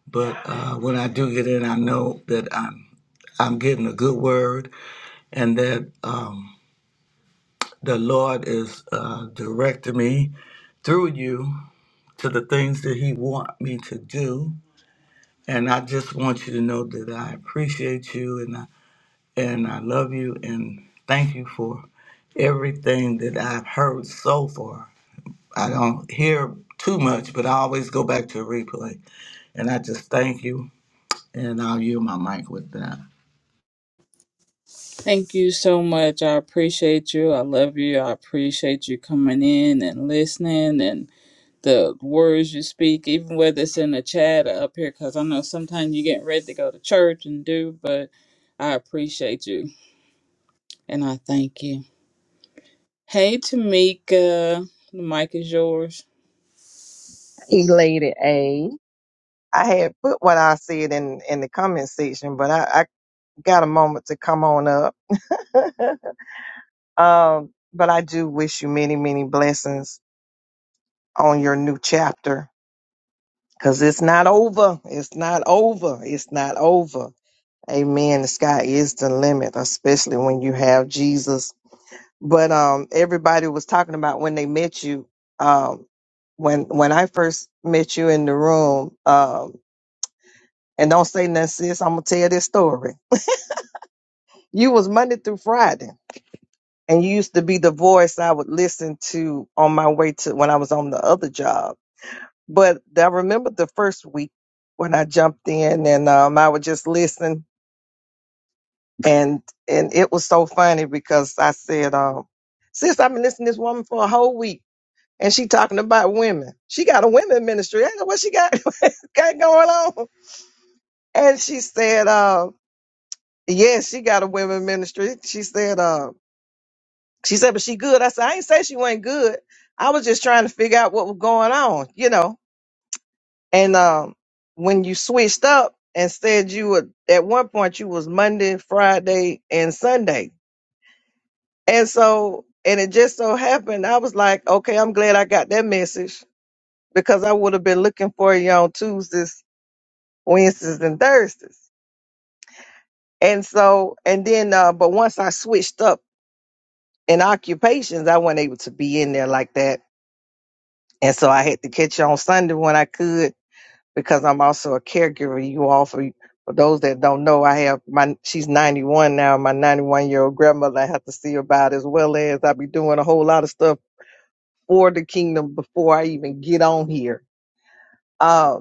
but uh, when I do get in, I know that I'm I'm getting a good word and that um, the Lord is uh, directing me through you to the things that He want me to do And I just want you to know that I appreciate you and I, and I love you and thank you for everything that I've heard so far. I don't hear too much, but I always go back to a replay. And I just thank you, and I'll yield my mic with that. Thank you so much. I appreciate you. I love you. I appreciate you coming in and listening and the words you speak, even whether it's in the chat or up here, because I know sometimes you get ready to go to church and do, but I appreciate you and I thank you. Hey, Tamika, the mic is yours. Elated A. I had put what I said in in the comment section, but I, I got a moment to come on up. um, but I do wish you many, many blessings on your new chapter because it's not over. It's not over. It's not over. Amen. The sky is the limit, especially when you have Jesus. But um, everybody was talking about when they met you. Um, when when I first met you in the room. Um, And don't say nothing, sis. I'm gonna tell this story. You was Monday through Friday, and you used to be the voice I would listen to on my way to when I was on the other job. But I remember the first week when I jumped in, and um, I would just listen, and and it was so funny because I said, um, "Sis, I've been listening to this woman for a whole week." And she talking about women. She got a women ministry. I know what she got, got going on. And she said, um, Yes, she got a women ministry. She said, uh, she said, but she good. I said, I ain't say she wasn't good. I was just trying to figure out what was going on, you know. And um, when you switched up and said you were at one point you was Monday, Friday, and Sunday, and so and it just so happened I was like, okay, I'm glad I got that message because I would have been looking for you on Tuesdays, Wednesdays, and Thursdays. And so and then, uh, but once I switched up. in occupations, I wasn't able to be in there like that. And so I had to catch you on Sunday when I could because I'm also a caregiver. You all, for, for those that don't know, I have my, she's 91 now, my 91 year old grandmother I have to see about as well as I be doing a whole lot of stuff for the kingdom before I even get on here. Uh,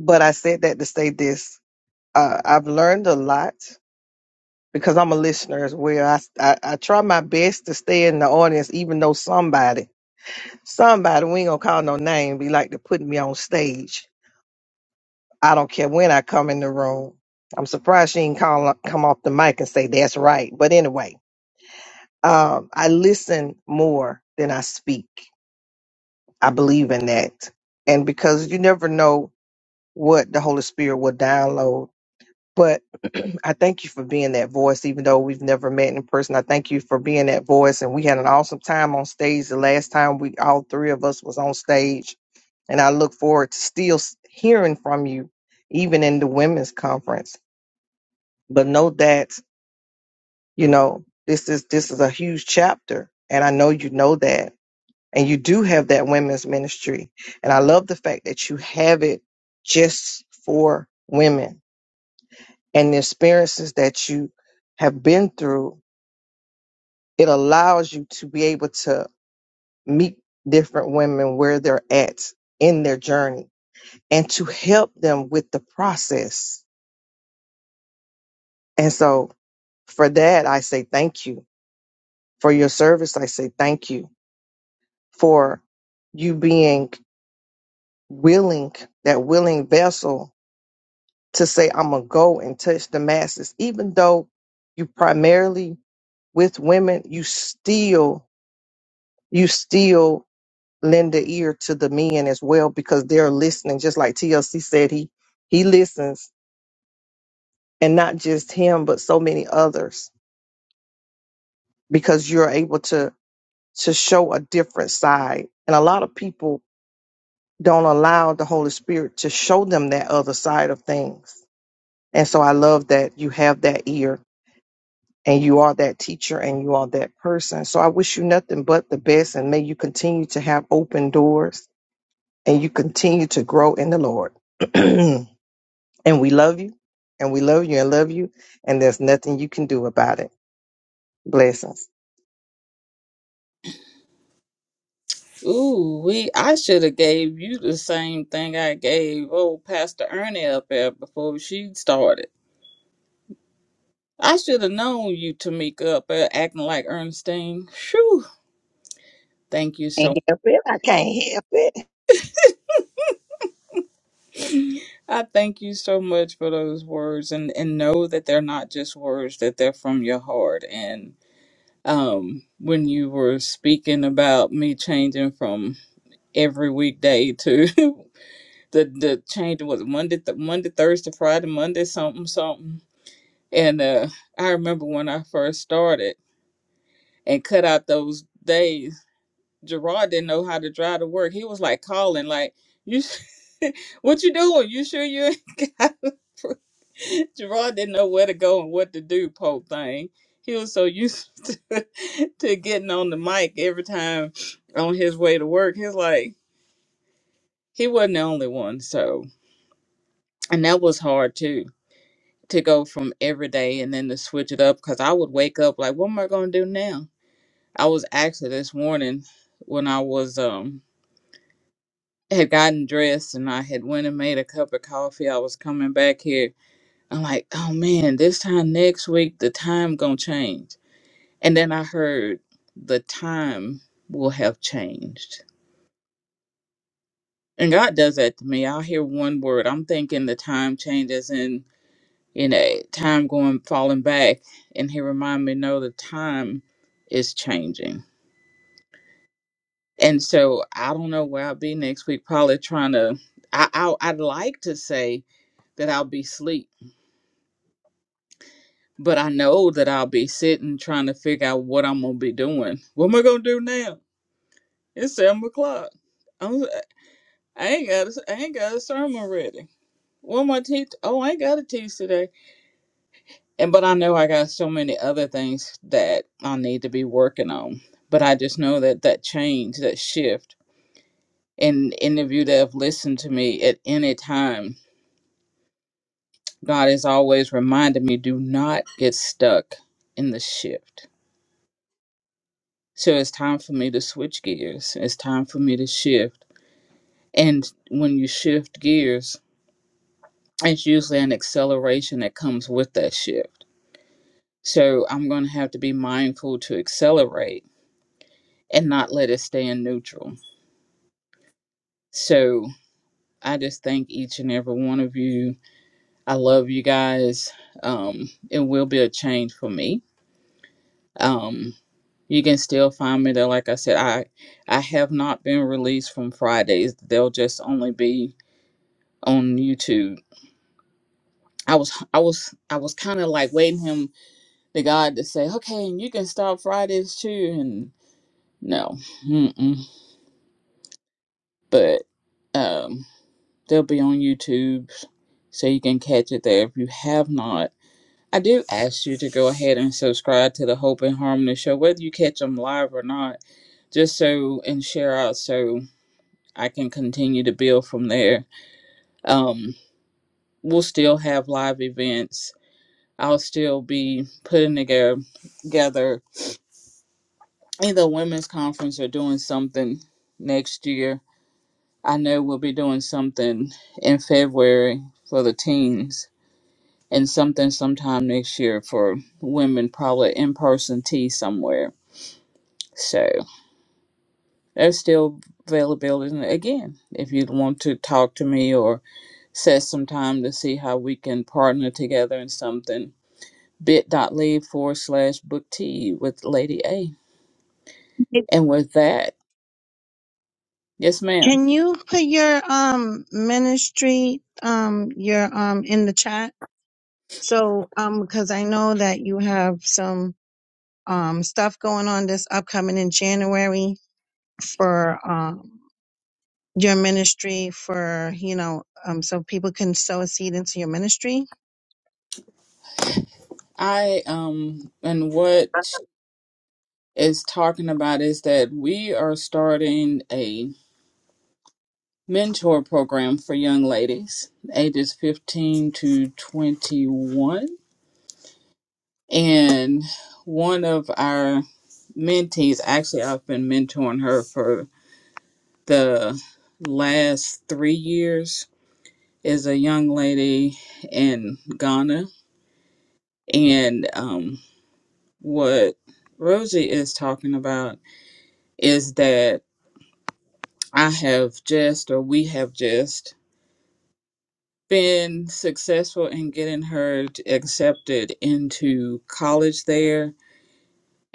but I said that to say this, uh, I've learned a lot because I'm a listener as well. I, I, I try my best to stay in the audience, even though somebody Somebody, we ain't gonna call no name, be like to put me on stage. I don't care when I come in the room. I'm surprised she ain't call, come off the mic and say that's right. But anyway, um, I listen more than I speak. I believe in that. And because you never know what the Holy Spirit will download But I thank you for being that voice, even though we've never met in person. I thank you for being that voice, and we had an awesome time on stage the last time we all three of us was on stage, and I look forward to still s- hearing from you, even in the women's conference. But know that you know this is this is a huge chapter, and I know you know that, and you do have that women's ministry, and I love the fact that you have it just for women and the experiences that you have been through, it allows you to be able to meet different women where they're at in their journey and to help them with the process. And so for that, I say thank you. For your service, I say thank you for you being willing, that willing vessel to say, I'm going to go and touch the masses. Even though you primarily with women, you still, you still lend the ear to the men as well because they're listening just like tlc said he he listens and not just him but so many others because you're able to to show a different side and a lot of people don't allow the holy spirit to show them that other side of things and so i love that you have that ear and you are that teacher and you are that person so i wish you nothing but the best and may you continue to have open doors and you continue to grow in the lord And we love you, and we love you, and love you, and there's nothing you can do about it. Blessings. Ooh, we I should have gave you the same thing I gave old Pastor Ernie up there before she started. I should have known you, Tamika, up there acting like Ernestine. Phew. Thank you so Can't help it. I can't help it. If I thank you so much for those words and, and know that they're not just words, that they're from your heart. And um, when you were speaking about me changing from every weekday to the, the change was Monday, th- Monday, Thursday, Friday, Monday, something, something. And uh, I remember when I first started and cut out those days, Gerard didn't know how to drive to work. He was like calling, like, you, what you doing? You sure you ain't got Gerard didn't know where to go and what to do, poor thing. He was so used to, to getting on the mic every time on his way to work. He's like, he wasn't the only one. So, and that was hard too, to go from every day and then to switch it up because I would wake up like, what am I going to do now? I was actually this morning when I was, um, had gotten dressed and I had went and made a cup of coffee. I was coming back here. I'm like, oh man, this time next week, the time gonna change And then I heard the time will have changed. And God does that to me. I'll hear one word. I'm thinking the time changes and you know, time going falling back and he remind me, no, the time is changing. And so I don't know where I'll be next week, probably trying to I, I I'd like to say that I'll be asleep. But I know that I'll be sitting trying to figure out what I'm gonna be doing. What am I gonna do now? It's seven o'clock. I ain't got a, I ain't got a sermon ready. What am I teach? Oh, I ain't got to teach today. And but I know I got so many other things that I need to be working on. But I just know that that change, that shift, and any of you that have listened to me at any time, God has always reminded me: do not get stuck in the shift. So it's time for me to switch gears. It's time for me to shift. And when you shift gears, it's usually an acceleration that comes with that shift So I'm going to have to be mindful to accelerate and not let it stay in neutral. So I just thank each and every one of you. I love you guys. Um, it will be a change for me. Um, you can still find me there. Like I said, I I have not been released from Fridays. They'll just only be on YouTube. I was I was I was kind of like waiting him the God to say, okay, and you can start Fridays too. And no, mm-mm. but um, They'll be on YouTube, so you can catch it there if you have not. I do ask you to go ahead and subscribe to the Hope and Harmony show, whether you catch them live or not, just so and share out so I can continue to build from there. Um, we'll still have live events. I'll still be putting together, together either a women's conference or doing something next year. I know we'll be doing something in February for the teens and something sometime next year for women, probably in person tea somewhere. So there's still availability. And again, if you want to talk to me or set some time to see how we can partner together in something, bit.ly forward slash book tea with Lady A. And with that, yes, ma'am. Can you put your um ministry um your um in the chat? So um because I know that you have some um stuff going on this upcoming in January for um your ministry for you know um so people can sow a seed into your ministry. I um and what is talking about is that we are starting a mentor program for young ladies ages 15 to 21 and one of our mentees actually i've been mentoring her for the last three years is a young lady in ghana and um, what rosie is talking about is that i have just or we have just been successful in getting her t- accepted into college there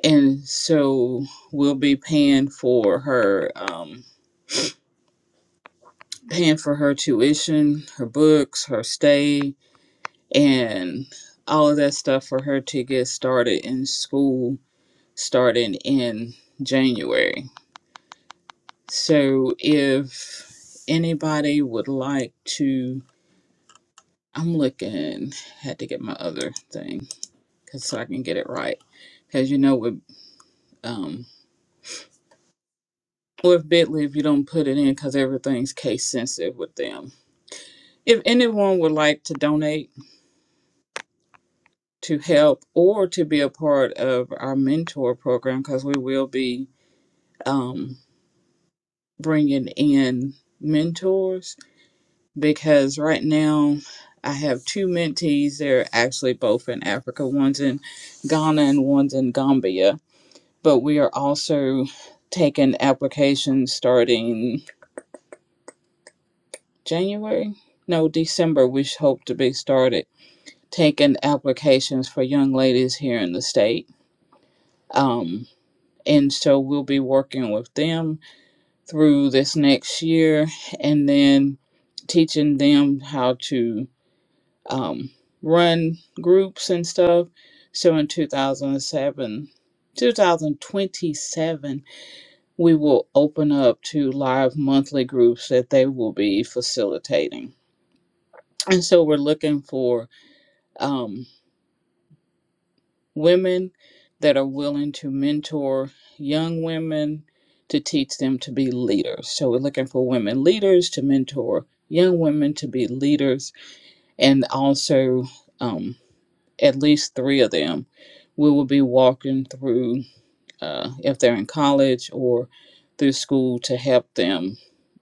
and so we'll be paying for her um paying for her tuition her books her stay and all of that stuff for her to get started in school starting in january so if anybody would like to i'm looking had to get my other thing cause so I can get it right. Cause you know with um with Bitly, if you don't put it in, cause everything's case sensitive with them. If anyone would like to donate to help or to be a part of our mentor program, cause we will be um bringing in mentors. Because right now I have two mentees. They're actually both in Africa. One's in Ghana and one's in Gambia. But we are also taking applications starting. January? No, December, we hope to be started taking applications for young ladies here in the state. Um, and so we'll be working with them through this next year and then teaching them how to um, run groups and stuff. So in 2007, 2027, we will open up to live monthly groups that they will be facilitating. And so we're looking for um, women that are willing to mentor young women to teach them to be leaders. So we're looking for women leaders to mentor young women to be leaders, and also um, at least three of them we will be walking through uh, if they're in college or through school to help them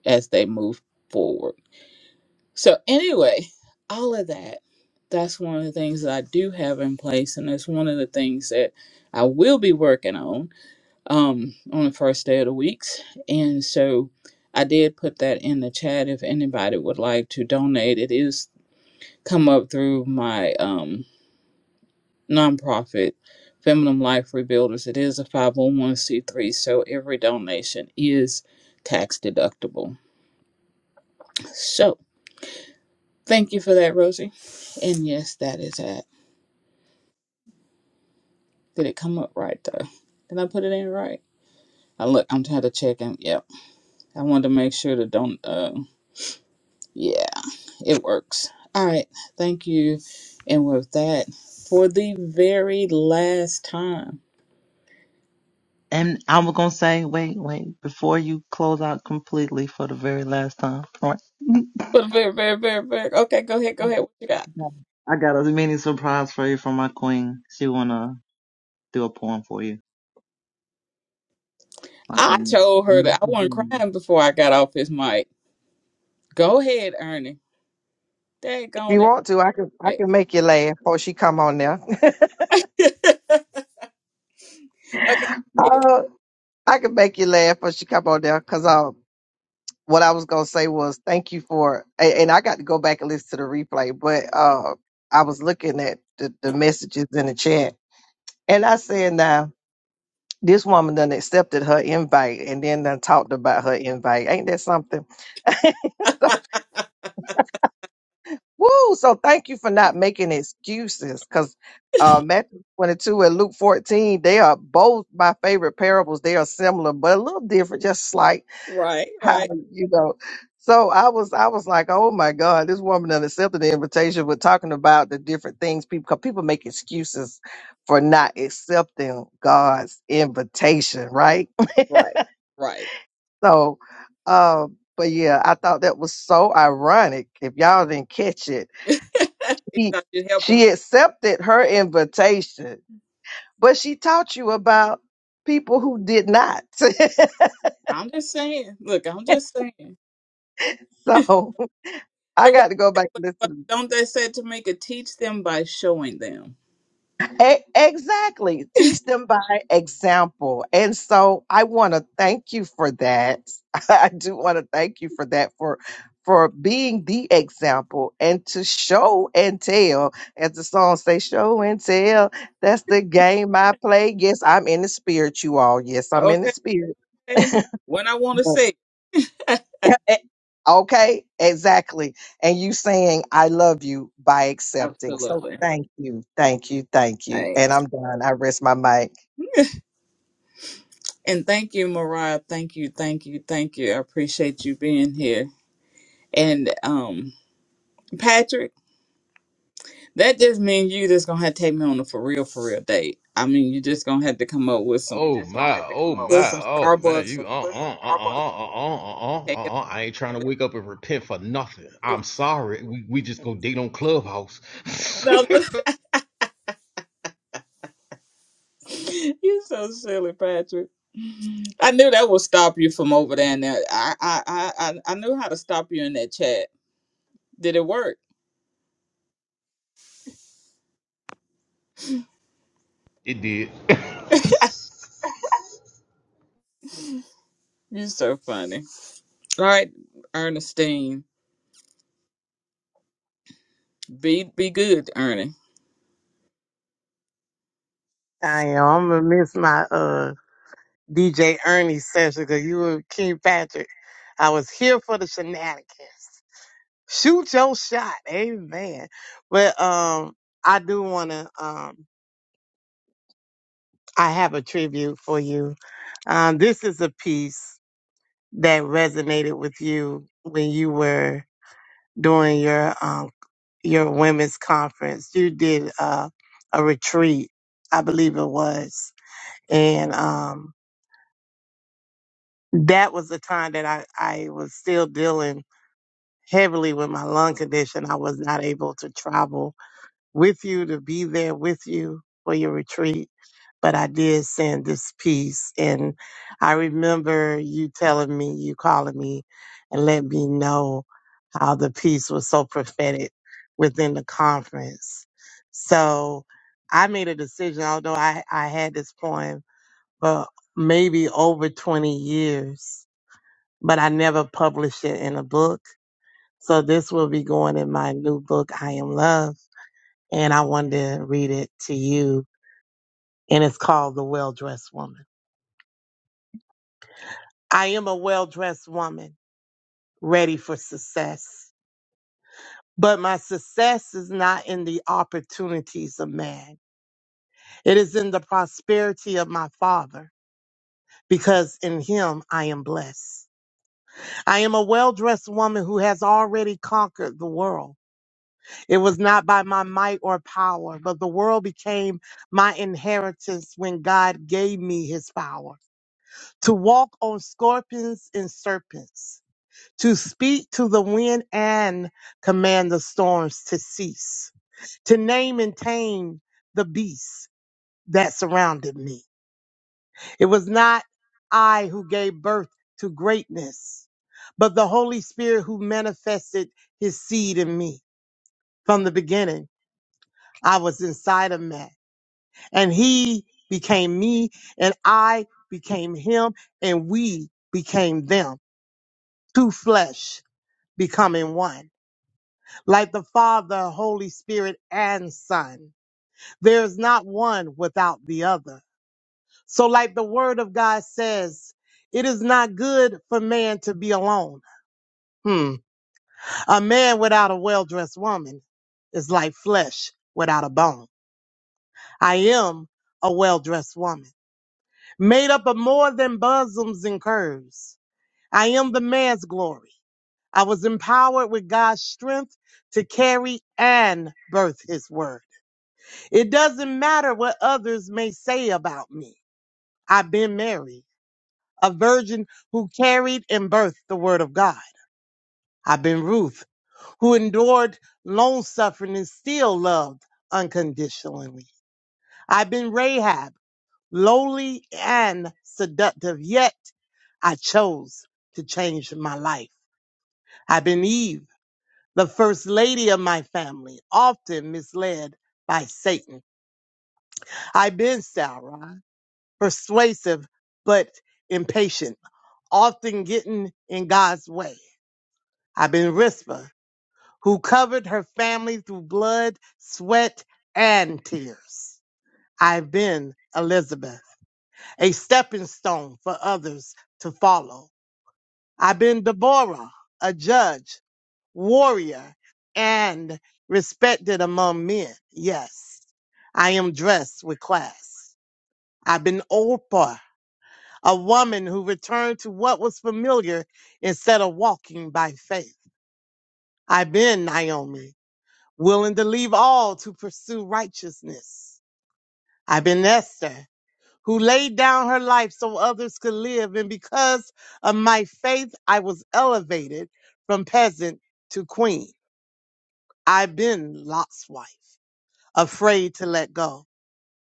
as they move forward. So anyway, all of that, that's one of the things that I do have in place, and it's one of the things that I will be working on um, on the first day of the weeks. And so I did put that in the chat if anybody would like to donate. It is come up through my um, nonprofit, Feminine Life Rebuilders. It is a 501c3, so every donation is tax deductible. So thank you for that, Rosie. And yes, that is it. Did it come up right though? Did I put it in right? I look. I'm trying to check and yep. I wanted to make sure that don't. Uh, yeah, it works. All right. Thank you. And with that, for the very last time. and I was gonna say, wait, wait, before you close out completely for the very last time, For the very, very, very, very. Okay, go ahead. Go ahead. What you got? I got a mini surprise for you from my queen. She wanna do a poem for you, my I queen. told her that I wasn't You crying before I got off his mic. Go ahead, Ernie. you Daggone it. want to, I can I Right. can make you laugh before she come on there. Okay. uh, I can make you laugh before she come on there because uh, what I was gonna say was thank you for, and, and I got to go back and listen to the replay. But uh, I was looking at the, the messages in the chat, and I said, now this woman done accepted her invite, and then done talked about her invite. Ain't that something? Woo! So thank you for not making excuses because uh, Matthew 22 and Luke 14, they are both my favorite parables. They are similar, but a little different, just slight. Right. How Right. you know? So I was, I was like, oh my God, this woman that accepted the invitation. We're talking about the different things people, because people make excuses for not accepting God's invitation, right? Right. Right. So, uh, but yeah, I thought that was so ironic. If y'all didn't catch it, If He, I could help him. she accepted her invitation, but she taught you about people who did not. I'm just saying. Look, I'm just saying. so I The what- got to go back but, and but listen. don't they say to make it teach them by showing them? E- exactly. Teach them by example. And so I want to thank you for that. I do want to thank you for that, for for being the example and to show and tell, as the song say, show and tell. That's the game I play. Yes, I'm in the spirit, you all. Yes, I'm in the Okay. spirit. When I want to say, okay, exactly. And you saying, I love you by accepting. So absolutely. thank you, thank you, thank you. And Thanks. I'm done. I rest my mic. And thank you, Mariah. Thank you, thank you, thank you. I appreciate you being here. And um, Patrick, that just means you just gonna have to take me on a for real, for real date. I mean, you just gonna have to come up with some Oh my, oh come my, with some oh man, Starbucks or you uh uh uh uh uh uh uh uh take uh it. uh I ain't trying to wake up and repent for nothing. I'm sorry. We we just go date on Clubhouse. No, You're so silly, Patrick. I knew that would stop you from over there. And there. I, I, I, I I knew how to stop you in that chat. Did it work? it did. You're so funny. All right, Ernestine, be be good, Ernie. I am. I'm gonna miss my uh DJ Ernie session because you were King Patrick. I was here for the shenanigans. Shoot your shot. Amen. But um I do wanna um I have a tribute for you. Um this is a piece that resonated with you when you were doing your um your women's conference. You did uh, a retreat, I believe it was. And um that was the time that I, I was still dealing heavily with my lung condition. I was not able to travel with you to be there with you for your retreat, but I did send this piece. And I remember you telling me, you calling me and let me know how the piece was so prophetic within the conference. So I made a decision, although I, I had this poem for maybe over 20 years, but I never published it in a book so this will be going in my new book, I Am Love, and I wanted to read it to you. And it's called The Well Dressed Woman. I am a well dressed woman ready for success. But my success is not in the opportunities of man. It is in the prosperity of my father, because in him I am blessed. I am a well dressed woman who has already conquered the world. It was not by my might or power, but the world became my inheritance when God gave me his power to walk on scorpions and serpents, to speak to the wind and command the storms to cease, to name and tame the beasts that surrounded me. It was not I who gave birth to greatness, but the Holy Spirit who manifested his seed in me from the beginning. I was inside of man. and he became me and I became him and we became them. Two flesh becoming one. Like the Father, Holy Spirit, and Son. There is not one without the other. So like the word of God says, it is not good for man to be alone. Hmm. A man without a well-dressed woman is like flesh without a bone. I am a well-dressed woman. made up of more than bosoms and curves. I am the man's glory. I was empowered with God's strength to carry and birth his word. It doesn't matter what others may say about me. I've been Mary, a virgin who carried and birthed the word of God. I've been Ruth, who endured long suffering and still loved unconditionally. I've been Rahab lowly and seductive, yet I chose to change my life. I've been Eve, the first lady of my family, often misled by Satan. I've been Sarah, persuasive but impatient, often getting in God's way. I've been Rispa, who covered her family through blood, sweat, and tears. I've been Elizabeth, a stepping stone for others to follow. I've been Deborah, a judge, warrior, and respected among men. Yes, I am dressed with class. I've been Oprah, a woman who returned to what was familiar instead of walking by faith. I've been Naomi, willing to leave all to pursue righteousness. I've been Esther, who laid down her life so others could live. And because of my faith, I was elevated from peasant to queen. I've been Lot's wife, afraid to let go,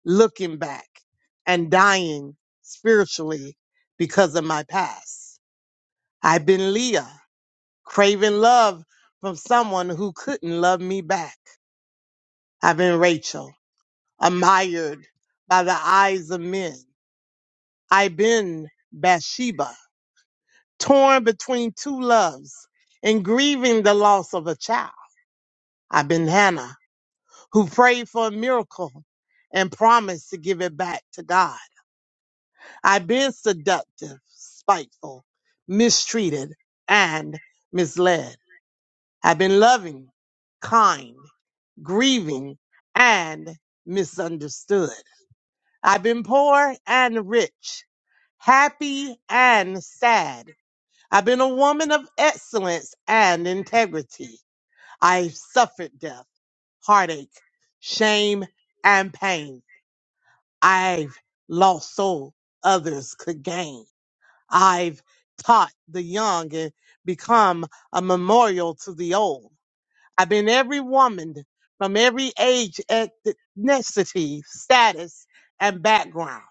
looking back, and dying spiritually because of my past. I've been Leah, craving love from someone who couldn't love me back. I've been Rachel, admired by the eyes of men. I've been Bathsheba torn between two loves and grieving the loss of a child. I've been Hannah, who prayed for a miracle and promised to give it back to God. I've been seductive, spiteful, mistreated, and misled. I've been loving, kind, grieving, and misunderstood. I've been poor and rich, happy and sad. I've been a woman of excellence and integrity. I suffered death, heartache, shame, and pain. I've lost soul others could gain. I've taught the young and become a memorial to the old. I've been every woman from every age, ethnicity, status, and background.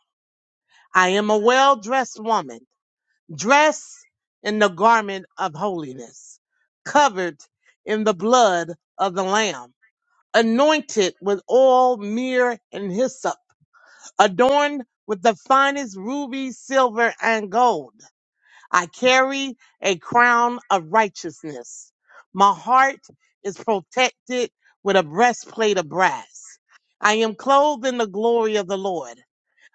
I am a well-dressed woman, dressed in the garment of holiness, covered in the blood of the Lamb. anointed with oil, myrrh, and hyssop, adorned with the finest ruby, silver, and gold. I carry a crown of righteousness. My heart is protected with a breastplate of brass. I am clothed in the glory of the Lord.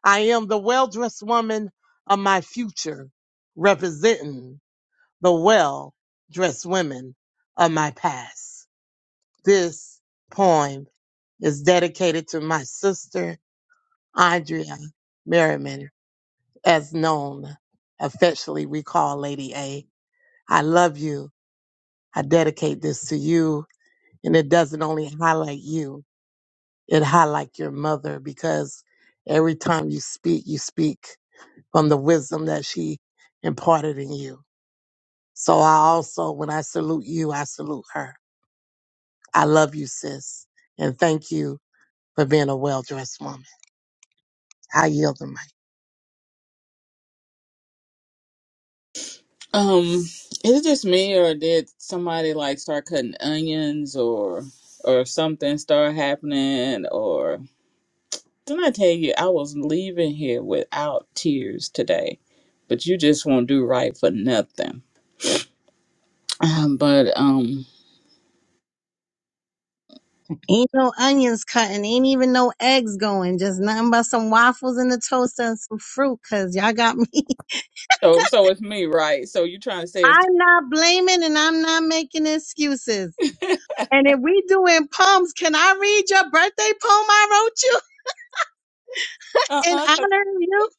I am the well dressed woman of my future, representing the well dressed women of my past. This poem is dedicated to my sister, Andrea Merriman, as known affectionately we call Lady A. I love you. I dedicate this to you. And it doesn't only highlight you, it highlights your mother because every time you speak, you speak from the wisdom that she imparted in you. So I also, when I salute you, I salute her. I love you, sis. And thank you for being a well dressed woman. I yield the mic. Um, is it just me or did somebody like start cutting onions or or something start happening or? Didn't I tell you I was leaving here without tears today? But you just won't do right for nothing. Um, but um. Ain't no onions cutting, ain't even no eggs going, just nothing but some waffles in the toaster and some fruit, cause y'all got me. So, so it's me, right? So you're trying to say it's I'm not blaming and I'm not making excuses. And if we doing poems, can I read your birthday poem I wrote you uh in uh 'cause honor of you?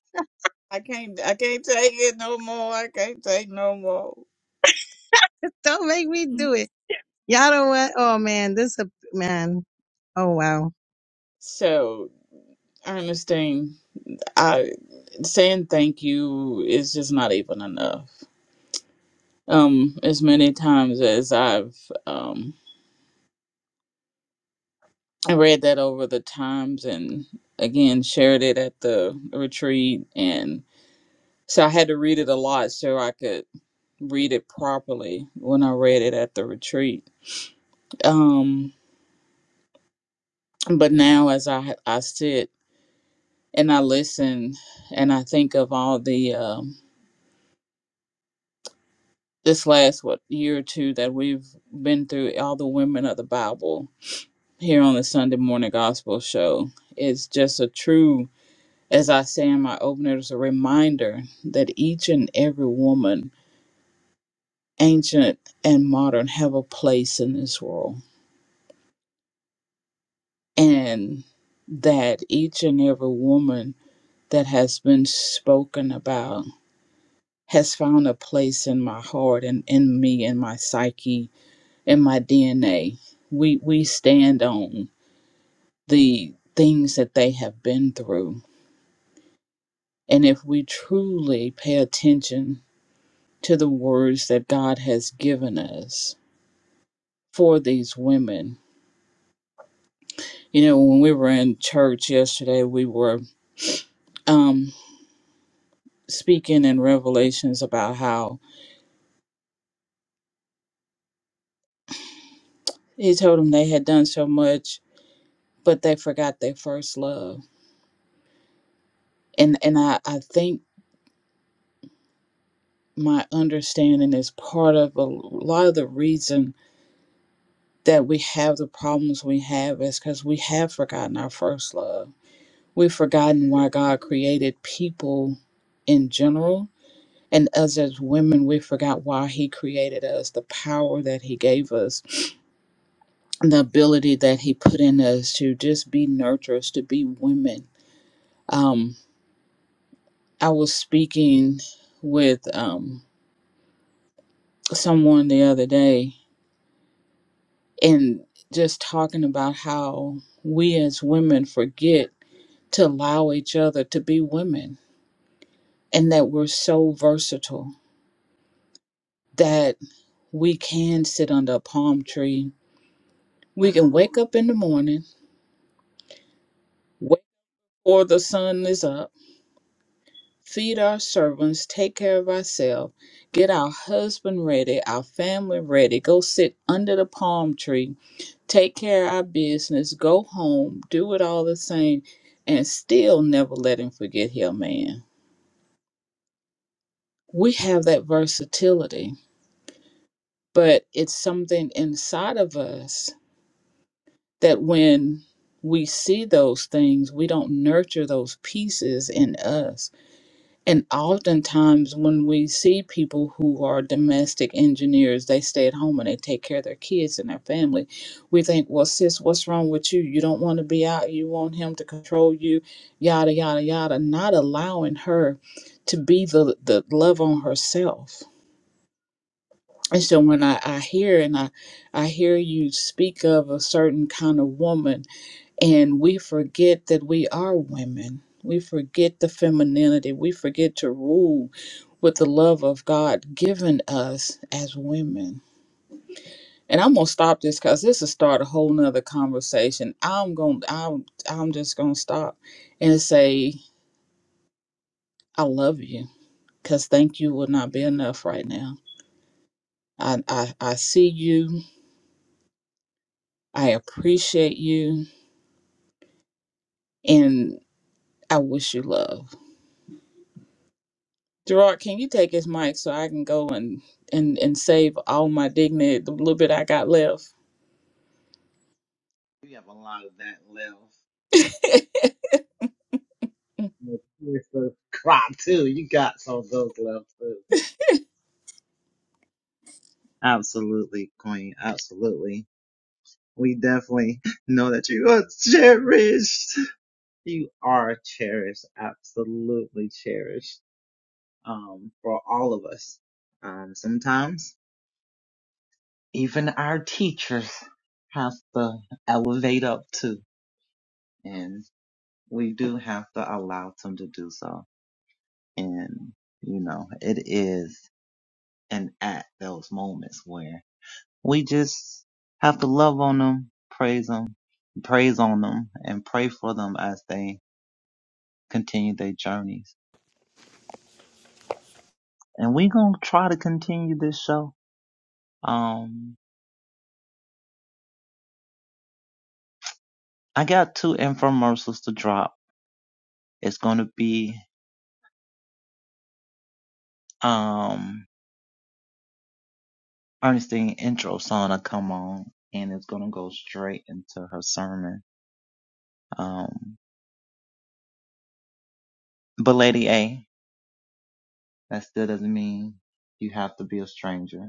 I can't, I can't take it no more. I can't take no more. Don't make me do it. Y'all don't want, oh man, this a, man, oh wow. So, Ernestine, I saying thank you is just not even enough. Um, as many times as I've um read that over the times and again shared it at the retreat and so I had to read it a lot so I could read it properly when I read it at the retreat. Um but now as I I sit and I listen and I think of all the um, this last what year or two that we've been through, all the women of the Bible here on the Sunday morning gospel show, it's just a true, as I say in my opener, it's a reminder that each and every woman, ancient and modern, have a place in this world, and that each and every woman that has been spoken about has found a place in my heart and in me in my psyche in my dna we we stand on the things that they have been through and if we truly pay attention to the words that god has given us for these women you know when we were in church yesterday we were um speaking in revelations about how he told them they had done so much but they forgot their first love and and i i think my understanding is part of a lot of the reason that we have the problems we have is because we have forgotten our first love. We've forgotten why God created people in general. And us as women, we forgot why He created us, the power that He gave us, the ability that He put in us to just be nurturers, to be women. Um, I was speaking with um, someone the other day and just talking about how we as women forget to allow each other to be women and that we're so versatile that we can sit under a palm tree. We can wake up in the morning, wait before the sun is up, feed our servants, take care of ourselves, get our husband ready, our family ready, go sit under the palm tree take care of our business, go home, do it all the same, and still never let him forget him, man. We have that versatility, but it's something inside of us that when we see those things, we don't nurture those pieces in us And oftentimes, when we see people who are domestic engineers, they stay at home and they take care of their kids and their family. We think, well, sis, what's wrong with you? You don't want to be out. You want him to control you, yada, yada, yada. Not allowing her to be the, the love on herself. And so when I, I hear and I, I hear you speak of a certain kind of woman and we forget that we are women. We forget the femininity. We forget to rule with the love of God given us as women. And I'm gonna stop this because this will start a whole nother conversation. I'm gonna I'm I'm just gonna stop and say I love you because thank you would not be enough right now. I, I I see you, I appreciate you, and I wish you love. Gerard, can you take his mic so I can go and and and save all my dignity, the little bit I got left? have a lot of that left. Your sister crop too. You got some of those left too. Absolutely, queen. Absolutely. We definitely know that you are cherished. You are cherished, absolutely cherished, um, for all of us. Um, sometimes even our teachers have to elevate up too, and we do have to allow them to do so. And, you know, it is and at those moments where we just have to love on them, praise them, pray for them. And we gon' I got two infomercials to drop. It's gonna be um Ernestine intro song. I come. stranger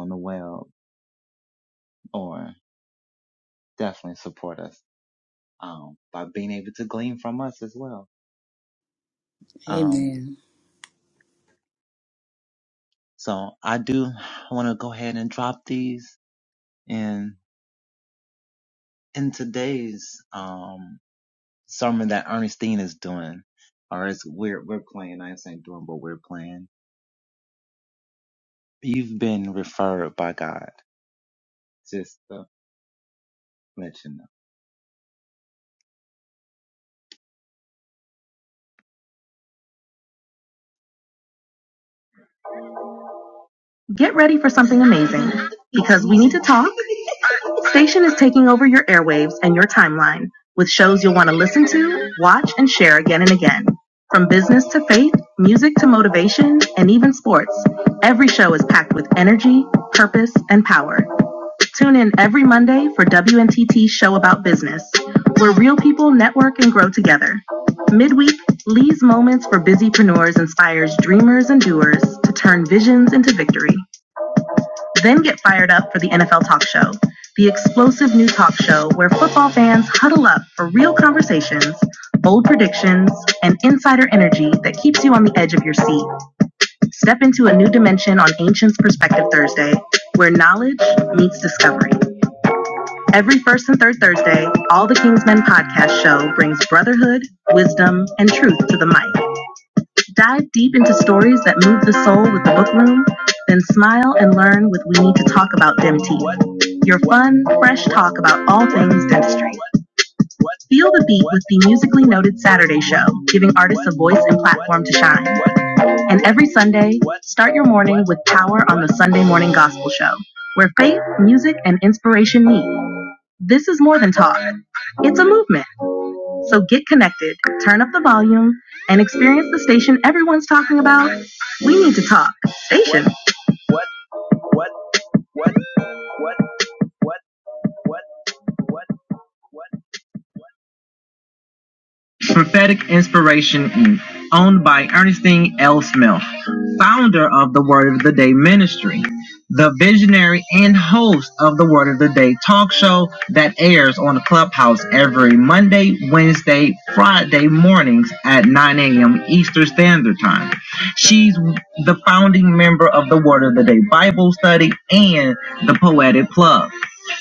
on the way or definitely support us um, by being able to. Amen. Get ready for something amazing because we need to talk. Station is taking over your airwaves and your timeline with shows you'll want to listen to, watch, and share again and again. From business to faith, music to motivation, and even sports, every show is packed with energy, purpose, and power. Tune in every Monday for WNTT's show about business, where real people network and grow together. Midweek, Lee's Moments for Busypreneurs inspires dreamers and doers to turn visions into victory. Then get fired up for the NFL Talk Show, the explosive new talk show where football fans huddle up for real conversations, bold predictions, and insider energy that keeps you on the edge of your seat. Step into a new dimension on Ancients Perspective Thursday, where knowledge meets discovery. Every first and third Thursday, All the Kingsmen podcast show brings brotherhood, wisdom, and truth to the mic. Dive deep into stories that move the soul with the book room, then smile and learn with We Need to Talk About Dempty. Your fun, fresh talk about all things dentistry. Feel the beat with the musically noted Saturday show, giving artists a voice and platform to shine. And every Sunday, start your morning with Power on the Sunday Morning Gospel Show, where faith, music, and inspiration meet. This is more than talk. It's a movement. So get connected, turn up the volume, and experience the station everyone's talking about. We need to talk. Station. owned by Ernestine L. Smith, founder of the Word of the Day Ministry, the visionary and host of the Word of the Day talk show that airs on the Clubhouse every Monday, Wednesday, Friday mornings at 9 a.m. Eastern Standard Time. She's the founding member of the Word of the Day Bible Study and the Poetic Club.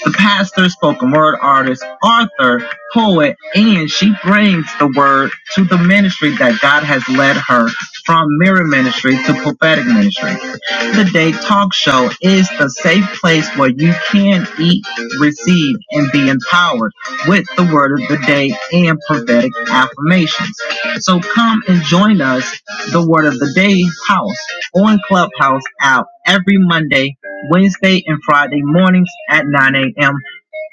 The pastor, spoken word artist, author, poet, and she brings the word to the ministry that God has her from mirror ministry to prophetic ministry. The Day Talk Show is the safe place where you can eat, receive, and be empowered with the word of the day and prophetic affirmations. So come and join us, the Word of the Day House, on Clubhouse app every Monday, Wednesday, and Friday mornings at 9 a.m.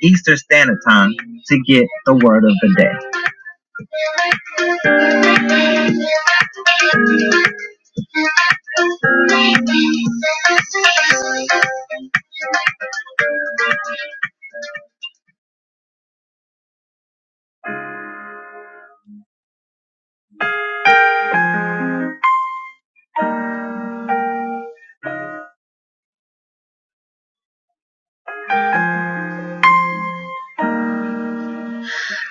Eastern Standard Time to get the Word of the Day.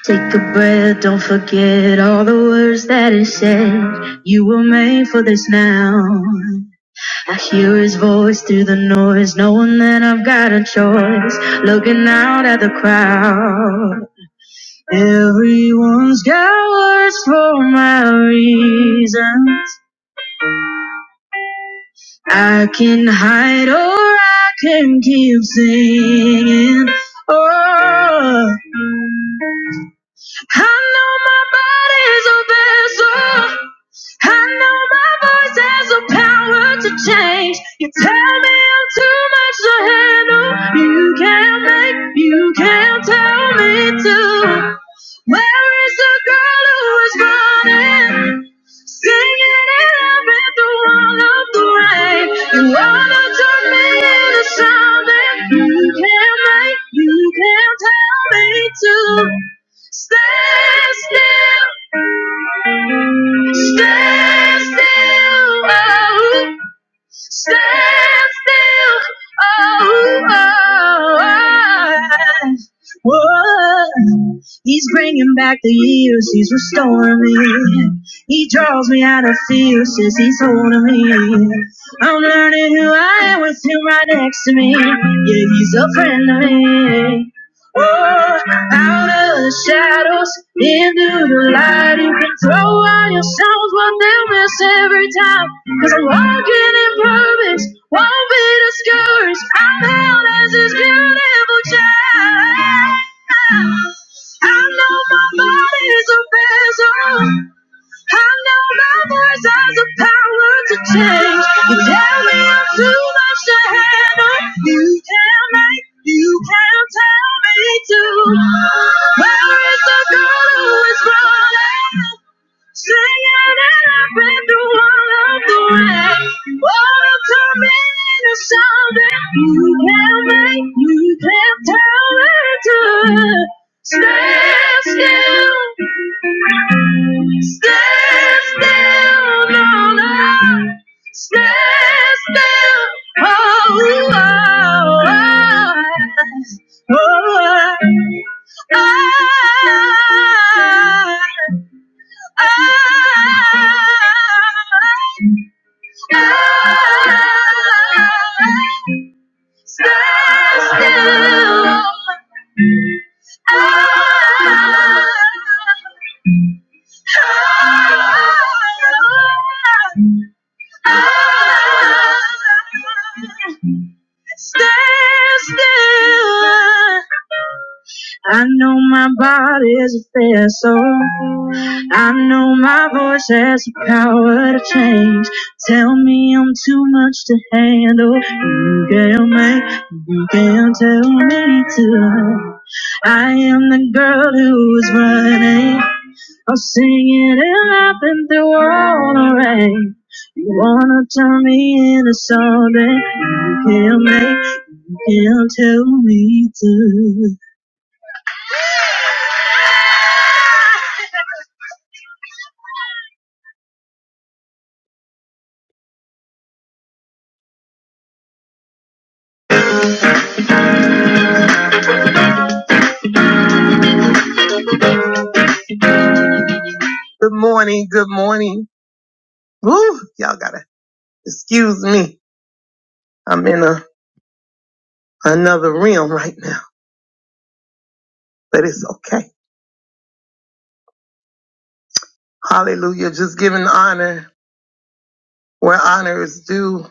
Take a breath, don't forget all the words that he said. You were made for this now. I hear his voice through noise, knowing that I've got a choice. Looking out at the crowd. Everyone's got words for my reason. I can hide or I can keep singing. Oh, I know my body's a vessel. I know my voice has the power to change. You tell me I'm too much to handle. You can't make, you can't tell me to. Where is the girl who is running? Singing it up at the roll of the rain. You wanna turn me into something you can't make, you can't tell me to. Stand still, stand still. Oh. Stand still. Oh, oh, oh. Whoa. He's bringing back the years. He's restoring me. He draws me out of fear. Says he's holding me. I'm learning who I am with him right next to me. Yeah, he's a friend of me. Oh, out of the shadows, into the light. You can throw out your songs, but they'll miss every time. Cause I'm walking in purpose, won't be discouraged. I'm held as this beautiful child. I know my body's a vessel. I know my voice has the power to change. You tell me I'm too much to handle. You can make, you can not tell me to. Where is the girl who is running? Singing that I've been through all of the rain. Oh, turn me into something. You can make, you can not tell me to. Stand still. Stand still, no, no. Stand still. Oh, oh, oh, oh. I, I, still, I, I'm not as am too much to handle. You can't make, you can't tell me to. I am the girl who's running. I'm singing and laughing through all the rain. You wanna turn me into something you can't make, you can't tell me to. Hallelujah. Just giving honor where honor is due.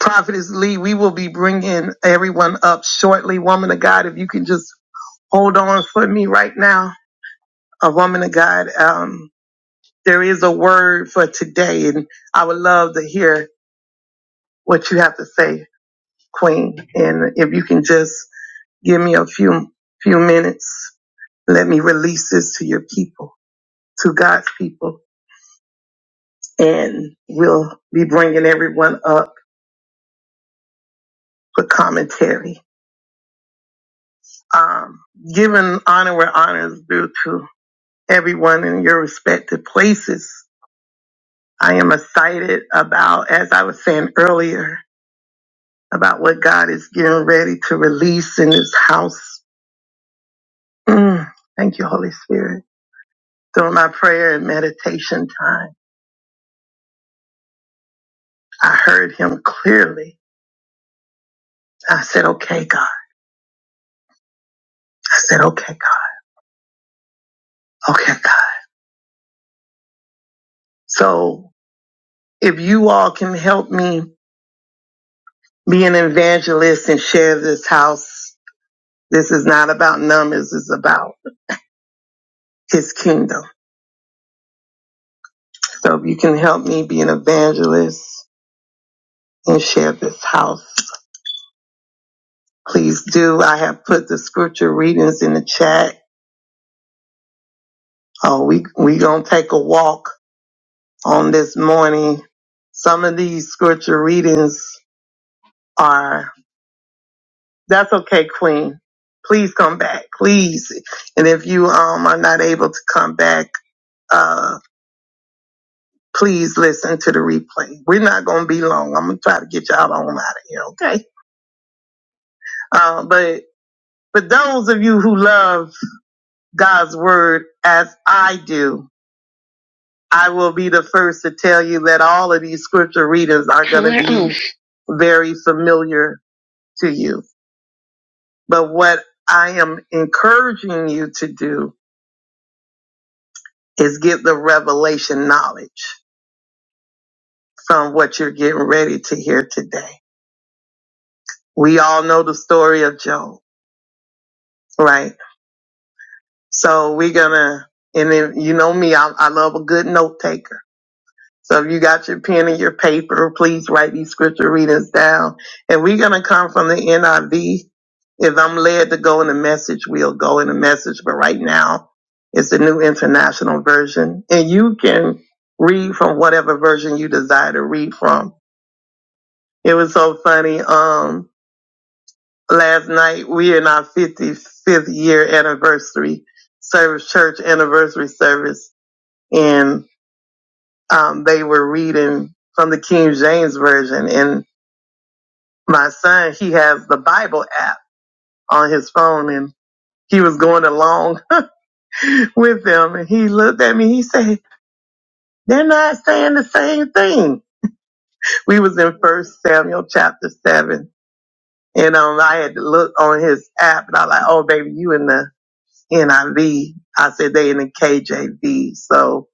Prophetess Lee, we will be bringing everyone up shortly. Woman of God, if you can just hold on for me right now, a woman of God. Um, there is a word for today, and I would love to hear what you have to say, Queen. And if you can just give me a few few minutes, let me release this to your people, to God's people, and we'll be bringing everyone up for commentary. Um, giving honor where honor is due to everyone in your respective places. I am excited about, as I was saying earlier, about what God is getting ready to release in His house. Mm. Thank you, Holy Spirit. During my prayer and meditation time, I heard Him clearly. I said, okay, God. I said, okay, God. Okay, God. So, a walk on this morning. Some of these scripture readings are, that's okay, Queen. Please come back, please. And if you um, are not able to come back, uh. please listen to the replay. We're not going to be long. I'm going to try to get y'all on out of here, okay? Uh, but for those of you who love God's word as I do, I will be the first to tell you that all of these scripture readings are going to be very familiar to you. But what I am encouraging you to do is get the revelation knowledge from what you're getting ready to hear today. We all know the story of Job, right? So we're gonna, and then you know me, I, I love a good note taker. So if you got your pen and your paper, please write these scripture readings down. And we're gonna come from the NIV. If I'm led to go in the message, we'll go in the message. But right now, it's the New International Version, and you can read from whatever version you desire to read from. It was so funny. Um, anniversary, so and reading from the King's version, son on his own, and he was going along with them. They we was in First Samuel chapter seven, and um, I had to look on his app, and I was like, "Oh, baby, you in the NIV?" I V. I said, "They in the KJV." So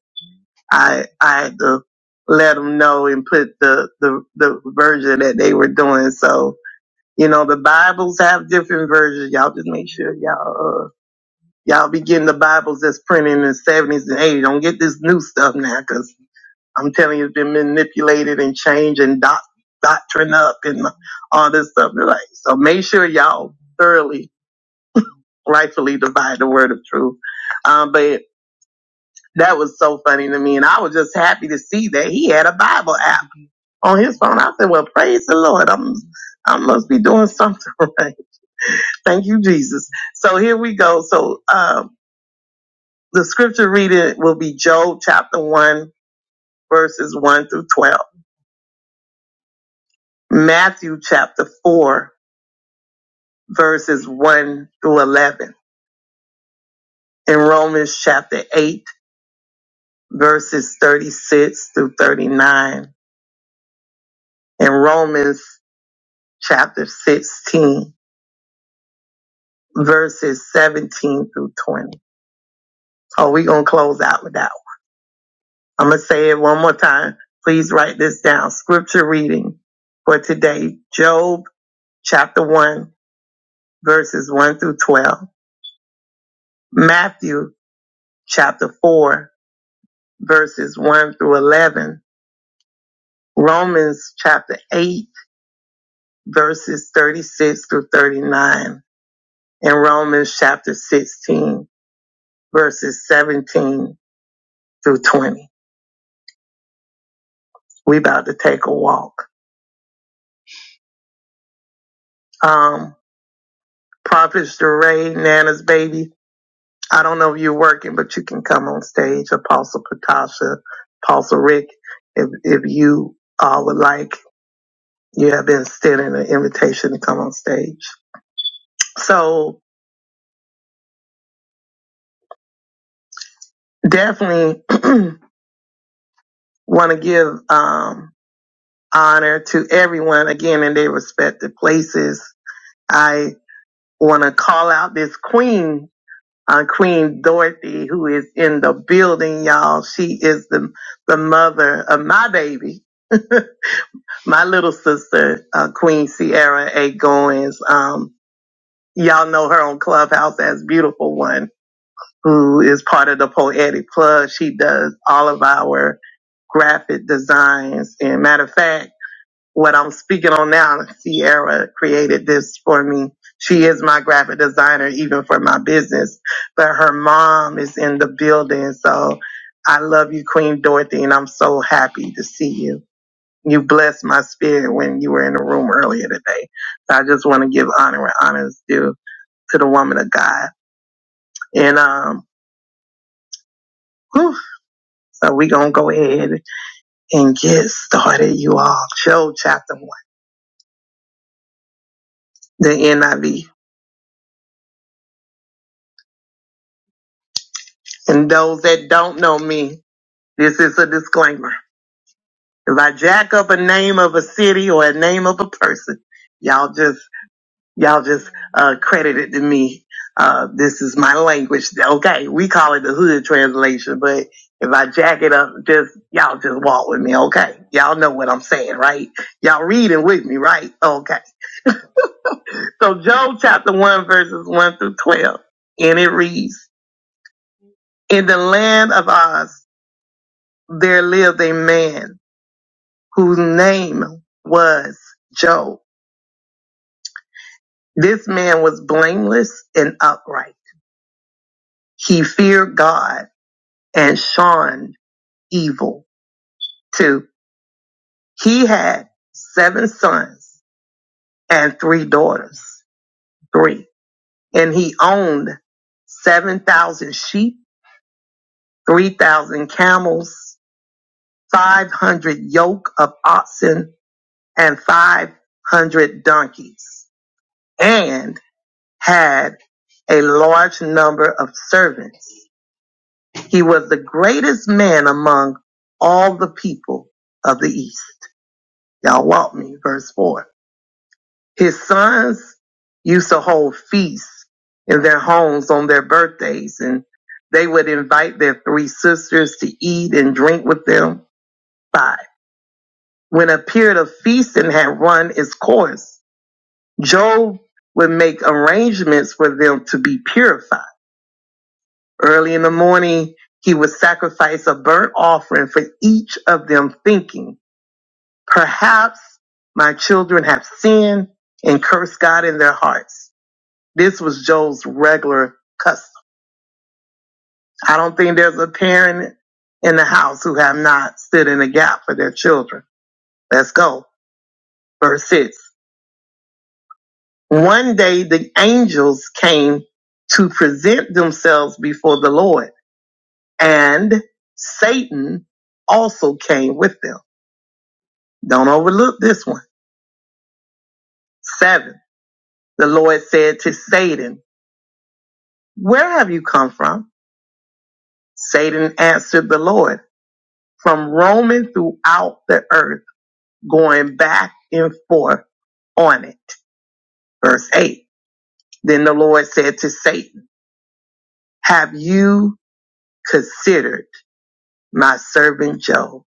I I had to let them know and put the the the version that they were doing. So you know, the Bibles have different versions. Y'all just make sure y'all. Uh, Y'all be getting the Bibles that's printed in the 70s and 80s. Don't get this new stuff now because doctrine up and all this stuff. Like, so make sure y'all thoroughly rightfully divide the word of truth. Um, but that was so funny to me. And I was just happy to see that he had a Bible app on his phone. I said, well, praise the Lord. I'm, I must be doing something right. Thank you, Jesus. So here we go. So, um, the scripture reading will be Job chapter one, verses one through 12, Matthew chapter four, verses one through 11. In Romans chapter 8, verses 36 through 39, and Romans chapter 16, verse 17 through 20. Oh, we're going to close out with that. I'm going to say it one more time. Please write this down. Scripture reading for today, Job chapter 1, verses 1 through 12, Matthew chapter 4, verses 1 through 11, Romans chapter 8, verses 36 through 39, and Romans chapter 16, verses 17 through 20. We about to take a walk. Um, Prophet Sheree, Nana's baby. I don't working, but you can come on stage. Apostle Patasha, Apostle Rick, if, if you all would like, you have been extended an invitation to come on stage. So definitely want to give, um, honor to everyone again in their respective places. I want to call out this queen, uh, Queen Dorothy, who is in the building, y'all. She is the, the mother of my baby. my little sister, uh, Queen Sierra A. Goins, um, y'all know her on Clubhouse as Beautiful One, who is part of the Poetic Plug. She does all of our graphic designs. And matter of fact, what I'm speaking on now, Sierra created this for me. She is my graphic designer, even for my business. But her mom is in the building. So I love you, Queen Dorothy, and I'm so happy to see you. You blessed my spirit when you were in the room earlier today. So I just want to give honor and honors due to the woman of God. And um, whew, so we gonna go ahead and get started, you all. Job chapter one, the NIV. And those that don't know me, this is a disclaimer. If I jack up a name of a city or a name of a person, y'all just. Y'all just uh, credited to me. Uh, this is my language. Okay, we call it the hood translation, but if I jack it up, just y'all just walk with me. Okay, y'all know what I'm saying, right? Y'all reading with me, right? Okay. So Job chapter one verses one through twelve, and it reads: In the land of Oz, there lived a man whose name was Job. This man was blameless and upright. He feared God and shunned evil. Two, he had seven sons and three daughters. Three, and he owned 7,000 sheep, 3,000 camels, 500 yoke of oxen, and 500 donkeys, and had a large number of servants. He was the greatest man among all the people of the East. Y'all walk me, verse 4. His sons used to hold feasts in their homes on their birthdays, and they would invite their three sisters to eat and drink with them. Five. When a period of feasting had run its course, Job would make arrangements for them to be purified. Early in the morning, he would sacrifice a burnt offering for each of them, thinking, Perhaps my children have sinned and cursed God in their hearts. This was Joe's regular custom. I don't think there's a parent in the house who have not stood in the gap for their children. Let's go. Verse six. One day the angels came to present themselves before the Lord and Satan also came with them. Don't overlook this one. Seven. The Lord said to Satan, where have you come from? Satan answered the Lord, from roaming throughout the earth going back and forth on it. Verse 8. Then the Lord said to Satan, Have you considered my servant Job?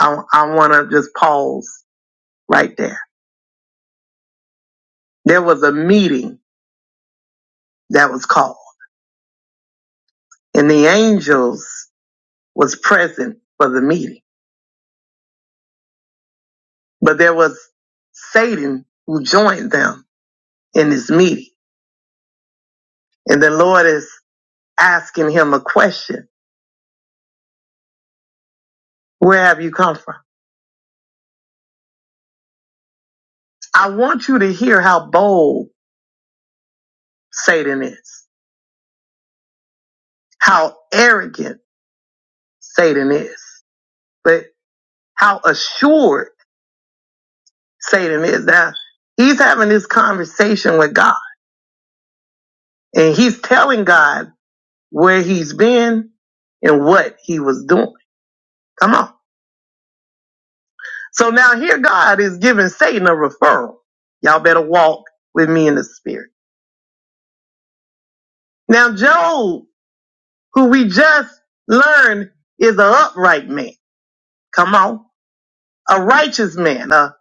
I, I want to just pause right there. There was a meeting that was called, and the angels was present for the meeting. But there was Satan who joined them in this meeting. And the Lord is asking him a question Where have you come from? I want you to hear how bold Satan is. how arrogant Satan is, but how assured Satan is. Now, he's having this conversation with God, He's telling God where he's been and what he was doing. Come on. So now here God is giving Satan a referral. Y'all better walk with me in the spirit. Now, Job, who we just learned is an upright man. Come on. A righteous man, a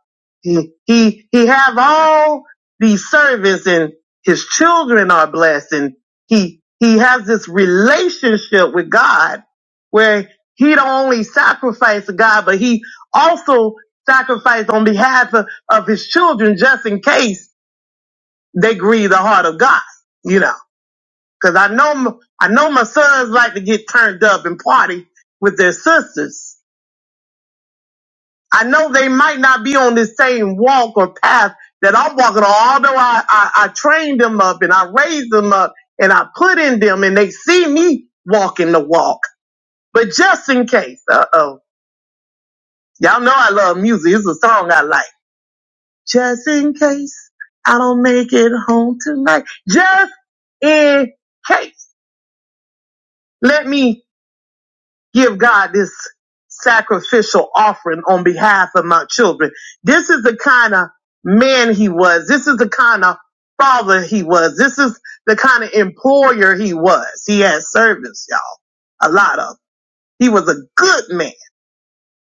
He, he, he have all these servants and his children are blessed and he, he has this relationship with God where he don't only sacrifice to God, but he also sacrificed on behalf of, of his children just in case they grieve the heart of God, you know, cause I know, m- I know my sons like to get turned up and party with their sisters I know they might not be on the same walk or path that I'm walking on, although I, I, I trained them up and I raised them up and I put in them and they see me walking the walk. But just in case, uh oh, y'all know I love music. It's a song I like. Just in case I don't make it home tonight. Just in case. Let me give God this sacrificial offering on behalf of my children. This is the kind of man he was. This is the kind of father he was. This is the kind of employer he was. He had servants, y'all. A lot of. He was a good man.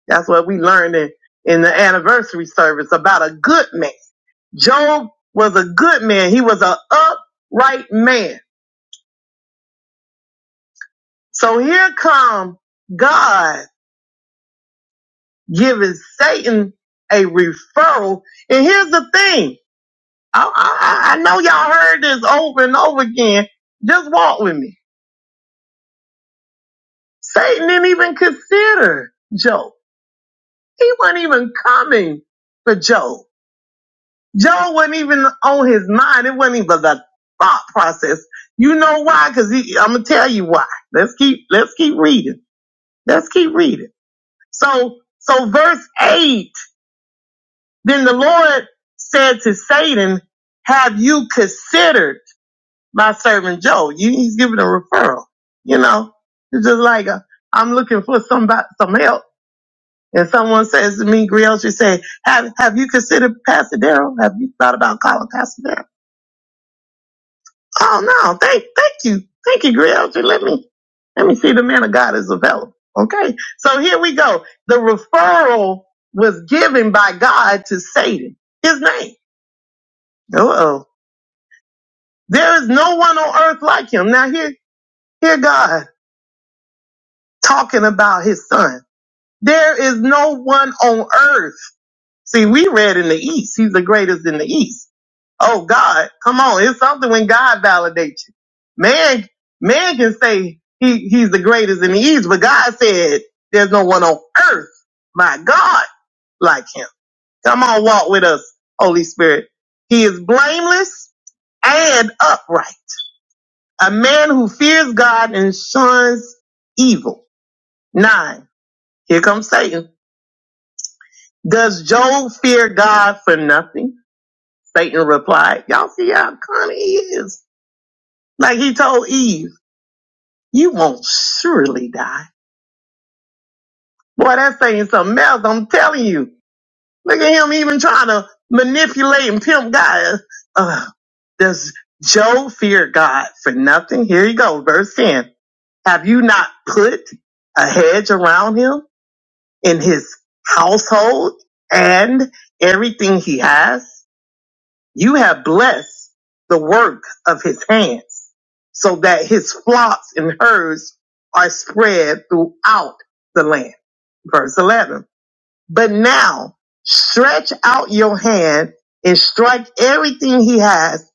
That's what we learned in, in the anniversary service about a good man. Job was a good man. He was an upright man. So I give his safe referral. I, I know y'all heard again. Just walk with me. theater, Joe. He wasn't even coming for Joe. Joe wasn't even on his mind. It wasn't even the thought process. You know why? Cause he, I'm gonna tell you why. Let's keep, let's keep reading. Let's keep reading. So, so verse eight, then the Lord said to Satan, have you considered my servant Joe? You, he's giving a referral, you know, it's just like, a am looking for somebody, some help, someone and say, have, have you considered Pasadena? Have you thought about, oh no, thank, thank you, Key Realty. Let me, let me see the man of God is available. Okay. So here we go. The referral was given by God to Satan. His name. Oh, Uh, talking about his son. There is no one on earth. See, we read in the East. He's the greatest in the East Oh God, come on. It's something when God validates you. Man, man can say he, he's the greatest in the East, but God said there's no one on earth, my God, like him. Come on, walk with us, Holy Spirit. He is blameless and upright. A man who fears God and shuns evil. Nine. Here Satan fear God for nothing. Satan replied, Y'all see how cunning he is. You won't surely. Boy, that's I'm telling you. Look at him even trying to manipulate and pimp guys. Uh, for a hedge around household and through verse 11. But now, out your hand and everything he has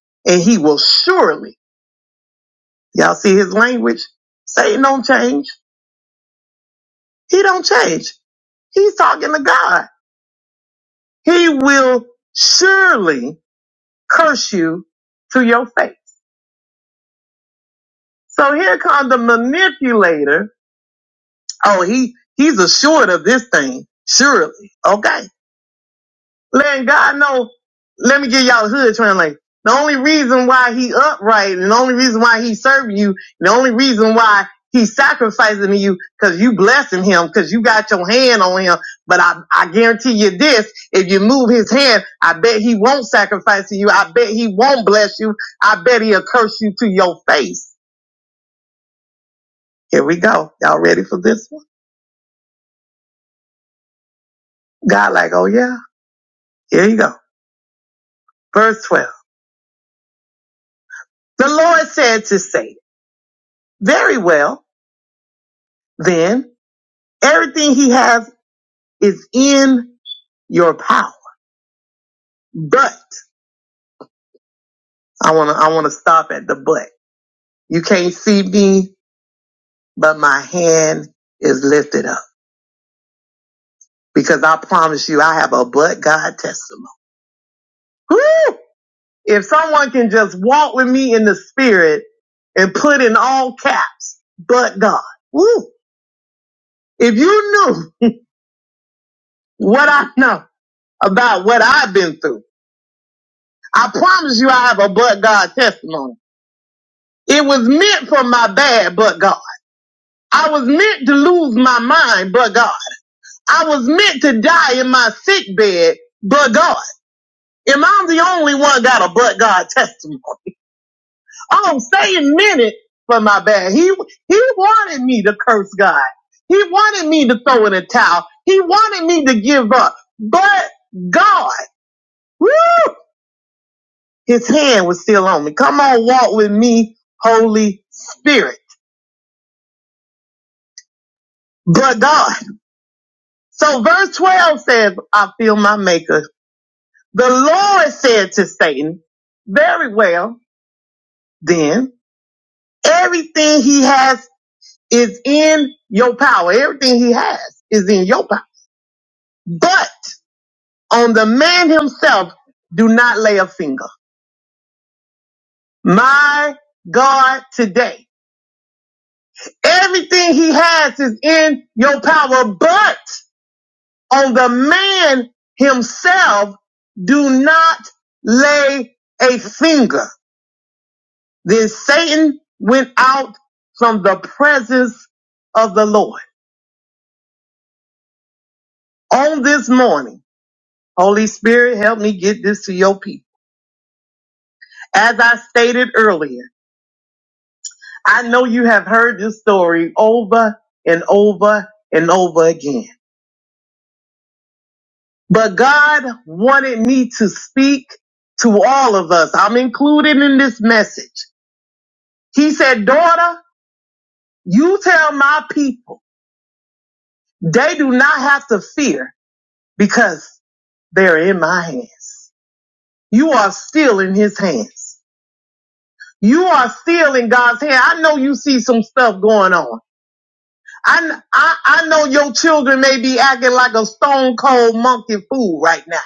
will surely, y'all see Satan on, he will surely curse you to your face. So here comes the ma- short of this thing. So this guy like, oh yeah, here you go. Verse 12. The Lord said to Satan, very well, then everything he has is in your power but." I wanna I wanna stop at the butt. You can't see me, but my hand is lifted up because I promise you I have a butt God testimony. Woo! If someone can just walk with me in the spirit and put in all caps, but God. Woo! If you knew what I know about what I've been through, I promise you I have a but God testimony. It was meant for my bad, but God. I was meant to lose my mind, but God. I was meant to die in my sick bed, but God. am i the only one got a but God testimony. I'm saying minute for my bad. He he wanted me to curse God. He wanted me to throw in a towel. He wanted me to give up. But God, woo, his hand was still on me. Come on, walk with me, Holy Spirit. But God. So verse 12 says, I feel my maker. The Lord said to Satan, very well. then everything he has is in your power. Everything he has is in your power. But on the man himself, do not lay a finger. My God, today, everything he has is in your power, but on the man himself, do not lay a finger. Then Satan went out from the presence of the Lord. You tell my people They do not have to fear because they're in my hands. You are still in his hands. You are still in God's hand. I know you see some stuff going on. I, I, I know your children may be acting like a stone cold monkey fool right now.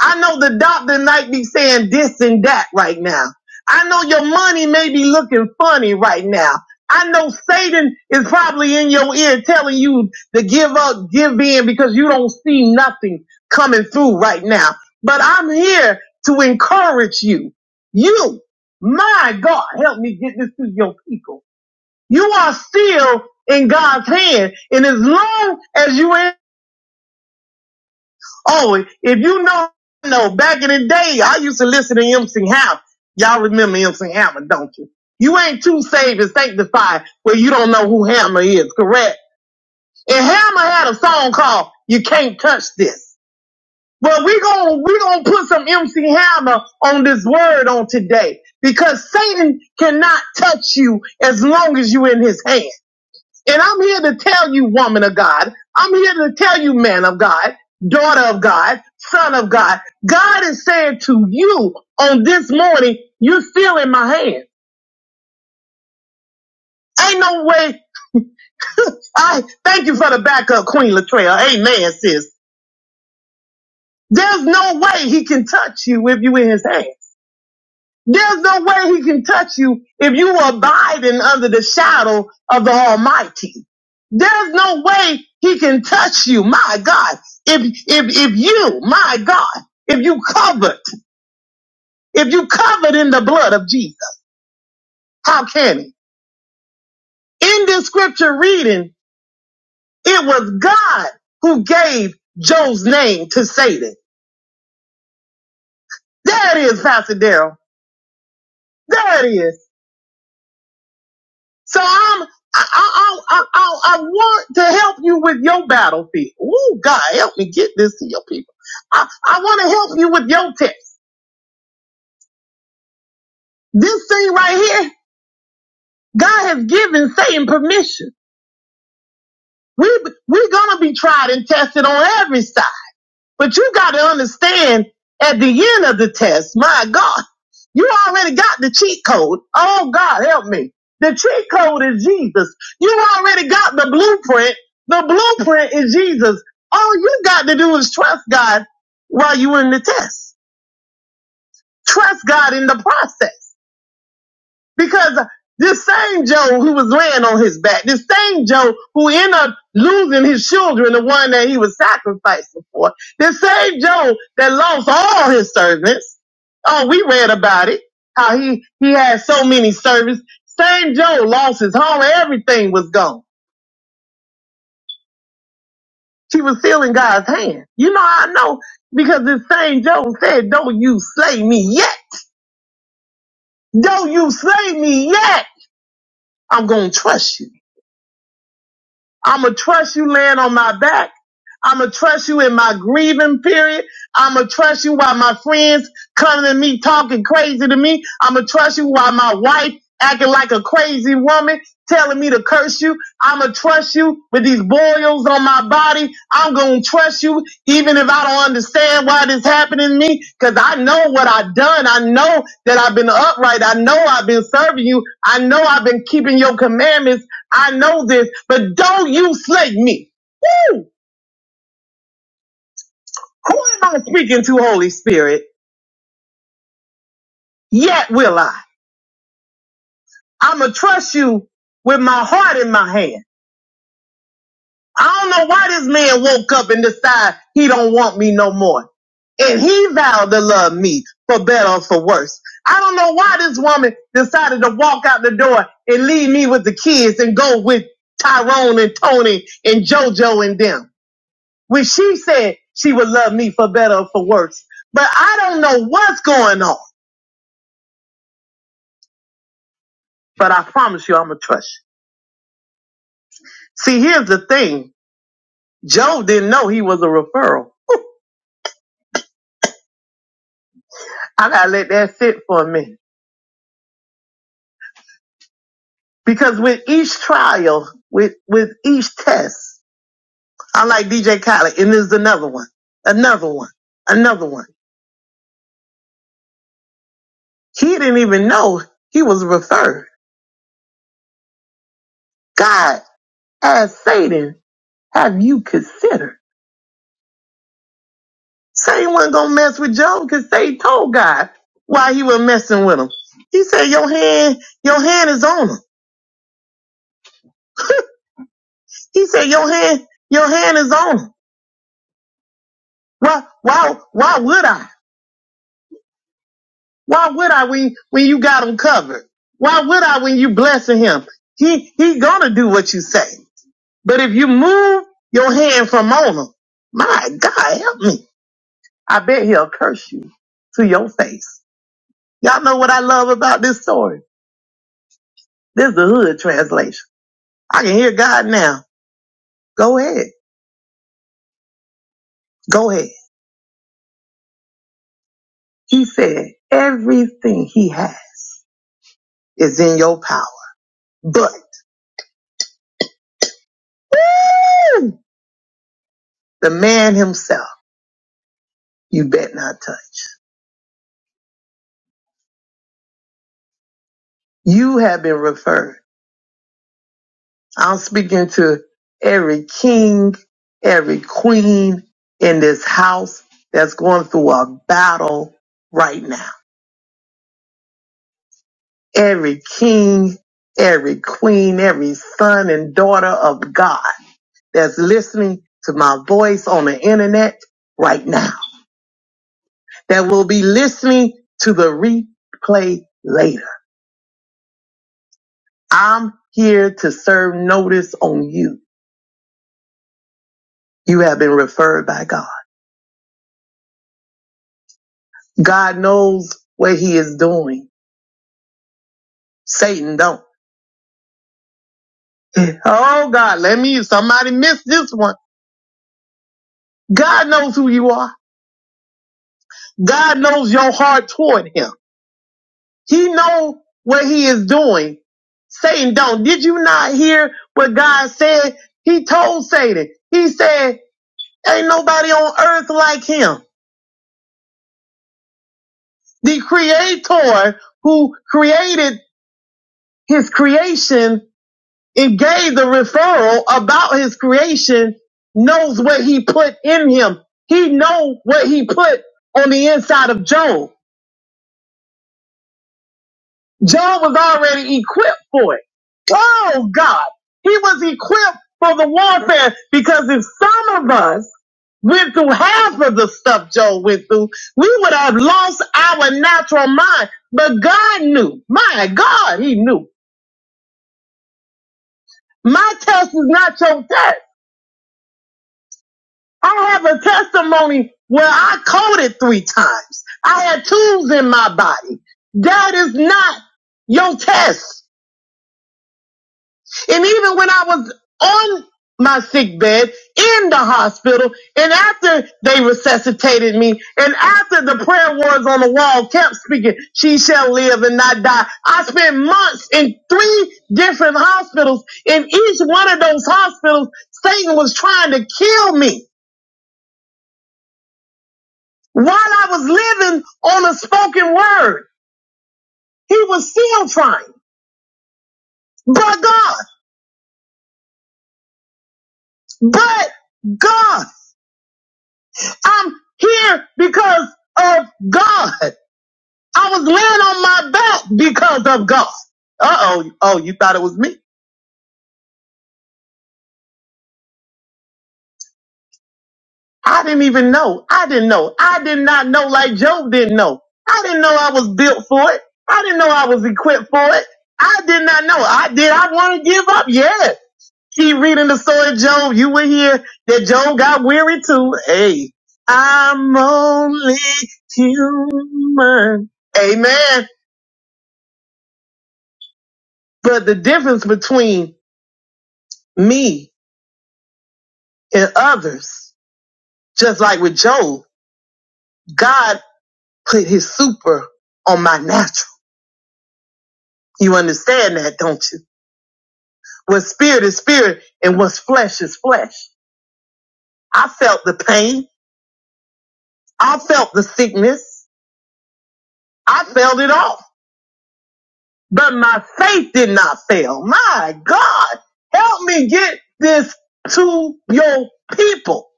I know the doctor might be saying this and that right now. I know your money may be looking funny right now. I know Satan is probably in your ear telling you to give up, give in because you don't see nothing coming through right now. But I'm here to encourage you. You, my God, help me get this to your people. You are still in God's hand. And as long as you are, oh, you know Back in the day, I used to listen to MC Hammer. Y'all remember MC Hammer, don't you? You ain't too saved and sanctified where you don't know who Hammer is, correct? And Hammer had a song called You Can't Touch This. Well, we gon' we gonna put some MC Hammer on this word on today because Satan cannot touch you as long as you in his hand. And I'm here to tell you, woman of God, I'm here to tell you, man of God, daughter of God, son of God, God is saying to you on this morning, you're still in my hand. Ain't no way. I thank you for the backup, Queen Latrell. Amen, sis. There's no way he can touch you if you in his hand. There's no way he can touch you if you are abiding under the shadow of the Almighty. There's no way he can touch you, my God. If if if you, my God, if you covered, if you covered in the blood of Jesus, how can he? In this scripture reading, it was God who gave Joe's name to Satan. There it is, Pastor Daryl. There it is. So I'm, I, I, I, I, I want to help you with your battlefield. Ooh, God, help me get this to your people. I, I want to help you with your test. This thing right here, God has given Satan permission. We, we're gonna be tried and tested on every side. But you got to understand at the end of the test, my God, you already got the cheat code. Oh God, help me. The cheat code is Jesus. You already got the blueprint. The blueprint is Jesus. All you got to do is trust God while you are in the test. Trust God in the process. Because this same Joe who was laying on his back, this same Joe who ended up losing his children, the one that he was sacrificing for, this same Joe that lost all his servants. Oh, we read about it. How he, he had so many servants. Same Joe lost his home. Everything was gone. She was still in God's hand. You know, I know because this same Joe said, don't you slay me yet. Don't you slay me yet. I'm going to trust you. I'ma trust you laying on my back. I'ma trust you in my grieving period. I'ma trust you while my friends coming to me talking crazy to me. I'ma trust you while my wife acting like a crazy woman telling me to curse you. I'ma trust you with these boils on my body. I'm gonna trust you even if I don't understand why this happening to me cause I know what I've done. I know that I've been upright. I know I've been serving you. I know I've been keeping your commandments I know this, but don't you slay me. Woo! Who am I speaking to, Holy Spirit? Yet will I. I'ma trust you with my heart in my hand. I don't know why this man woke up and decided he don't want me no more. And he vowed to love me for better or for worse. I don't know why this woman decided to walk out the door and leave me with the kids and go with Tyrone and Tony and JoJo and them. when she said she would love me for better or for worse. But I don't know what's going on. But I promise you, I'm going to trust you. See, here's the thing. Job didn't know he was a referral. I got to let that sit for a minute. Because with each trial, with, with each test, I like DJ Khaled, and there's another one, another one, another one. He didn't even know he was referred. God asked Satan, have you considered? Satan wasn't gonna mess with Job because Satan told God why he was messing with him. He said, Your hand, your hand is on him. He said, Your hand, your hand is on him. Why why why would I? Why would I when when you got him covered? Why would I when you blessing him? He he gonna do what you say. But if you move your hand from on him, my God help me. I bet he'll curse you to your face. Y'all know what I love about this story? This is the hood translation. I can hear God now. Go ahead. Go ahead. He said, everything he has is in your power. But the man himself, you bet not touch. You have been referred. I'm speaking to every king, every queen in this house that's going through a battle right now. Every king, every queen, every son and daughter of God. that's listening to my voice on the internet right now, that will be listening to the replay later. I'm here to serve notice on you. You have been referred by God. God knows what he is doing. Satan don't. Oh God, let me, somebody missed this one. God knows who you are. God knows your heart toward him. He know what he is doing. Satan don't. Did you not hear what God said? He told Satan, he said, ain't nobody on earth like him. The creator who created his creation and gave the referral about his creation knows what he put in him. He know what he put on the inside of Job. John was already equipped for it. Oh God. He was equipped for the warfare because if some of us went through half of the stuff Joe went through, we would have lost our natural mind. But God knew. My God, he knew. My test is not your test. I have a testimony where I coded three times. I had tools in my body. That is not your test. And even when I was on my sick bed in the hospital, and after they resuscitated me, and after the prayer words on the wall kept speaking, she shall live and not die. I spent months in three different hospitals. In each one of those hospitals, Satan was trying to kill me while I was living on a spoken word. He was still trying. But God, but God. I'm here because of God. I was laying on my back because of God. Uh oh. Oh, you thought it was me? I didn't even know. I didn't know. I did not know like Job didn't know. I didn't know I was built for it. I didn't know I was equipped for it. I did not know. I did. I want to give up. Yes. Keep reading the story of Job. You will hear that Job got weary too. Hey, I'm only human. Amen. But the difference between me and others, just like with Job, God put his super on my natural. You understand that, don't you? What's spirit is spirit and what's flesh is flesh. I felt the pain. I felt the sickness. I felt it all. But my faith did not fail. My God, help me get this to your people.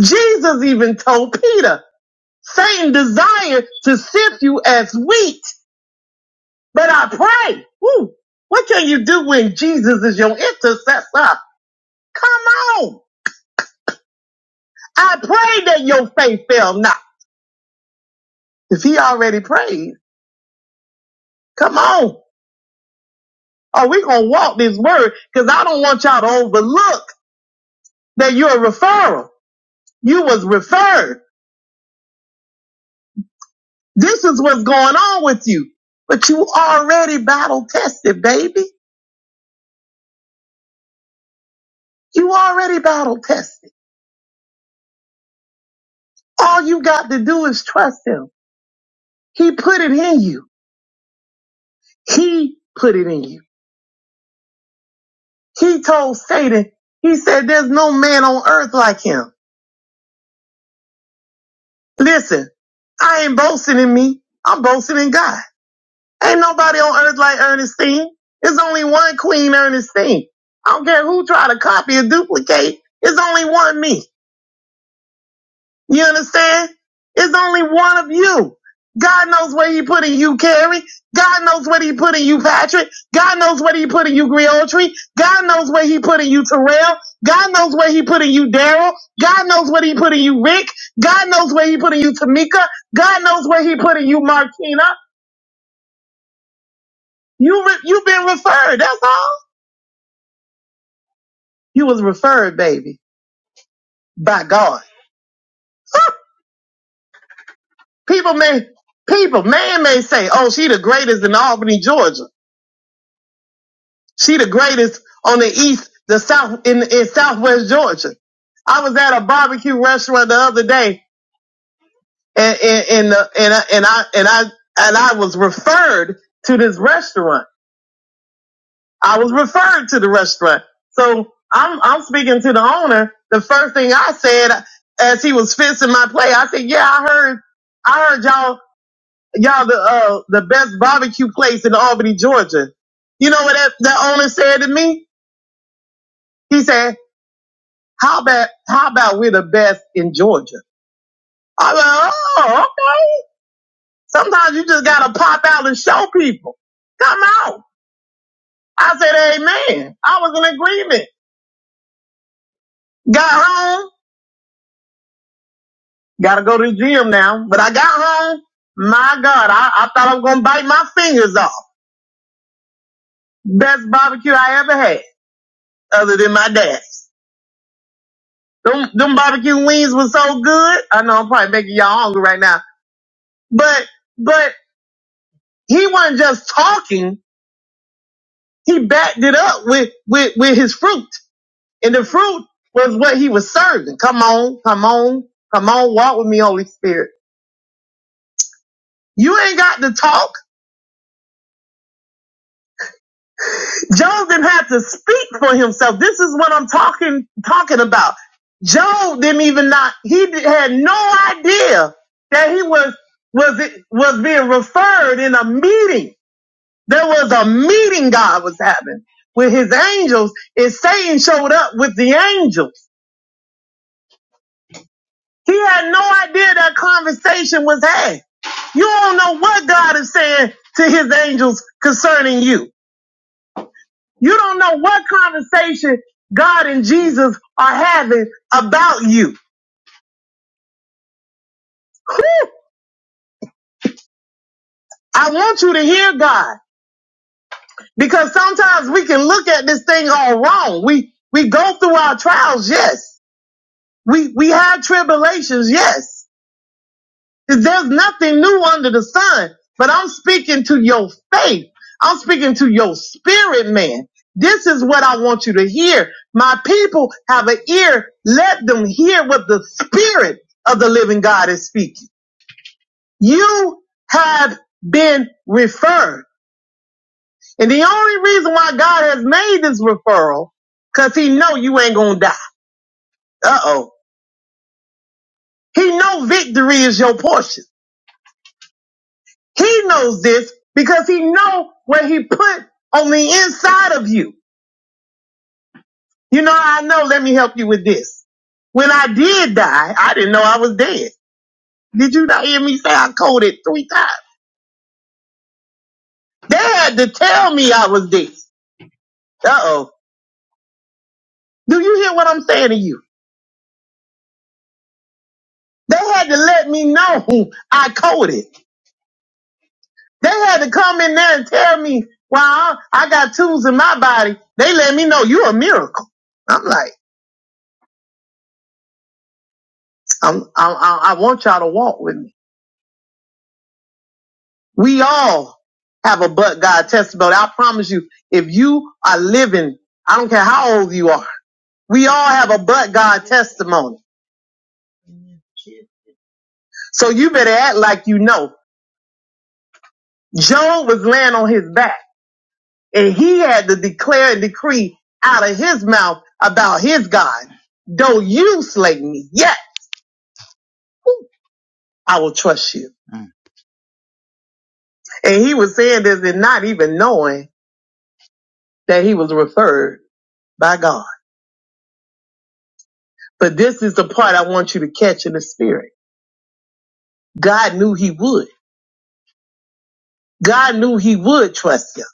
Jesus even told Peter, Satan desire to sift you as wheat, but I pray. Woo, what can you do when Jesus is your intercessor? Come on. I pray that your faith fail not. If he already prayed, come on. Are we going to walk this word? Cause I don't want y'all to overlook that you're a referral. You was referred. This is what's going on with you, but you already battle tested, baby. You already battle tested. All you got to do is trust him. He put it in you. He put it in you. He told Satan, he said, there's no man on earth like him. Listen, I ain't boasting in me. I'm boasting in God. Ain't nobody on earth like Ernestine. There's only one Queen Ernestine. I don't care who try to copy or duplicate. It's only one me. You understand? It's only one of you. God knows where he put in you, Carrie. God knows what he put in you, Patrick. God knows what he put in you, Griotry. God knows where he put in you, Terrell. God knows where he put in you, Daryl. God knows what he put in you, Rick. God knows where he put in you, Tamika. God knows where he put in you, Martina. You re- you've been referred. That's all. You was referred, baby, by God. People may people man may say, "Oh, she the greatest in Albany, Georgia." She the greatest on the east, the south, in, in southwest Georgia. I was at a barbecue restaurant the other day and, and, and, the, and, I- and I, and I, and I was referred to this restaurant. I was referred to the restaurant. So I'm, I'm speaking to the owner. The first thing I said as he was fixing my plate, I said, yeah, I heard, I heard y'all, y'all the, uh, the best barbecue place in Albany, Georgia. You know what that, that owner said to me? He said, How about how about we're the best in Georgia? I'm like, oh, okay. Sometimes you just gotta pop out and show people. Come out. I said, Amen. I was in agreement. Got home. Gotta go to the gym now. But I got home. My God, I, I thought I was gonna bite my fingers off. Best barbecue I ever had, other than my dad's. Them them barbecue wings were so good. I know I'm probably making y'all hungry right now. But but he wasn't just talking. he backed it up with, with, with his fruit. And the fruit was what he was serving. Come on, come on, come on, walk with me, Holy Spirit. You ain't got to talk. Job didn't have to speak for himself. This is what I'm talking, talking about. Job didn't even not, he di- had no idea that he was, was it, was being referred in a meeting. There was a meeting God was having with his angels and Satan showed up with the angels. He had no idea that conversation was had. You don't know what God is saying to his angels concerning you. You don't know what conversation God and Jesus are having about you. I want you to hear God because sometimes we can look at this thing all wrong. We, we go through our trials. Yes. We, we have tribulations. Yes There's nothing new under the sun, but I'm speaking to your faith. I'm speaking to your spirit, man. This is what I want you to hear. My people have an ear. Let them hear what the spirit of the living God is speaking. You have been referred. And the only reason why God has made this referral, cause he know you ain't gonna die. Uh oh. He know victory is your portion. He knows this because he know what he put on the inside of you. You know, I know. Let me help you with this. When I did die, I didn't know I was dead. Did you not hear me say I coded three times? They had to tell me I was dead. Uh oh. Do you hear what I'm saying to you? They had to let me know I coded. They had to come in there and tell me, well, I got tools in my body. They let me know you're a miracle. I'm like, I'm, I, I I want y'all to walk with me. We all have a but God testimony. I promise you, if you are living, I don't care how old you are, we all have a but God testimony. So you better act like you know. Job was laying on his back and he had to declare and decree out of his mouth about his God. Though you slay me, yet I will trust you. And he was saying this and not even knowing that he was referred by God. But this is the part I want you to catch in the spirit. God knew he would. God knew he would trust you.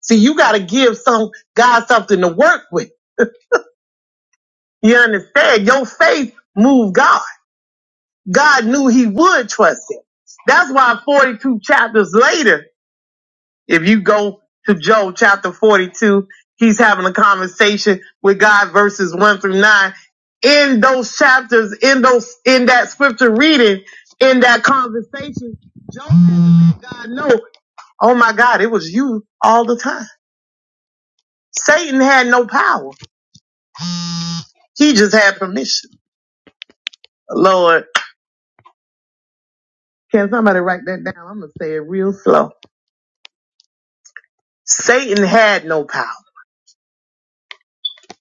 See, you got to give some God something to work with. You understand? Your faith moved God. God knew he would trust him. That's why 42 chapters later, if you go to Job chapter 42, he's having a conversation with God verses one through nine. In those chapters, in those, in that scripture reading, in that conversation, Job had to let God know, oh my God, it was you all the time. Satan had no power. He just had permission. Lord, can somebody write that down? I'm going to say it real slow. Satan had no power.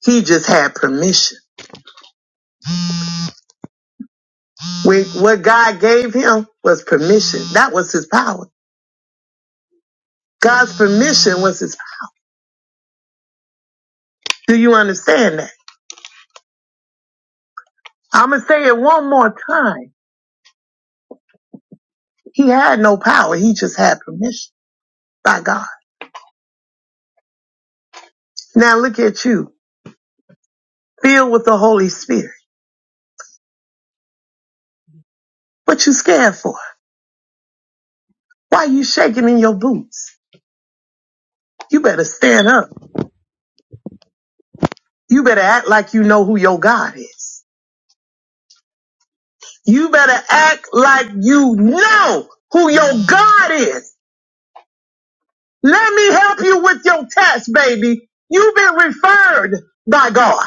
He just had permission. Wh- What God gave him was permission. That was his power. God's permission was his power. Do you understand that? I'm going to say it one more time. He had no power. He just had permission by God. Now look at you, filled with the Holy Spirit. What you scared for? Why you shaking in your boots? You better stand up. You better act like you know who your God is. You better act like you know who your God is. Let me help you with your test, baby. You've been referred by God.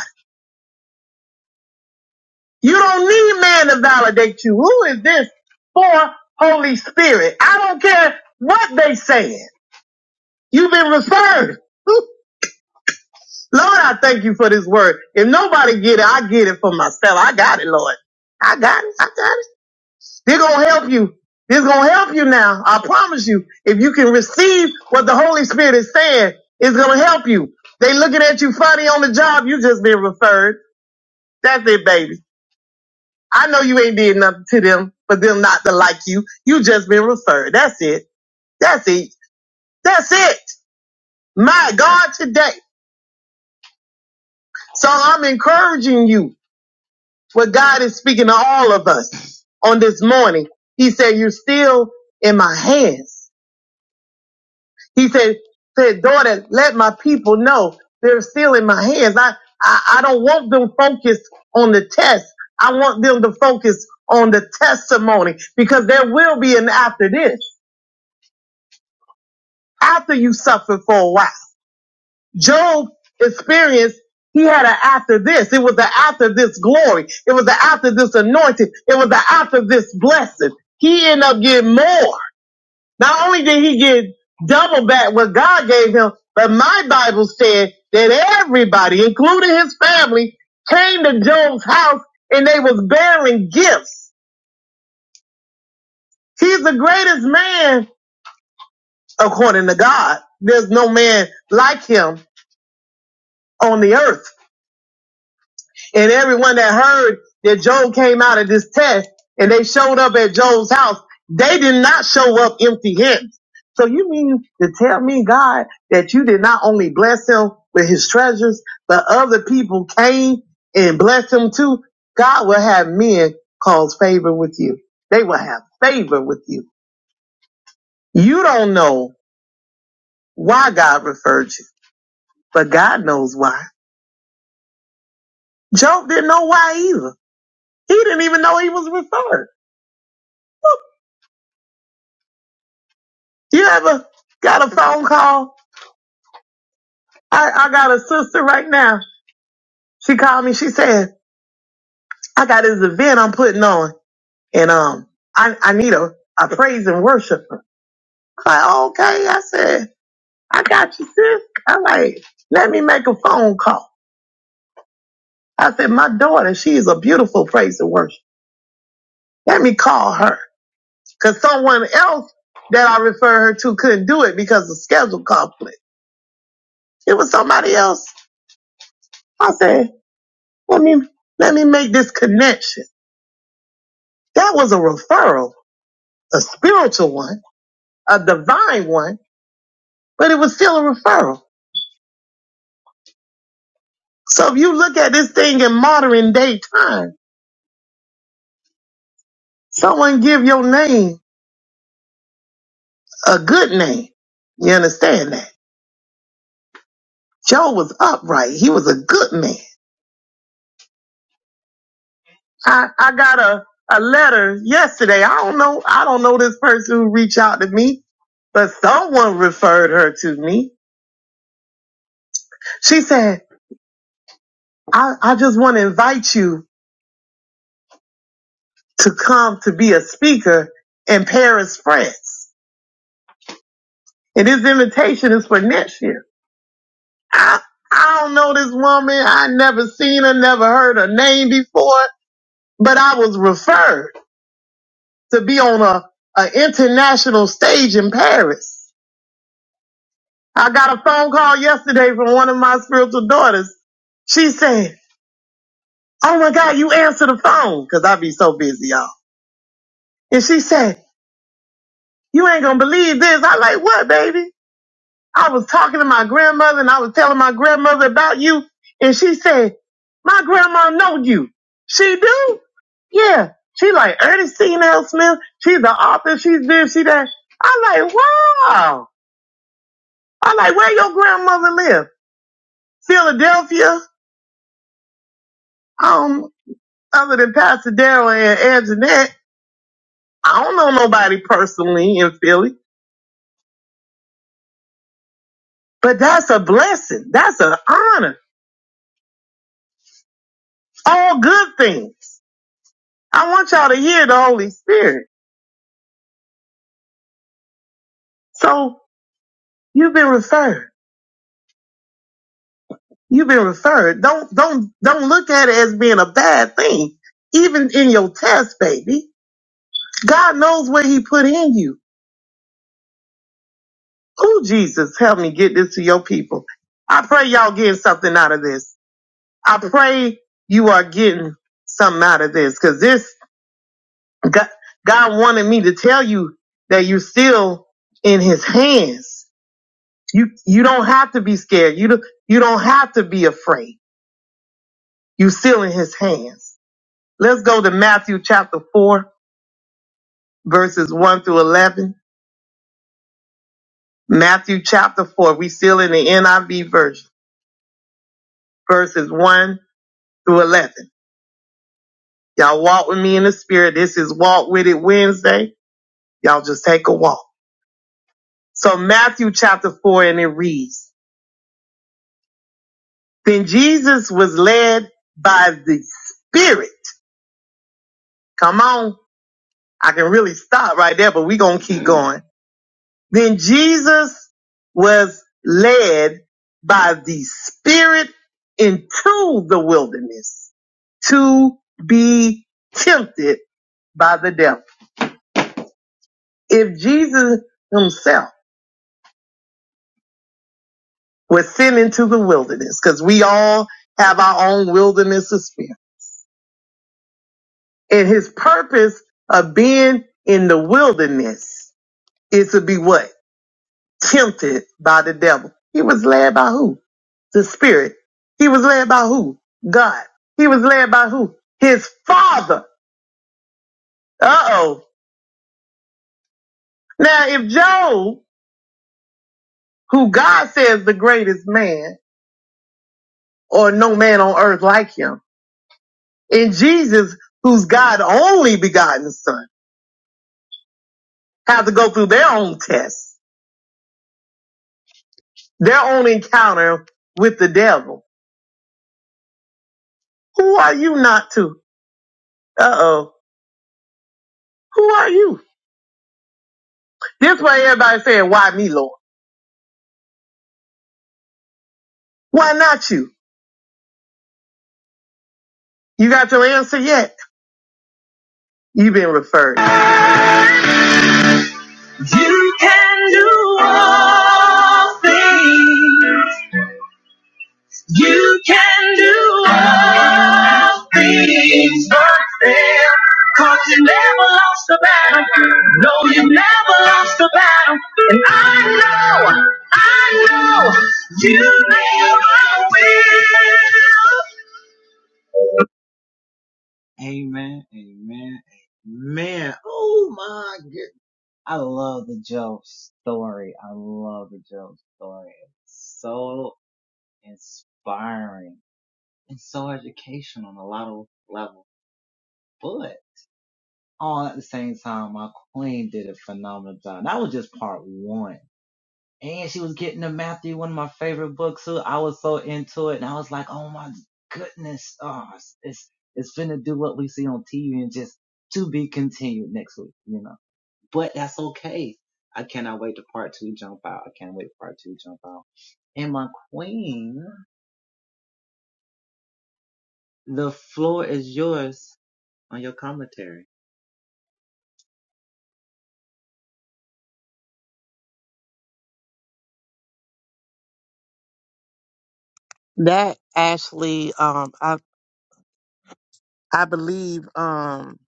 You don't need man to validate you. Who is this for Holy Spirit? I don't care what they saying. You've been referred. Whew. Lord, I thank you for this word. If nobody get it, I get it for myself. I got it, Lord. I got it. I got it. They're gonna help you. they gonna help you now. I promise you. If you can receive what the Holy Spirit is saying, it's gonna help you. They looking at you funny on the job. You just been referred. That's it, baby. I know you ain't did nothing to them, for them not to like you. You just been referred. That's it. That's it. That's it. My God, today. So I'm encouraging you. What God is speaking to all of us on this morning. He said, "You're still in my hands." He said, said, daughter, let my people know they're still in my hands. I, I, I don't want them focused on the test. I want them to focus on the testimony because there will be an after this, after you suffer for a while. Job experienced he had an after this. It was the after this glory. It was the after this anointing. It was the after this blessing. He ended up getting more. Not only did he get double back what God gave him, but my Bible said that everybody, including his family, came to Job's house and they was bearing gifts. He's the greatest man according to God. There's no man like him on the earth. And everyone that heard that Job came out of this test and they showed up at Job's house, they did not show up empty handed. So you mean to tell me, God, that you did not only bless him with his treasures, but other people came and blessed him too? God will have men cause favor with you. They will have favor with you. You don't know why God referred you, but God knows why. Job didn't know why either. He didn't even know he was referred. You ever got a phone call? I, I got a sister right now. She called me. She said, I got this event I'm putting on and, um, I, I need a, a praise and worshiper. I'm like, okay. I said, I got you, sis. I'm like, let me make a phone call. I said, my daughter, she is a beautiful praise and worship. Let me call her because someone else that I refer her to couldn't do it because of schedule conflict. It was somebody else. I said, let me, let me make this connection. That was a referral, a spiritual one, a divine one, but it was still a referral. So if you look at this thing in modern day time, someone give your name a good name. You understand that? Joe was upright. He was a good man. I, I got a, a letter yesterday. I don't know. I don't know this person who reached out to me, but someone referred her to me. She said, I, I just want to invite you to come to be a speaker in Paris, France. And his invitation is for next year. I, I don't know this woman. I never seen her, never heard her name before, but I was referred to be on a, a international stage in Paris. I got a phone call yesterday from one of my spiritual daughters. She said, Oh my God, you answer the phone. Cause I be so busy, y'all. And she said, you ain't gonna believe this. I like, what, baby? I was talking to my grandmother and I was telling my grandmother about you. And she said, my grandma know you. She do? Yeah. She like Ernestine L. Smith. She's the author. She's this, she that. I like, wow. I like, where your grandmother live? Philadelphia? Um, other than Pastor Daryl and Anjanette. I don't know nobody personally in Philly, but that's a blessing. That's an honor. All good things. I want y'all to hear the Holy Spirit. So You've been referred. You've been referred. Don't don't don't look at it as being a bad thing. Even in your test, baby, God knows what He put in you. Oh, Jesus, help me get this to your people. I pray y'all getting something out of this. I pray you are getting something out of this because this God, God wanted me to tell you that you're still in His hands. You you don't have to be scared. You don't you don't have to be afraid. You're still in His hands. Let's go to Matthew chapter 4, verses 1 through 11. Matthew chapter 4, we still in the NIV version, verses 1 through 11. Y'all walk with me in the spirit. This is Walk With It Wednesday. Y'all just take a walk. So Matthew chapter 4, and it reads, Then Jesus was led by the Spirit. Come on. I can really stop right there, but we going to keep going Then Jesus was led by the Spirit into the wilderness to be tempted by the devil. If Jesus himself was sent into the wilderness, because we all have our own wilderness of spirit, and his purpose of being in the wilderness is to be what? Tempted by the devil. He was led by who? the spirit. He was led by who? God. He was led by who? His father. Uh oh. Now, if Job, who God says the greatest man, or no man on earth like him, and Jesus, who's God only begotten son, have to go through their own tests, their own encounter with the devil, who are you not to? Uh oh. Who are you? This way everybody's saying, why me, Lord? Why not you? You got your answer yet? You've been referred. Amen. Amen. Amen. Oh, my. I love the Job story. I love the Job story. It's so inspiring and so educational on a lot of levels. But all at the same time, my queen did a phenomenal job. That was just part one. and she was getting to Matthew, one of my favorite books too. I was so into it, and I was like, "Oh my goodness, oh, it's it's, it's finna do what we see on TV, and just to be continued next week, you know." But that's okay. I cannot wait to part two jump out. I can't wait for part two jump out. And my queen, the floor is yours on your commentary. That actually, um, I I believe um,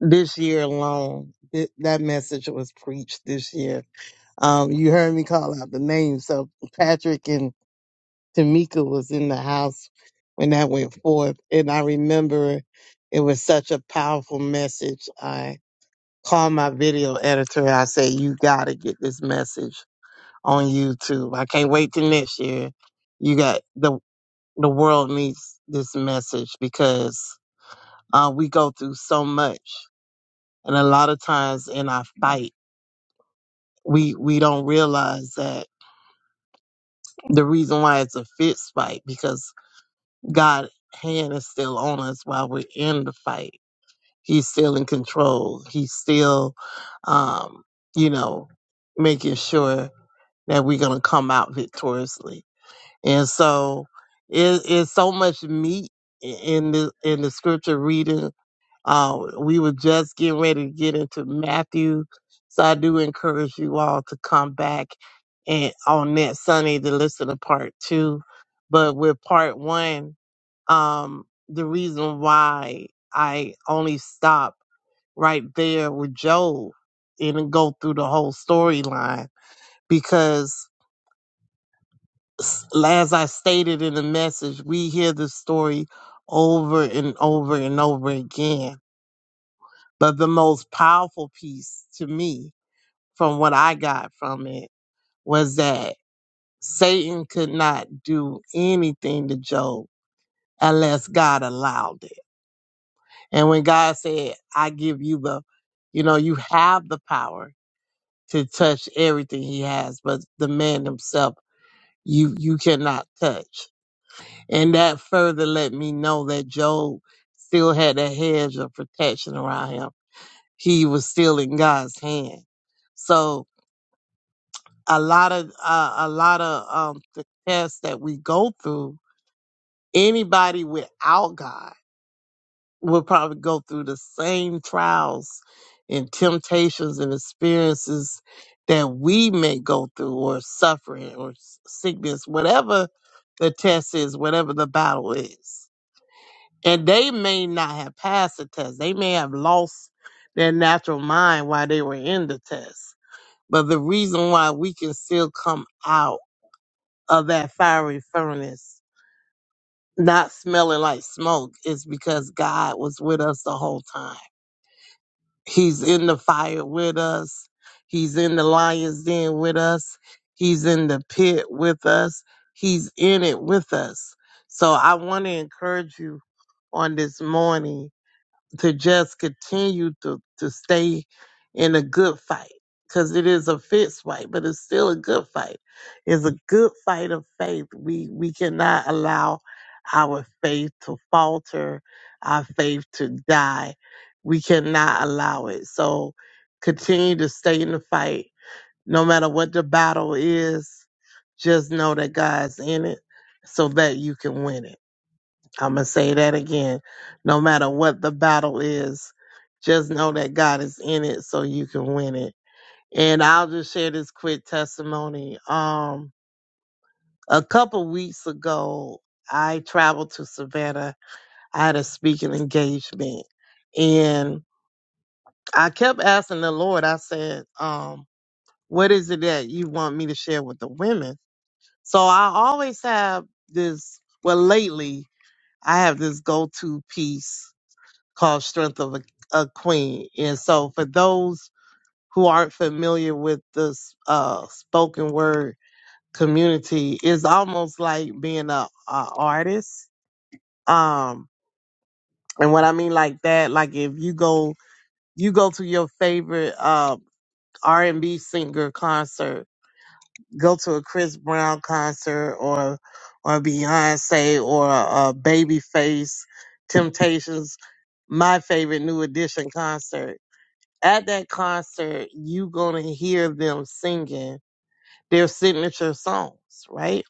this year alone, th- that message was preached this year. Um, you heard me call out the names. So Patrick and Tamika was in the house when that went forth, and I remember it was such a powerful message. I called my video editor. I said, "You got to get this message on YouTube. I can't wait till next year. You got the the world needs this message because." Uh, we go through so much, and a lot of times in our fight, we we don't realize that the reason why it's a fist fight because God's hand is still on us while we're in the fight. He's still in control. He's still, um, you know, making sure that we're gonna come out victoriously. And so, it, it's so much meat in the in the scripture reading Uh, we were just getting ready to get into Matthew, so I do encourage you all to come back and on that Sunday to listen to part two. But with part one, um, the reason why I only stop right there with Job and then go through the whole storyline because, s- as I stated in the message, we hear the story over and over and over again But the most powerful piece to me from what I got from it was that Satan could not do anything to Job unless God allowed it. And when God said, I give you the, you know, you have the power to touch everything he has, but the man himself, you, you cannot touch. And that further let me know that Job still had a hedge of protection around him. He was still in God's hand. So a lot of uh, a lot of um the tests that we go through anybody without god will probably go through the same trials and temptations and experiences that we may go through or suffering or s- sickness whatever the test is whatever the battle is and they may not have passed the test they may have lost their natural mind while they were in the test but the reason why we can still come out of that fiery furnace not smelling like smoke is because God was with us the whole time. He's in the fire with us. He's in the lion's den with us. He's in the pit with us. He's in it with us. So I want to encourage you on this morning to just continue to, to stay in a good fight because it is a fist fight, but it's still a good fight. It's a good fight of faith. We we cannot allow our faith to falter, our faith to die. We cannot allow it. So continue to stay in the fight, no matter what the battle is. Just know that God's in it, so that you can win it. I'm going to say that again. No matter what the battle is, just know that God is in it so you can win it. And I'll just share this quick testimony. Um, a couple weeks ago, I traveled to Savannah. I had a speaking engagement and I kept asking the Lord, I said, um, what is it that you want me to share with the women? So I always have this, well, lately I have this go-to piece called Strength of a, a Queen. And so, for those who aren't familiar with the uh, spoken word community, it's almost like being a, a artist. Um, and what I mean like that, like if you go you go to your favorite uh, R and B singer concert, go to a Chris Brown concert or or Beyonce or a Babyface, Temptations, my favorite New Edition concert At that concert, you gonna hear them singing their signature songs, right?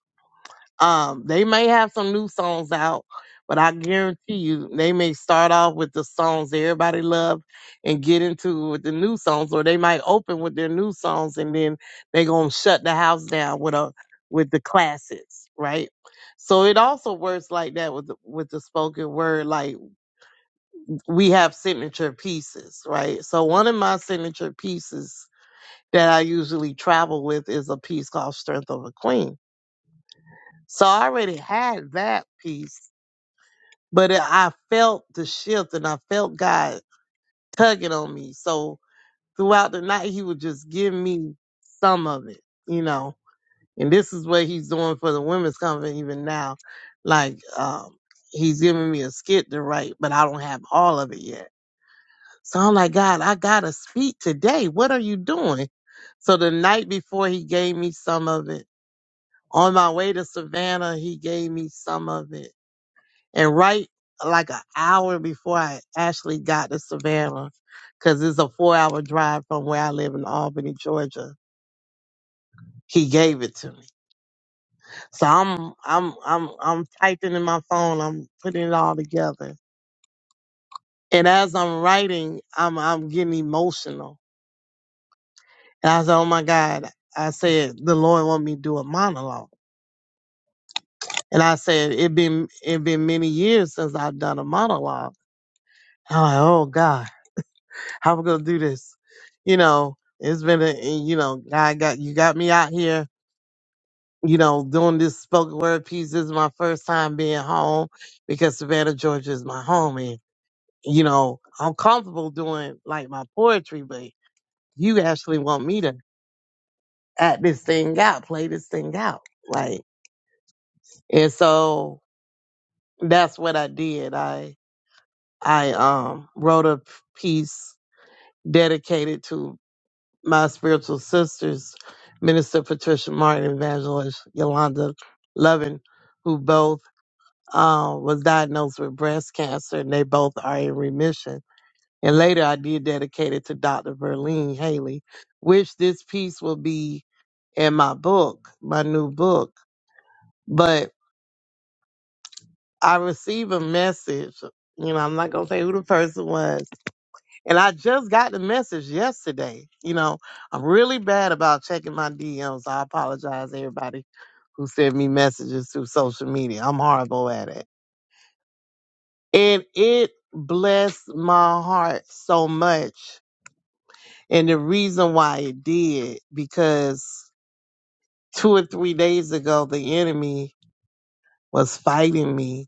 Um, they may have some new songs out, but I guarantee you they may start off with the songs everybody love and get into with the new songs, or they might open with their new songs and then they gonna shut the house down with a with the classics, right? So it also works like that with the, with the spoken word. Like we have signature pieces, right? So one of my signature pieces that I usually travel with is a piece called Strength of a Queen. So I already had that piece, but it, I felt the shift and I felt God tugging on me. So throughout the night, He would just give me some of it, you know. And this is what He's doing for the women's conference even now. Like, um, He's giving me a skit to write, but I don't have all of it yet. So I'm like, God, I got to speak today. What are you doing? So the night before, He gave me some of it on my way to Savannah, he gave me some of it. And right like an hour before I actually got to Savannah, because it's a four hour drive from where I live in Albany, Georgia, he gave it to me. So I'm I'm I'm I'm typing in my phone, I'm putting it all together. And as I'm writing, I'm I'm getting emotional. And I said, Oh my God, I said, the Lord want me to do a monologue," And I said, it been it been many years since I've done a monologue. I'm like, oh God, how we gonna do this? You know, it's been a eh, you know, God got you got me out here, you know, doing this spoken word piece. This is my first time being home because Savannah, Georgia is my home and you know, I'm comfortable doing like my poetry, but you actually want me to act this thing out, play this thing out. Like and so that's what I did. I I um wrote a piece dedicated to my spiritual sisters, Minister Patricia Martin and Evangelist Yolanda Lovin, who both um, was diagnosed with breast cancer, and they both are in remission. And later, I did dedicate it to Dr. Verlene Haley, which this piece will be in my book, my new book. But I received a message. You know, I'm not gonna say who the person was, And I just got the message yesterday. You know, I'm really bad about checking my DMs. I apologize, to everybody who sent me messages through social media. I'm horrible at it. And it blessed my heart so much. And the reason why it did, because two or three days ago, the enemy was fighting me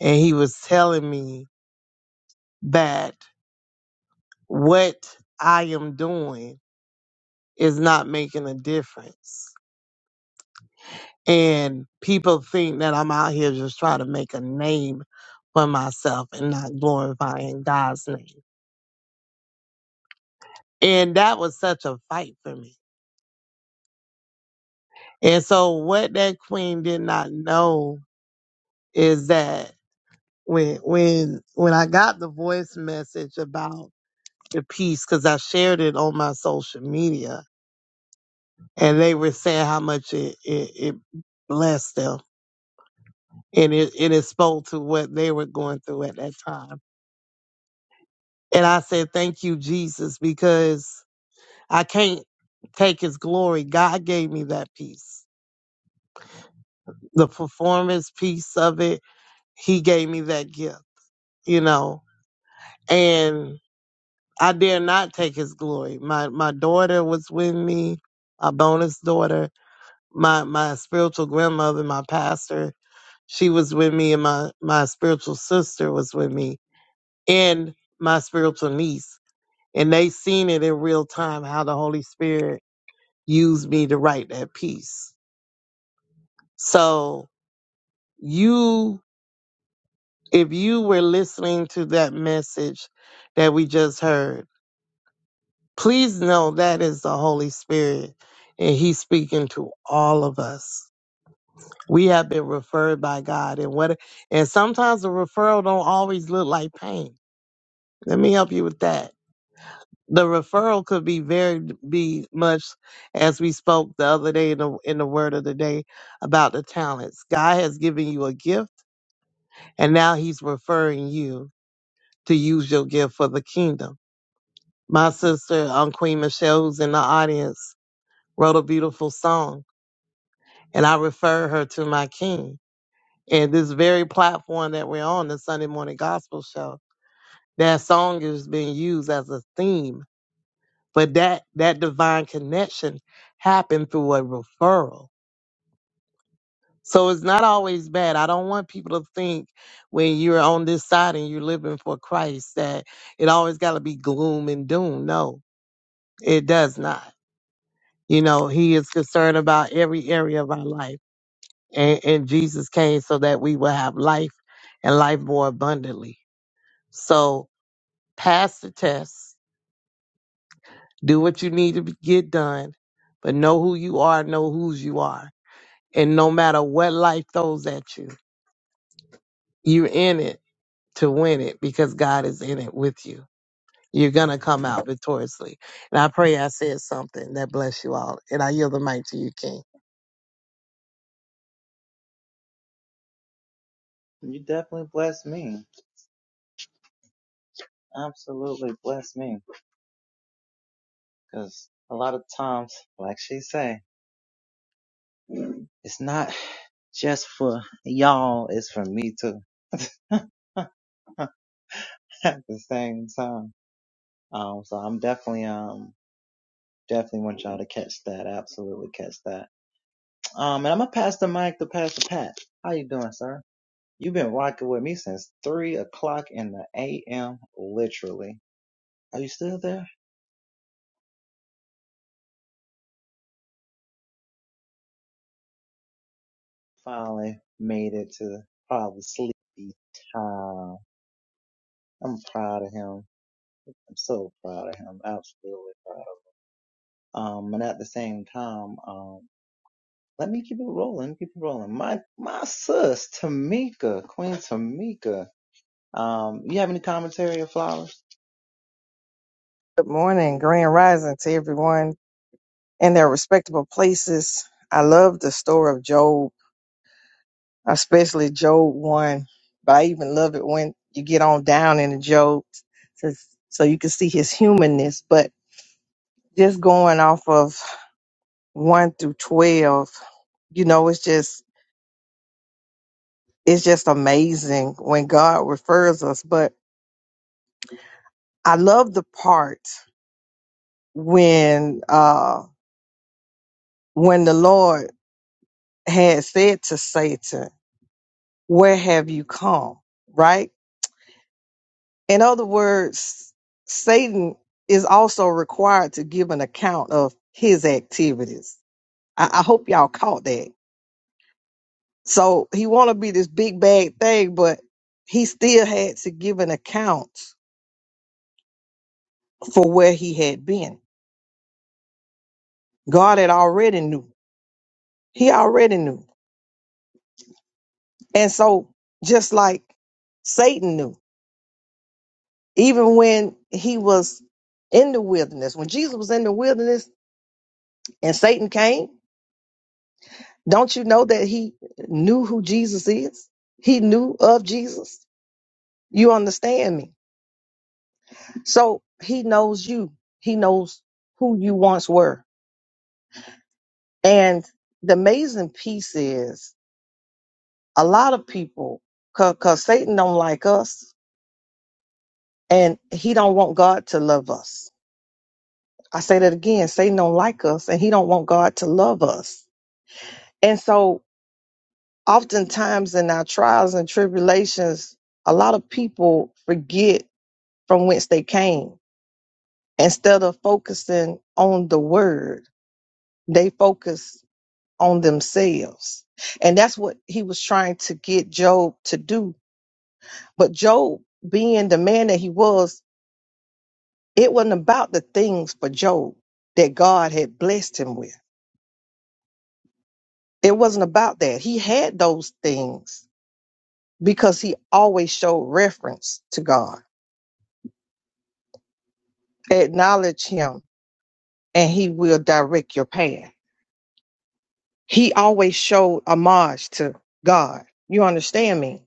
and he was telling me that what I am doing is not making a difference And people think that I'm out here just trying to make a name for myself and not glorifying God's name. And that was such a fight for me. And so what that queen did not know is that when when when I got the voice message about the piece, because I shared it on my social media, and they were saying how much it it, it blessed them and it, and it spoke to what they were going through at that time And I said, Thank you, Jesus, because I can't take his glory. God gave me that piece, the performance piece of it. He gave me that gift, you know, and I dare not take his glory. My my daughter was with me, my bonus daughter, my my spiritual grandmother, my pastor, she was with me, and my my spiritual sister was with me, and my spiritual niece, and they seen it in real time how the Holy Spirit used me to write that piece. So you, if you were listening to that message that we just heard, please know that is the Holy Spirit and he's speaking to all of us. We have been referred by God and what, and sometimes the referral don't always look like pain. Let me help you with that. The referral could be very, be much as we spoke the other day in the, in the word of the day about the talents. God has given you a gift And now he's referring you to use your gift for the kingdom. My sister, um, Queen Michelle, who's in the audience, wrote a beautiful song, and I refer her to my king. And this very platform that we're on, the Sunday Morning Gospel Show, that song has been used as a theme. But that that divine connection happened through a referral. So it's not always bad. I don't want people to think when you're on this side and you're living for Christ that it always got to be gloom and doom. No, it does not. You know, He is concerned about every area of our life. And, and Jesus came so that we will have life and life more abundantly. So pass the test, do what you need to be- get done, but know who you are, know whose you are. And no matter what life throws at you, you're in it to win it because God is in it with you. You're going to come out victoriously. And I pray I said something that bless you all. And I yield the mic to you, King. Hmm, Absolutely bless me, because a lot of times, like she say. Good morning, grand rising to everyone in their respectable places. I love the story of Job, especially Job 1. But I even love it when you get on down into Job so, so you can see his humanness. But just going off of 1 through 12, you know, it's just it's just amazing when God refers us. But I love the part when uh when the Lord had said to Satan, Where have you come? Right? In other words, Satan is also required to give an account of his activities. I, I hope y'all caught that. So he wanna be this big bad thing, but he still had to give an account for where he had been. God had already knew He already knew. And so, just like Satan knew, even when he was in the wilderness, when Jesus was in the wilderness and Satan came, don't you know that he knew who Jesus is? He knew of Jesus. You understand me? So, he knows you, he knows who you once were. And the amazing piece is a lot of people, because Satan don't like us and he don't want God to love us I say that again, Satan don't like us and he don't want God to love us. And so oftentimes in our trials and tribulations, a lot of people forget from whence they came. Instead of focusing on the word, they focus on themselves. And that's what he was trying to get Job to do. But Job, being the man that he was, it wasn't about the things for Job that God had blessed him with. It wasn't about that. He had those things because he always showed reference to God. Acknowledge him and he will direct your path. He always showed homage to God. You understand me?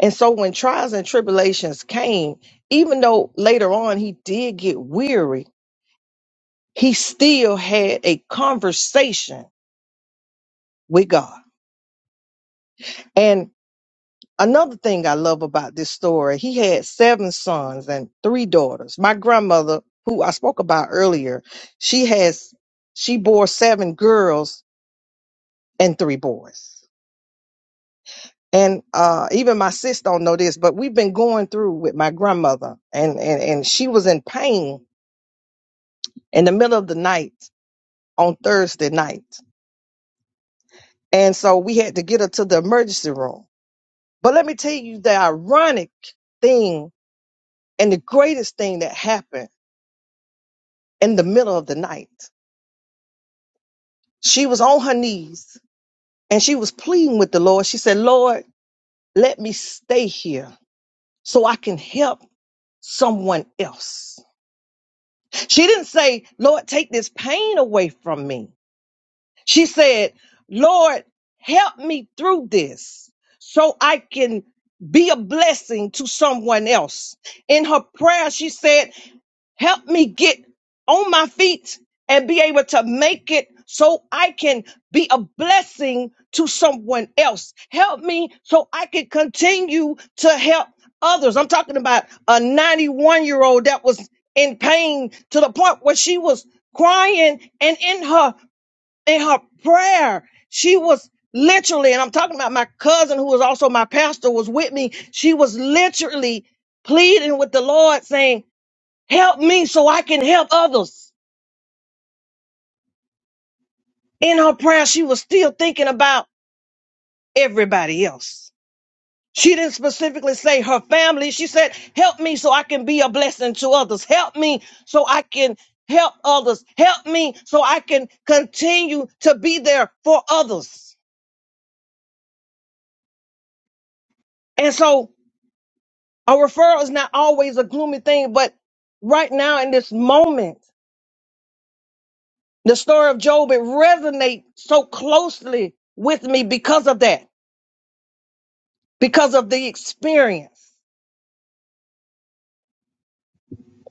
And so when trials and tribulations came, even though later on he did get weary, he still had a conversation with God. And Another thing I love about this story, he had seven sons and three daughters. My grandmother, who I spoke about earlier, she has she bore seven girls and three boys. And uh, even my sis don't know this, but we've been going through with my grandmother, and and and she was in pain in the middle of the night on Thursday night, and so we had to get her to the emergency room. But let me tell you the ironic thing and the greatest thing that happened in the middle of the night. She was on her knees and she was pleading with the Lord. She said, Lord, let me stay here so I can help someone else. She didn't say, Lord, take this pain away from me. She said, Lord, help me through this so I can be a blessing to someone else. In her prayer, she said, Help me get on my feet and be able to make it so I can be a blessing to someone else. Help me so I can continue to help others. I'm talking about a 91 year old that was in pain to the point where she was crying and in her, in her prayer, she was literally, and I'm talking about my cousin who was also my pastor was with me. She was literally pleading with the Lord saying, Help me so I can help others. In her prayer, she was still thinking about everybody else. She didn't specifically say her family. She said, Help me so I can be a blessing to others. Help me so I can help others. Help me so I can continue to be there for others. And so a referral is not always a gloomy thing, but right now in this moment, the story of Job, it resonates so closely with me because of that. because of the experience.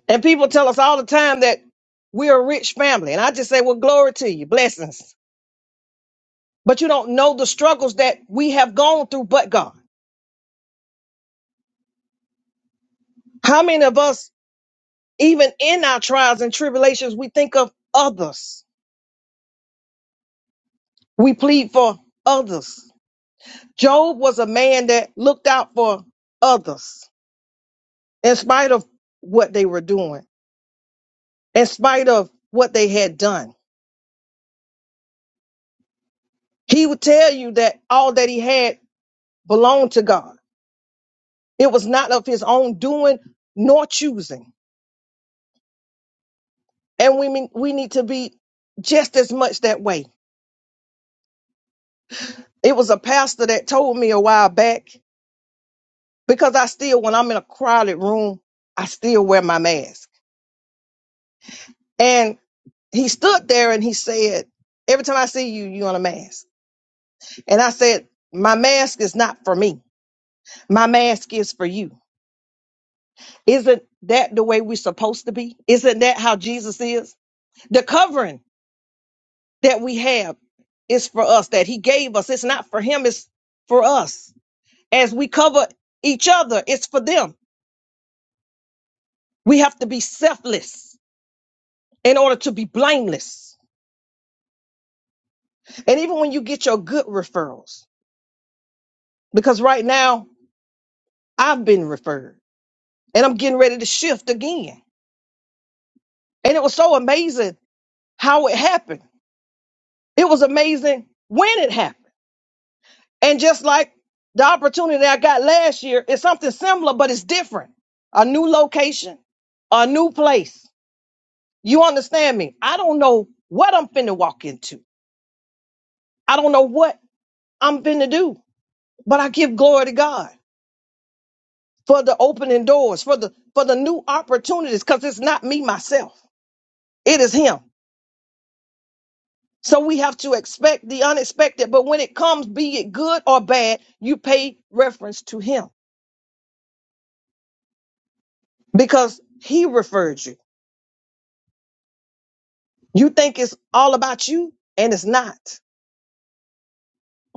And people tell us all the time that we're a rich family. And I just say, well, glory to you, blessings. But you don't know the struggles that we have gone through, but God. How many of us, even in our trials and tribulations, we think of others? We plead for others. Job was a man that looked out for others in spite of what they were doing, in spite of what they had done. He would tell you that all that he had belonged to God It was not of his own doing nor choosing. And we mean, we need to be just as much that way. It was a pastor that told me a while back because I still, when I'm in a crowded room, I still wear my mask. And he stood there and he said, Every time I see you, you on a mask. And I said, My mask is not for me. My mask is for you. Isn't that the way we're supposed to be? Isn't that how Jesus is? The covering. that we have is for us, that He gave us. It's not for Him, it's for us. As we cover each other, it's for them. We have to be selfless in order to be blameless. And even when you get your good referrals, because right now I've been referred and I'm getting ready to shift again. And it was so amazing how it happened. It was amazing when it happened. And just like the opportunity I got last year, it's something similar, but it's different. A new location, a new place. You understand me? I don't know what I'm finna walk into. I don't know what I'm finna do, but I give glory to God for the opening doors, for the for the new opportunities, because it's not me myself. It is him. So we have to expect the unexpected, but when it comes, be it good or bad, you pay reference to him because he referred you. You think it's all about you, and it's not.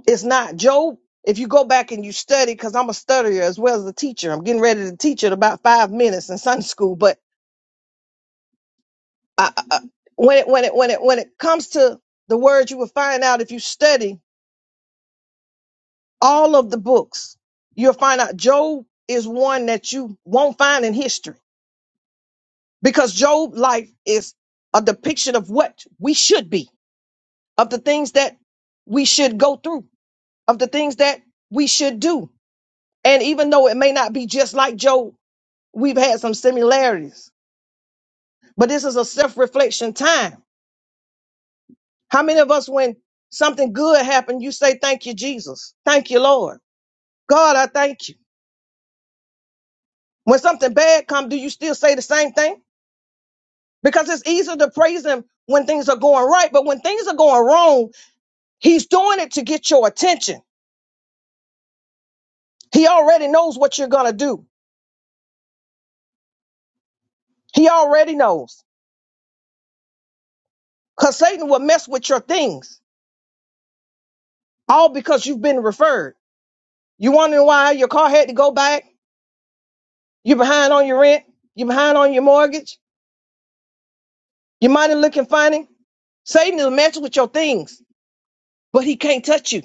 It's not. Job, if you go back and you study, because I'm a studier as well as a teacher, I'm getting ready to teach it about five minutes in Sunday school. But I, I, I- when it when it when it when it comes to the word, you will find out if you study all of the books, you'll find out Job is one that you won't find in history because Job life is a depiction of what we should be, of the things that we should go through, of the things that we should do And even though it may not be just like Job, we've had some similarities. But this is a self reflection time. How many of us, when something good happened, you say, Thank you, Jesus. Thank you, Lord. God, I thank you. When something bad comes, do you still say the same thing? Because it's easier to praise Him when things are going right. But when things are going wrong, He's doing it to get your attention. He already knows what you're going to do, He already knows. Because Satan will mess with your things, all because you've been referred. You wondering why your car had to go back? You are behind on your rent? You are behind on your mortgage? Your money looking funny? Satan is messing with your things, but he can't touch you.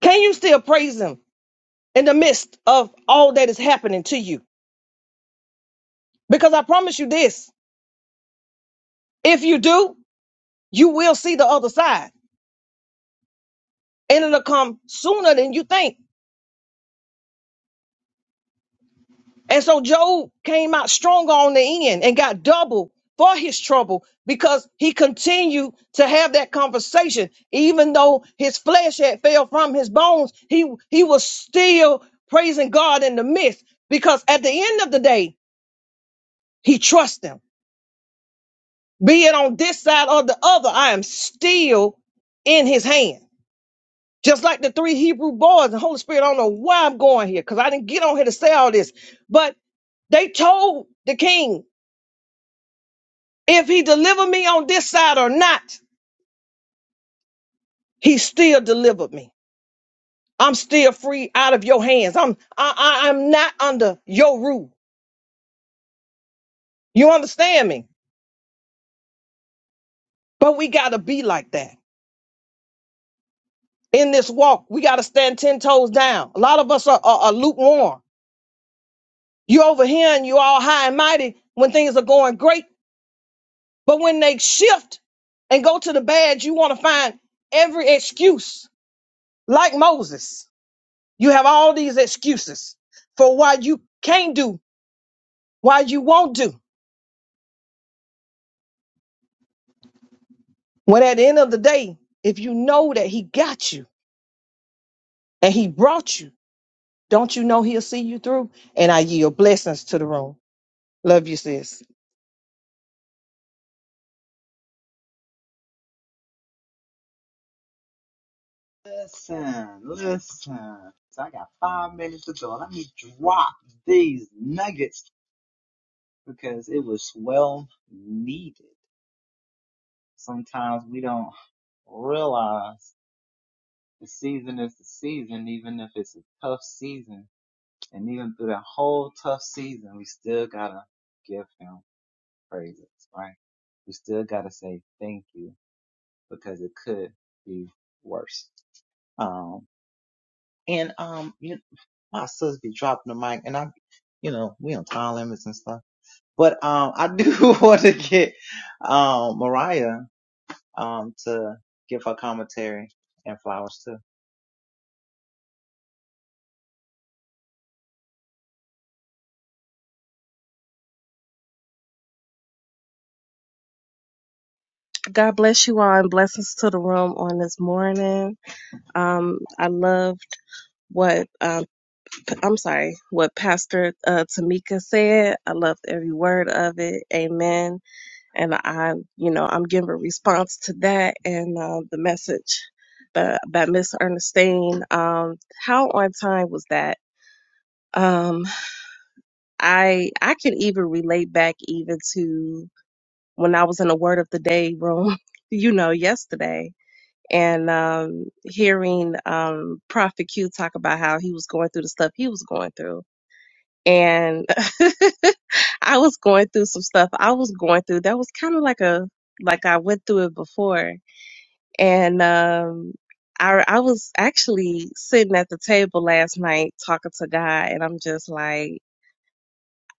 Can you still praise him in the midst of all that is happening to you? Because I promise you this if you do, you will see the other side, and it'll come sooner than you think. And so Job came out stronger on the end and got double for his trouble because he continued to have that conversation. Even though his flesh had fell from his bones, he, he was still praising God in the midst because at the end of the day, he trusts him. Be it on this side or the other, I am still in his hand. Just like the three Hebrew boys, the Holy Spirit, I don't know why I'm going here because I didn't get on here to say all this, but they told the king If he delivered me on this side or not, he still delivered me. I'm still free out of your hands. I'm I, I, I'm not under your rule. You understand me? But we gotta be like that in this walk. We gotta stand ten toes down. A lot of us are, are, are lukewarm. You over here and you all high and mighty when things are going great, but when they shift and go to the bad, you want to find every excuse. Like Moses, you have all these excuses for why you can't do why you won't do. When at the end of the day, if you know that he got you and he brought you, don't you know he'll see you through? And I yield blessings to the room. Love you, sis. Listen, listen. So I got five minutes to go. Let me drop these nuggets because it was well needed. Sometimes we don't realize the season is the season, even if it's a tough season. And even through that whole tough season, we still gotta give him praises, right? We still gotta say, God bless you all and blessings to the room on this morning. Um, I loved what um, p- I'm sorry, what Pastor uh, Tamika said. I loved every word of it. Amen. And I, you know, I'm giving a response to that and uh, the message by, by Miss Ernestine. Um, how on time was that? Um, I I can even relate back even to when I was in the Word of the Day room. You know, yesterday and um, hearing um, Prophet Q talk about how he was going through the stuff he was going through. And I was going through some stuff I was going through that was kind of like a like I went through it before. And um, I I was actually sitting at the table last night talking to God, and I'm just like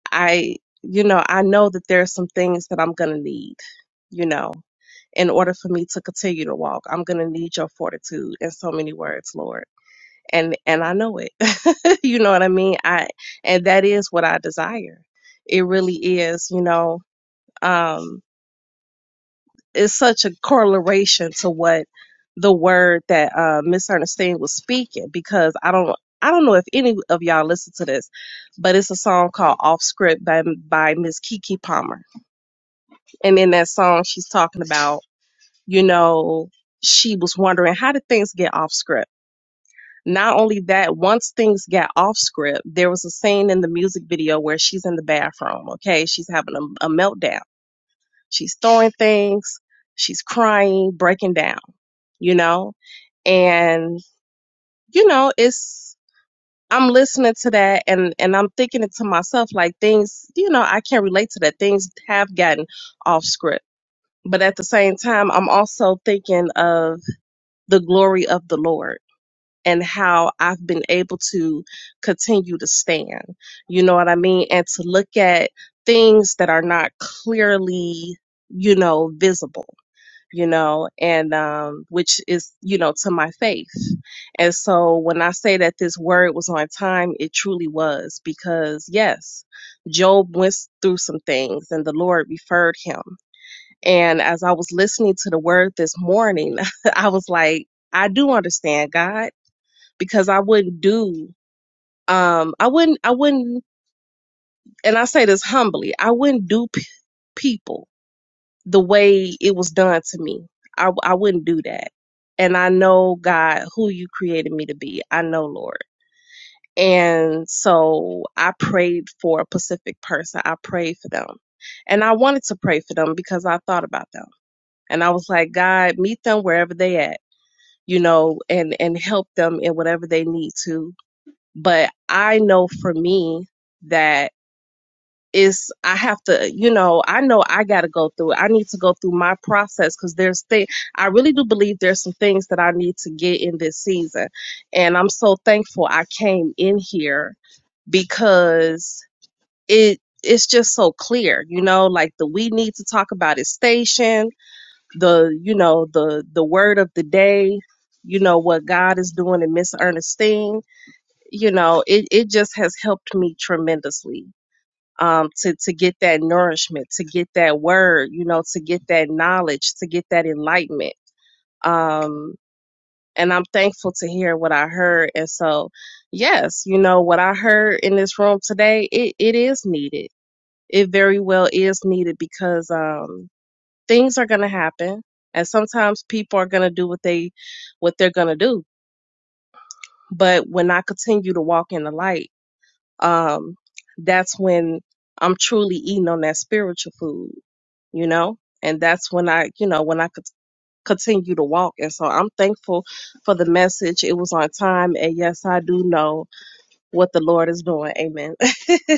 I you know I know that there's some things that I'm gonna need, you know in order for me to continue to walk. I'm going to need your fortitude in so many words, Lord. And and I know it. you know what I mean? I and that is what I desire. It really is, you know. Um it's such a correlation to what the word that uh Miss Ernestine was speaking because I don't I don't know if any of y'all listen to this, but it's a song called Off Script by by Miss Kiki Palmer. And in that song she's talking about you know, she was wondering how did things get off script? Not only that, once things got off script, there was a scene in the music video where she's in the bathroom, okay? She's having a, a meltdown. She's throwing things, she's crying, breaking down, you know? And, you know, it's, I'm listening to that and, and I'm thinking it to myself, like things, you know, I can't relate to that. Things have gotten off script. But at the same time, I'm also thinking of the glory of the Lord and how I've been able to continue to stand. You know what I mean? And to look at things that are not clearly, you know, visible, you know, and um, which is, you know, to my faith. And so when I say that this word was on time, it truly was because, yes, Job went through some things and the Lord referred him. And as I was listening to the word this morning, I was like, I do understand God because I wouldn't do, um, I wouldn't, I wouldn't, and I say this humbly, I wouldn't do p- people the way it was done to me. I, I wouldn't do that. And I know God, who you created me to be. I know, Lord. And so I prayed for a Pacific person. I prayed for them. And I wanted to pray for them because I thought about them. And I was like, God, meet them wherever they at you know, and and help them in whatever they need to. But I know for me that it's I have to, you know, I know I got to go through. it. I need to go through my process because there's thing. I really do believe there's some things that I need to get in this season, and I'm so thankful I came in here because it it's just so clear, you know, like the we need to talk about it station the you know the the word of the day you know what god is doing in miss ernestine you know it, it just has helped me tremendously um to to get that nourishment to get that word you know to get that knowledge to get that enlightenment um and i'm thankful to hear what i heard and so yes you know what i heard in this room today it, it is needed it very well is needed because um things are going to happen and sometimes people are going to do what they what they're going to do but when i continue to walk in the light um that's when i'm truly eating on that spiritual food you know and that's when i you know when i could continue to walk and so i'm thankful for the message it was on time and yes i do know what the lord is doing amen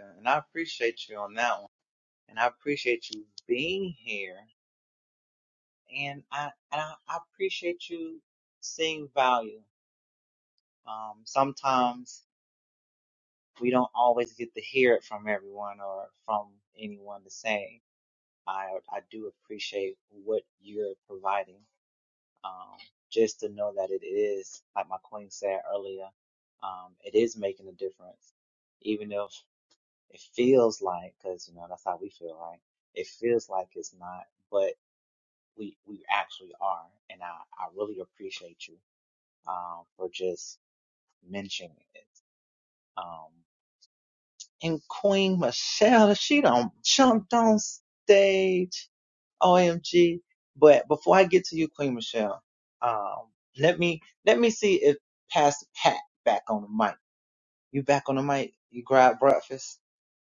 and I appreciate you on that one. And I appreciate you being here. And I, and I, I appreciate you seeing value Um, sometimes we don't always get to hear it from everyone or from anyone to say. I I do appreciate what you're providing. Um, just to know that it is, like my queen said earlier, um, it is making a difference, even if it feels like, because you know that's how we feel, right? It feels like it's not, but we we actually are, and I I really appreciate you um, for just mentioning it. Um,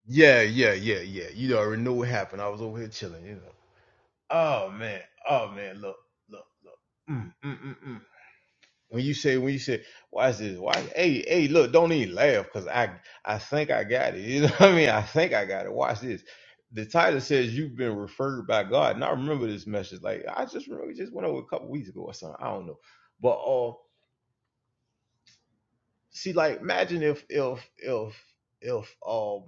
Yeah, yeah, yeah, yeah. You already know what happened. I was over here chilling, you know. Oh man, oh man, look, look. Mm, mm, mm, mm. When you say, when you say, why is this? Why? Hey, hey, look, don't even laugh, cause I, I think I got it. You know what I mean? I think I got it. Watch this. The title says you've been referred by God, and I remember this message. Like I just remember, we just went over a couple weeks ago or something. I don't know, but uh, see, like imagine if, if, if, if, um,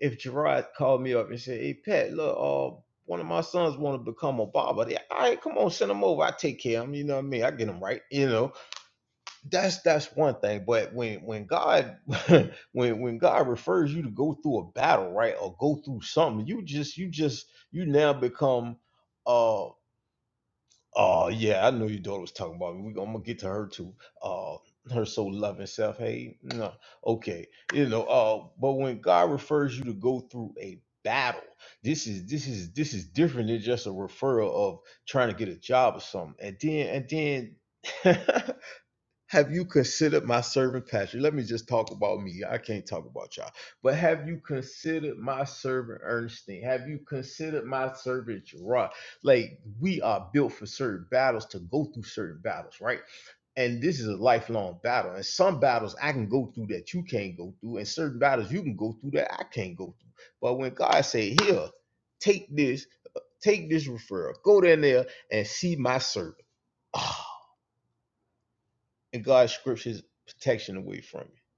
if Gerard called me up and said, "Hey, Pat, look, uh, one of my sons want to become a barber. Yeah, all right, come on, send him over. I take care of him. You know what I mean? I get him right. You know." that's that's one thing but when when god when when god refers you to go through a battle right or go through something you just you just you now become uh oh yeah i know your daughter was talking about me we, i'm gonna get to her too uh her so loving self hey no okay you know uh but when god refers you to go through a battle this is this is this is different than just a referral of trying to get a job or something and then and then Have you considered my servant Patrick? Let me just talk about me. I can't talk about y'all. But have you considered my servant Ernestine? Have you considered my servant Gerard? Like we are built for certain battles to go through certain battles, right? And this is a lifelong battle. And some battles I can go through that you can't go through, and certain battles you can go through that I can't go through. But when God said, "Here, take this, take this referral, go down there and see my servant," Oh, and God strips his protection away from you.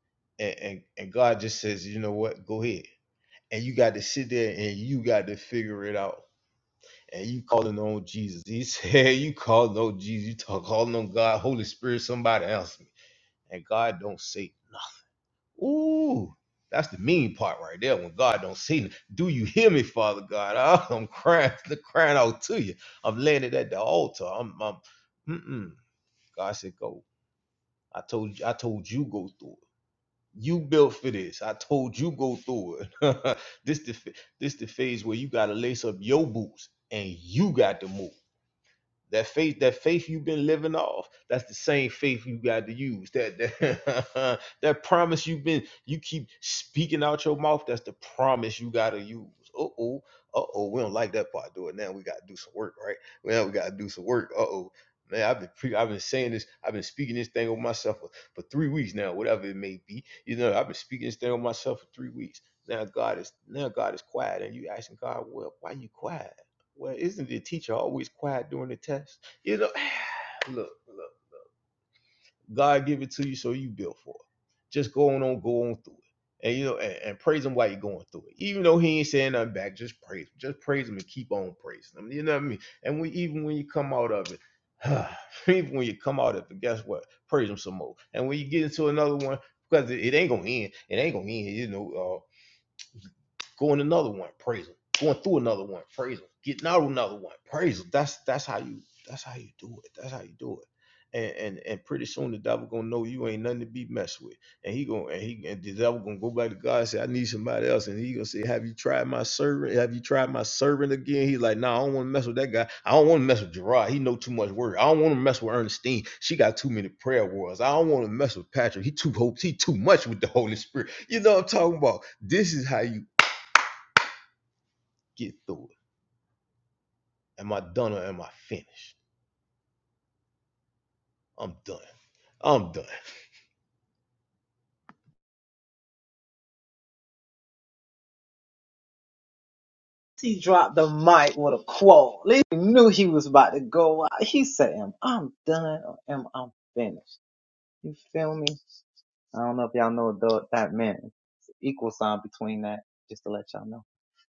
And, and and God just says, you know what, go ahead. And you got to sit there and you got to figure it out. And you calling on Jesus. He said, you calling on Jesus. You talk calling on God, Holy Spirit, somebody else. And God don't say nothing. Ooh, that's the mean part right there. When God don't say nothing. Do you hear me, Father God? Oh, I'm crying, crying out to you. I'm laying it at the altar. I'm, I'm mm-mm. God said, go. I told you, I told you go through it. You built for this. I told you go through it. this the this the phase where you gotta lace up your boots and you got to move. That faith, that faith you've been living off, that's the same faith you got to use. That that, that promise you've been you keep speaking out your mouth, that's the promise you gotta use. Uh-oh, uh-oh, we don't like that part. Do it now. We gotta do some work, right? Now we gotta do some work. Uh-oh. Man, I've been pre- I've been saying this, I've been speaking this thing over myself for, for three weeks now, whatever it may be. You know, I've been speaking this thing over myself for three weeks. Now God is now God is quiet, and you asking God, well, why you quiet? Well, isn't the teacher always quiet during the test? You know, look, look. God give it to you, so you built for it. Just go on, on go on through it, and you know, and, and praise Him while you're going through it. Even though He ain't saying nothing back, just praise Him. Just praise Him and keep on praising Him. You know what I mean? And we, even when you come out of it, even when you come out of it, guess what? Praise Him some more. And when you get into another one, because it, it ain't gonna end. It ain't gonna end. You know. uh, Going another one, praise him. Going through another one, praise him. Getting out another one, praise him. That's that's how you that's how you do it. That's how you do it. And, and and pretty soon the devil gonna know you ain't nothing to be messed with, and he gonna and he and the devil gonna go back to God and say I need somebody else, and he gonna say Have you tried my servant? Have you tried my servant again? He's like Nah, I don't want to mess with that guy. I don't want to mess with Gerard. He know too much word. I don't want to mess with Ernestine. She got too many prayer words. I don't want to mess with Patrick. He too hopes. He too much with the Holy Spirit. You know what I'm talking about? This is how you get through it. Am I done or am I finished? I'm done. I'm done. I knew to go out. He said, Am I'm done or am I'm finished? You feel me? I don't know if y'all know what that meant. It's the equal sign between that, just to let y'all know.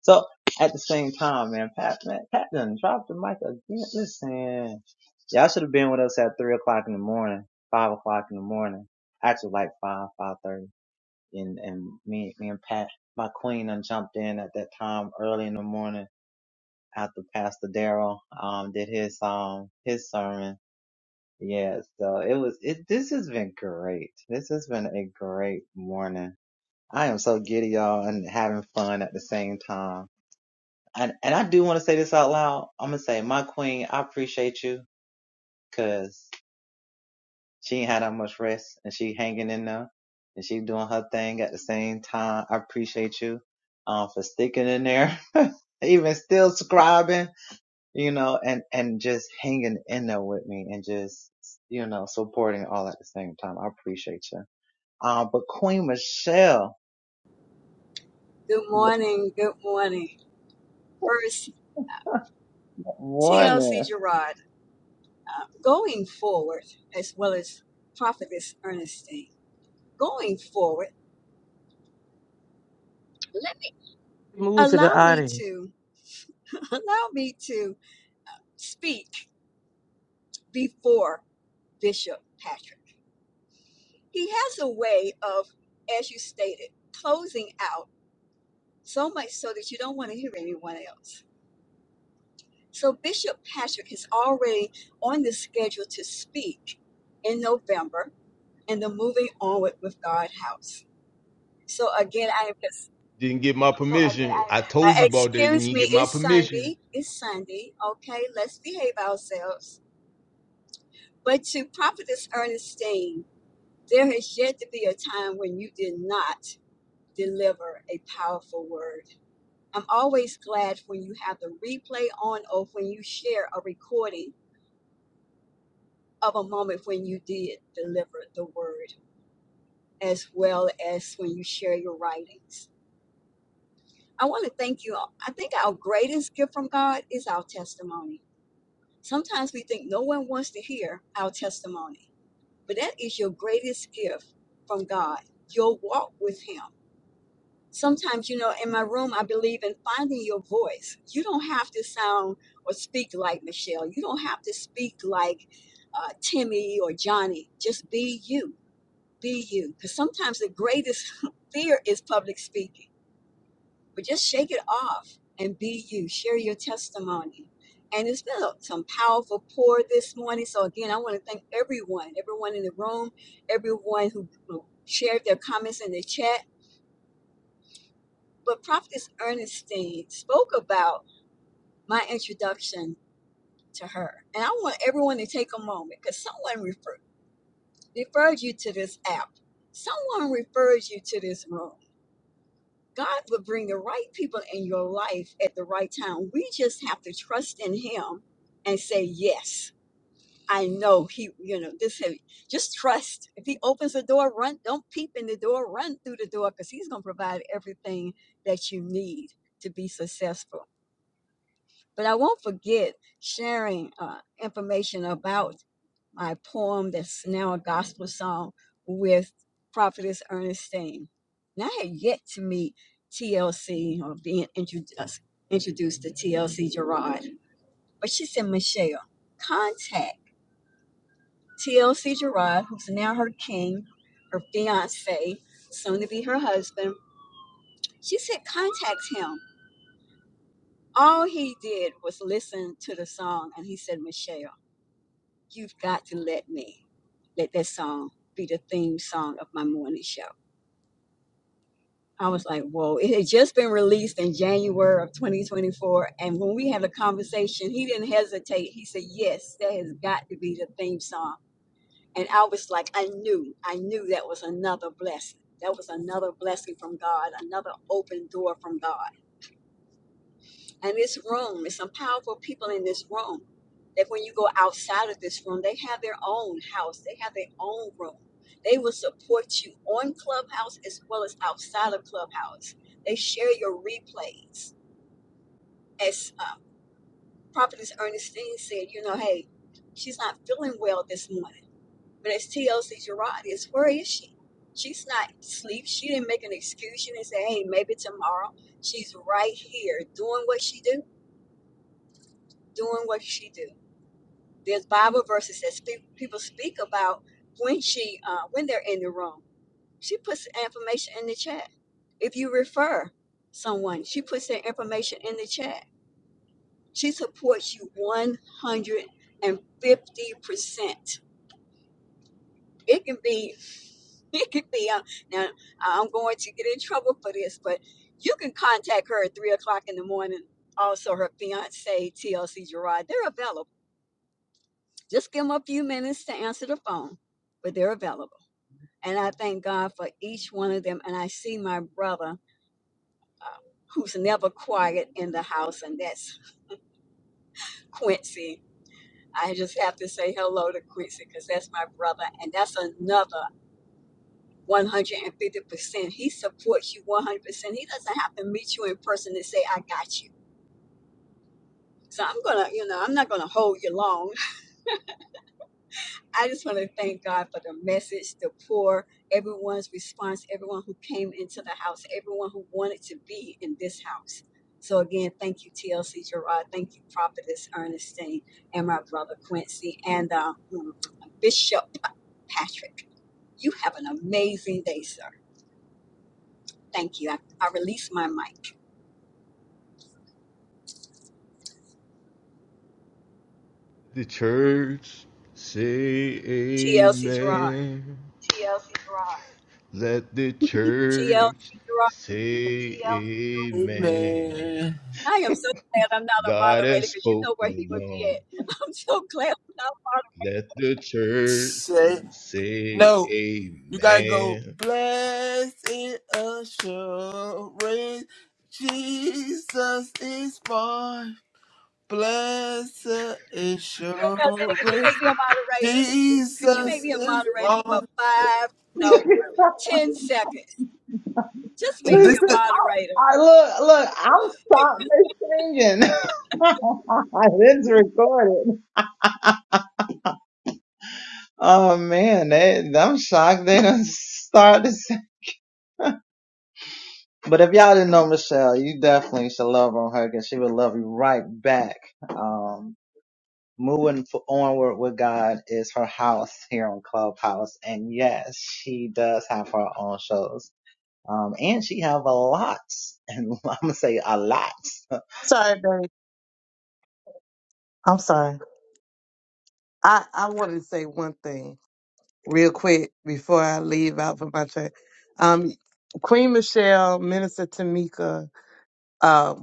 So at the same time, man, Pat, man, Pat done dropped the mic again. Listen, y'all should have been with us at three o'clock in the morning, five o'clock in the morning, actually like five, five thirty. And, and me, me and Pat, my queen done jumped in at that time early in the morning after Pastor Daryl, um, did his, um, his sermon. Yeah. It was it this has been great. This has been a great morning. I am so getting having fun at the same time. And and I say this out loud, I'm gonna say my queen Good morning. Good morning. First, TLC Gerard, uh, going forward, as well as Prophetess Ernestine, going forward, let me Move to the allow me audience. to allow me to speak before Bishop Patrick. He has a way of, as you stated, closing out so much so that you don't want to hear anyone else. So Bishop Patrick is already on the schedule to speak in November in the moving onward with God house. So again, I am just Didn't get my permission. I uh, told you about that. You excuse didn't get me. my It's permission. Sunday. It's Sunday. Okay, let's behave ourselves. But to Prophetess Ernestine, there has yet to be a time when you did not deliver a powerful word. I'm always glad when you have the replay on or when you share a recording of a moment when you did deliver the word, as well as when you share your writings. I want to thank you. I think our greatest gift from God is our testimony. Sometimes we think no one wants to hear our testimony, but that is your greatest gift from God, your walk with Him. Sometimes, you know, in my room, I believe in finding your voice. You don't have to sound or speak like Michelle. You don't have to speak like uh, Timmy or Johnny. Just be you. Be you. Because sometimes the greatest fear is public speaking but just shake it off and be you. Share your testimony. And it's been a- some powerful pour this morning. So again, I want to thank everyone, everyone in the room, everyone who, who shared their comments in the chat. But Prophetess Ernestine spoke about my introduction to her. And I want everyone to take a moment because someone refer, referred you to this app. Someone referred you to this room God will bring the right people in your life at the right time. We just have to trust in Him and say, Yes, I know He, you know, this, have- just trust. If He opens the door, run, don't peep in the door, run through the door because He's going to provide everything that you need to be successful. But I won't forget sharing uh, information about my poem that's now a gospel song with prophetess Ernestine. And I had yet to meet TLC or being introduced introduced to TLC Gerard. But she said, Michelle, contact TLC Gerard, who's now her king, her fiance, soon to be her husband. She said, contact him. All he did was listen to the song and he said, Michelle, you've got to let me let that song be the theme song of my morning show. I was like, whoa, it had just been released in January of 2024. And when we had a conversation, he didn't hesitate. He said, yes, that has got to be the theme song. And I was like, I knew, I knew that was another blessing. That was another blessing from God, another open door from God. And this room, there's some powerful people in this room that when you go outside of this room, they have their own house, they have their own room. They will support you on Clubhouse as well as outside of Clubhouse. They share your replays. As uh, Prophetess Ernestine said, you know, hey, she's not feeling well this morning. But as TLC Gerard is, where is she? She's not asleep. She didn't make an excuse. She didn't say, hey, maybe tomorrow. She's right here doing what she do, doing what she do. There's Bible verses that speak, people speak about when she uh, when they're in the room. She puts information in the chat. If you refer someone, she puts their information in the chat. She supports you 150%. It can be it can be uh, now i'm going to get in trouble for this but you can contact her at three o'clock in the morning also her fiance tlc gerard they're available Just give them a few minutes to answer the phone, but they're available. And I thank God for each one of them. And I see my brother uh, who's never quiet in the house, and that's Quincy. I just have to say hello to Quincy because that's my brother, and that's another 150%. He supports you 100%. He doesn't have to meet you in person to say, I got you. So I'm going to, you know, I'm not going to hold you long. I just want to thank God for the message, the poor, everyone's response, everyone who came into the house, everyone who wanted to be in this house. So again, thank you, TLC Gerard. Thank you, Prophetess Ernestine, and my brother Quincy, and uh, mm, Bishop Patrick. You have an amazing day, sir. Thank you. I, I release my mic. The church say TLC Gerard. amen. TLC Let the TLC church Gerard. say amen. Amen. I am so glad I'm not a God moderator has because you know where he spoken. would be Um, at. I'm so glad I'm not a moderator. let the church Say say no. You gotta go. amen. Blessed assurance, Jesus is mine. Blessed You know what I'm saying? Could you assurance, make me a moderator? Could you Jesus make me a is moderator for mine. five, no, ten seconds? Just make me This a listen, is. moderator. I look look, I'm stopping this singing. it's recorded. Oh Sorry, babe. I'm sorry. I, I wanted to say one thing. real quick before I leave out for my trip. Um, Queen Michelle, Minister Tamika, um,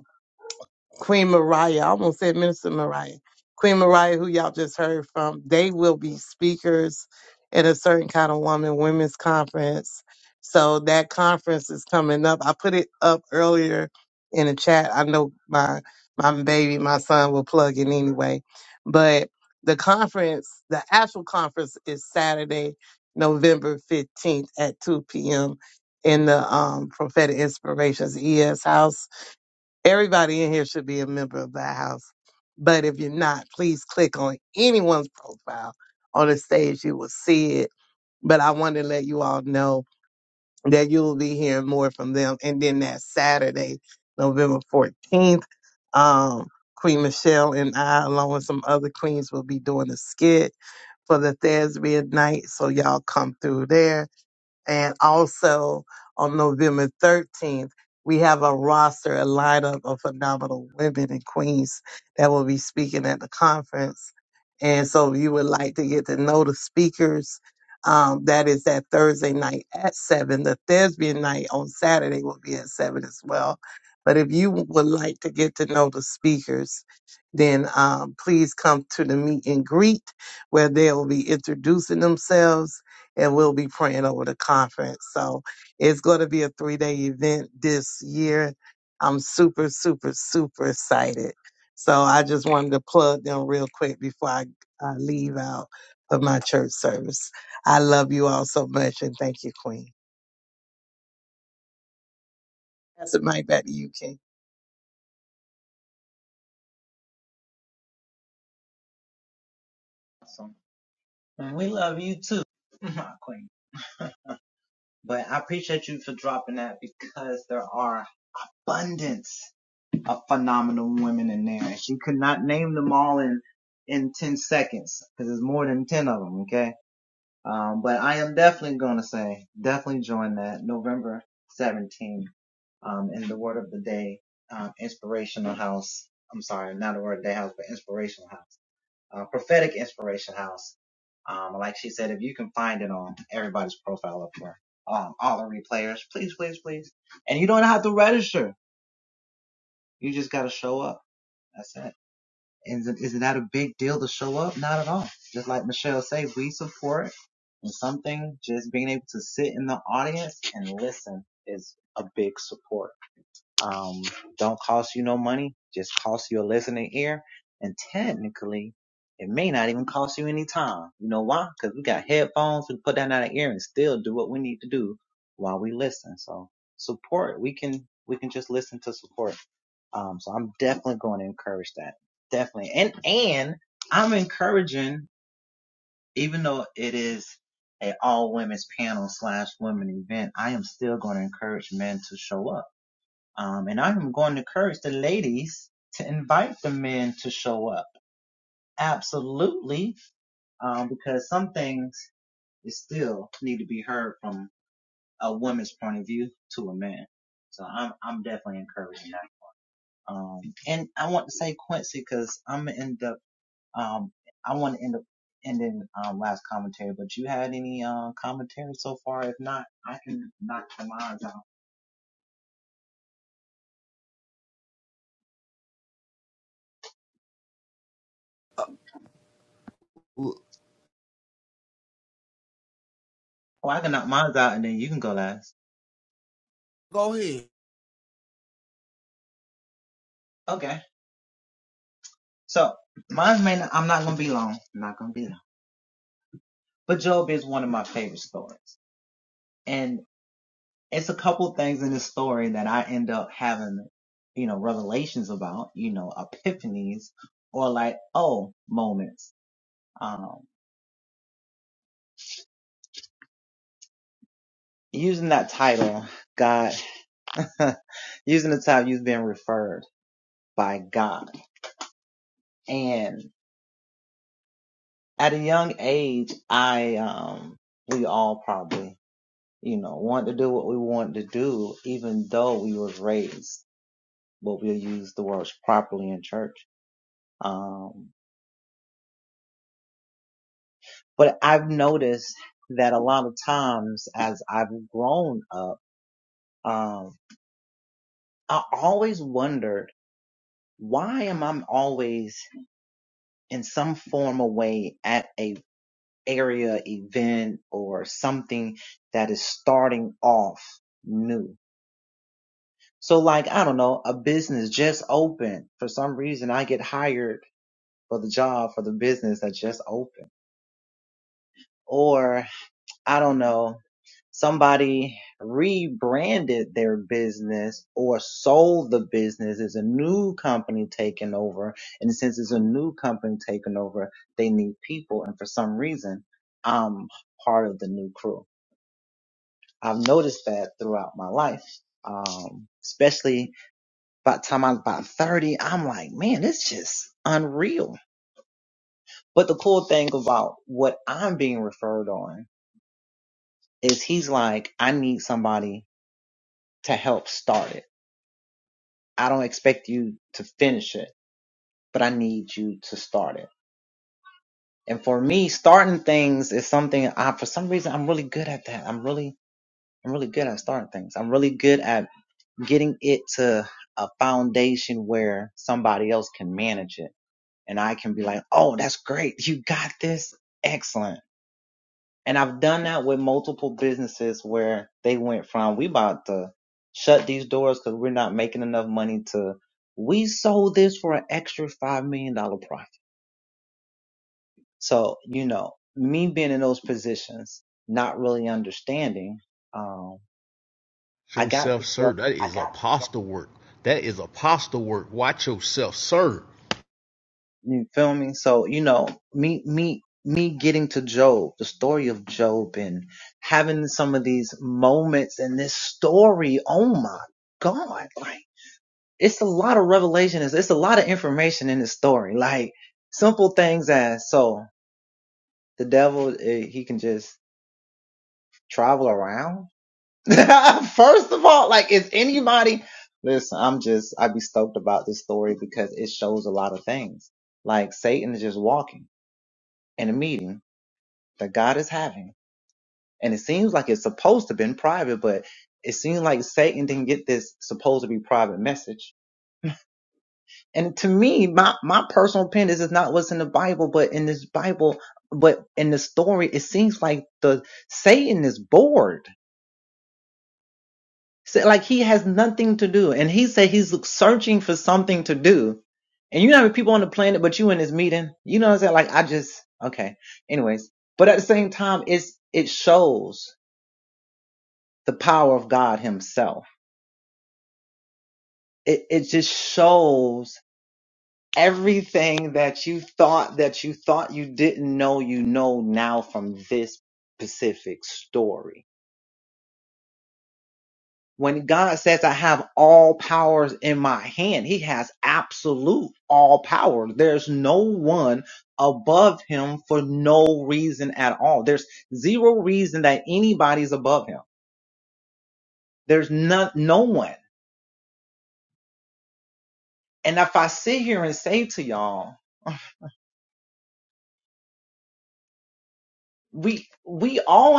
Queen Mariah, I almost said Minister Mariah, Queen Mariah, who y'all just heard from, they will be speakers at a certain kind of woman women's conference. So that conference is coming up. I put it up earlier in the chat. I know my my baby, my son will plug in anyway. But the conference, the actual conference is Saturday, November 15th at 2 p.m. in the um, Prophetic Inspirations ES house Everybody in here should be a member of the house. But if you're not, please click on anyone's profile on the stage. You will see it. But I want to let you all know that you will be hearing more from them. And then that Saturday, November 14th, um, Queen Michelle and I, along with some other queens, will be doing a skit for the Thespian night. So y'all come through there and also on November 13th, we have a roster, a lineup of phenomenal women in Queens that will be speaking at the conference. And so if you would like to get to know the speakers, um, that is that Thursday night at 7. The thespian night on Saturday will be at 7 as well. But if you would like to get to know the speakers, then um, please come to the meet and greet where they'll be introducing themselves and we'll be praying over the conference. So it's going to be a three day event this year. I'm super, super, super excited. So I just wanted to plug them real quick before I, I leave out of my church service. I love you all so much and thank you, Queen. That's it, mic back to you, King. awesome. And we love you too, my queen. But I appreciate you for dropping that because there are abundance of phenomenal women in there. And she could not name them all in in 10 seconds because there's more than 10 of them. Okay. on that November 17th, um, and they can find it on everybody's profile up there. um, all the replayers. Please, please, please. And you don't have to register. You just gotta show up. That's it. Comes out and then you can go last. Go ahead. Okay. So mine may not, I'm not gonna be long. I'm not gonna be long. But Job is one of my favorite stories. And it's a couple things in this story that I end up having, you know, revelations about, you know, epiphanies or like, oh, moments. Um, Yourself, sir. That is apostle work. That is apostle work. Watch yourself, sir.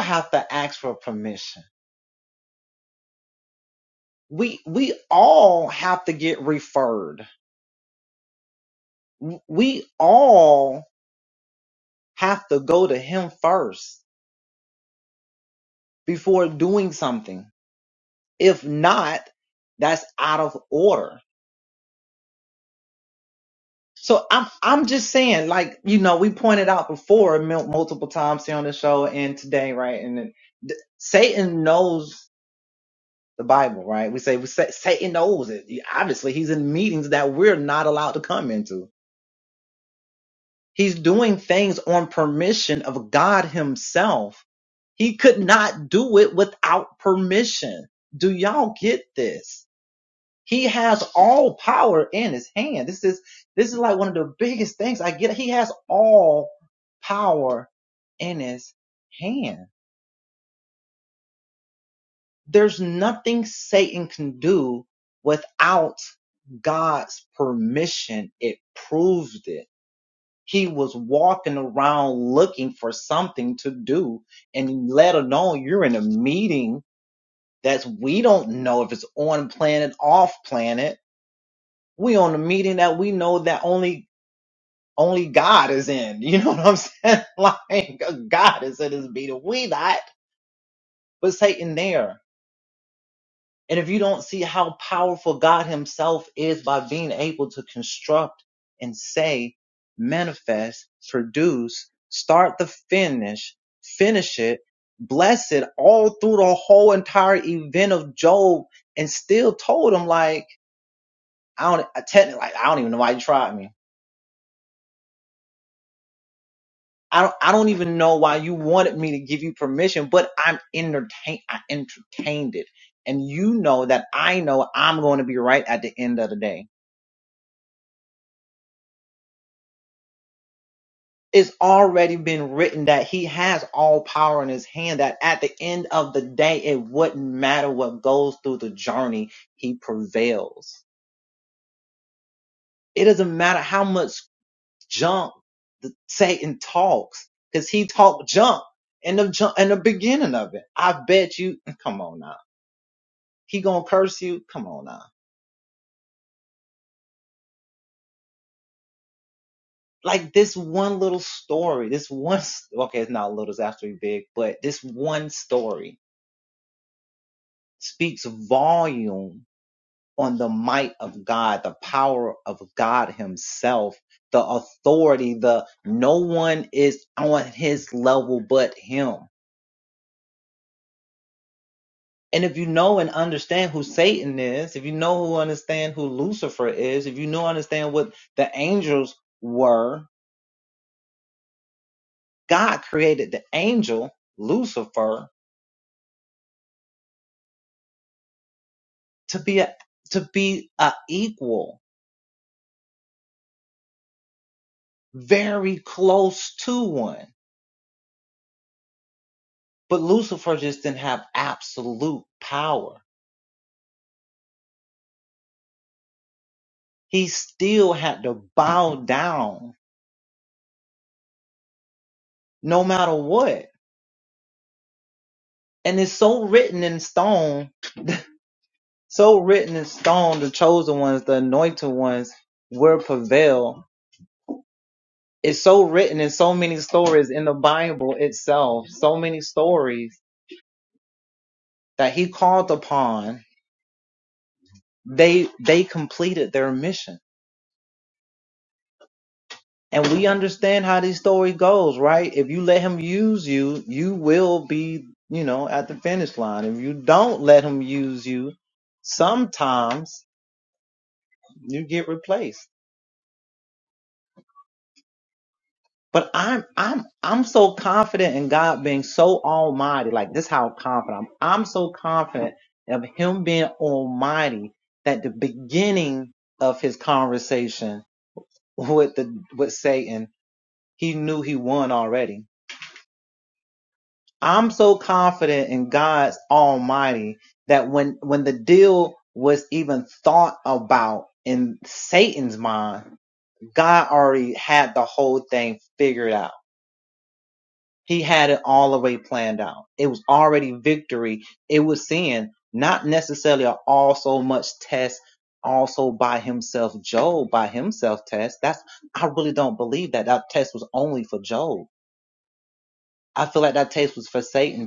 have we all get ref all have to go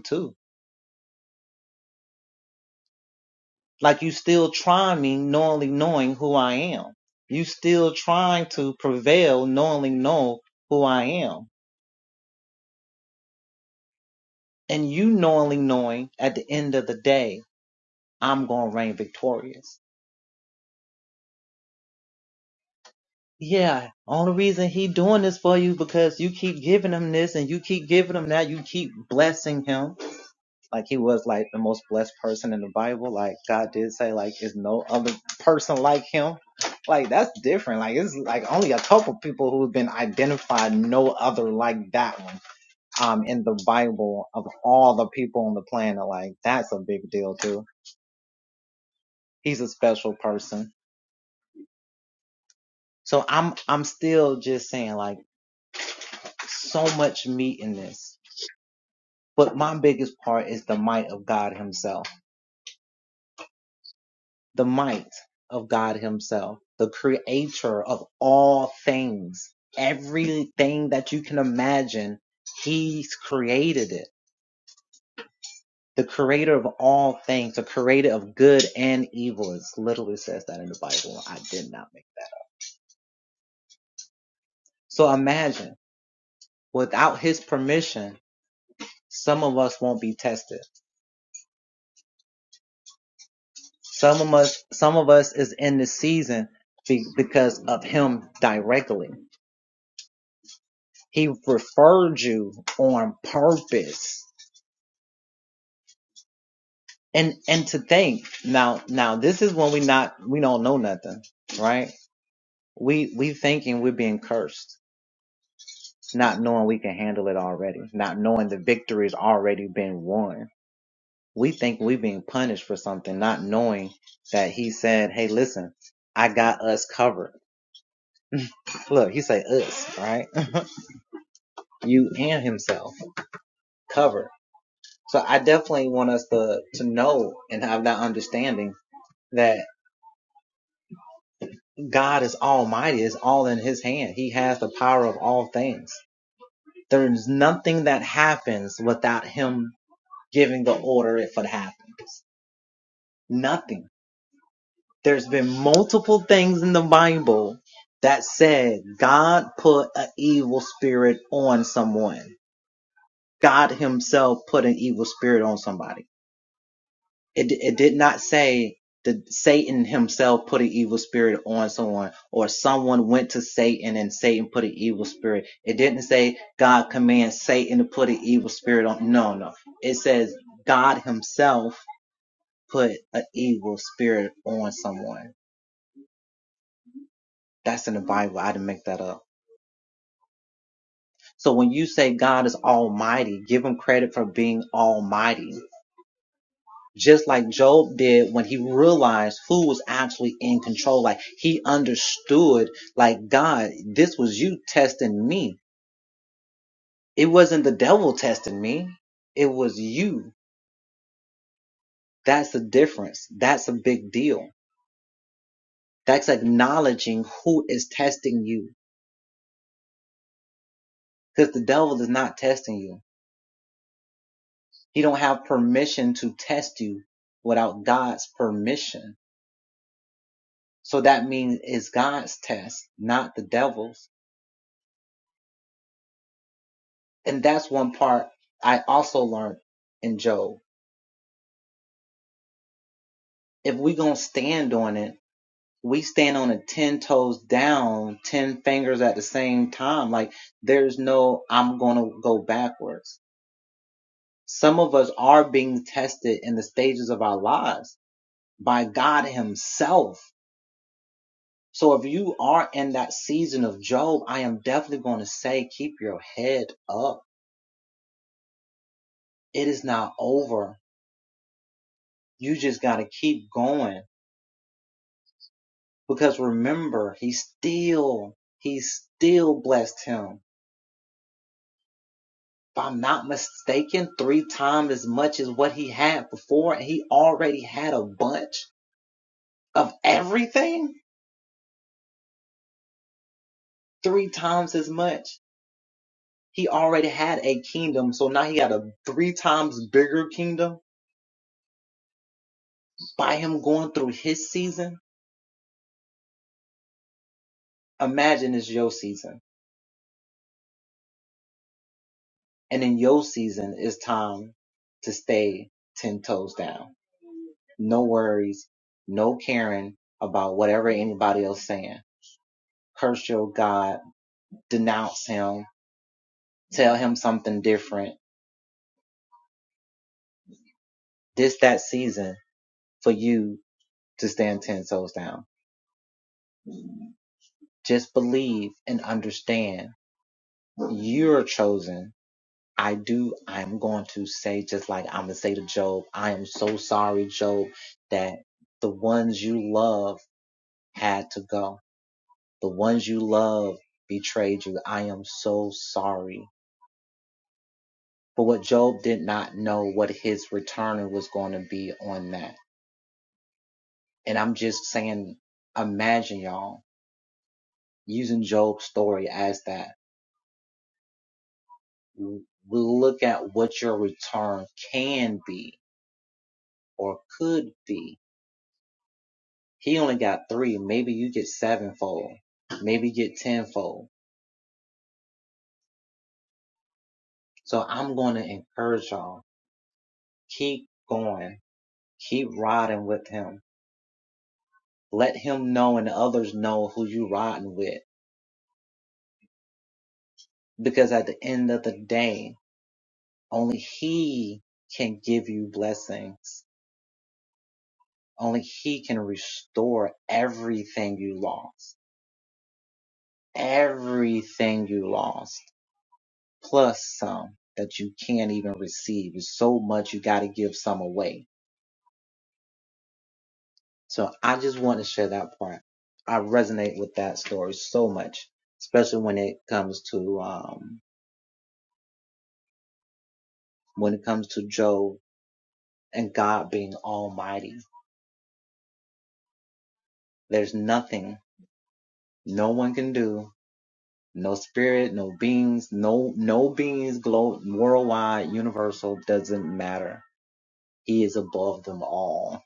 to like you still trying me knowingly knowing who I am. You still trying to prevail knowingly know who I am. And you knowingly knowing at the end of the day, I'm gonna reign victorious. Yeah, only reason he doing this for you because you keep giving him this. You just gotta keep going. Because remember, he still, he still blessed him if I'm not mistaken, three times as much as what he had before, and he already had a bunch of everything. Three times as much. He already had a kingdom, so now he got a three times bigger kingdom. By him going through his season, imagine it's your season, and in your season, it's time to stay ten toes down. No worries, no caring about whatever anybody else saying. Curse your God, denounce him, Tell him something different. This that season for you to stand ten toes down. Just believe and understand you're chosen. I do. I'm going to say just like I'm gonna say to Job. I am so sorry, Job, that the ones you love had to go. The ones you love betrayed you. I am so sorry. But what Job did not know what his return was going to be on that. And I'm just saying, imagine y'all. using Job's story as that, we look at what your return can be or could be. He only got three. Maybe you get sevenfold. Maybe you get tenfold. So I'm going to encourage y'all. Keep going. Keep riding with him. Let him know and others know who you riding with. Because at the end of the day, only he can give you blessings. Only he can restore everything you lost everything you lost plus some that you can't even receive. It's so much you got to give some away. So I just want to share that part. I resonate with that story so much, especially when it comes to um when it comes to Job and God being almighty. There's nothing no one can do, no spirit, no beings, no no beings glow worldwide, universal doesn't matter He is above them all.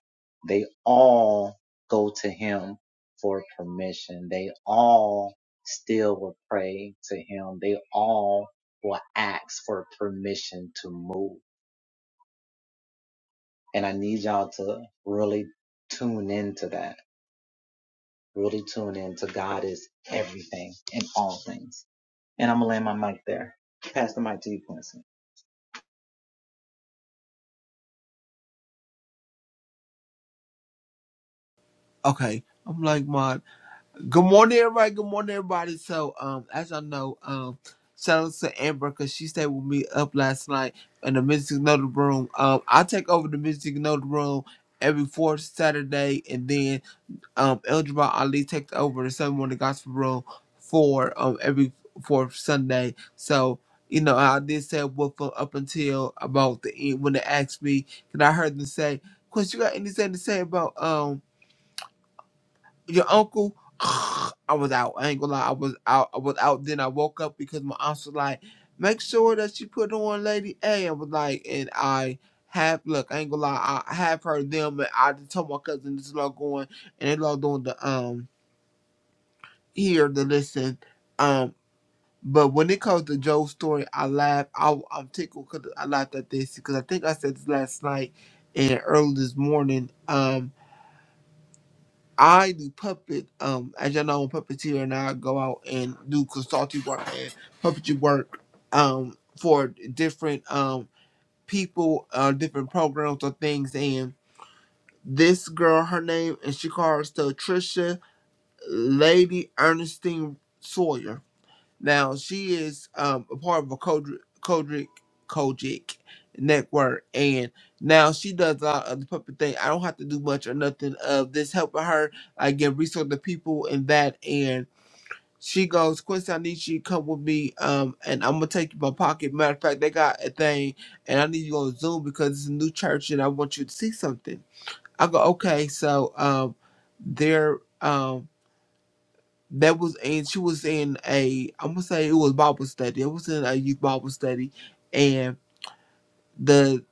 They all go to him for permission. They all still will pray to him. They all will ask for permission to move. And I need y'all to really tune into that. Really tune into God is everything and all things. And I'm gonna land my mic there. Pass the mic to you, Quincy. Okay. I'm like, my. Good morning, everybody. Good morning, everybody. So, um, as I know, um, shout out to Amber because she stayed with me up last night in the Mystic Note Room. Um, I take over the Mystic Note Room every fourth Saturday, and then um, Eljabar Ali takes over the Sunday Morning Gospel Room for um every fourth Sunday. So. You know, I did say what for up until about the end when they asked me, and I heard them say, "Chris, you got anything to say about um your uncle, I was out. I ain't gonna lie, I was out. I was out. Then I woke up because my aunt was like, "Make sure that you put on Lady A." I was like, and I have look. I ain't gonna lie, I have heard them, and I just told my cousin this is all going, and they love doing the um here the listen um. But when it comes to Joe's story, I laugh. I, I'm tickled because I laughed at this because I think I said this last night and early this morning. Um. I do puppet. Um, as y'all know, I'm a puppeteer, and I go out and do consulting work and puppetry work. Um, for different um people, uh, different programs or things. And this girl, her name, and she calls to Trisha Lady Ernestine Sawyer now she is um, a part of a Kodrick Kodrick Kojic network, and now she does a lot of the puppet thing. I don't have to do much or nothing of this helping her. I get resource to people and that, and she goes, Quincy, I need you to come with me, um, and I'm gonna take you my pocket. Matter of fact, they got a thing, and I need you on Zoom because it's a new church, and I want you to see something. I go, okay, so um, they're um that was and she was in a I'm gonna say it was Bible study. It was in a youth Bible study, and the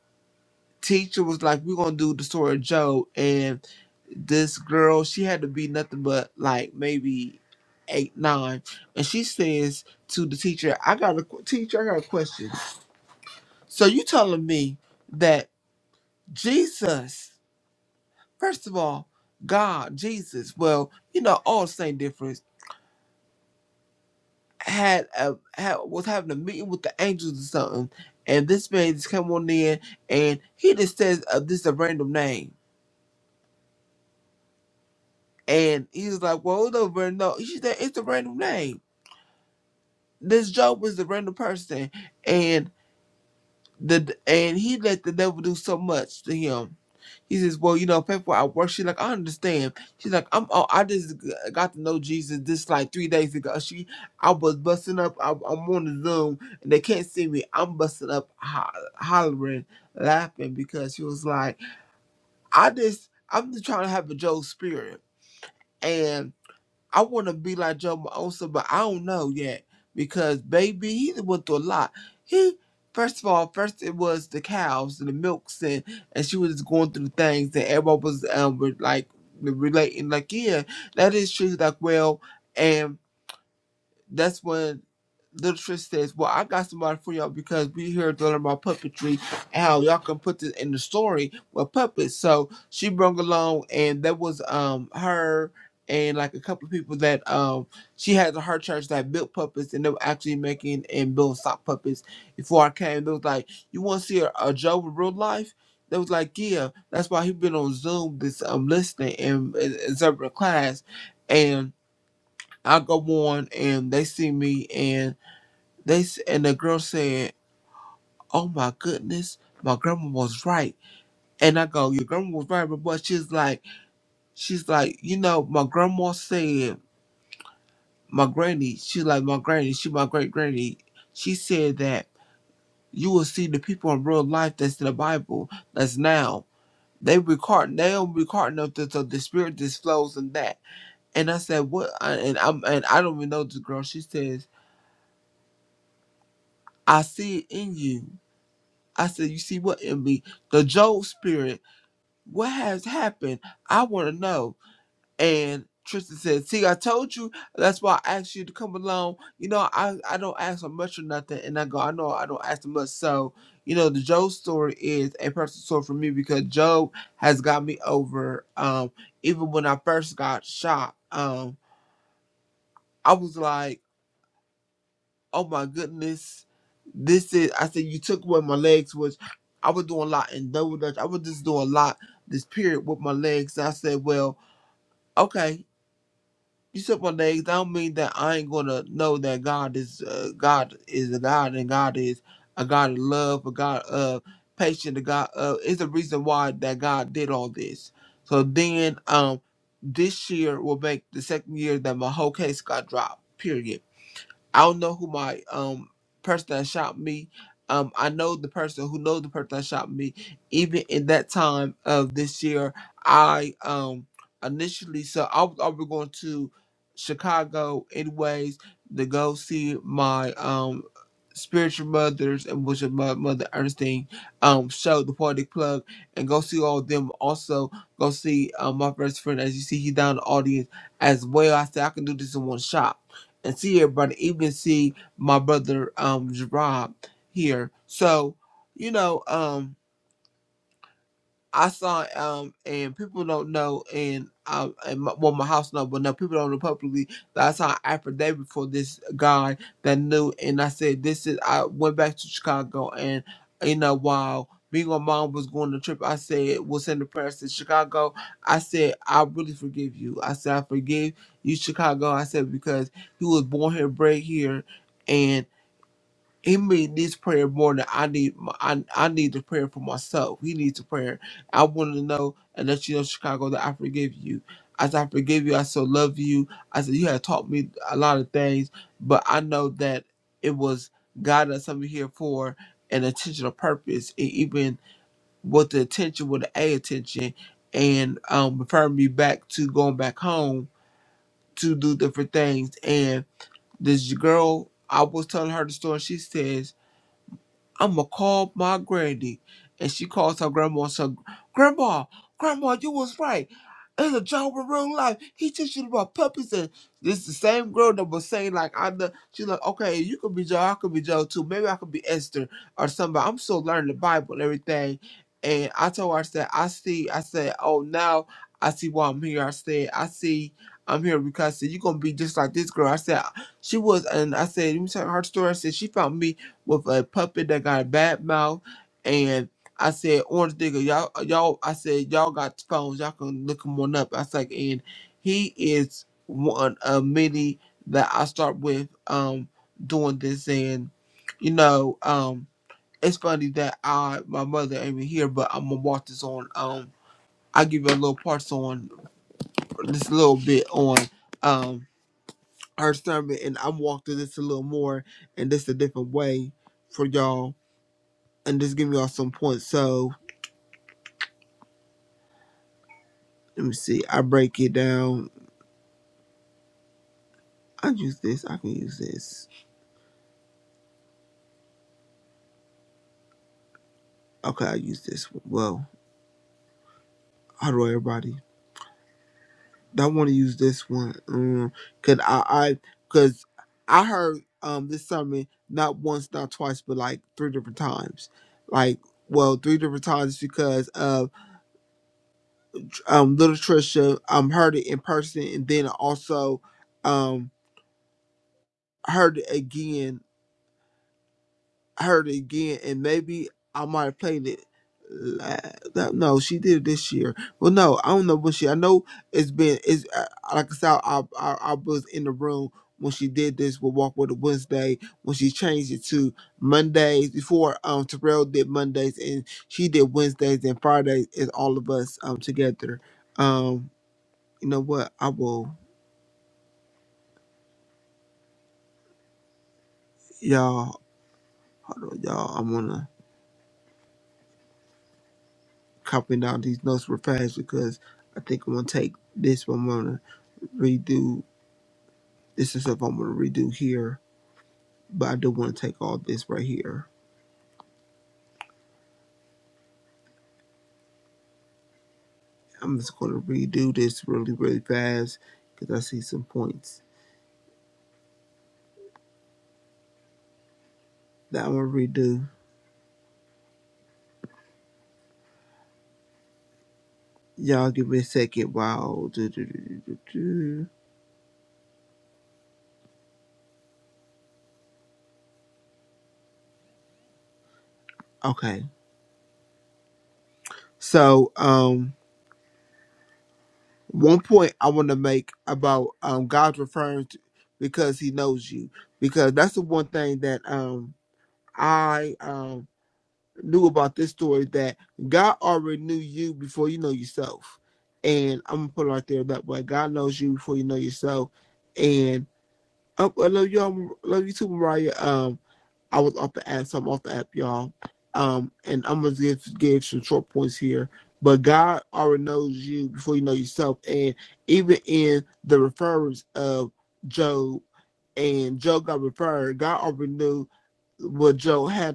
teacher was like, "We're gonna do the story of Job." And this girl, she had to be nothing but like maybe eight, nine, and she says to the teacher, "I got a qu- teacher. I got a question. So you telling me that Jesus, first of all, God, Jesus? Well, you know, all the same difference." had a had, was having a meeting with the angels or something, and this man just come on in and he just says uh, this is a random name, and he's like, well, it's a random. No, she said it's a random name. This job was a random person, and the and he let the devil do so much to him He says, "Well, you know, people I work." She's like, "I understand." She's like, "I'm. Oh, I just g- got to know Jesus this like three days ago. She, I was busting up. I, I'm on the Zoom and they can't see me. I'm busting up, ho- hollering, laughing because she was like, I just, I'm just trying to have a Joe spirit, I want to be like Joe Mosa, but I don't know yet because baby, he done went through a lot. He first of all, first it was the cows and the milks and and she was just going through things and everyone was um re- like relating like yeah, that is true. Like well. and that's when Little Trish says, Well, I got somebody for y'all because we here to learn about puppetry and how y'all can put this in the story with puppets. So she brung along and that was um her and like a couple of people that um she had at her church that built puppets and they were actually making and building sock puppets before I came. They was like, You wanna see a, a Joe in real life? They was like, Yeah, that's why he been on Zoom this um listening and, and, and observing class and I go on and they see me and they s- and the girl said, "Oh my goodness, my grandma was right." And I go, "Your grandma was right," but she's like, she's like, you know, my grandma said, my granny, she's like my granny, she my great granny. She said that you will see the people in real life that's in the Bible that's now. They record, they don't record nothing, so the spirit just flows in that. And I said, what? I, and I'm, and I don't even know this girl. She says, I see it in you. I said, You see what in me? The Job spirit, what has happened? I want to know. And Tristan said, See, I told you. That's why I asked you to come along. You know, I, I don't ask for much or nothing. And I go, I know I don't ask for much. So, you know, the Job story is a personal story for me because Job has got me over. Um, even when I first got shot, um, I was like, oh my goodness, this is. I said you took away my legs, which I was doing a lot in double dutch. I was just doing a lot this period with my legs. And I said, well, okay, you took my legs. I don't mean that I ain't gonna know that God is uh, God is a God and God is a God of love, a God of patience, a God of. It's a reason why that God did all this. So then, um, this year will make the second year that my whole case got dropped. Period I don't know who my um person that shot me. Um, I know the person who knows the person that shot me. Even in that time of this year, I um initially so I was already going to Chicago anyways to go see my um spiritual mothers and which is my mother Ernestine um show the party plug and go see all of them also go see um, my best friend as you see he down in the audience as well. I said I can do this in one shot and see everybody, even see my brother um Gerard here. So, you know, um I saw um and people don't know and um and my, well my house know but no people don't know publicly that I saw an affidavit for this guy that knew and I said this is I went back to Chicago and you know while me and my mom was going on the trip I said we'll send the prayers to Chicago I said I really forgive you I said I forgive you Chicago I said because he was born here bred here he made this prayer more than I need. My, I I need the prayer for myself. He needs a prayer. I want to know and let you know, Chicago, that I forgive you. As I forgive you, I still love you. I said you have taught me a lot of things, but I know that it was God that sent me here for an intentional purpose, and even with the attention, with the a attention, and um, referring me back to going back home to do different things. And this girl, I was telling her the story. She says I'm gonna call my granny. And she calls her grandma and says, Grandma, Grandma, you was right. It's a job in real life. He teaches you about puppies. And this is the same girl that was saying, like, I know. She's like, okay, you could be Joe. I could be Joe too. Maybe I could be Esther or somebody. I'm still learning the Bible and everything. And I told her, I said, I see. I said, oh, now I see why I'm here. I said, I see. I'm here because I said, you're going to be just like this girl. I said, she was, and I said, let me tell her story. I said, she found me with a puppet that got a bad mouth, and I said, "Orange Digger, y'all, y'all." I said, "Y'all got phones, y'all can look him on up." I was like, and he is one of many that I start with um doing this, and you know, um, it's funny that I my mother ain't even here, but I'm gonna watch this on um. I give you a little parts on this little bit on um her sermon, and I'm walking this a little more, and this a different way for y'all and just give y'all some points. So let me see. I break it down. I use this. I can use this. Okay, I use this one. Well, how do everybody? I want to use this one. Um, cause I, I, cause I heard um this sermon not once, not twice, but like three different times. Like, well, three different times because of um little Trisha. Um, heard it in person, and then also um heard it again heard it again, and maybe I might have played it. la- that- No, she did it this year. Well, no, I don't know what she. I know it's been. It's uh, like I said, I, I I was in the room when she did this with Walk with a Wednesday when she changed it to Mondays before. Um, Terrell did Mondays and she did Wednesdays and Fridays. Is all of us um together. Um, you know what? I will, y'all, hold on, y'all. I'm gonna copy down these notes real fast because I think I'm gonna take this one. redo. This is stuff I'm gonna redo here, but I do want to take all this right here. I'm just gonna redo this really, really fast because I see some points that I'm gonna redo. Y'all give me a second while. Okay, so um, one point I want to make about um God's referring to because He knows you because that's the one thing that um I um knew about this story that God already knew you before you know yourself. And I'm gonna put it right there that way. God knows you before you know yourself. And um, I love y'all. Love you too, Mariah. Um, I was off the app, so I'm off the app, y'all. Um, and I'm gonna give give some short points here. But God already knows you before you know yourself. And even in the referrals of Job and Job got referred, God already knew what Job had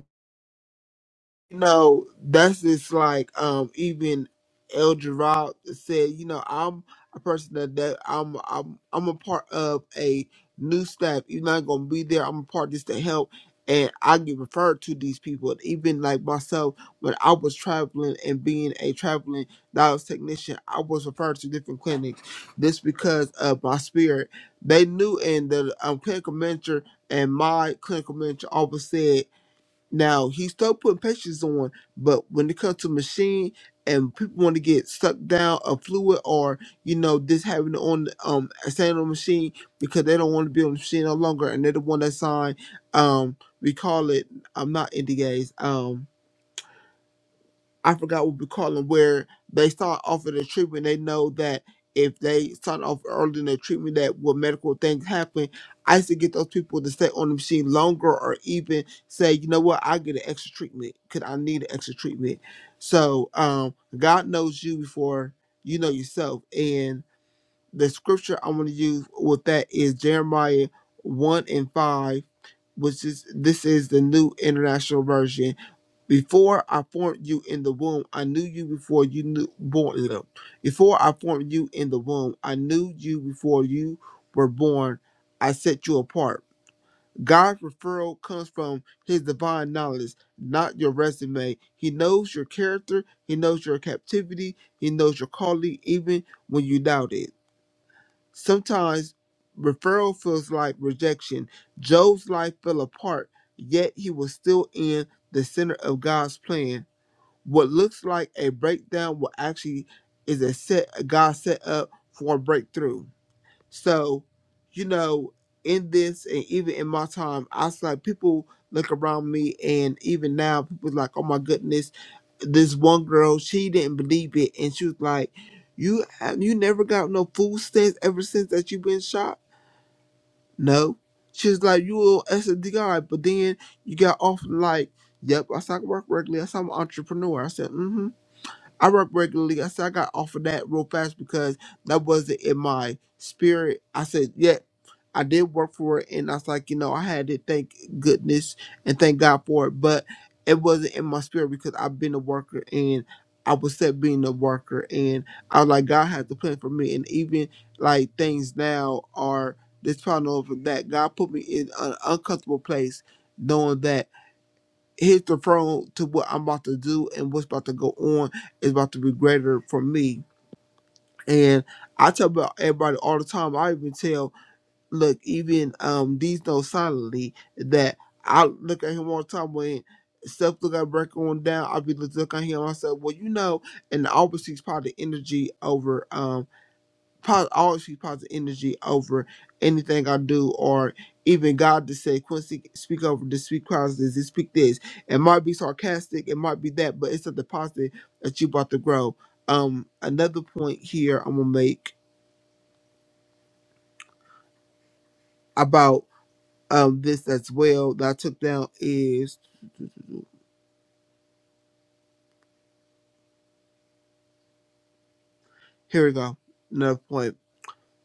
you know, that's just like um even El Gerard said, you know, I'm a person that, that I'm I'm I'm a part of a new staff. You're not gonna be there, I'm a part of this to help and I get referred to these people. And even like myself, when I was traveling and being a traveling dialysis technician, I was referred to different clinics. This because of my spirit. They knew and the um, clinical mentor and my clinical mentor always said now he started putting patients on, but when it comes to machine and people want to get sucked down a fluid or you know this having it on um a standing on the machine because they don't want to be on the machine no longer and they're the one that signed um we call it I'm not NDAs um I forgot what we call them, where they start off in the treatment. They know that if they start off early in the treatment, that will medical things happen. I used to get those people to stay on the machine longer, or even say, you know what, I get an extra treatment because I need an extra treatment. So um, God knows you before you know yourself, and the scripture I want to use with that is Jeremiah one and five which is this is the new international version before I formed you in the womb, I knew you before you knew born. uh, Before I formed you in the womb, I knew you before you were born. I set you apart. God's referral comes from his divine knowledge, not your resume. He knows your character, he knows your captivity, he knows your calling, even when you doubt it. Sometimes referral feels like rejection. Job's life fell apart, yet he was still in the center of God's plan what looks like a breakdown will actually is a set God set up for a breakthrough. So, you know, in this and even in my time, I was like people look around me and even now people like, Oh my goodness, this one girl, she didn't believe it and she was like, You have you never got no food stamps ever since that you've been shot? No. She was like, You a SD guy, but then you got off like, Yep, I said I can work regularly, I said I'm an entrepreneur. I said, mm-hmm. I work regularly. I said I got off of that real fast because that wasn't in my spirit. I said, yeah, I did work for it, and I was like, you know, I had to thank goodness and thank God for it, but it wasn't in my spirit because I've been a worker and I was set being a worker, and I was like, God has a plan for me, and even like things now are this problem over that God put me in an uncomfortable place, knowing that his referral to what I'm about to do and what's about to go on is about to be greater for me. And I tell about everybody all the time. I even tell, look, even um these know silently that I look at him all the time when stuff look at break on down. I be looking at him. I said, well, you know, and I always sees probably energy over. um po- always be positive energy over anything I do, or even God to say, Quincy, speak over this, speak positive, this, speak this. It might be sarcastic, it might be that, but it's something positive that you about to grow. Um, another point here I'm gonna make about um this as well that I took down is here we go. Another point: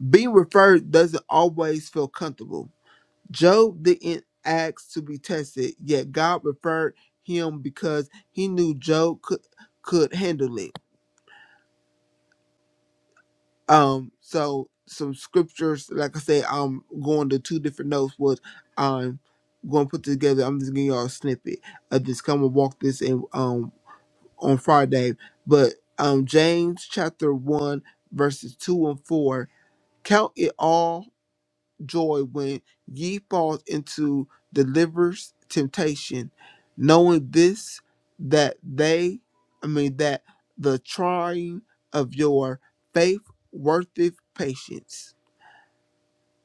being referred doesn't always feel comfortable Job didn't ask to be tested, yet God referred him because he knew Job could could handle it. Um, so some scriptures, like I said, I'm going to two different notes was I'm going to put together. I'm just giving y'all a snippet of this. Come and walk this in um on Friday, but um James chapter one verses two and four. Count it all joy when ye fall into deliverers temptation, knowing this that they I mean that the trying of your faith worketh patience.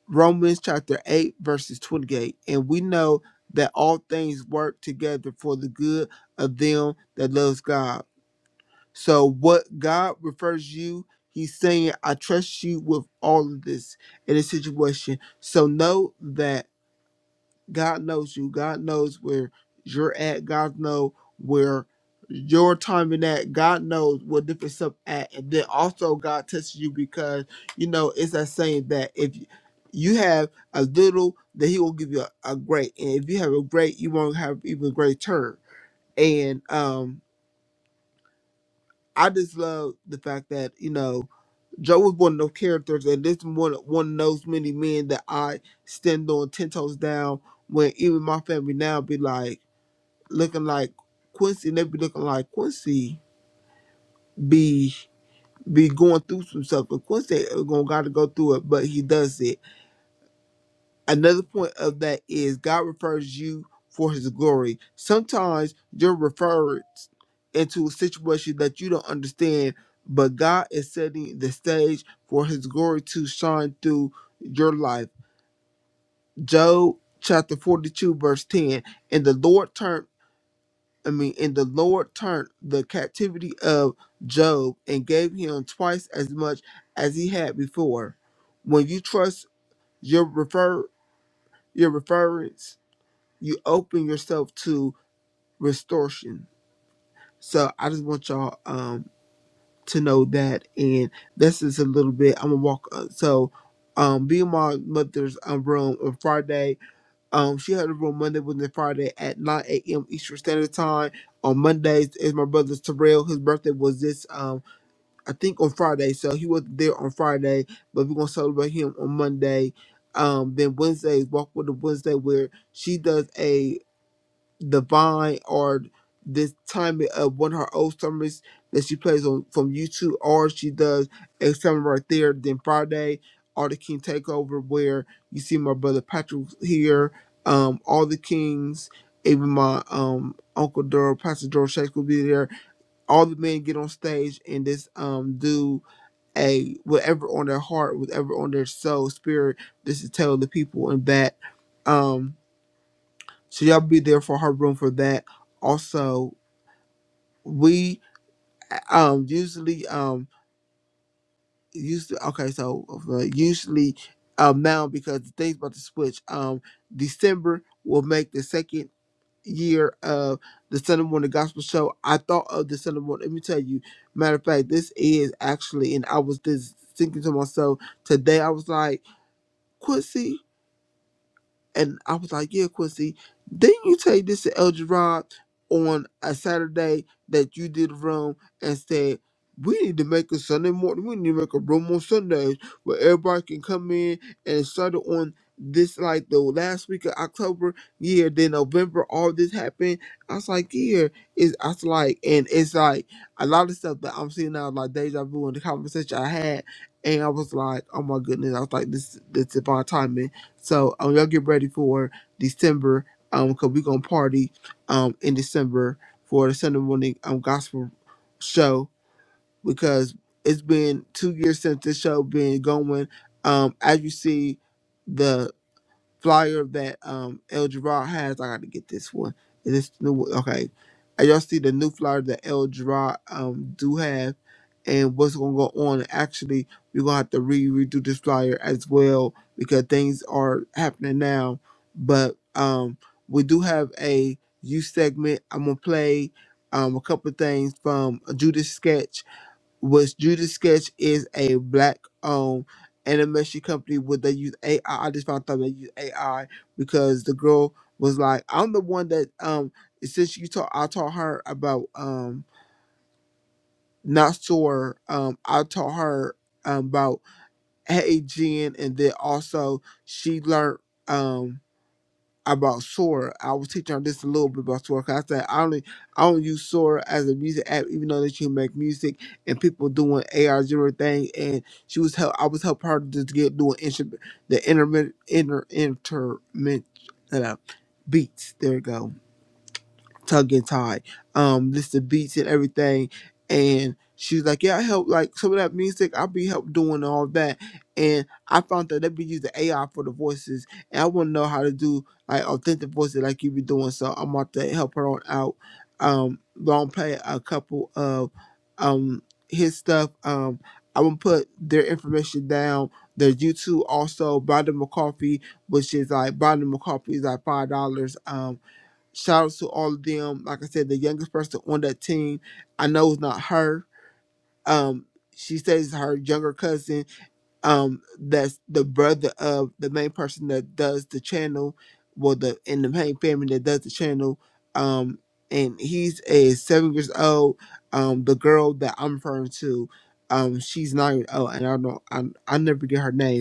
Romans chapter 8 verses 28. And we know that all things work together for the good of them that loves God. So what God refers you, he's saying, I trust you with all of this in this situation. So know that God knows you. God knows where you're at. God knows where your timing at. God knows what different stuff at. And then also God tests you because you know it's that saying that if you you have a little, then He will give you a, a great. And if you have a great, you won't have even greater. And um, I just love the fact that you know Joe was one of those characters, and this one one of those many men that I stand on ten toes down. When even my family now be like looking like Quincy, they be looking like Quincy be be going through some stuff, but Quincy ain't gonna gotta go through it, but he does it. Another point of that is God refers you for his glory. Sometimes you're referred into a situation that you don't understand, but God is setting the stage for his glory to shine through your life. Job chapter 42, verse 10. And the Lord turned I mean, and the Lord turned the captivity of Job and gave him twice as much as he had before. When you trust your refer your reference, you open yourself to restoration. So I just want y'all um to know that, and this is a little bit. I'm gonna walk. uh, So, um, be in my mother's um, room on Friday Um, she had a room Monday, Wednesday, Friday at 9 a.m. Eastern Standard Time. On Mondays is my brother Terrell. His birthday was this, um, I think on Friday, so he wasn't there on Friday, but we're gonna celebrate him on Monday. Um, then Wednesday is Walk with the Wednesday, where she does a Divine or this time of one of her old summers that she plays on from YouTube or she does a summer right there, then Friday all the King Takeover where you see my brother Patrick here, um, all the Kings, even my um Uncle Dora, Pastor Dora Shakes will be there. All the men get on stage and just um do a whatever on their heart, whatever on their soul, spirit, just to tell the people and that. um. So y'all be there for her room for that. Also, we um usually um usually okay so uh, usually um now because the thing's about to switch um December will make the second year of the Sunday morning gospel show. I thought of the Sunday morning. Let me tell you, matter of fact, this is actually and I was just thinking to myself today. I was like. Quincy. And I was like, yeah, Quincy, didn't you take this to El Gerard on a Saturday that you did a room and said, we need to make a Sunday morning, we need to make a room on Sundays where everybody can come in and start it on this, like the last week of October, yeah, then November, all this happened. I was like, yeah, it's, I was like, and it's like a lot of stuff that I'm seeing now, like deja vu in the conversation I had. And I was like, oh my goodness, I was like, this, this is my timing so um, y'all get ready for December um cause we gonna party um in December for the Sunday morning um gospel show because it's been two years since this show been going. Um as you see the flyer that um El Gerard has. I got to get this one. Is this the new? Okay, Uh, y'all see the new flyer that El Gerard um do have, and what's gonna go on? Actually, we're gonna have to re redo this flyer as well because things are happening now. But um, we do have a youth segment. I'm gonna play um a couple of things from a Judas sketch which Judy Sketch is a black owned animation company where they use AI. I I just found out they use AI because the girl was like, I'm the one that um since you taught I taught her about um not sore um I taught her um, about Hey Jen and then also she learned um about Sora. I was teaching her just a little bit about Sora. 'cause I said I only I don't use Sora as a music app, even though that you make music and people doing AR zero thing. And she was help. I was helping her to just get doing instrument, the intermittent inter intermittent uh, beats. There you go tug and tie, um, listen to beats and everything. And she was like, Yeah, I help like some of that music, I'll be help doing all that. And I found that they be using AI for the voices and I wanna know how to do like authentic voices like you be doing. So I'm about to help her on out. Um but I'm play a couple of um his stuff. Um I'm gonna put their information down. Their YouTube also Brandon McCarthy, which is like Brandon McCarthy is like five dollars. Um shout out to all of them. Like I said, the youngest person on that team, I know it's not her. Um, she says her younger cousin, um, that's the brother of the main person that does the channel, well, the in the main family that does the channel. Um, and he's a seven years old. Um, the girl that I'm referring to, um, she's nine years old, and I don't, I, I never get her name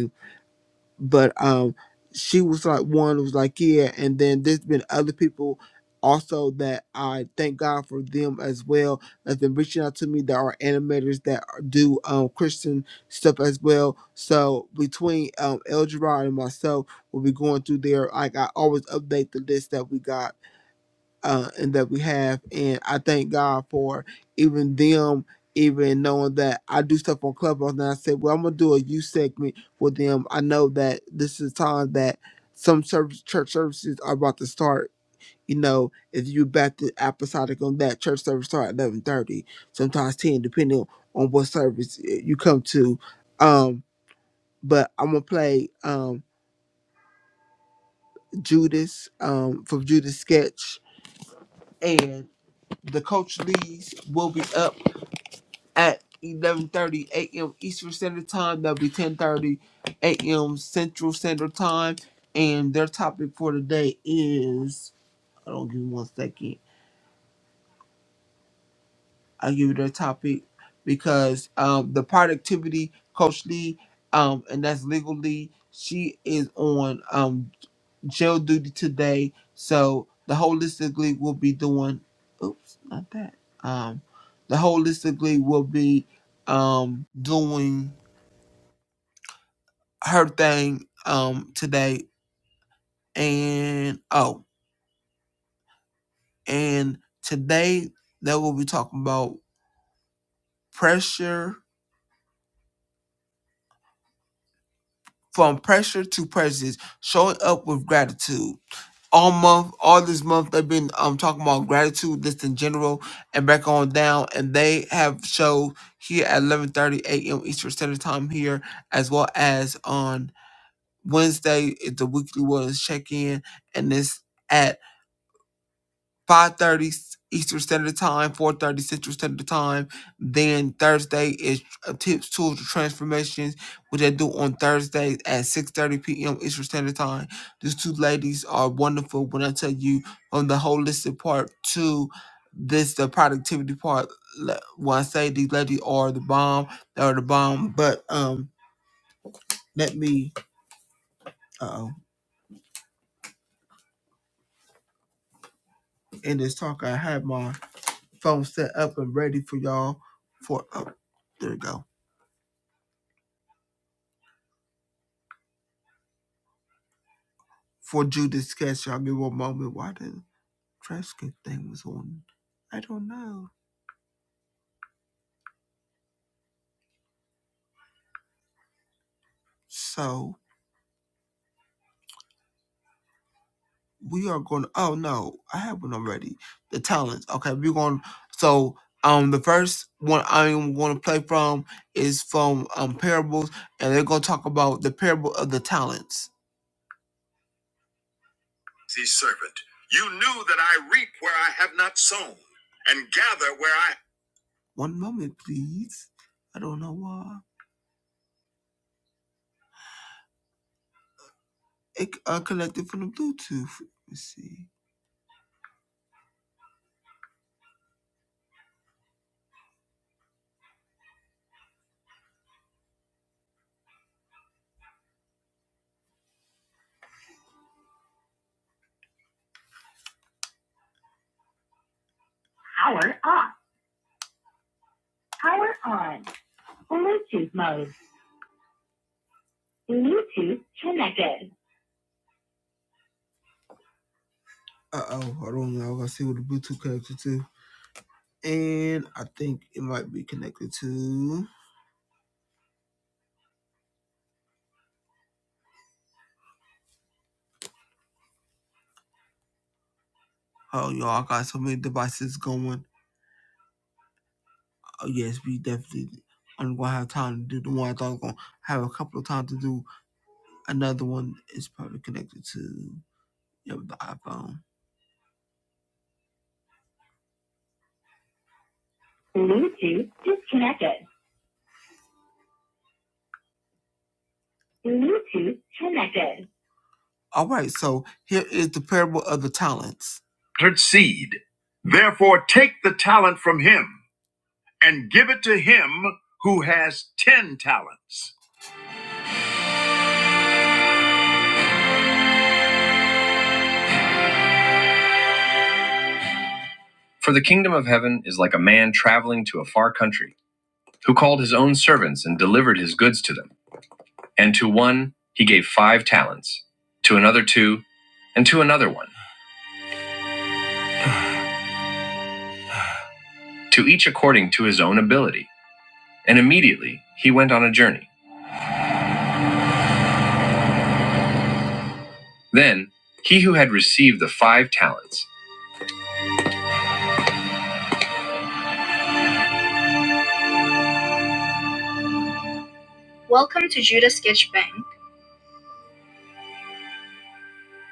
but um she was like one who was like yeah and then there's been other people also that i thank god for them as well that's been reaching out to me that are animators that are- do um christian stuff as well so between um el gerard and myself we'll be going through there like i always update the list that we got uh, and that we have. And I thank God for even them, even knowing that I do stuff on Clubhouse. And I said, well, I'm gonna do a youth segment with them. I know that this is time that some service, church services are about to start. You know, if you back to apostolic on that church service start at eleven thirty, sometimes ten, depending on what service eh, you come to. Um, but I'm gonna play um Judas um from Judas sketch and the coach leads will be up at 11:30 a.m. Eastern Standard Time. That'll be 10:30 a.m. Central Standard Time. And their topic for today is I don't give you one second. I give you their topic because um, the productivity coach Lee, um, and that's legal Lee. She is on um, jail duty today, so the holistically will be doing. Oops, not that. Um, the holistically will be um doing her thing um today and oh and today they will be talking about pressure from pressure to prejudice showing up with gratitude all month all this month they've been um talking about gratitude just in general and back on down and they have shows here at 11:30 a.m. Eastern Standard Time here as well as on Wednesday is the weekly wellness check-in and this. 5.30 Eastern Standard Time, 4.30 Central Standard Time. Then Thursday is uh, Tips, Tools, and Transformations, which I do on Thursdays at 6.30 p.m. Eastern Standard Time. These two ladies are wonderful when I tell you from the holistic part to this, the productivity part. le- When I say these ladies are the bomb, they are the bomb. But um, let me, uh-oh, in this talk, I have my phone set up and ready for y'all for, oh, there we go for Judas Catch. I mean, one moment why the trash thing was on. I don't know. So we are going. Oh no, I have one already. The talents. Okay, we're going. So um, the first one I'm going to play from is from um parables, and they're going to talk about the parable of the talents. See, servant, you knew that I reap where I have not sown, and gather where I. One moment, please. I don't know why. It, uh, connected from the Bluetooth. Let's see. Power off. Power on. Bluetooth mode. Bluetooth connected. Uh oh, hold on. Now I gotta see what the Bluetooth connected to. And I think it might be connected to. Oh, y'all, I got so many devices going. Oh, yes, we definitely. I'm gonna have time to do the one I thought I was gonna have a couple of times to do. Another one is probably connected to yeah, the iPhone. Bluetooth disconnected. Bluetooth connected. All right, so here is the parable of the talents. Entered seed. Therefore, take the talent from him and give it to him who has ten talents. For the kingdom of heaven is like a man traveling to a far country, who called his own servants and delivered his goods to them. And to one he gave five talents, to another two, and to another one, to each according to his own ability. And immediately he went on a journey. Then he who had received the five talents, Welcome to Judas Sketch Bank.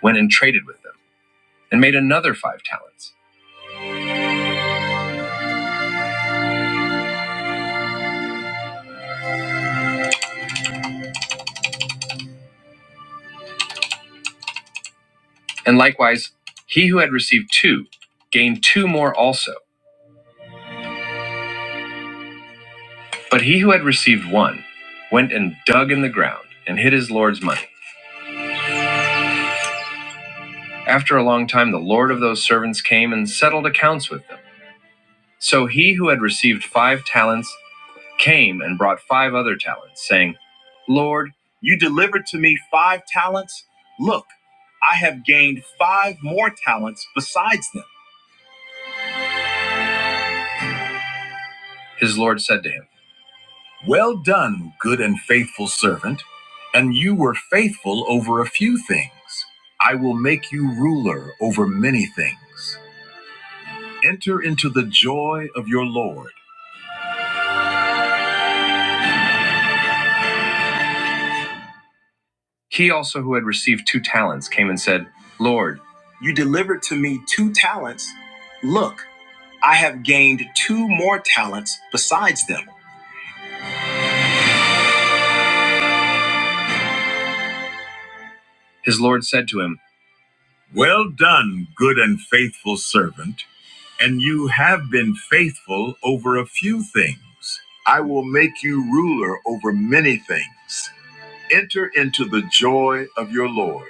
went and traded with them, and made another five talents. And likewise, he who had received two gained two more also. But he who had received one went and dug in the ground and hid his Lord's money. After a long time, the Lord of those servants came and settled accounts with them. So he who had received five talents came and brought five other talents, saying, Lord, you delivered to me five talents. Look, I have gained five more talents besides them. His Lord said to him, Well done, good and faithful servant. And you were faithful over a few things. I will make you ruler over many things. Enter into the joy of your Lord. He also, who had received two talents, came and said, Lord, you delivered to me two talents. Look, I have gained two more talents besides them. His Lord said to him, Well done, good and faithful servant. And you have been faithful over a few things. I will make you ruler over many things. Enter into the joy of your Lord.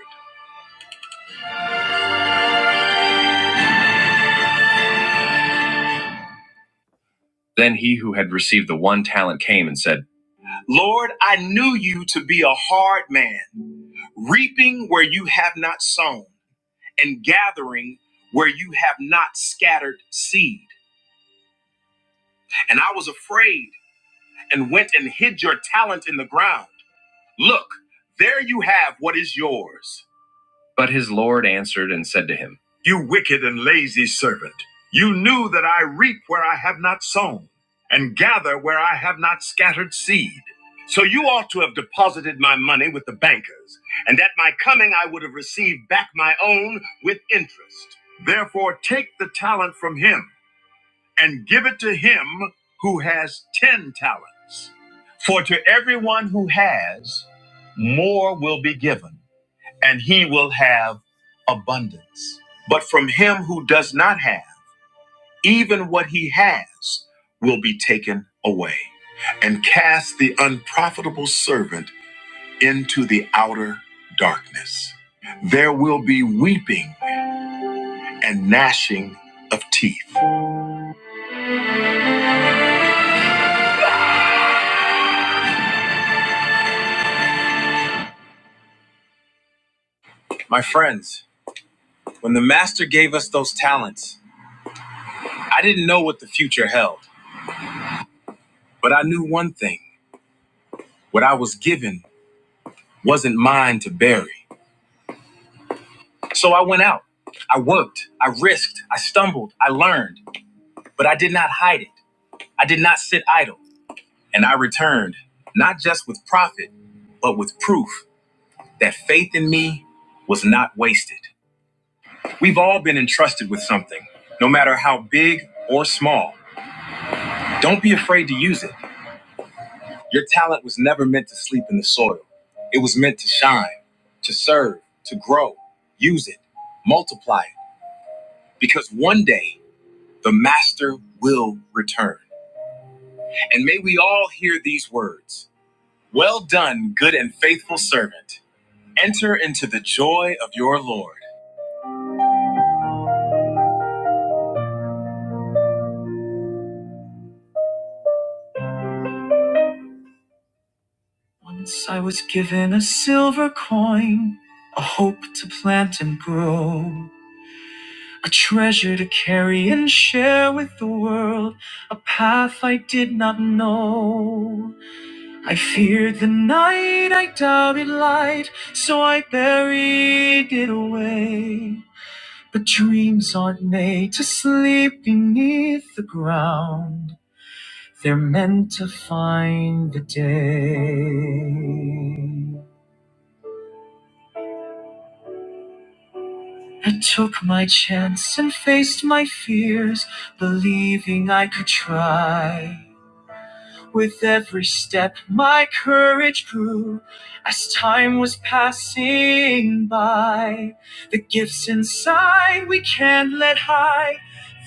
Then he who had received the one talent came and said, Lord, I knew you to be a hard man, reaping where you have not sown, and gathering where you have not scattered seed. And I was afraid and went and hid your talent in the ground. Look, there you have what is yours. But his Lord answered and said to him, You wicked and lazy servant, you knew that I reap where I have not sown, and gather where I have not scattered seed. So you ought to have deposited my money with the bankers, and at my coming I would have received back my own with interest. Therefore, take the talent from him and give it to him who has 10 talents. For to everyone who has, more will be given, and he will have abundance. But from him who does not have, even what he has will be taken away. And cast the unprofitable servant into the outer darkness. There will be weeping and gnashing of teeth. My friends, When the master gave us those talents, I didn't know what the future held, but I knew one thing what I was given wasn't mine to bury. So I went out. I worked. I risked. I stumbled. I learned, but I did not hide it. I did not sit idle. And I returned, not just with profit, but with proof that faith in me was not wasted. We've all been entrusted with something, no matter how big or small. Don't be afraid to use it. Your talent was never meant to sleep in the soil. It was meant to shine, to serve, to grow. Use it, multiply it, because one day the master will return. And may we all hear these words Well done, good and faithful servant. Enter into the joy of your Lord. Once I was given a silver coin, a hope to plant and grow. A treasure to carry and share with the world, a path I did not know. I feared the night, I doubted light, so I buried it away. But dreams aren't made to sleep beneath the ground, they're meant to find the day. I took my chance and faced my fears, believing I could try. With every step, my courage grew as time was passing by. The gifts inside we can't let hide,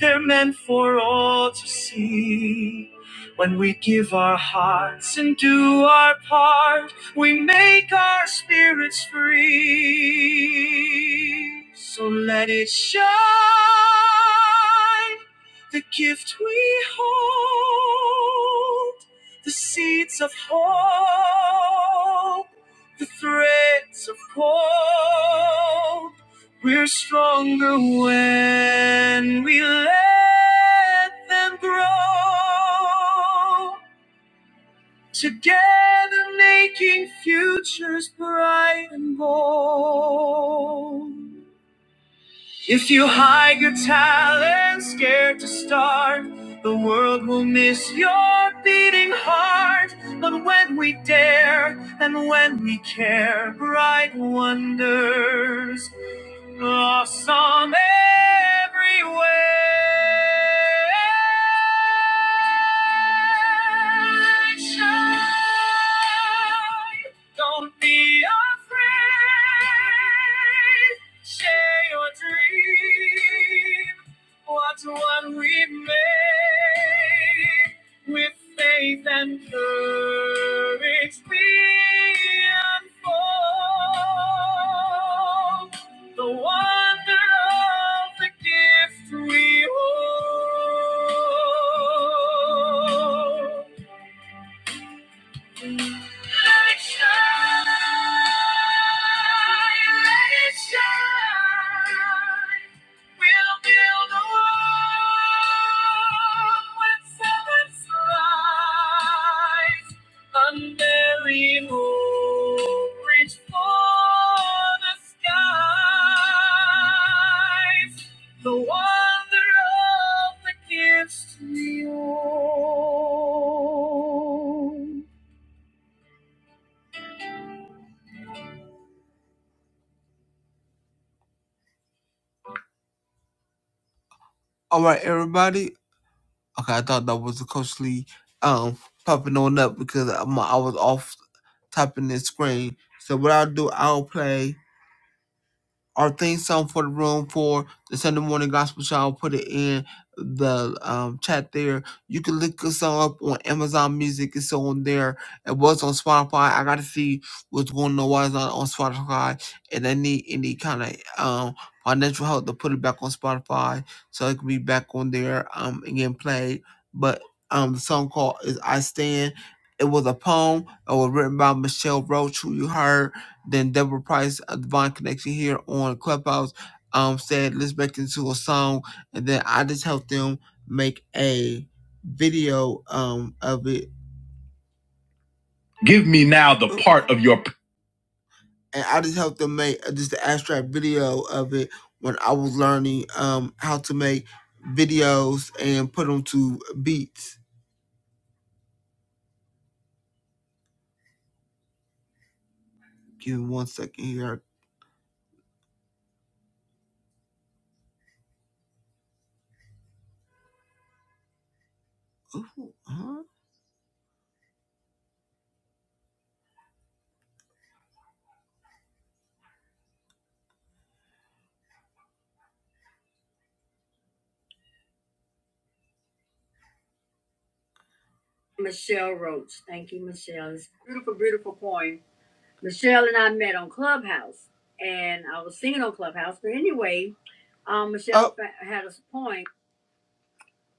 they're meant for all to see. When we give our hearts and do our part, we make our spirits free. So let it shine the gift we hold the seeds of hope, the threads of hope. We're stronger when we let them grow. Together, making futures bright and bold. If you hide your talent, scared to start, the world will miss your beating heart. But when we dare and when we care, bright wonders blossom everywhere. Shine, don't be afraid. Share your dream. What's one we made with faith and courage we unfold the wonder of the gift we hold. Let it shine, let it shine. We'll build on with seven's rise. Unburied hope, reach for the skies. The wonder of the gifts we own. All right, everybody. Okay, I thought that was a Coach Lee um, popping on up because I'm, I was off tapping the screen. So what I'll do, I'll play or think something for the room for the Sunday morning gospel show. I'll put it in the um, chat there. You can look us up on Amazon Music. It's on there. It was on Spotify. I got to see what's going on. Why it's not on Spotify? And I need any kind of um, financial help to put it back on Spotify so it can be back on there um, and getting played. But um, the song called is "I Stand." It was a poem. It was written by Michelle Roach, who you heard. Then Deborah Price, a Divine Connection here on Clubhouse, um, said, let's make into a song. And then I just helped them make a video um of it. Give me now the part of your. And I just helped them make uh, just the abstract video of it when I was learning um how to make videos and put them to beats. Give me one second here. Ooh, huh?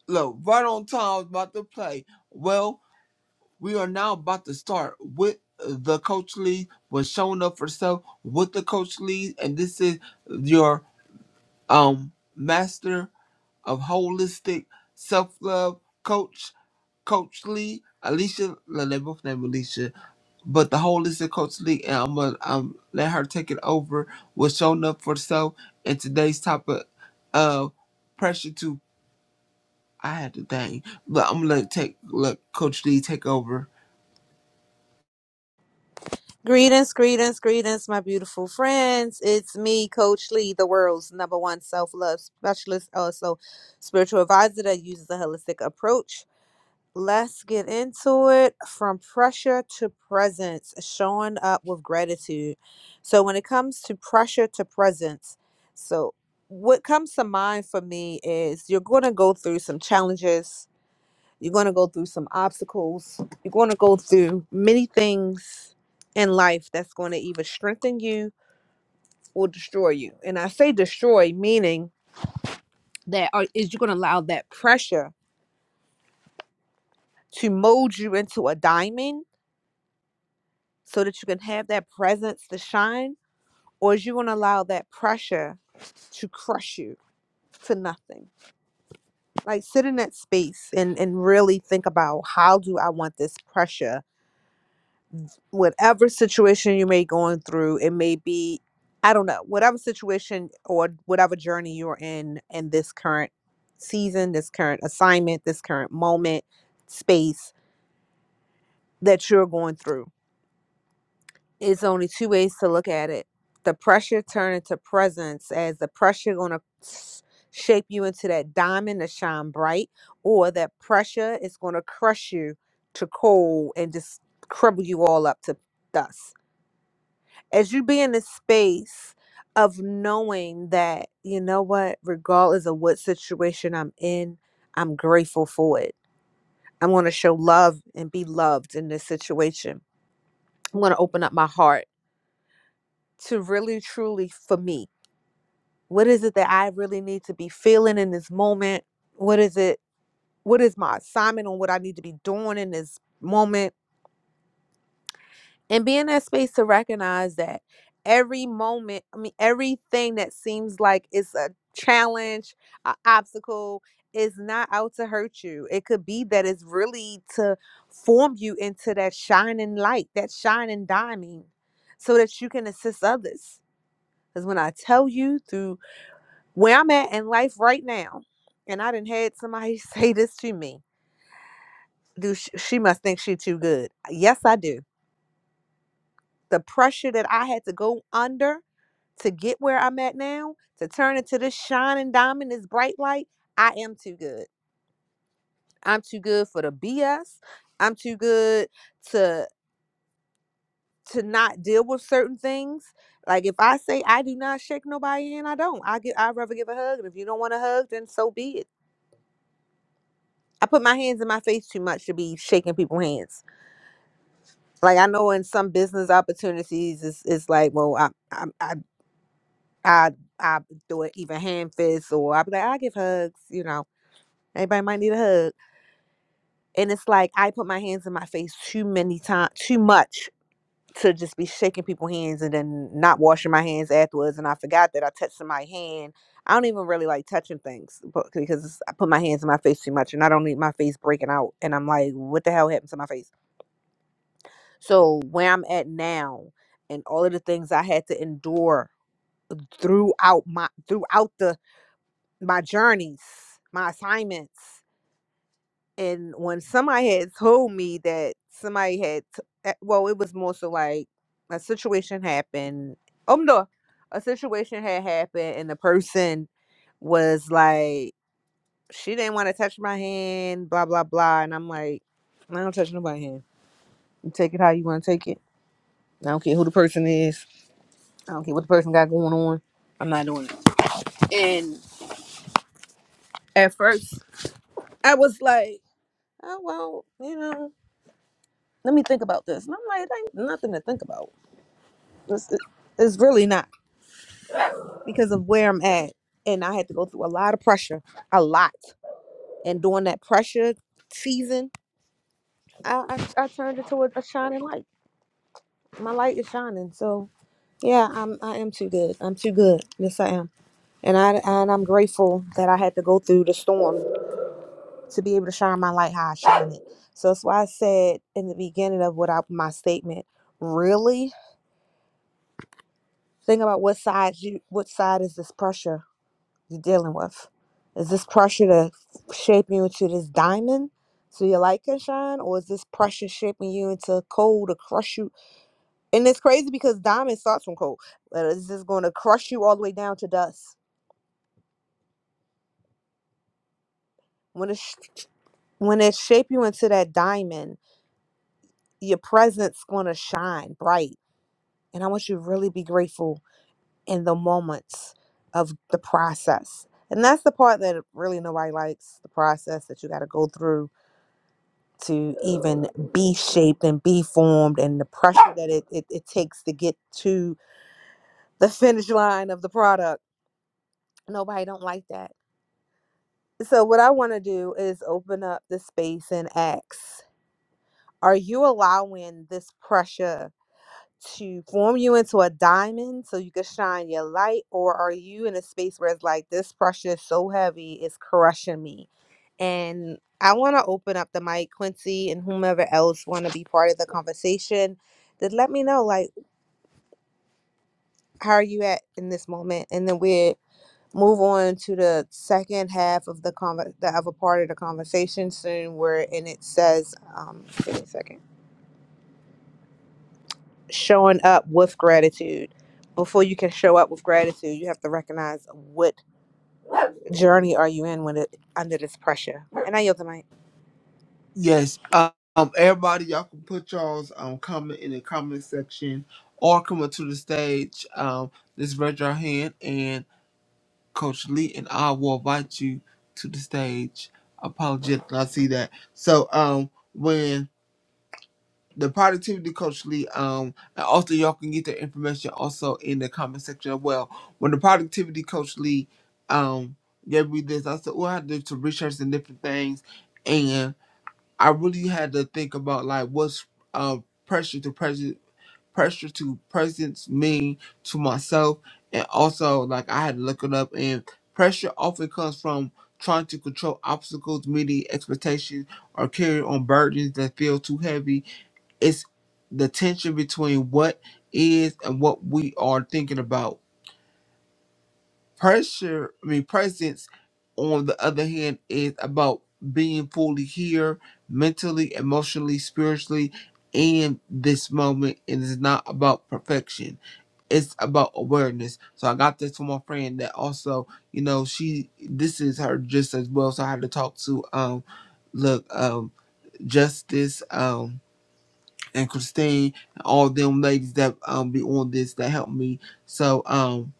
Look, right on time, I was about to play. Well, we are now about to start with uh, the coach lead, was showing up for self with the coach lead, and this is your um master of holistic self love coach, Coach Lee, Alicia. No, they both named Alicia, but the holistic coach Lee, and I'm gonna um let her take it over. Was showing up for self, and today's topic of pressure to I had the thing, but I'm gonna let take let Coach D take over. Greetings, greetings, greetings, my beautiful friends. It's me, Coach Lee, the world's number one self love specialist, also spiritual advisor that uses a holistic approach. Let's get into it from pressure to presence, showing up with gratitude. So, when it comes to pressure to presence, so what comes to mind for me is you're going to go through some challenges, you're going to go through some obstacles. You're going to go through many things in life that's going to either strengthen you or destroy you. And I say destroy, meaning that are, is you're going to allow that pressure to mold you into a diamond so that you can have that presence to shine, or is you going to allow that pressure to crush you to nothing? Like sit in that space and, and really think about how do I want this pressure whatever situation you may going through it may be i don't know whatever situation or whatever journey you're in in this current season this current assignment this current moment space that you're going through it's only two ways to look at it the pressure turn into presence as the pressure going to shape you into that diamond to shine bright or that pressure is going to crush you to coal and just crumble you all up to dust as you be in a space of knowing that you know what regardless of what situation i'm in i'm grateful for it i'm going to show love and be loved in this situation i'm going to open up my heart to really truly for me what is it that i really need to be feeling in this moment what is it what is my assignment on what i need to be doing in this moment and be in that space to recognize that every moment i mean everything that seems like it's a challenge an obstacle is not out to hurt you it could be that it's really to form you into that shining light that shining diamond so that you can assist others because when i tell you through where i'm at in life right now and i didn't had somebody say this to me do she, she must think she too good yes i do the pressure that i had to go under to get where I'm at now, to turn into this shining diamond, this bright light, I am too good. I'm too good for the BS. I'm too good to to not deal with certain things. Like if I say I do not shake nobody and I don't. I get I'd rather give a hug. And if you don't want a hug, then so be it. I put my hands in my face too much to be shaking people's hands. Like I know in some business opportunities, it's, it's like, well, I I I I I do it even hand fist or I be like I give hugs, you know Everybody might need a hug. And it's like I put my hands in my face too many times, too much to just be shaking people's hands and then not washing my hands afterwards. And I forgot that I touched my hand. I don't even really like touching things but- because it's- I put my hands in my face too much and I don't need my face breaking out. And I'm like, what the hell happened to my face? So where I'm at now and all of the things I had to endure throughout my throughout the my journeys, my assignments. and when somebody had told me that somebody had t- that- well it was more so like a situation happened oh no a situation had happened and the person was like she didn't want to touch my hand blah blah blah and i'm like i don't touch nobody's hand you take it how you want to take it i don't care who the person is i don't care what the person got going on i'm not doing it and at first i was like oh well you know let me think about this and i'm like ain't nothing to think about It's, it's really not because of where I'm at. And I had to go through a lot of pressure, a lot. And during that pressure season, I, I, I turned into a, a shining light. My light is shining. So yeah, I'm I am too good. I'm too good. Yes, I am. And I and I'm grateful that I had to go through the storm to be able to shine my light how I shine it. So that's why I said in the beginning of what I, my statement. Really think about what side you what side is this pressure you're dealing with? Is this pressure to shape you into this diamond so your light can shine? Or is this pressure shaping you into coal to crush you? And it's crazy because diamond starts from coal. But is this going to crush you all the way down to dust? When it, sh- when it shape you into that diamond, your presence going to shine bright. And I want you to really be grateful in the moments of the process. And that's the part that really nobody likes the process that you got to go through to even be shaped and be formed and the pressure that it, it, it takes to get to the finish line of the product nobody don't like that so what i want to do is open up the space and ask are you allowing this pressure to form you into a diamond so you can shine your light or are you in a space where it's like this pressure is so heavy it's crushing me and I want to open up the mic, Quincy, and whomever else want to be part of the conversation. Then let me know, like, how are you at in this moment, and then we move on to the second half of the conver- the other part of the conversation soon, where and it says, um, give me a second, showing up with gratitude. Before you can show up with gratitude, you have to recognize what journey are you in when it under this pressure. And I yield the mic. Yes, um, um, everybody, y'all can put y'all's um comment in the comment section or come up to the stage. Um, just raise your hand, and Coach Lee and I will invite you to the stage. Apologetic, I see that. So um, when the productivity coach Lee. Um, and also y'all can get the information also in the comment section as well. When the productivity coach Lee, um, gave me this, I said, "Well, I did some research and different things, and I really had to think about like what's uh pressure to present, pressure to presence mean to myself, and also like I had to look it up. And pressure often comes from trying to control obstacles, meeting expectations, or carry on burdens that feel too heavy it's the tension between what is and what we are thinking about. Pressure, I mean, presence, on the other hand, is about being fully here mentally, emotionally, spiritually, in this moment. It is not about perfection, it's about awareness. So, I got this from my friend that also, you know, she this is her just as well. So, I had to talk to, um, look, um, justice, um and Christine, all them ladies that um be on this that helped me. So um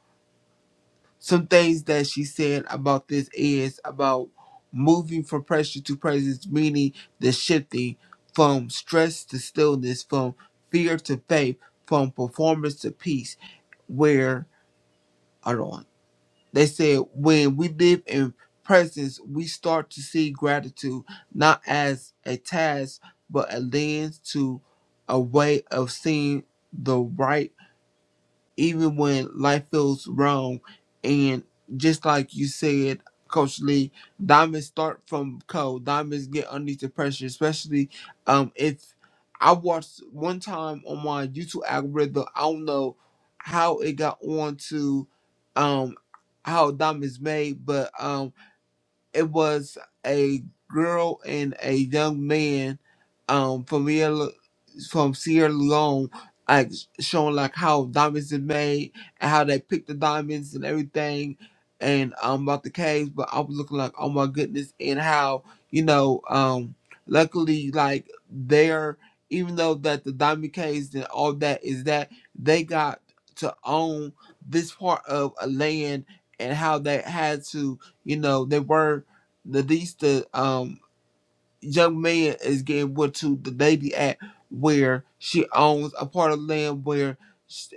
some things that she said about this is about moving from pressure to presence, meaning the shifting from stress to stillness, from fear to faith, from performance to peace. Where hold on. They said when we live in presence, we start to see gratitude not as a task, but a lens to a way of seeing the right even when life feels wrong. And just like you said, Coach Lee, diamonds start from cold. Diamonds get underneath the pressure, especially um if I watched one time on my YouTube algorithm, I don't know how it got on to um how diamonds made, but um it was a girl and a young man um from Sierra, Le- from Sierra Leone like showing like how diamonds are made and how they pick the diamonds and everything and um about the caves but I was looking like oh my goodness and how you know um luckily like they're even though that the diamond caves and all that is that they got to own this part of a land and how they had to you know they were the these the um young man is getting what to the lady at where she owns a part of land where she,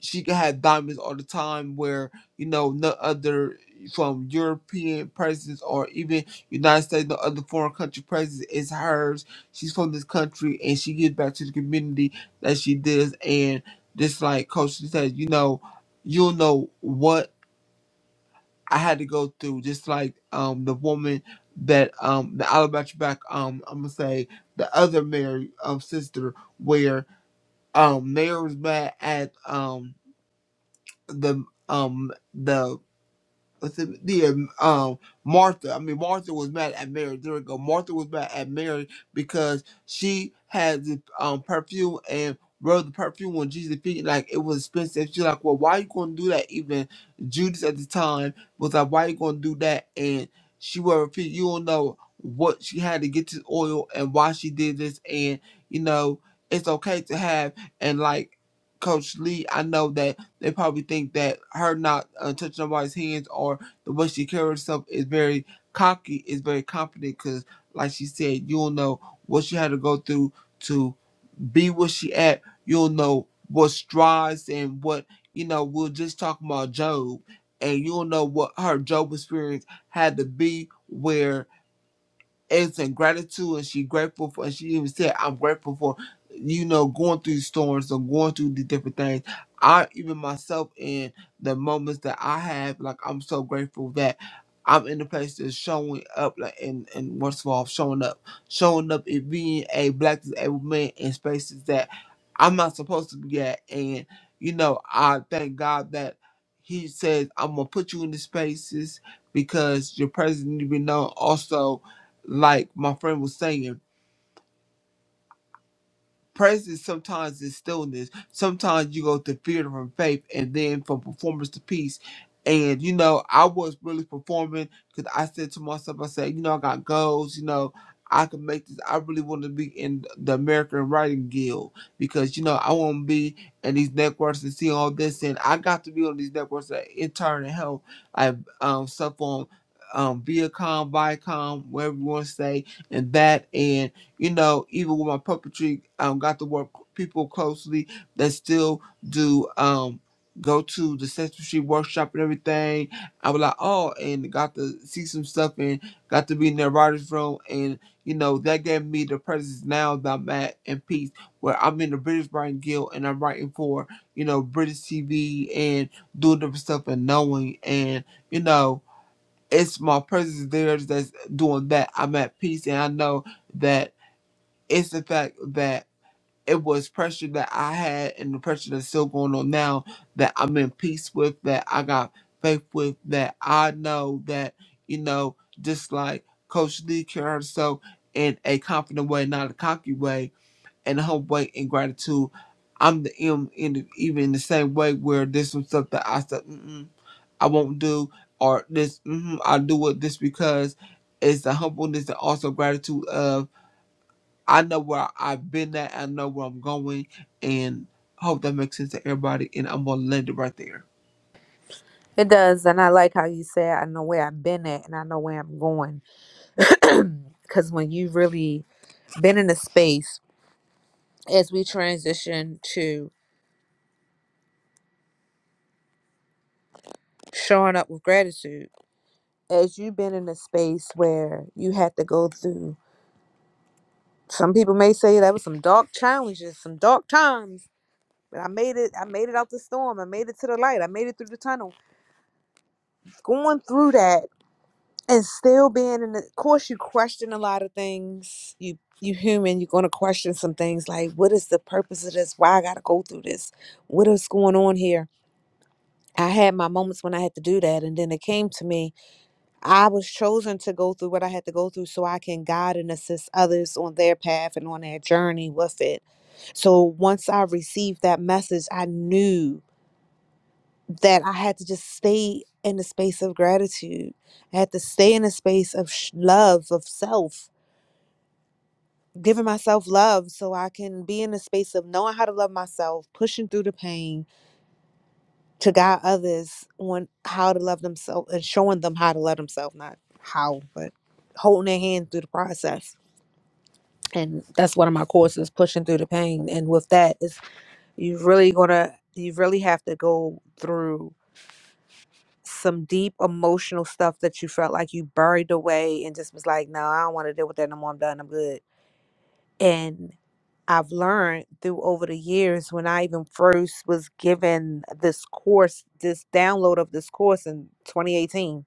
she can have diamonds all the time where you know no other from European presence or even United States no other foreign country presence is hers. She's from this country and she gives back to the community that she does and just like Coach said, you know, you'll know what. I had to go through, just like um the woman that um the alabaster back um I'm gonna say the other Mary um sister where um Mary was mad at um the um the what's it- the um um, Martha. I mean Martha was mad at Mary. There we go. Martha was mad at Mary because she had the um perfume and wrote the perfume when Jesus' feet like it was expensive. She's like, Well, why you gonna do that? Even Judas at the time was like, Why you gonna do that? And she will repeat, you don't know what she had to get this oil and why she did this and you know, it's okay to have and like Coach Lee, I know that they probably think that her not uh, touching nobody's hands or the way she carries herself is very cocky, is very confident. Because, like she said, you'll know what she had to go through to be where she at. You'll know what strides and what you know. We're just talking about Job, and you'll know what her Job experience had to be where as in gratitude and she grateful for and she even said i'm grateful for you know going through storms and going through the different things i even myself in the moments that i have like i'm so grateful that i'm in the place that's showing up like and and what's all showing up showing up and being a black disabled man in spaces that i'm not supposed to be at and you know i thank god that he says i'm gonna put you in the spaces because your presence need to be known also like my friend was saying, presence sometimes is stillness. Sometimes you go to theater from faith and then from performance to peace. And you know, I was really performing because I said to myself, I said, you know, I got goals, you know, I can make this. I really want to be in the American Writing Guild because you know I want to be in these networks and see all this, and I got to be on these networks that intern and help. I um stuff on um Viacom, Viacom, whatever you want to say, and that and you know, even with my puppetry, um, got to work people closely that still do um go to the censorship workshop and everything. I was like, oh, and got to see some stuff and got to be in their writers' room, and you know that gave me the presence now that I'm at in peace, where I'm in the British Writing Guild and I'm writing for you know British TV and doing different stuff and knowing and you know. It's my presence there that's doing that. I'm at peace, and I know that it's the fact that it was pressure that I had and the pressure that's still going on now that I'm in peace with, that I got faith with, that I know that, you know, just like Coach Lee carried herself in a confident way, not a cocky way, and a humble way in gratitude. I'm the M in the, even in the same way where there's some stuff that I said, mm I won't do, or this, mm I do it this because it's the humbleness and also gratitude of I know where I've been at. I know where I'm going, and I hope that makes sense to everybody. And I'm gonna land it right there. It does, and I like how you said I know where I've been at and I know where I'm going because when you've really been in a space as we transition to showing up with gratitude as you've been in a space where you had to go through some people may say that was some dark challenges some dark times but i made it i made it out the storm i made it to the light i made it through the tunnel going through that and still being in the of course you question a lot of things you you human you're going to question some things like what is the purpose of this why i gotta go through this what is going on here I had my moments when I had to do that, and then it came to me. I was chosen to go through what I had to go through so I can guide and assist others on their path and on their journey with it. So once I received that message, I knew that I had to just stay in the space of gratitude. I had to stay in a space of sh- love, of self, giving myself love so I can be in a space of knowing how to love myself, pushing through the pain, to guide others on how to love themselves and showing them how to love themselves, not how, but holding their hand through the process. And that's one of my courses, pushing through the pain. And with that, is you really gonna you really have to go through some deep emotional stuff that you felt like you buried away and just was like, no, I don't want to deal with that no more. I'm done. I'm good And I've learned through over the years when I even first was given this course, this download of this course in 2018.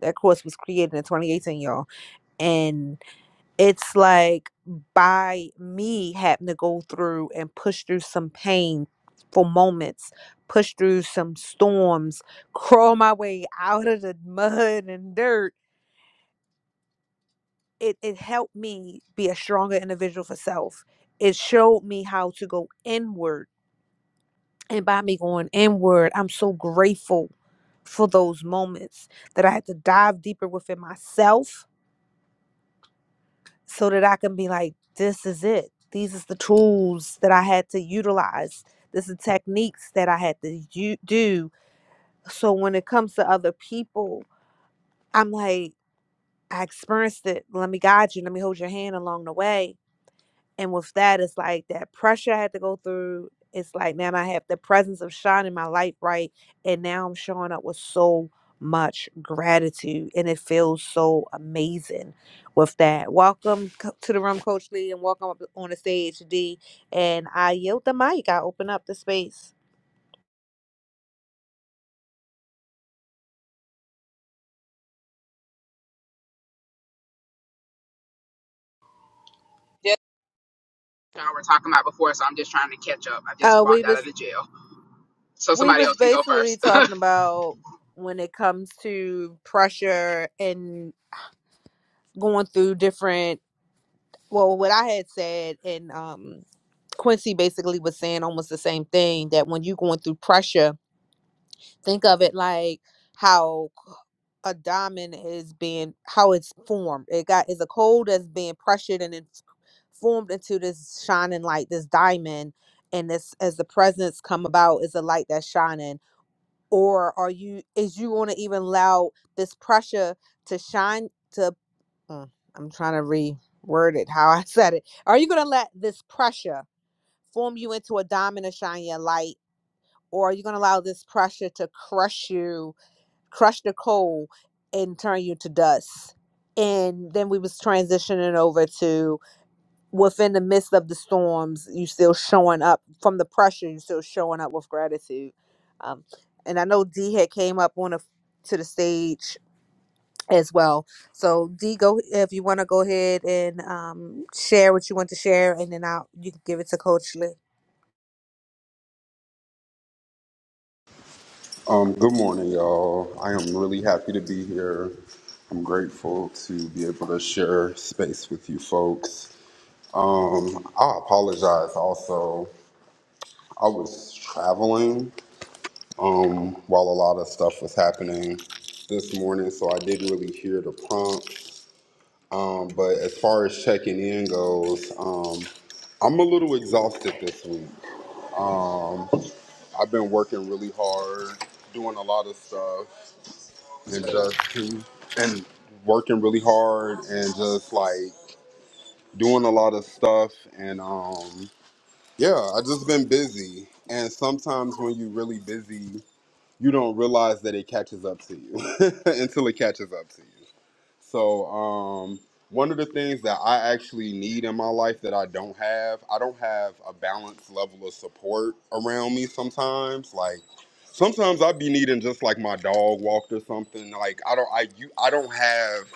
That course was created in 2018, y'all. And it's like by me having to go through and push through some pain for moments, push through some storms, crawl my way out of the mud and dirt it it helped me be a stronger individual for self. It showed me how to go inward. And by me going inward, I'm so grateful for those moments that I had to dive deeper within myself so that I can be like, this is it. These is the tools that I had to utilize. This is techniques that I had to u- do. So when it comes to other people, I'm like, I experienced it. Let me guide you. Let me hold your hand along the way And with that, it's like that pressure I had to go through. It's like, man, I have the presence of shining my light right. And now I'm showing up with so much gratitude. And it feels so amazing with that. Welcome co- to the room, Coach Lee, and welcome up on the stage, D. And I yield the mic. I open up the space. Just y'all were talking about before, so I'm just trying to catch up. I just Uh, we walked out was of the jail, so we somebody was else can go basically first. talking about when it comes to pressure and going through different well what I had said and um Quincy basically was saying almost the same thing that when you're going through pressure, think of it like how a diamond is being how it's formed. It got is a coal that's being pressured and it's formed into this shining light, this diamond. And this as the presence come about is a light that's shining. Or are you is you gonna even allow this pressure to shine to mm, I'm trying to reword it how I said it. Are you gonna let this pressure form you into a diamond to shine your light, or you're going to allow this pressure to crush you, crush the coal, and turn you to dust. And then we was transitioning over to within the midst of the storms, you still showing up from the pressure, you still showing up with gratitude. Um, and I know D had came up on a, to the stage as well. So D, go if you want to go ahead and um, share what you want to share, and then I'll you can give it to Coach Lee. Um, good morning, y'all. I am really happy to be here. I'm grateful to be able to share space with you folks. Um, I apologize also. I was traveling um, while a lot of stuff was happening this morning, so I didn't really hear the prompt. Um, but as far as checking in goes, um, I'm a little exhausted this week. I've been working really hard, doing a lot of stuff. and just to, and working really hard and just like doing a lot of stuff and um yeah i just been busy and sometimes when you're really busy you don't realize that it catches up to you until it catches up to you. So, um, one of the things that I actually need in my life that I don't have, I don't have a balanced level of support around me sometimes. Like, sometimes I be needing just like my dog walked or something. Like, I don't, I, you, I don't have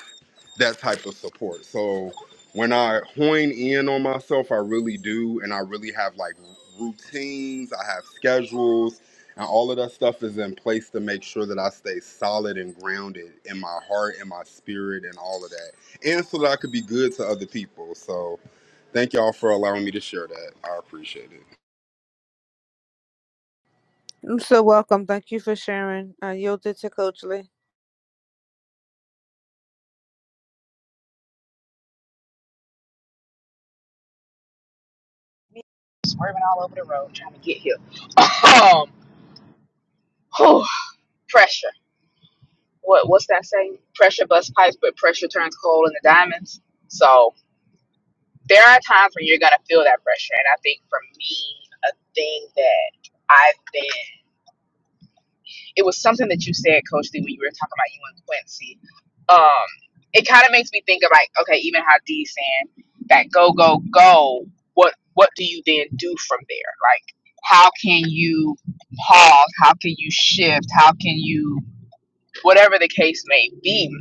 that type of support. So when I hone in on myself, I really do, and I really have like routines, I have schedules, and all of that stuff is in place to make sure that I stay solid and grounded in my heart and my spirit and all of that, and so that I could be good to other people. So thank y'all for allowing me to share that. I appreciate it. I'm so welcome. Thank you for sharing. I yielded to Coach Lee. Me Swerving all over the road trying to get here. Um, whew, pressure. What? What's that saying? Pressure busts pipes, but pressure turns coal into diamonds. So there are times when you're gonna feel that pressure. And I think for me, a thing that I've been it was something that you said, Coach Lee, when you were talking about you and Quincy. Um, it kind of makes me think of like, okay, even how D saying that go, go, go, what what do you then do from there? Like how can you pause? How can you shift? How can you whatever the case may be?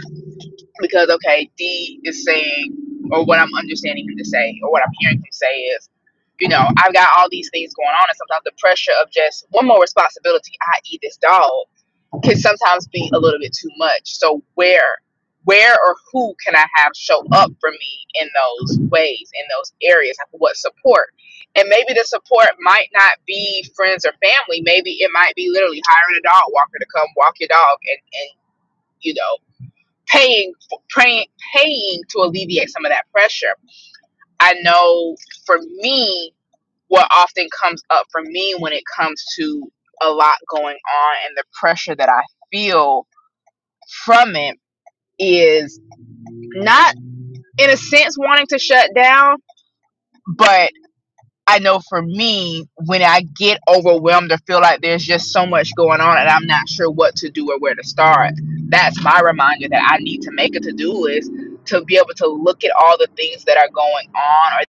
because okay, D is saying, or what I'm understanding him to say, or what I'm hearing him say is, you know, I've got all these things going on, and sometimes the pressure of just one more responsibility, i.e., this dog, can sometimes be a little bit too much. So where, where or who can I have show up for me in those ways, in those areas? Like what support? And maybe the support might not be friends or family. Maybe it might be literally hiring a dog walker to come walk your dog and and you know paying for, praying, paying to alleviate some of that pressure. I know for me, what often comes up for me when it comes to a lot going on and the pressure that I feel from it is not in a sense wanting to shut down, but. I know for me, when I get overwhelmed or feel like there's just so much going on and I'm not sure what to do or where to start, that's my reminder that I need to make a to do list to be able to look at all the things that are going on or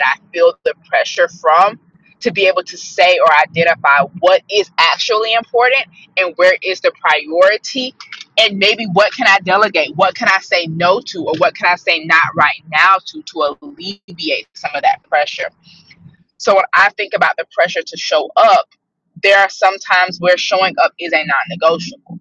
that I feel the pressure from to be able to say or identify what is actually important and where is the priority and maybe what can I delegate? What can I say no to or what can I say not right now to to alleviate some of that pressure? So when I think about the pressure to show up, there are some times where showing up is a non-negotiable.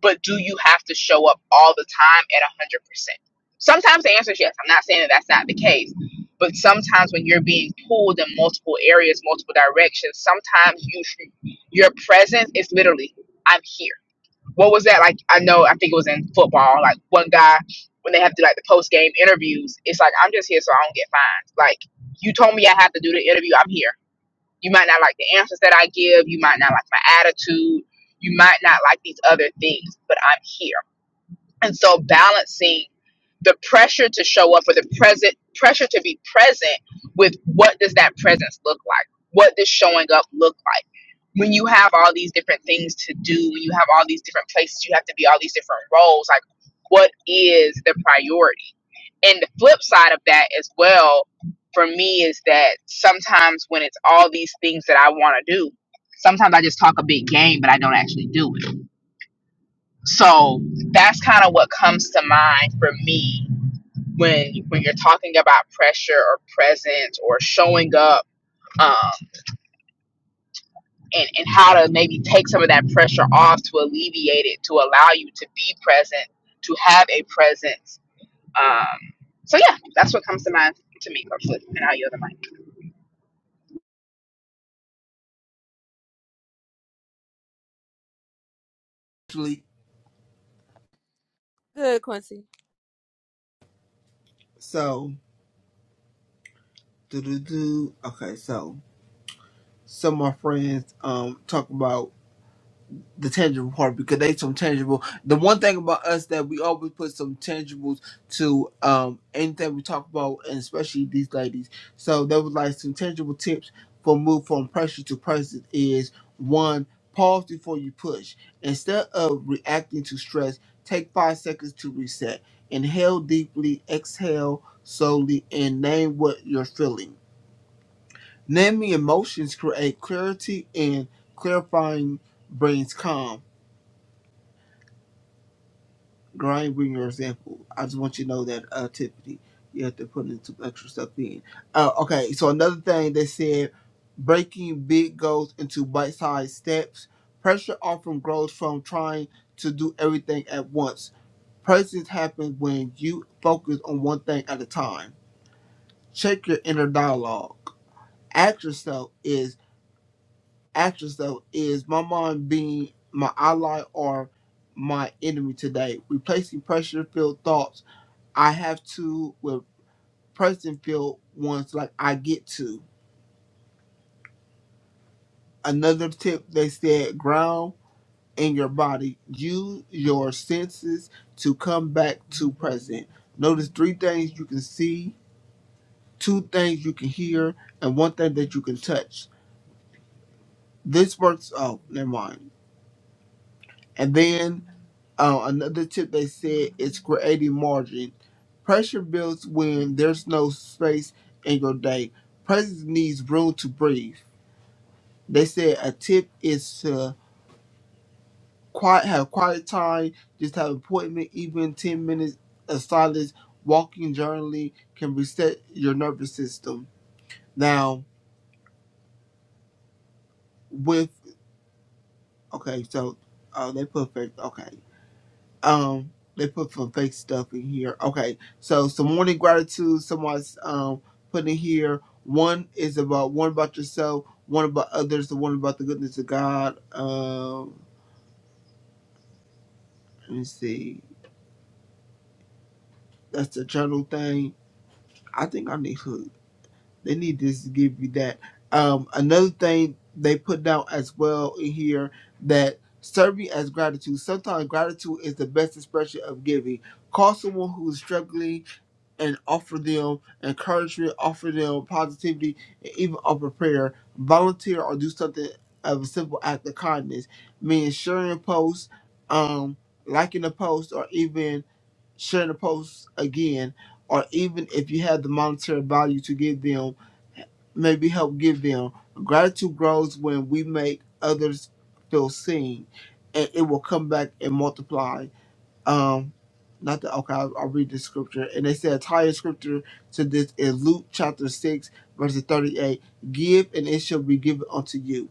But do you have to show up all the time at one hundred percent? Sometimes the answer is yes. I'm not saying that that's not the case, but sometimes when you're being pulled in multiple areas, multiple directions, sometimes you your presence is literally I'm here. What was that like? I know I think it was in football. Like one guy when they have to like the post game interviews, it's like I'm just here so I don't get fined. Like you told me I have to do the interview. I'm here. You might not like the answers that I give. You might not like my attitude. You might not like these other things, but I'm here. And so balancing the pressure to show up or the present pressure to be present with what does that presence look like? What does showing up look like? When you have all these different things to do, when you have all these different places you have to be, all these different roles, like what is the priority? and the flip side of that as well for me is that sometimes when it's all these things that I want to do, sometimes I just talk a big game, but I don't actually do it. So that's kind of what comes to mind for me when when you're talking about pressure or presence or showing up. Um, and, and how to maybe take some of that pressure off to alleviate it, to allow you to be present, to have a presence. Um, so, yeah, that's what comes to mind to me, Coach flip, and I'll yield the mic. Actually, Good, Quincy. so do do do. Okay, so some of my friends um talk about the tangible part because they some tangible. The one thing about us that we always put some tangibles to um anything we talk about, and especially these ladies. So there was like some tangible tips for move from pressure to present is one pause before you push. Instead of reacting to stress, take five seconds to reset. Inhale deeply, exhale slowly, and name what you're feeling. Naming emotions create clarity and clarifying brings calm grind bring your example. I just want you to know that uh Tiffany, you have to put in some extra stuff in. Uh okay, so another thing they said breaking big goals into bite sized steps. Pressure often grows from trying to do everything at once. Presence happens when you focus on one thing at a time. Check your inner dialogue. Ask yourself is ask yourself is my mind being my ally or my enemy today? Replacing pressure filled thoughts I have to with Prestonfield ones like I get to. Another tip they said ground in your body. Use your senses to come back to present. Notice three things you can see, two things you can hear, and one thing that you can touch. This works oh, never mind. And then uh, another tip they said is creating margin. Pressure builds when there's no space in your day. Presence needs room to breathe. They said a tip is to quiet have quiet time, just have appointment, even ten minutes of silence, walking journaling can reset your nervous system. Now with okay, so oh they put fake okay. Um they put some fake stuff in here. Okay. So some morning gratitude someone's um put in here. One is about one about yourself, one about others, the one about the goodness of God. Um let me see. That's the journal thing I think I need food. They need this to give you that. Um, another thing they put down as well in here that serving as gratitude. Sometimes gratitude is the best expression of giving. Call someone who's struggling and offer them encouragement, offer them positivity, and even offer prayer. Volunteer or do something of a simple act of kindness, meaning sharing a post, um, liking a post, or even sharing the post again, or even if you have the monetary value to give them, maybe help give them. Gratitude grows when we make others feel seen, and it will come back and multiply. Um, not that okay, I'll, I'll read the scripture, and they say a entire scripture to this is Luke chapter six, verse thirty-eight. Give, and it shall be given unto you.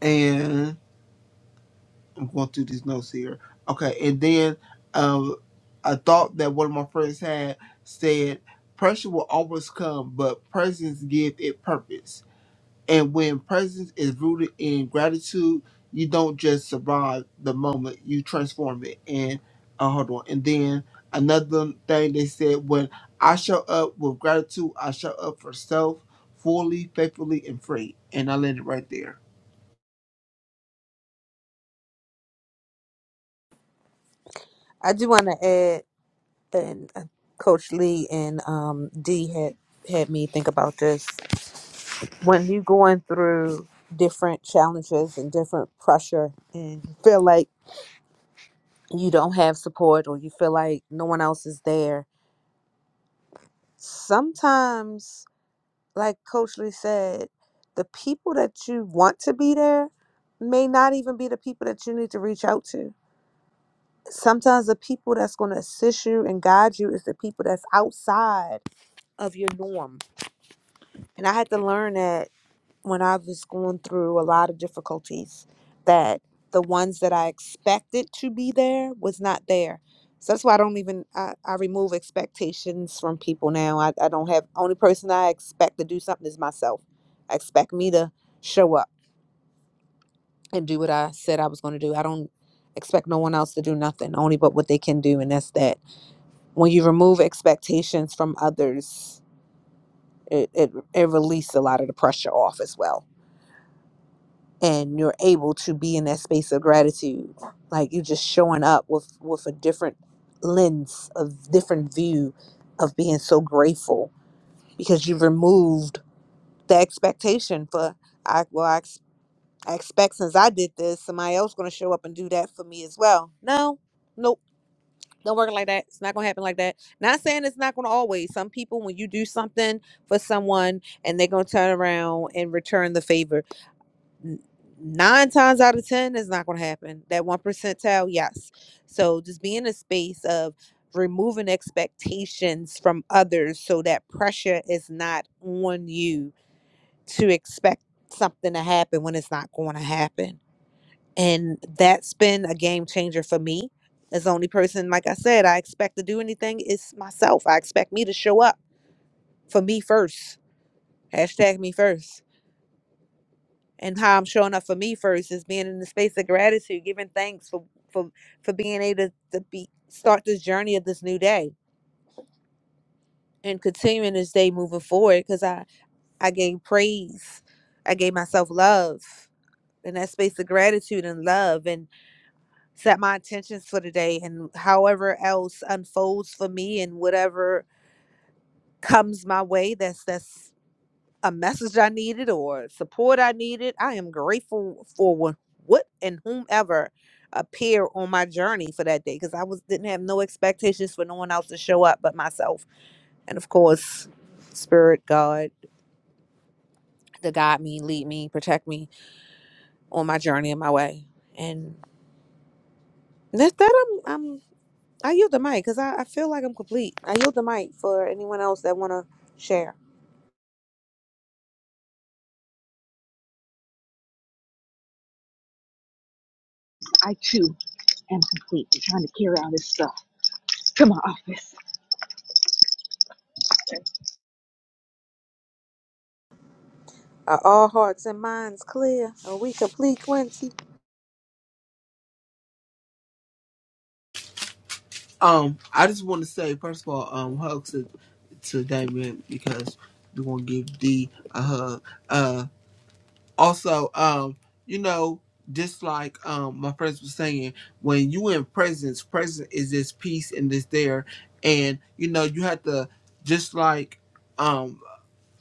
and. I'm going through these notes here. Okay, and then um, a thought that one of my friends had said, pressure will always come, but presence give it purpose. And when presence is rooted in gratitude, you don't just survive the moment, you transform it. And uh, hold on. And then another thing they said, when I show up with gratitude, I show up for self fully, faithfully, and free. And I landed right there. I do want to add, and uh, Coach Lee and um, D had had me think about this. When you going through different challenges and different pressure, and you feel like you don't have support or you feel like no one else is there, sometimes, like Coach Lee said, the people that you want to be there may not even be the people that you need to reach out to sometimes the people that's going to assist you and guide you is the people that's outside of your norm. And I had to learn that when I was going through a lot of difficulties, that the ones that I expected to be there was not there. So that's why I don't even I, I remove expectations from people now. I, I don't have only person I expect to do something is myself. I expect me to show up and do what I said I was going to do. I don't expect no one else to do nothing, only but what they can do, and that's that when you remove expectations from others, it, it, it releases a lot of the pressure off as well. And you're able to be in that space of gratitude. Like you are just showing up with, with a different lens, a different view of being so grateful because you've removed the expectation for, I, well, I, ex- I expect since I did this, somebody else going to show up and do that for me as well. No, nope Don't work like that. It's not gonna happen like that. Not saying it's not gonna always. Some people, when you do something for someone and they're gonna turn around and return the favor, nine times out of ten it's not gonna happen. That one percentile, yes. So just be in a space of removing expectations from others so that pressure is not on you to expect something to happen when it's not going to happen and that's been a game changer for me. As the only person, like I said, I expect to do anything is myself. I expect me to show up for me first. Hashtag me first. And how I'm showing up for me first is being in the space of gratitude, giving thanks for for for being able to, to be start this journey of this new day and continuing this day moving forward. Because I I gave praise, I gave myself love, and that space of gratitude and love, and. set my intentions for the day and however else unfolds for me and whatever comes my way that's that's a message I needed or support I needed. I am grateful for wha- what and whomever appear on my journey for that day because I was didn't have no expectations for no one else to show up but myself and of course spirit God to guide me, lead me, protect me on my journey and my way. And that's that i'm I yield the mic because I, I feel like I'm complete. I yield the mic for anyone else that want to share. I too. am complete. I'm trying to carry all this stuff to my office. Are all hearts and minds clear? Are we complete, Quincy? Um, I just want to say first of all, um, hugs to, to Damien because we want to give D a hug. Uh, also, um, you know, just like um my friends were saying, when you in presence, presence is this peace and this there, and you know you have to just like um,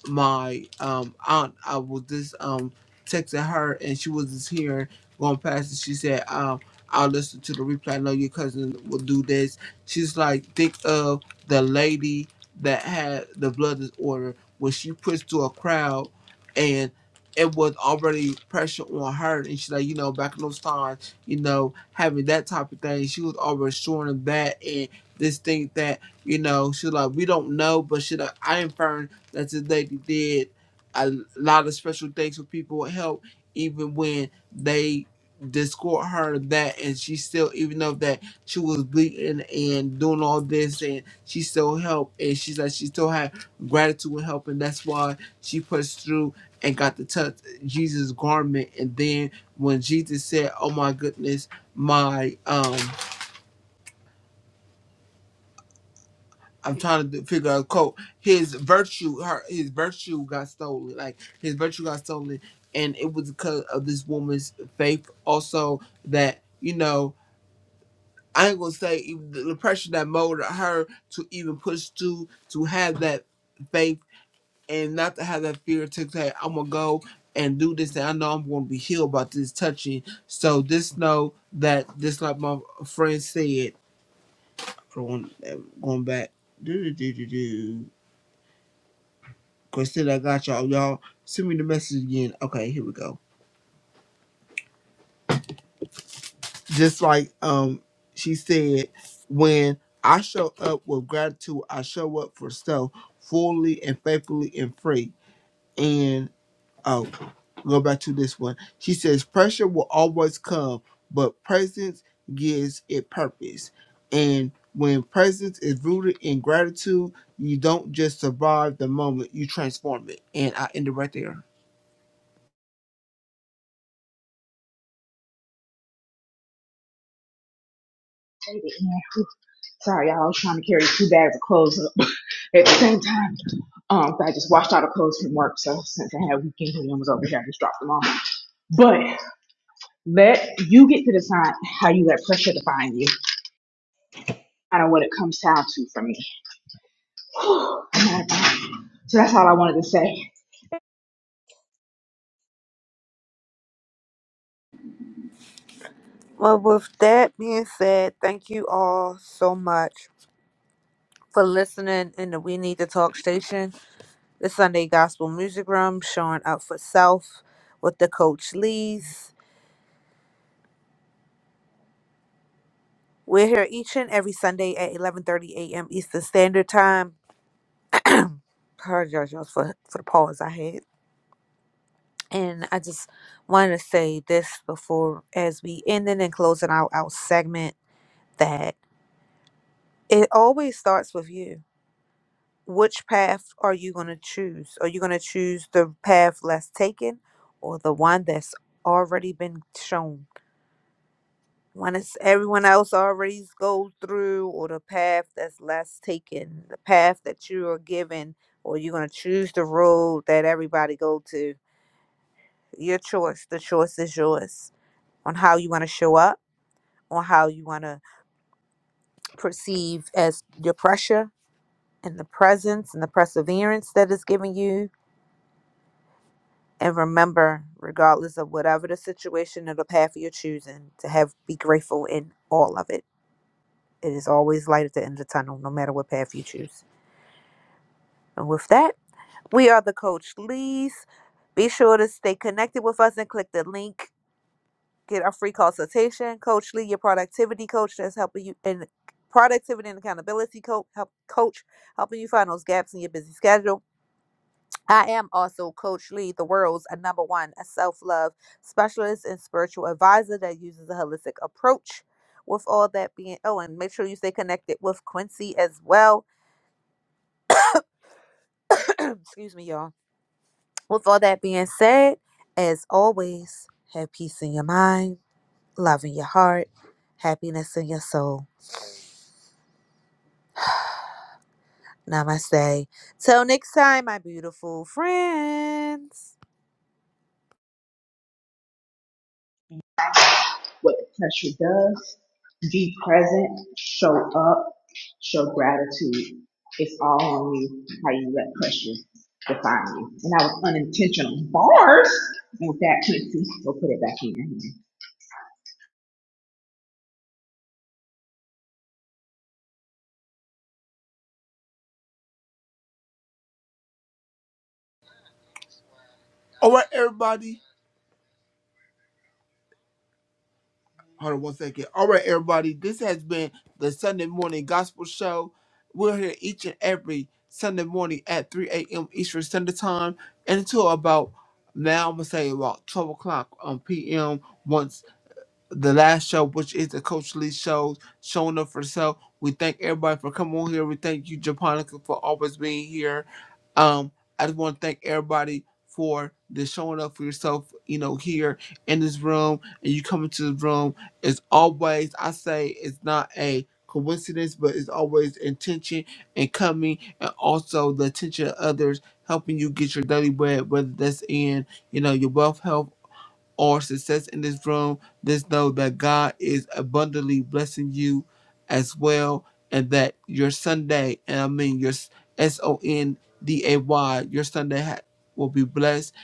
my um aunt I was just um texting her and she was just hearing going past and she said, um, I'll listen to the replay. I know your cousin will do this. She's like, think of the lady that had the blood disorder when she pushed through a crowd and it was already pressure on her and she's like, you know, back in those times, you know, having that type of thing, she was already showing them that and this thing that, you know, she's like, we don't know, but she like I inferred that this lady did a lot of special things for people with help, even when they discord her of that and she still even though that she was bleeding and doing all this and she still helped and she's like she still had gratitude and help and that's why she pushed through and got to touch Jesus garment and then when Jesus said oh my goodness my um I'm trying to figure out quote. His virtue, her, his virtue got stolen. Like his virtue got stolen, and it was because of this woman's faith. Also, that you know, I ain't gonna say even the the pressure that molded her to even push through to have that faith and not to have that fear to say, "I'm gonna go and do this," and I know I'm gonna be healed by this touching. So just know that, just like my friend said, going going back. Christina, I got y'all. Y'all send me the message again. Okay, here we go. Just like um she said, when I show up with gratitude, I show up for self fully and faithfully and free. And oh, go back to this one. She says pressure will always come, but presence gives it purpose. And when presence is rooted in gratitude, you don't just survive the moment, you transform it. And I end it right there. Sorry, y'all. I was trying to carry two bags of clothes up at the same time. Um, I just washed all the clothes from work, so since I had a weekend and was over here, I just dropped them off. But let you get to decide how you let pressure define you. I don't know what it comes down to for me. So that's all I wanted to say. Well, with that being said, thank you all so much for listening in the We Need to Talk station, the Sunday Gospel Music Room, showing up for self with the Coach Lees. We're here each and every Sunday at 11.30 a.m. Eastern Standard Time. I Apologize y'all for, for the pause I had. And I just wanted to say this before, as we ending and closing out our segment, that it always starts with you. Which path are you going to choose? Are you going to choose the path less taken or the one that's already been shown? One is everyone else already goes through, or the path that's less taken, the path that you are given, or you're going to choose the road that everybody go to. Your choice. The choice is yours on how you want to show up on how you want to perceive as your pressure and the presence and the perseverance that is given you. And remember, regardless of whatever the situation or the path you're choosing, to have be grateful in all of it. It is always light at the end of the tunnel, no matter what path you choose. And with that, we are the Coach Lee's. Be sure to stay connected with us and click the link Get a free consultation. Coach Lee, your productivity coach that's helping you in productivity and accountability Co help coach helping you find those gaps in your busy schedule. I am also Coach Lee, the world's a number one a self-love specialist and spiritual advisor that uses a holistic approach. With all that being oh, and make sure you stay connected with Quincy as well. Excuse me, y'all. With all that being said, as always, have peace in your mind, love in your heart, happiness in your soul. Namaste. Till next time, my beautiful friends. what the pressure does. Be present, show up, show gratitude. It's all on you, how you let pressure define you. And that was unintentional. Bars! And with that, Quincy, we'll put it back in your hand. All right, everybody. Hold on one second. All right, everybody. This has been the Sunday morning gospel show. We're here each and every Sunday morning at 3 a.m. Eastern Standard Time and until about now, I'm gonna say about 12 o'clock on PM. Once the last show, which is the Coach Lee show, showing up for herself. We thank everybody for coming on here. We thank you, Japonica, for always being here. Um, I just want to thank everybody for the showing up for yourself, you know, here in this room and you coming to this room. It's always, I say, it's not a coincidence, but it's always intention and coming and also the attention of others helping you get your daily bread, whether that's in, you know, your wealth, health, or success in this room, just know that God is abundantly blessing you as well, and that your Sunday, and I mean your S O N D A Y, your Sunday ha- will be blessed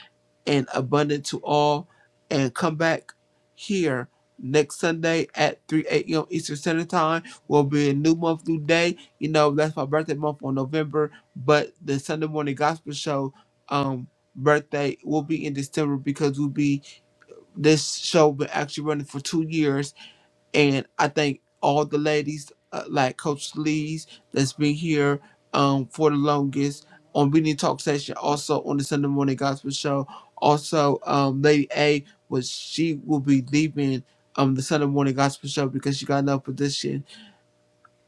and abundant to all. And come back here next Sunday at 3 a.m. Eastern Standard Time. Will be a new month, new day. You know, that's my birthday month on November, but the Sunday morning gospel show, um, birthday will be in December because we'll be this show been actually running for two years, and I thank all the ladies uh, like Coach Lee's that's been here um, for the longest on We Need Talk Session, also on the Sunday Morning Gospel Show. Also, um, Lady A was she will be leaving um, the Sunday Morning Gospel Show because she got another position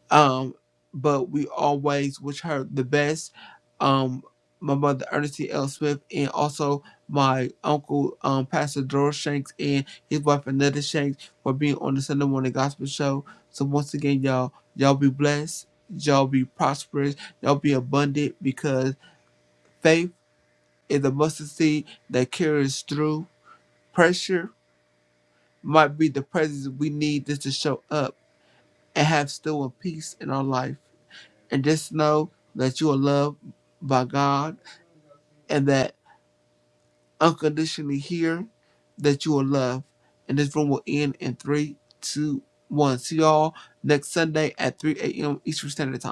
um, but we always wish her the best. Um, my mother Ernestine L. Smith and also my uncle um Pastor Doris Shanks and his wife Anetta Shanks for being on the Sunday morning gospel show. So once again, y'all, y'all be blessed, y'all be prosperous, y'all be abundant because faith is a mustard seed that carries through pressure might be the presence we need just to show up and have still a peace in our life. and just know that you are loved by God and that unconditionally here that you are loved. And this room will end in three, two, one. See y'all next Sunday at 3 a.m. Eastern Standard Time.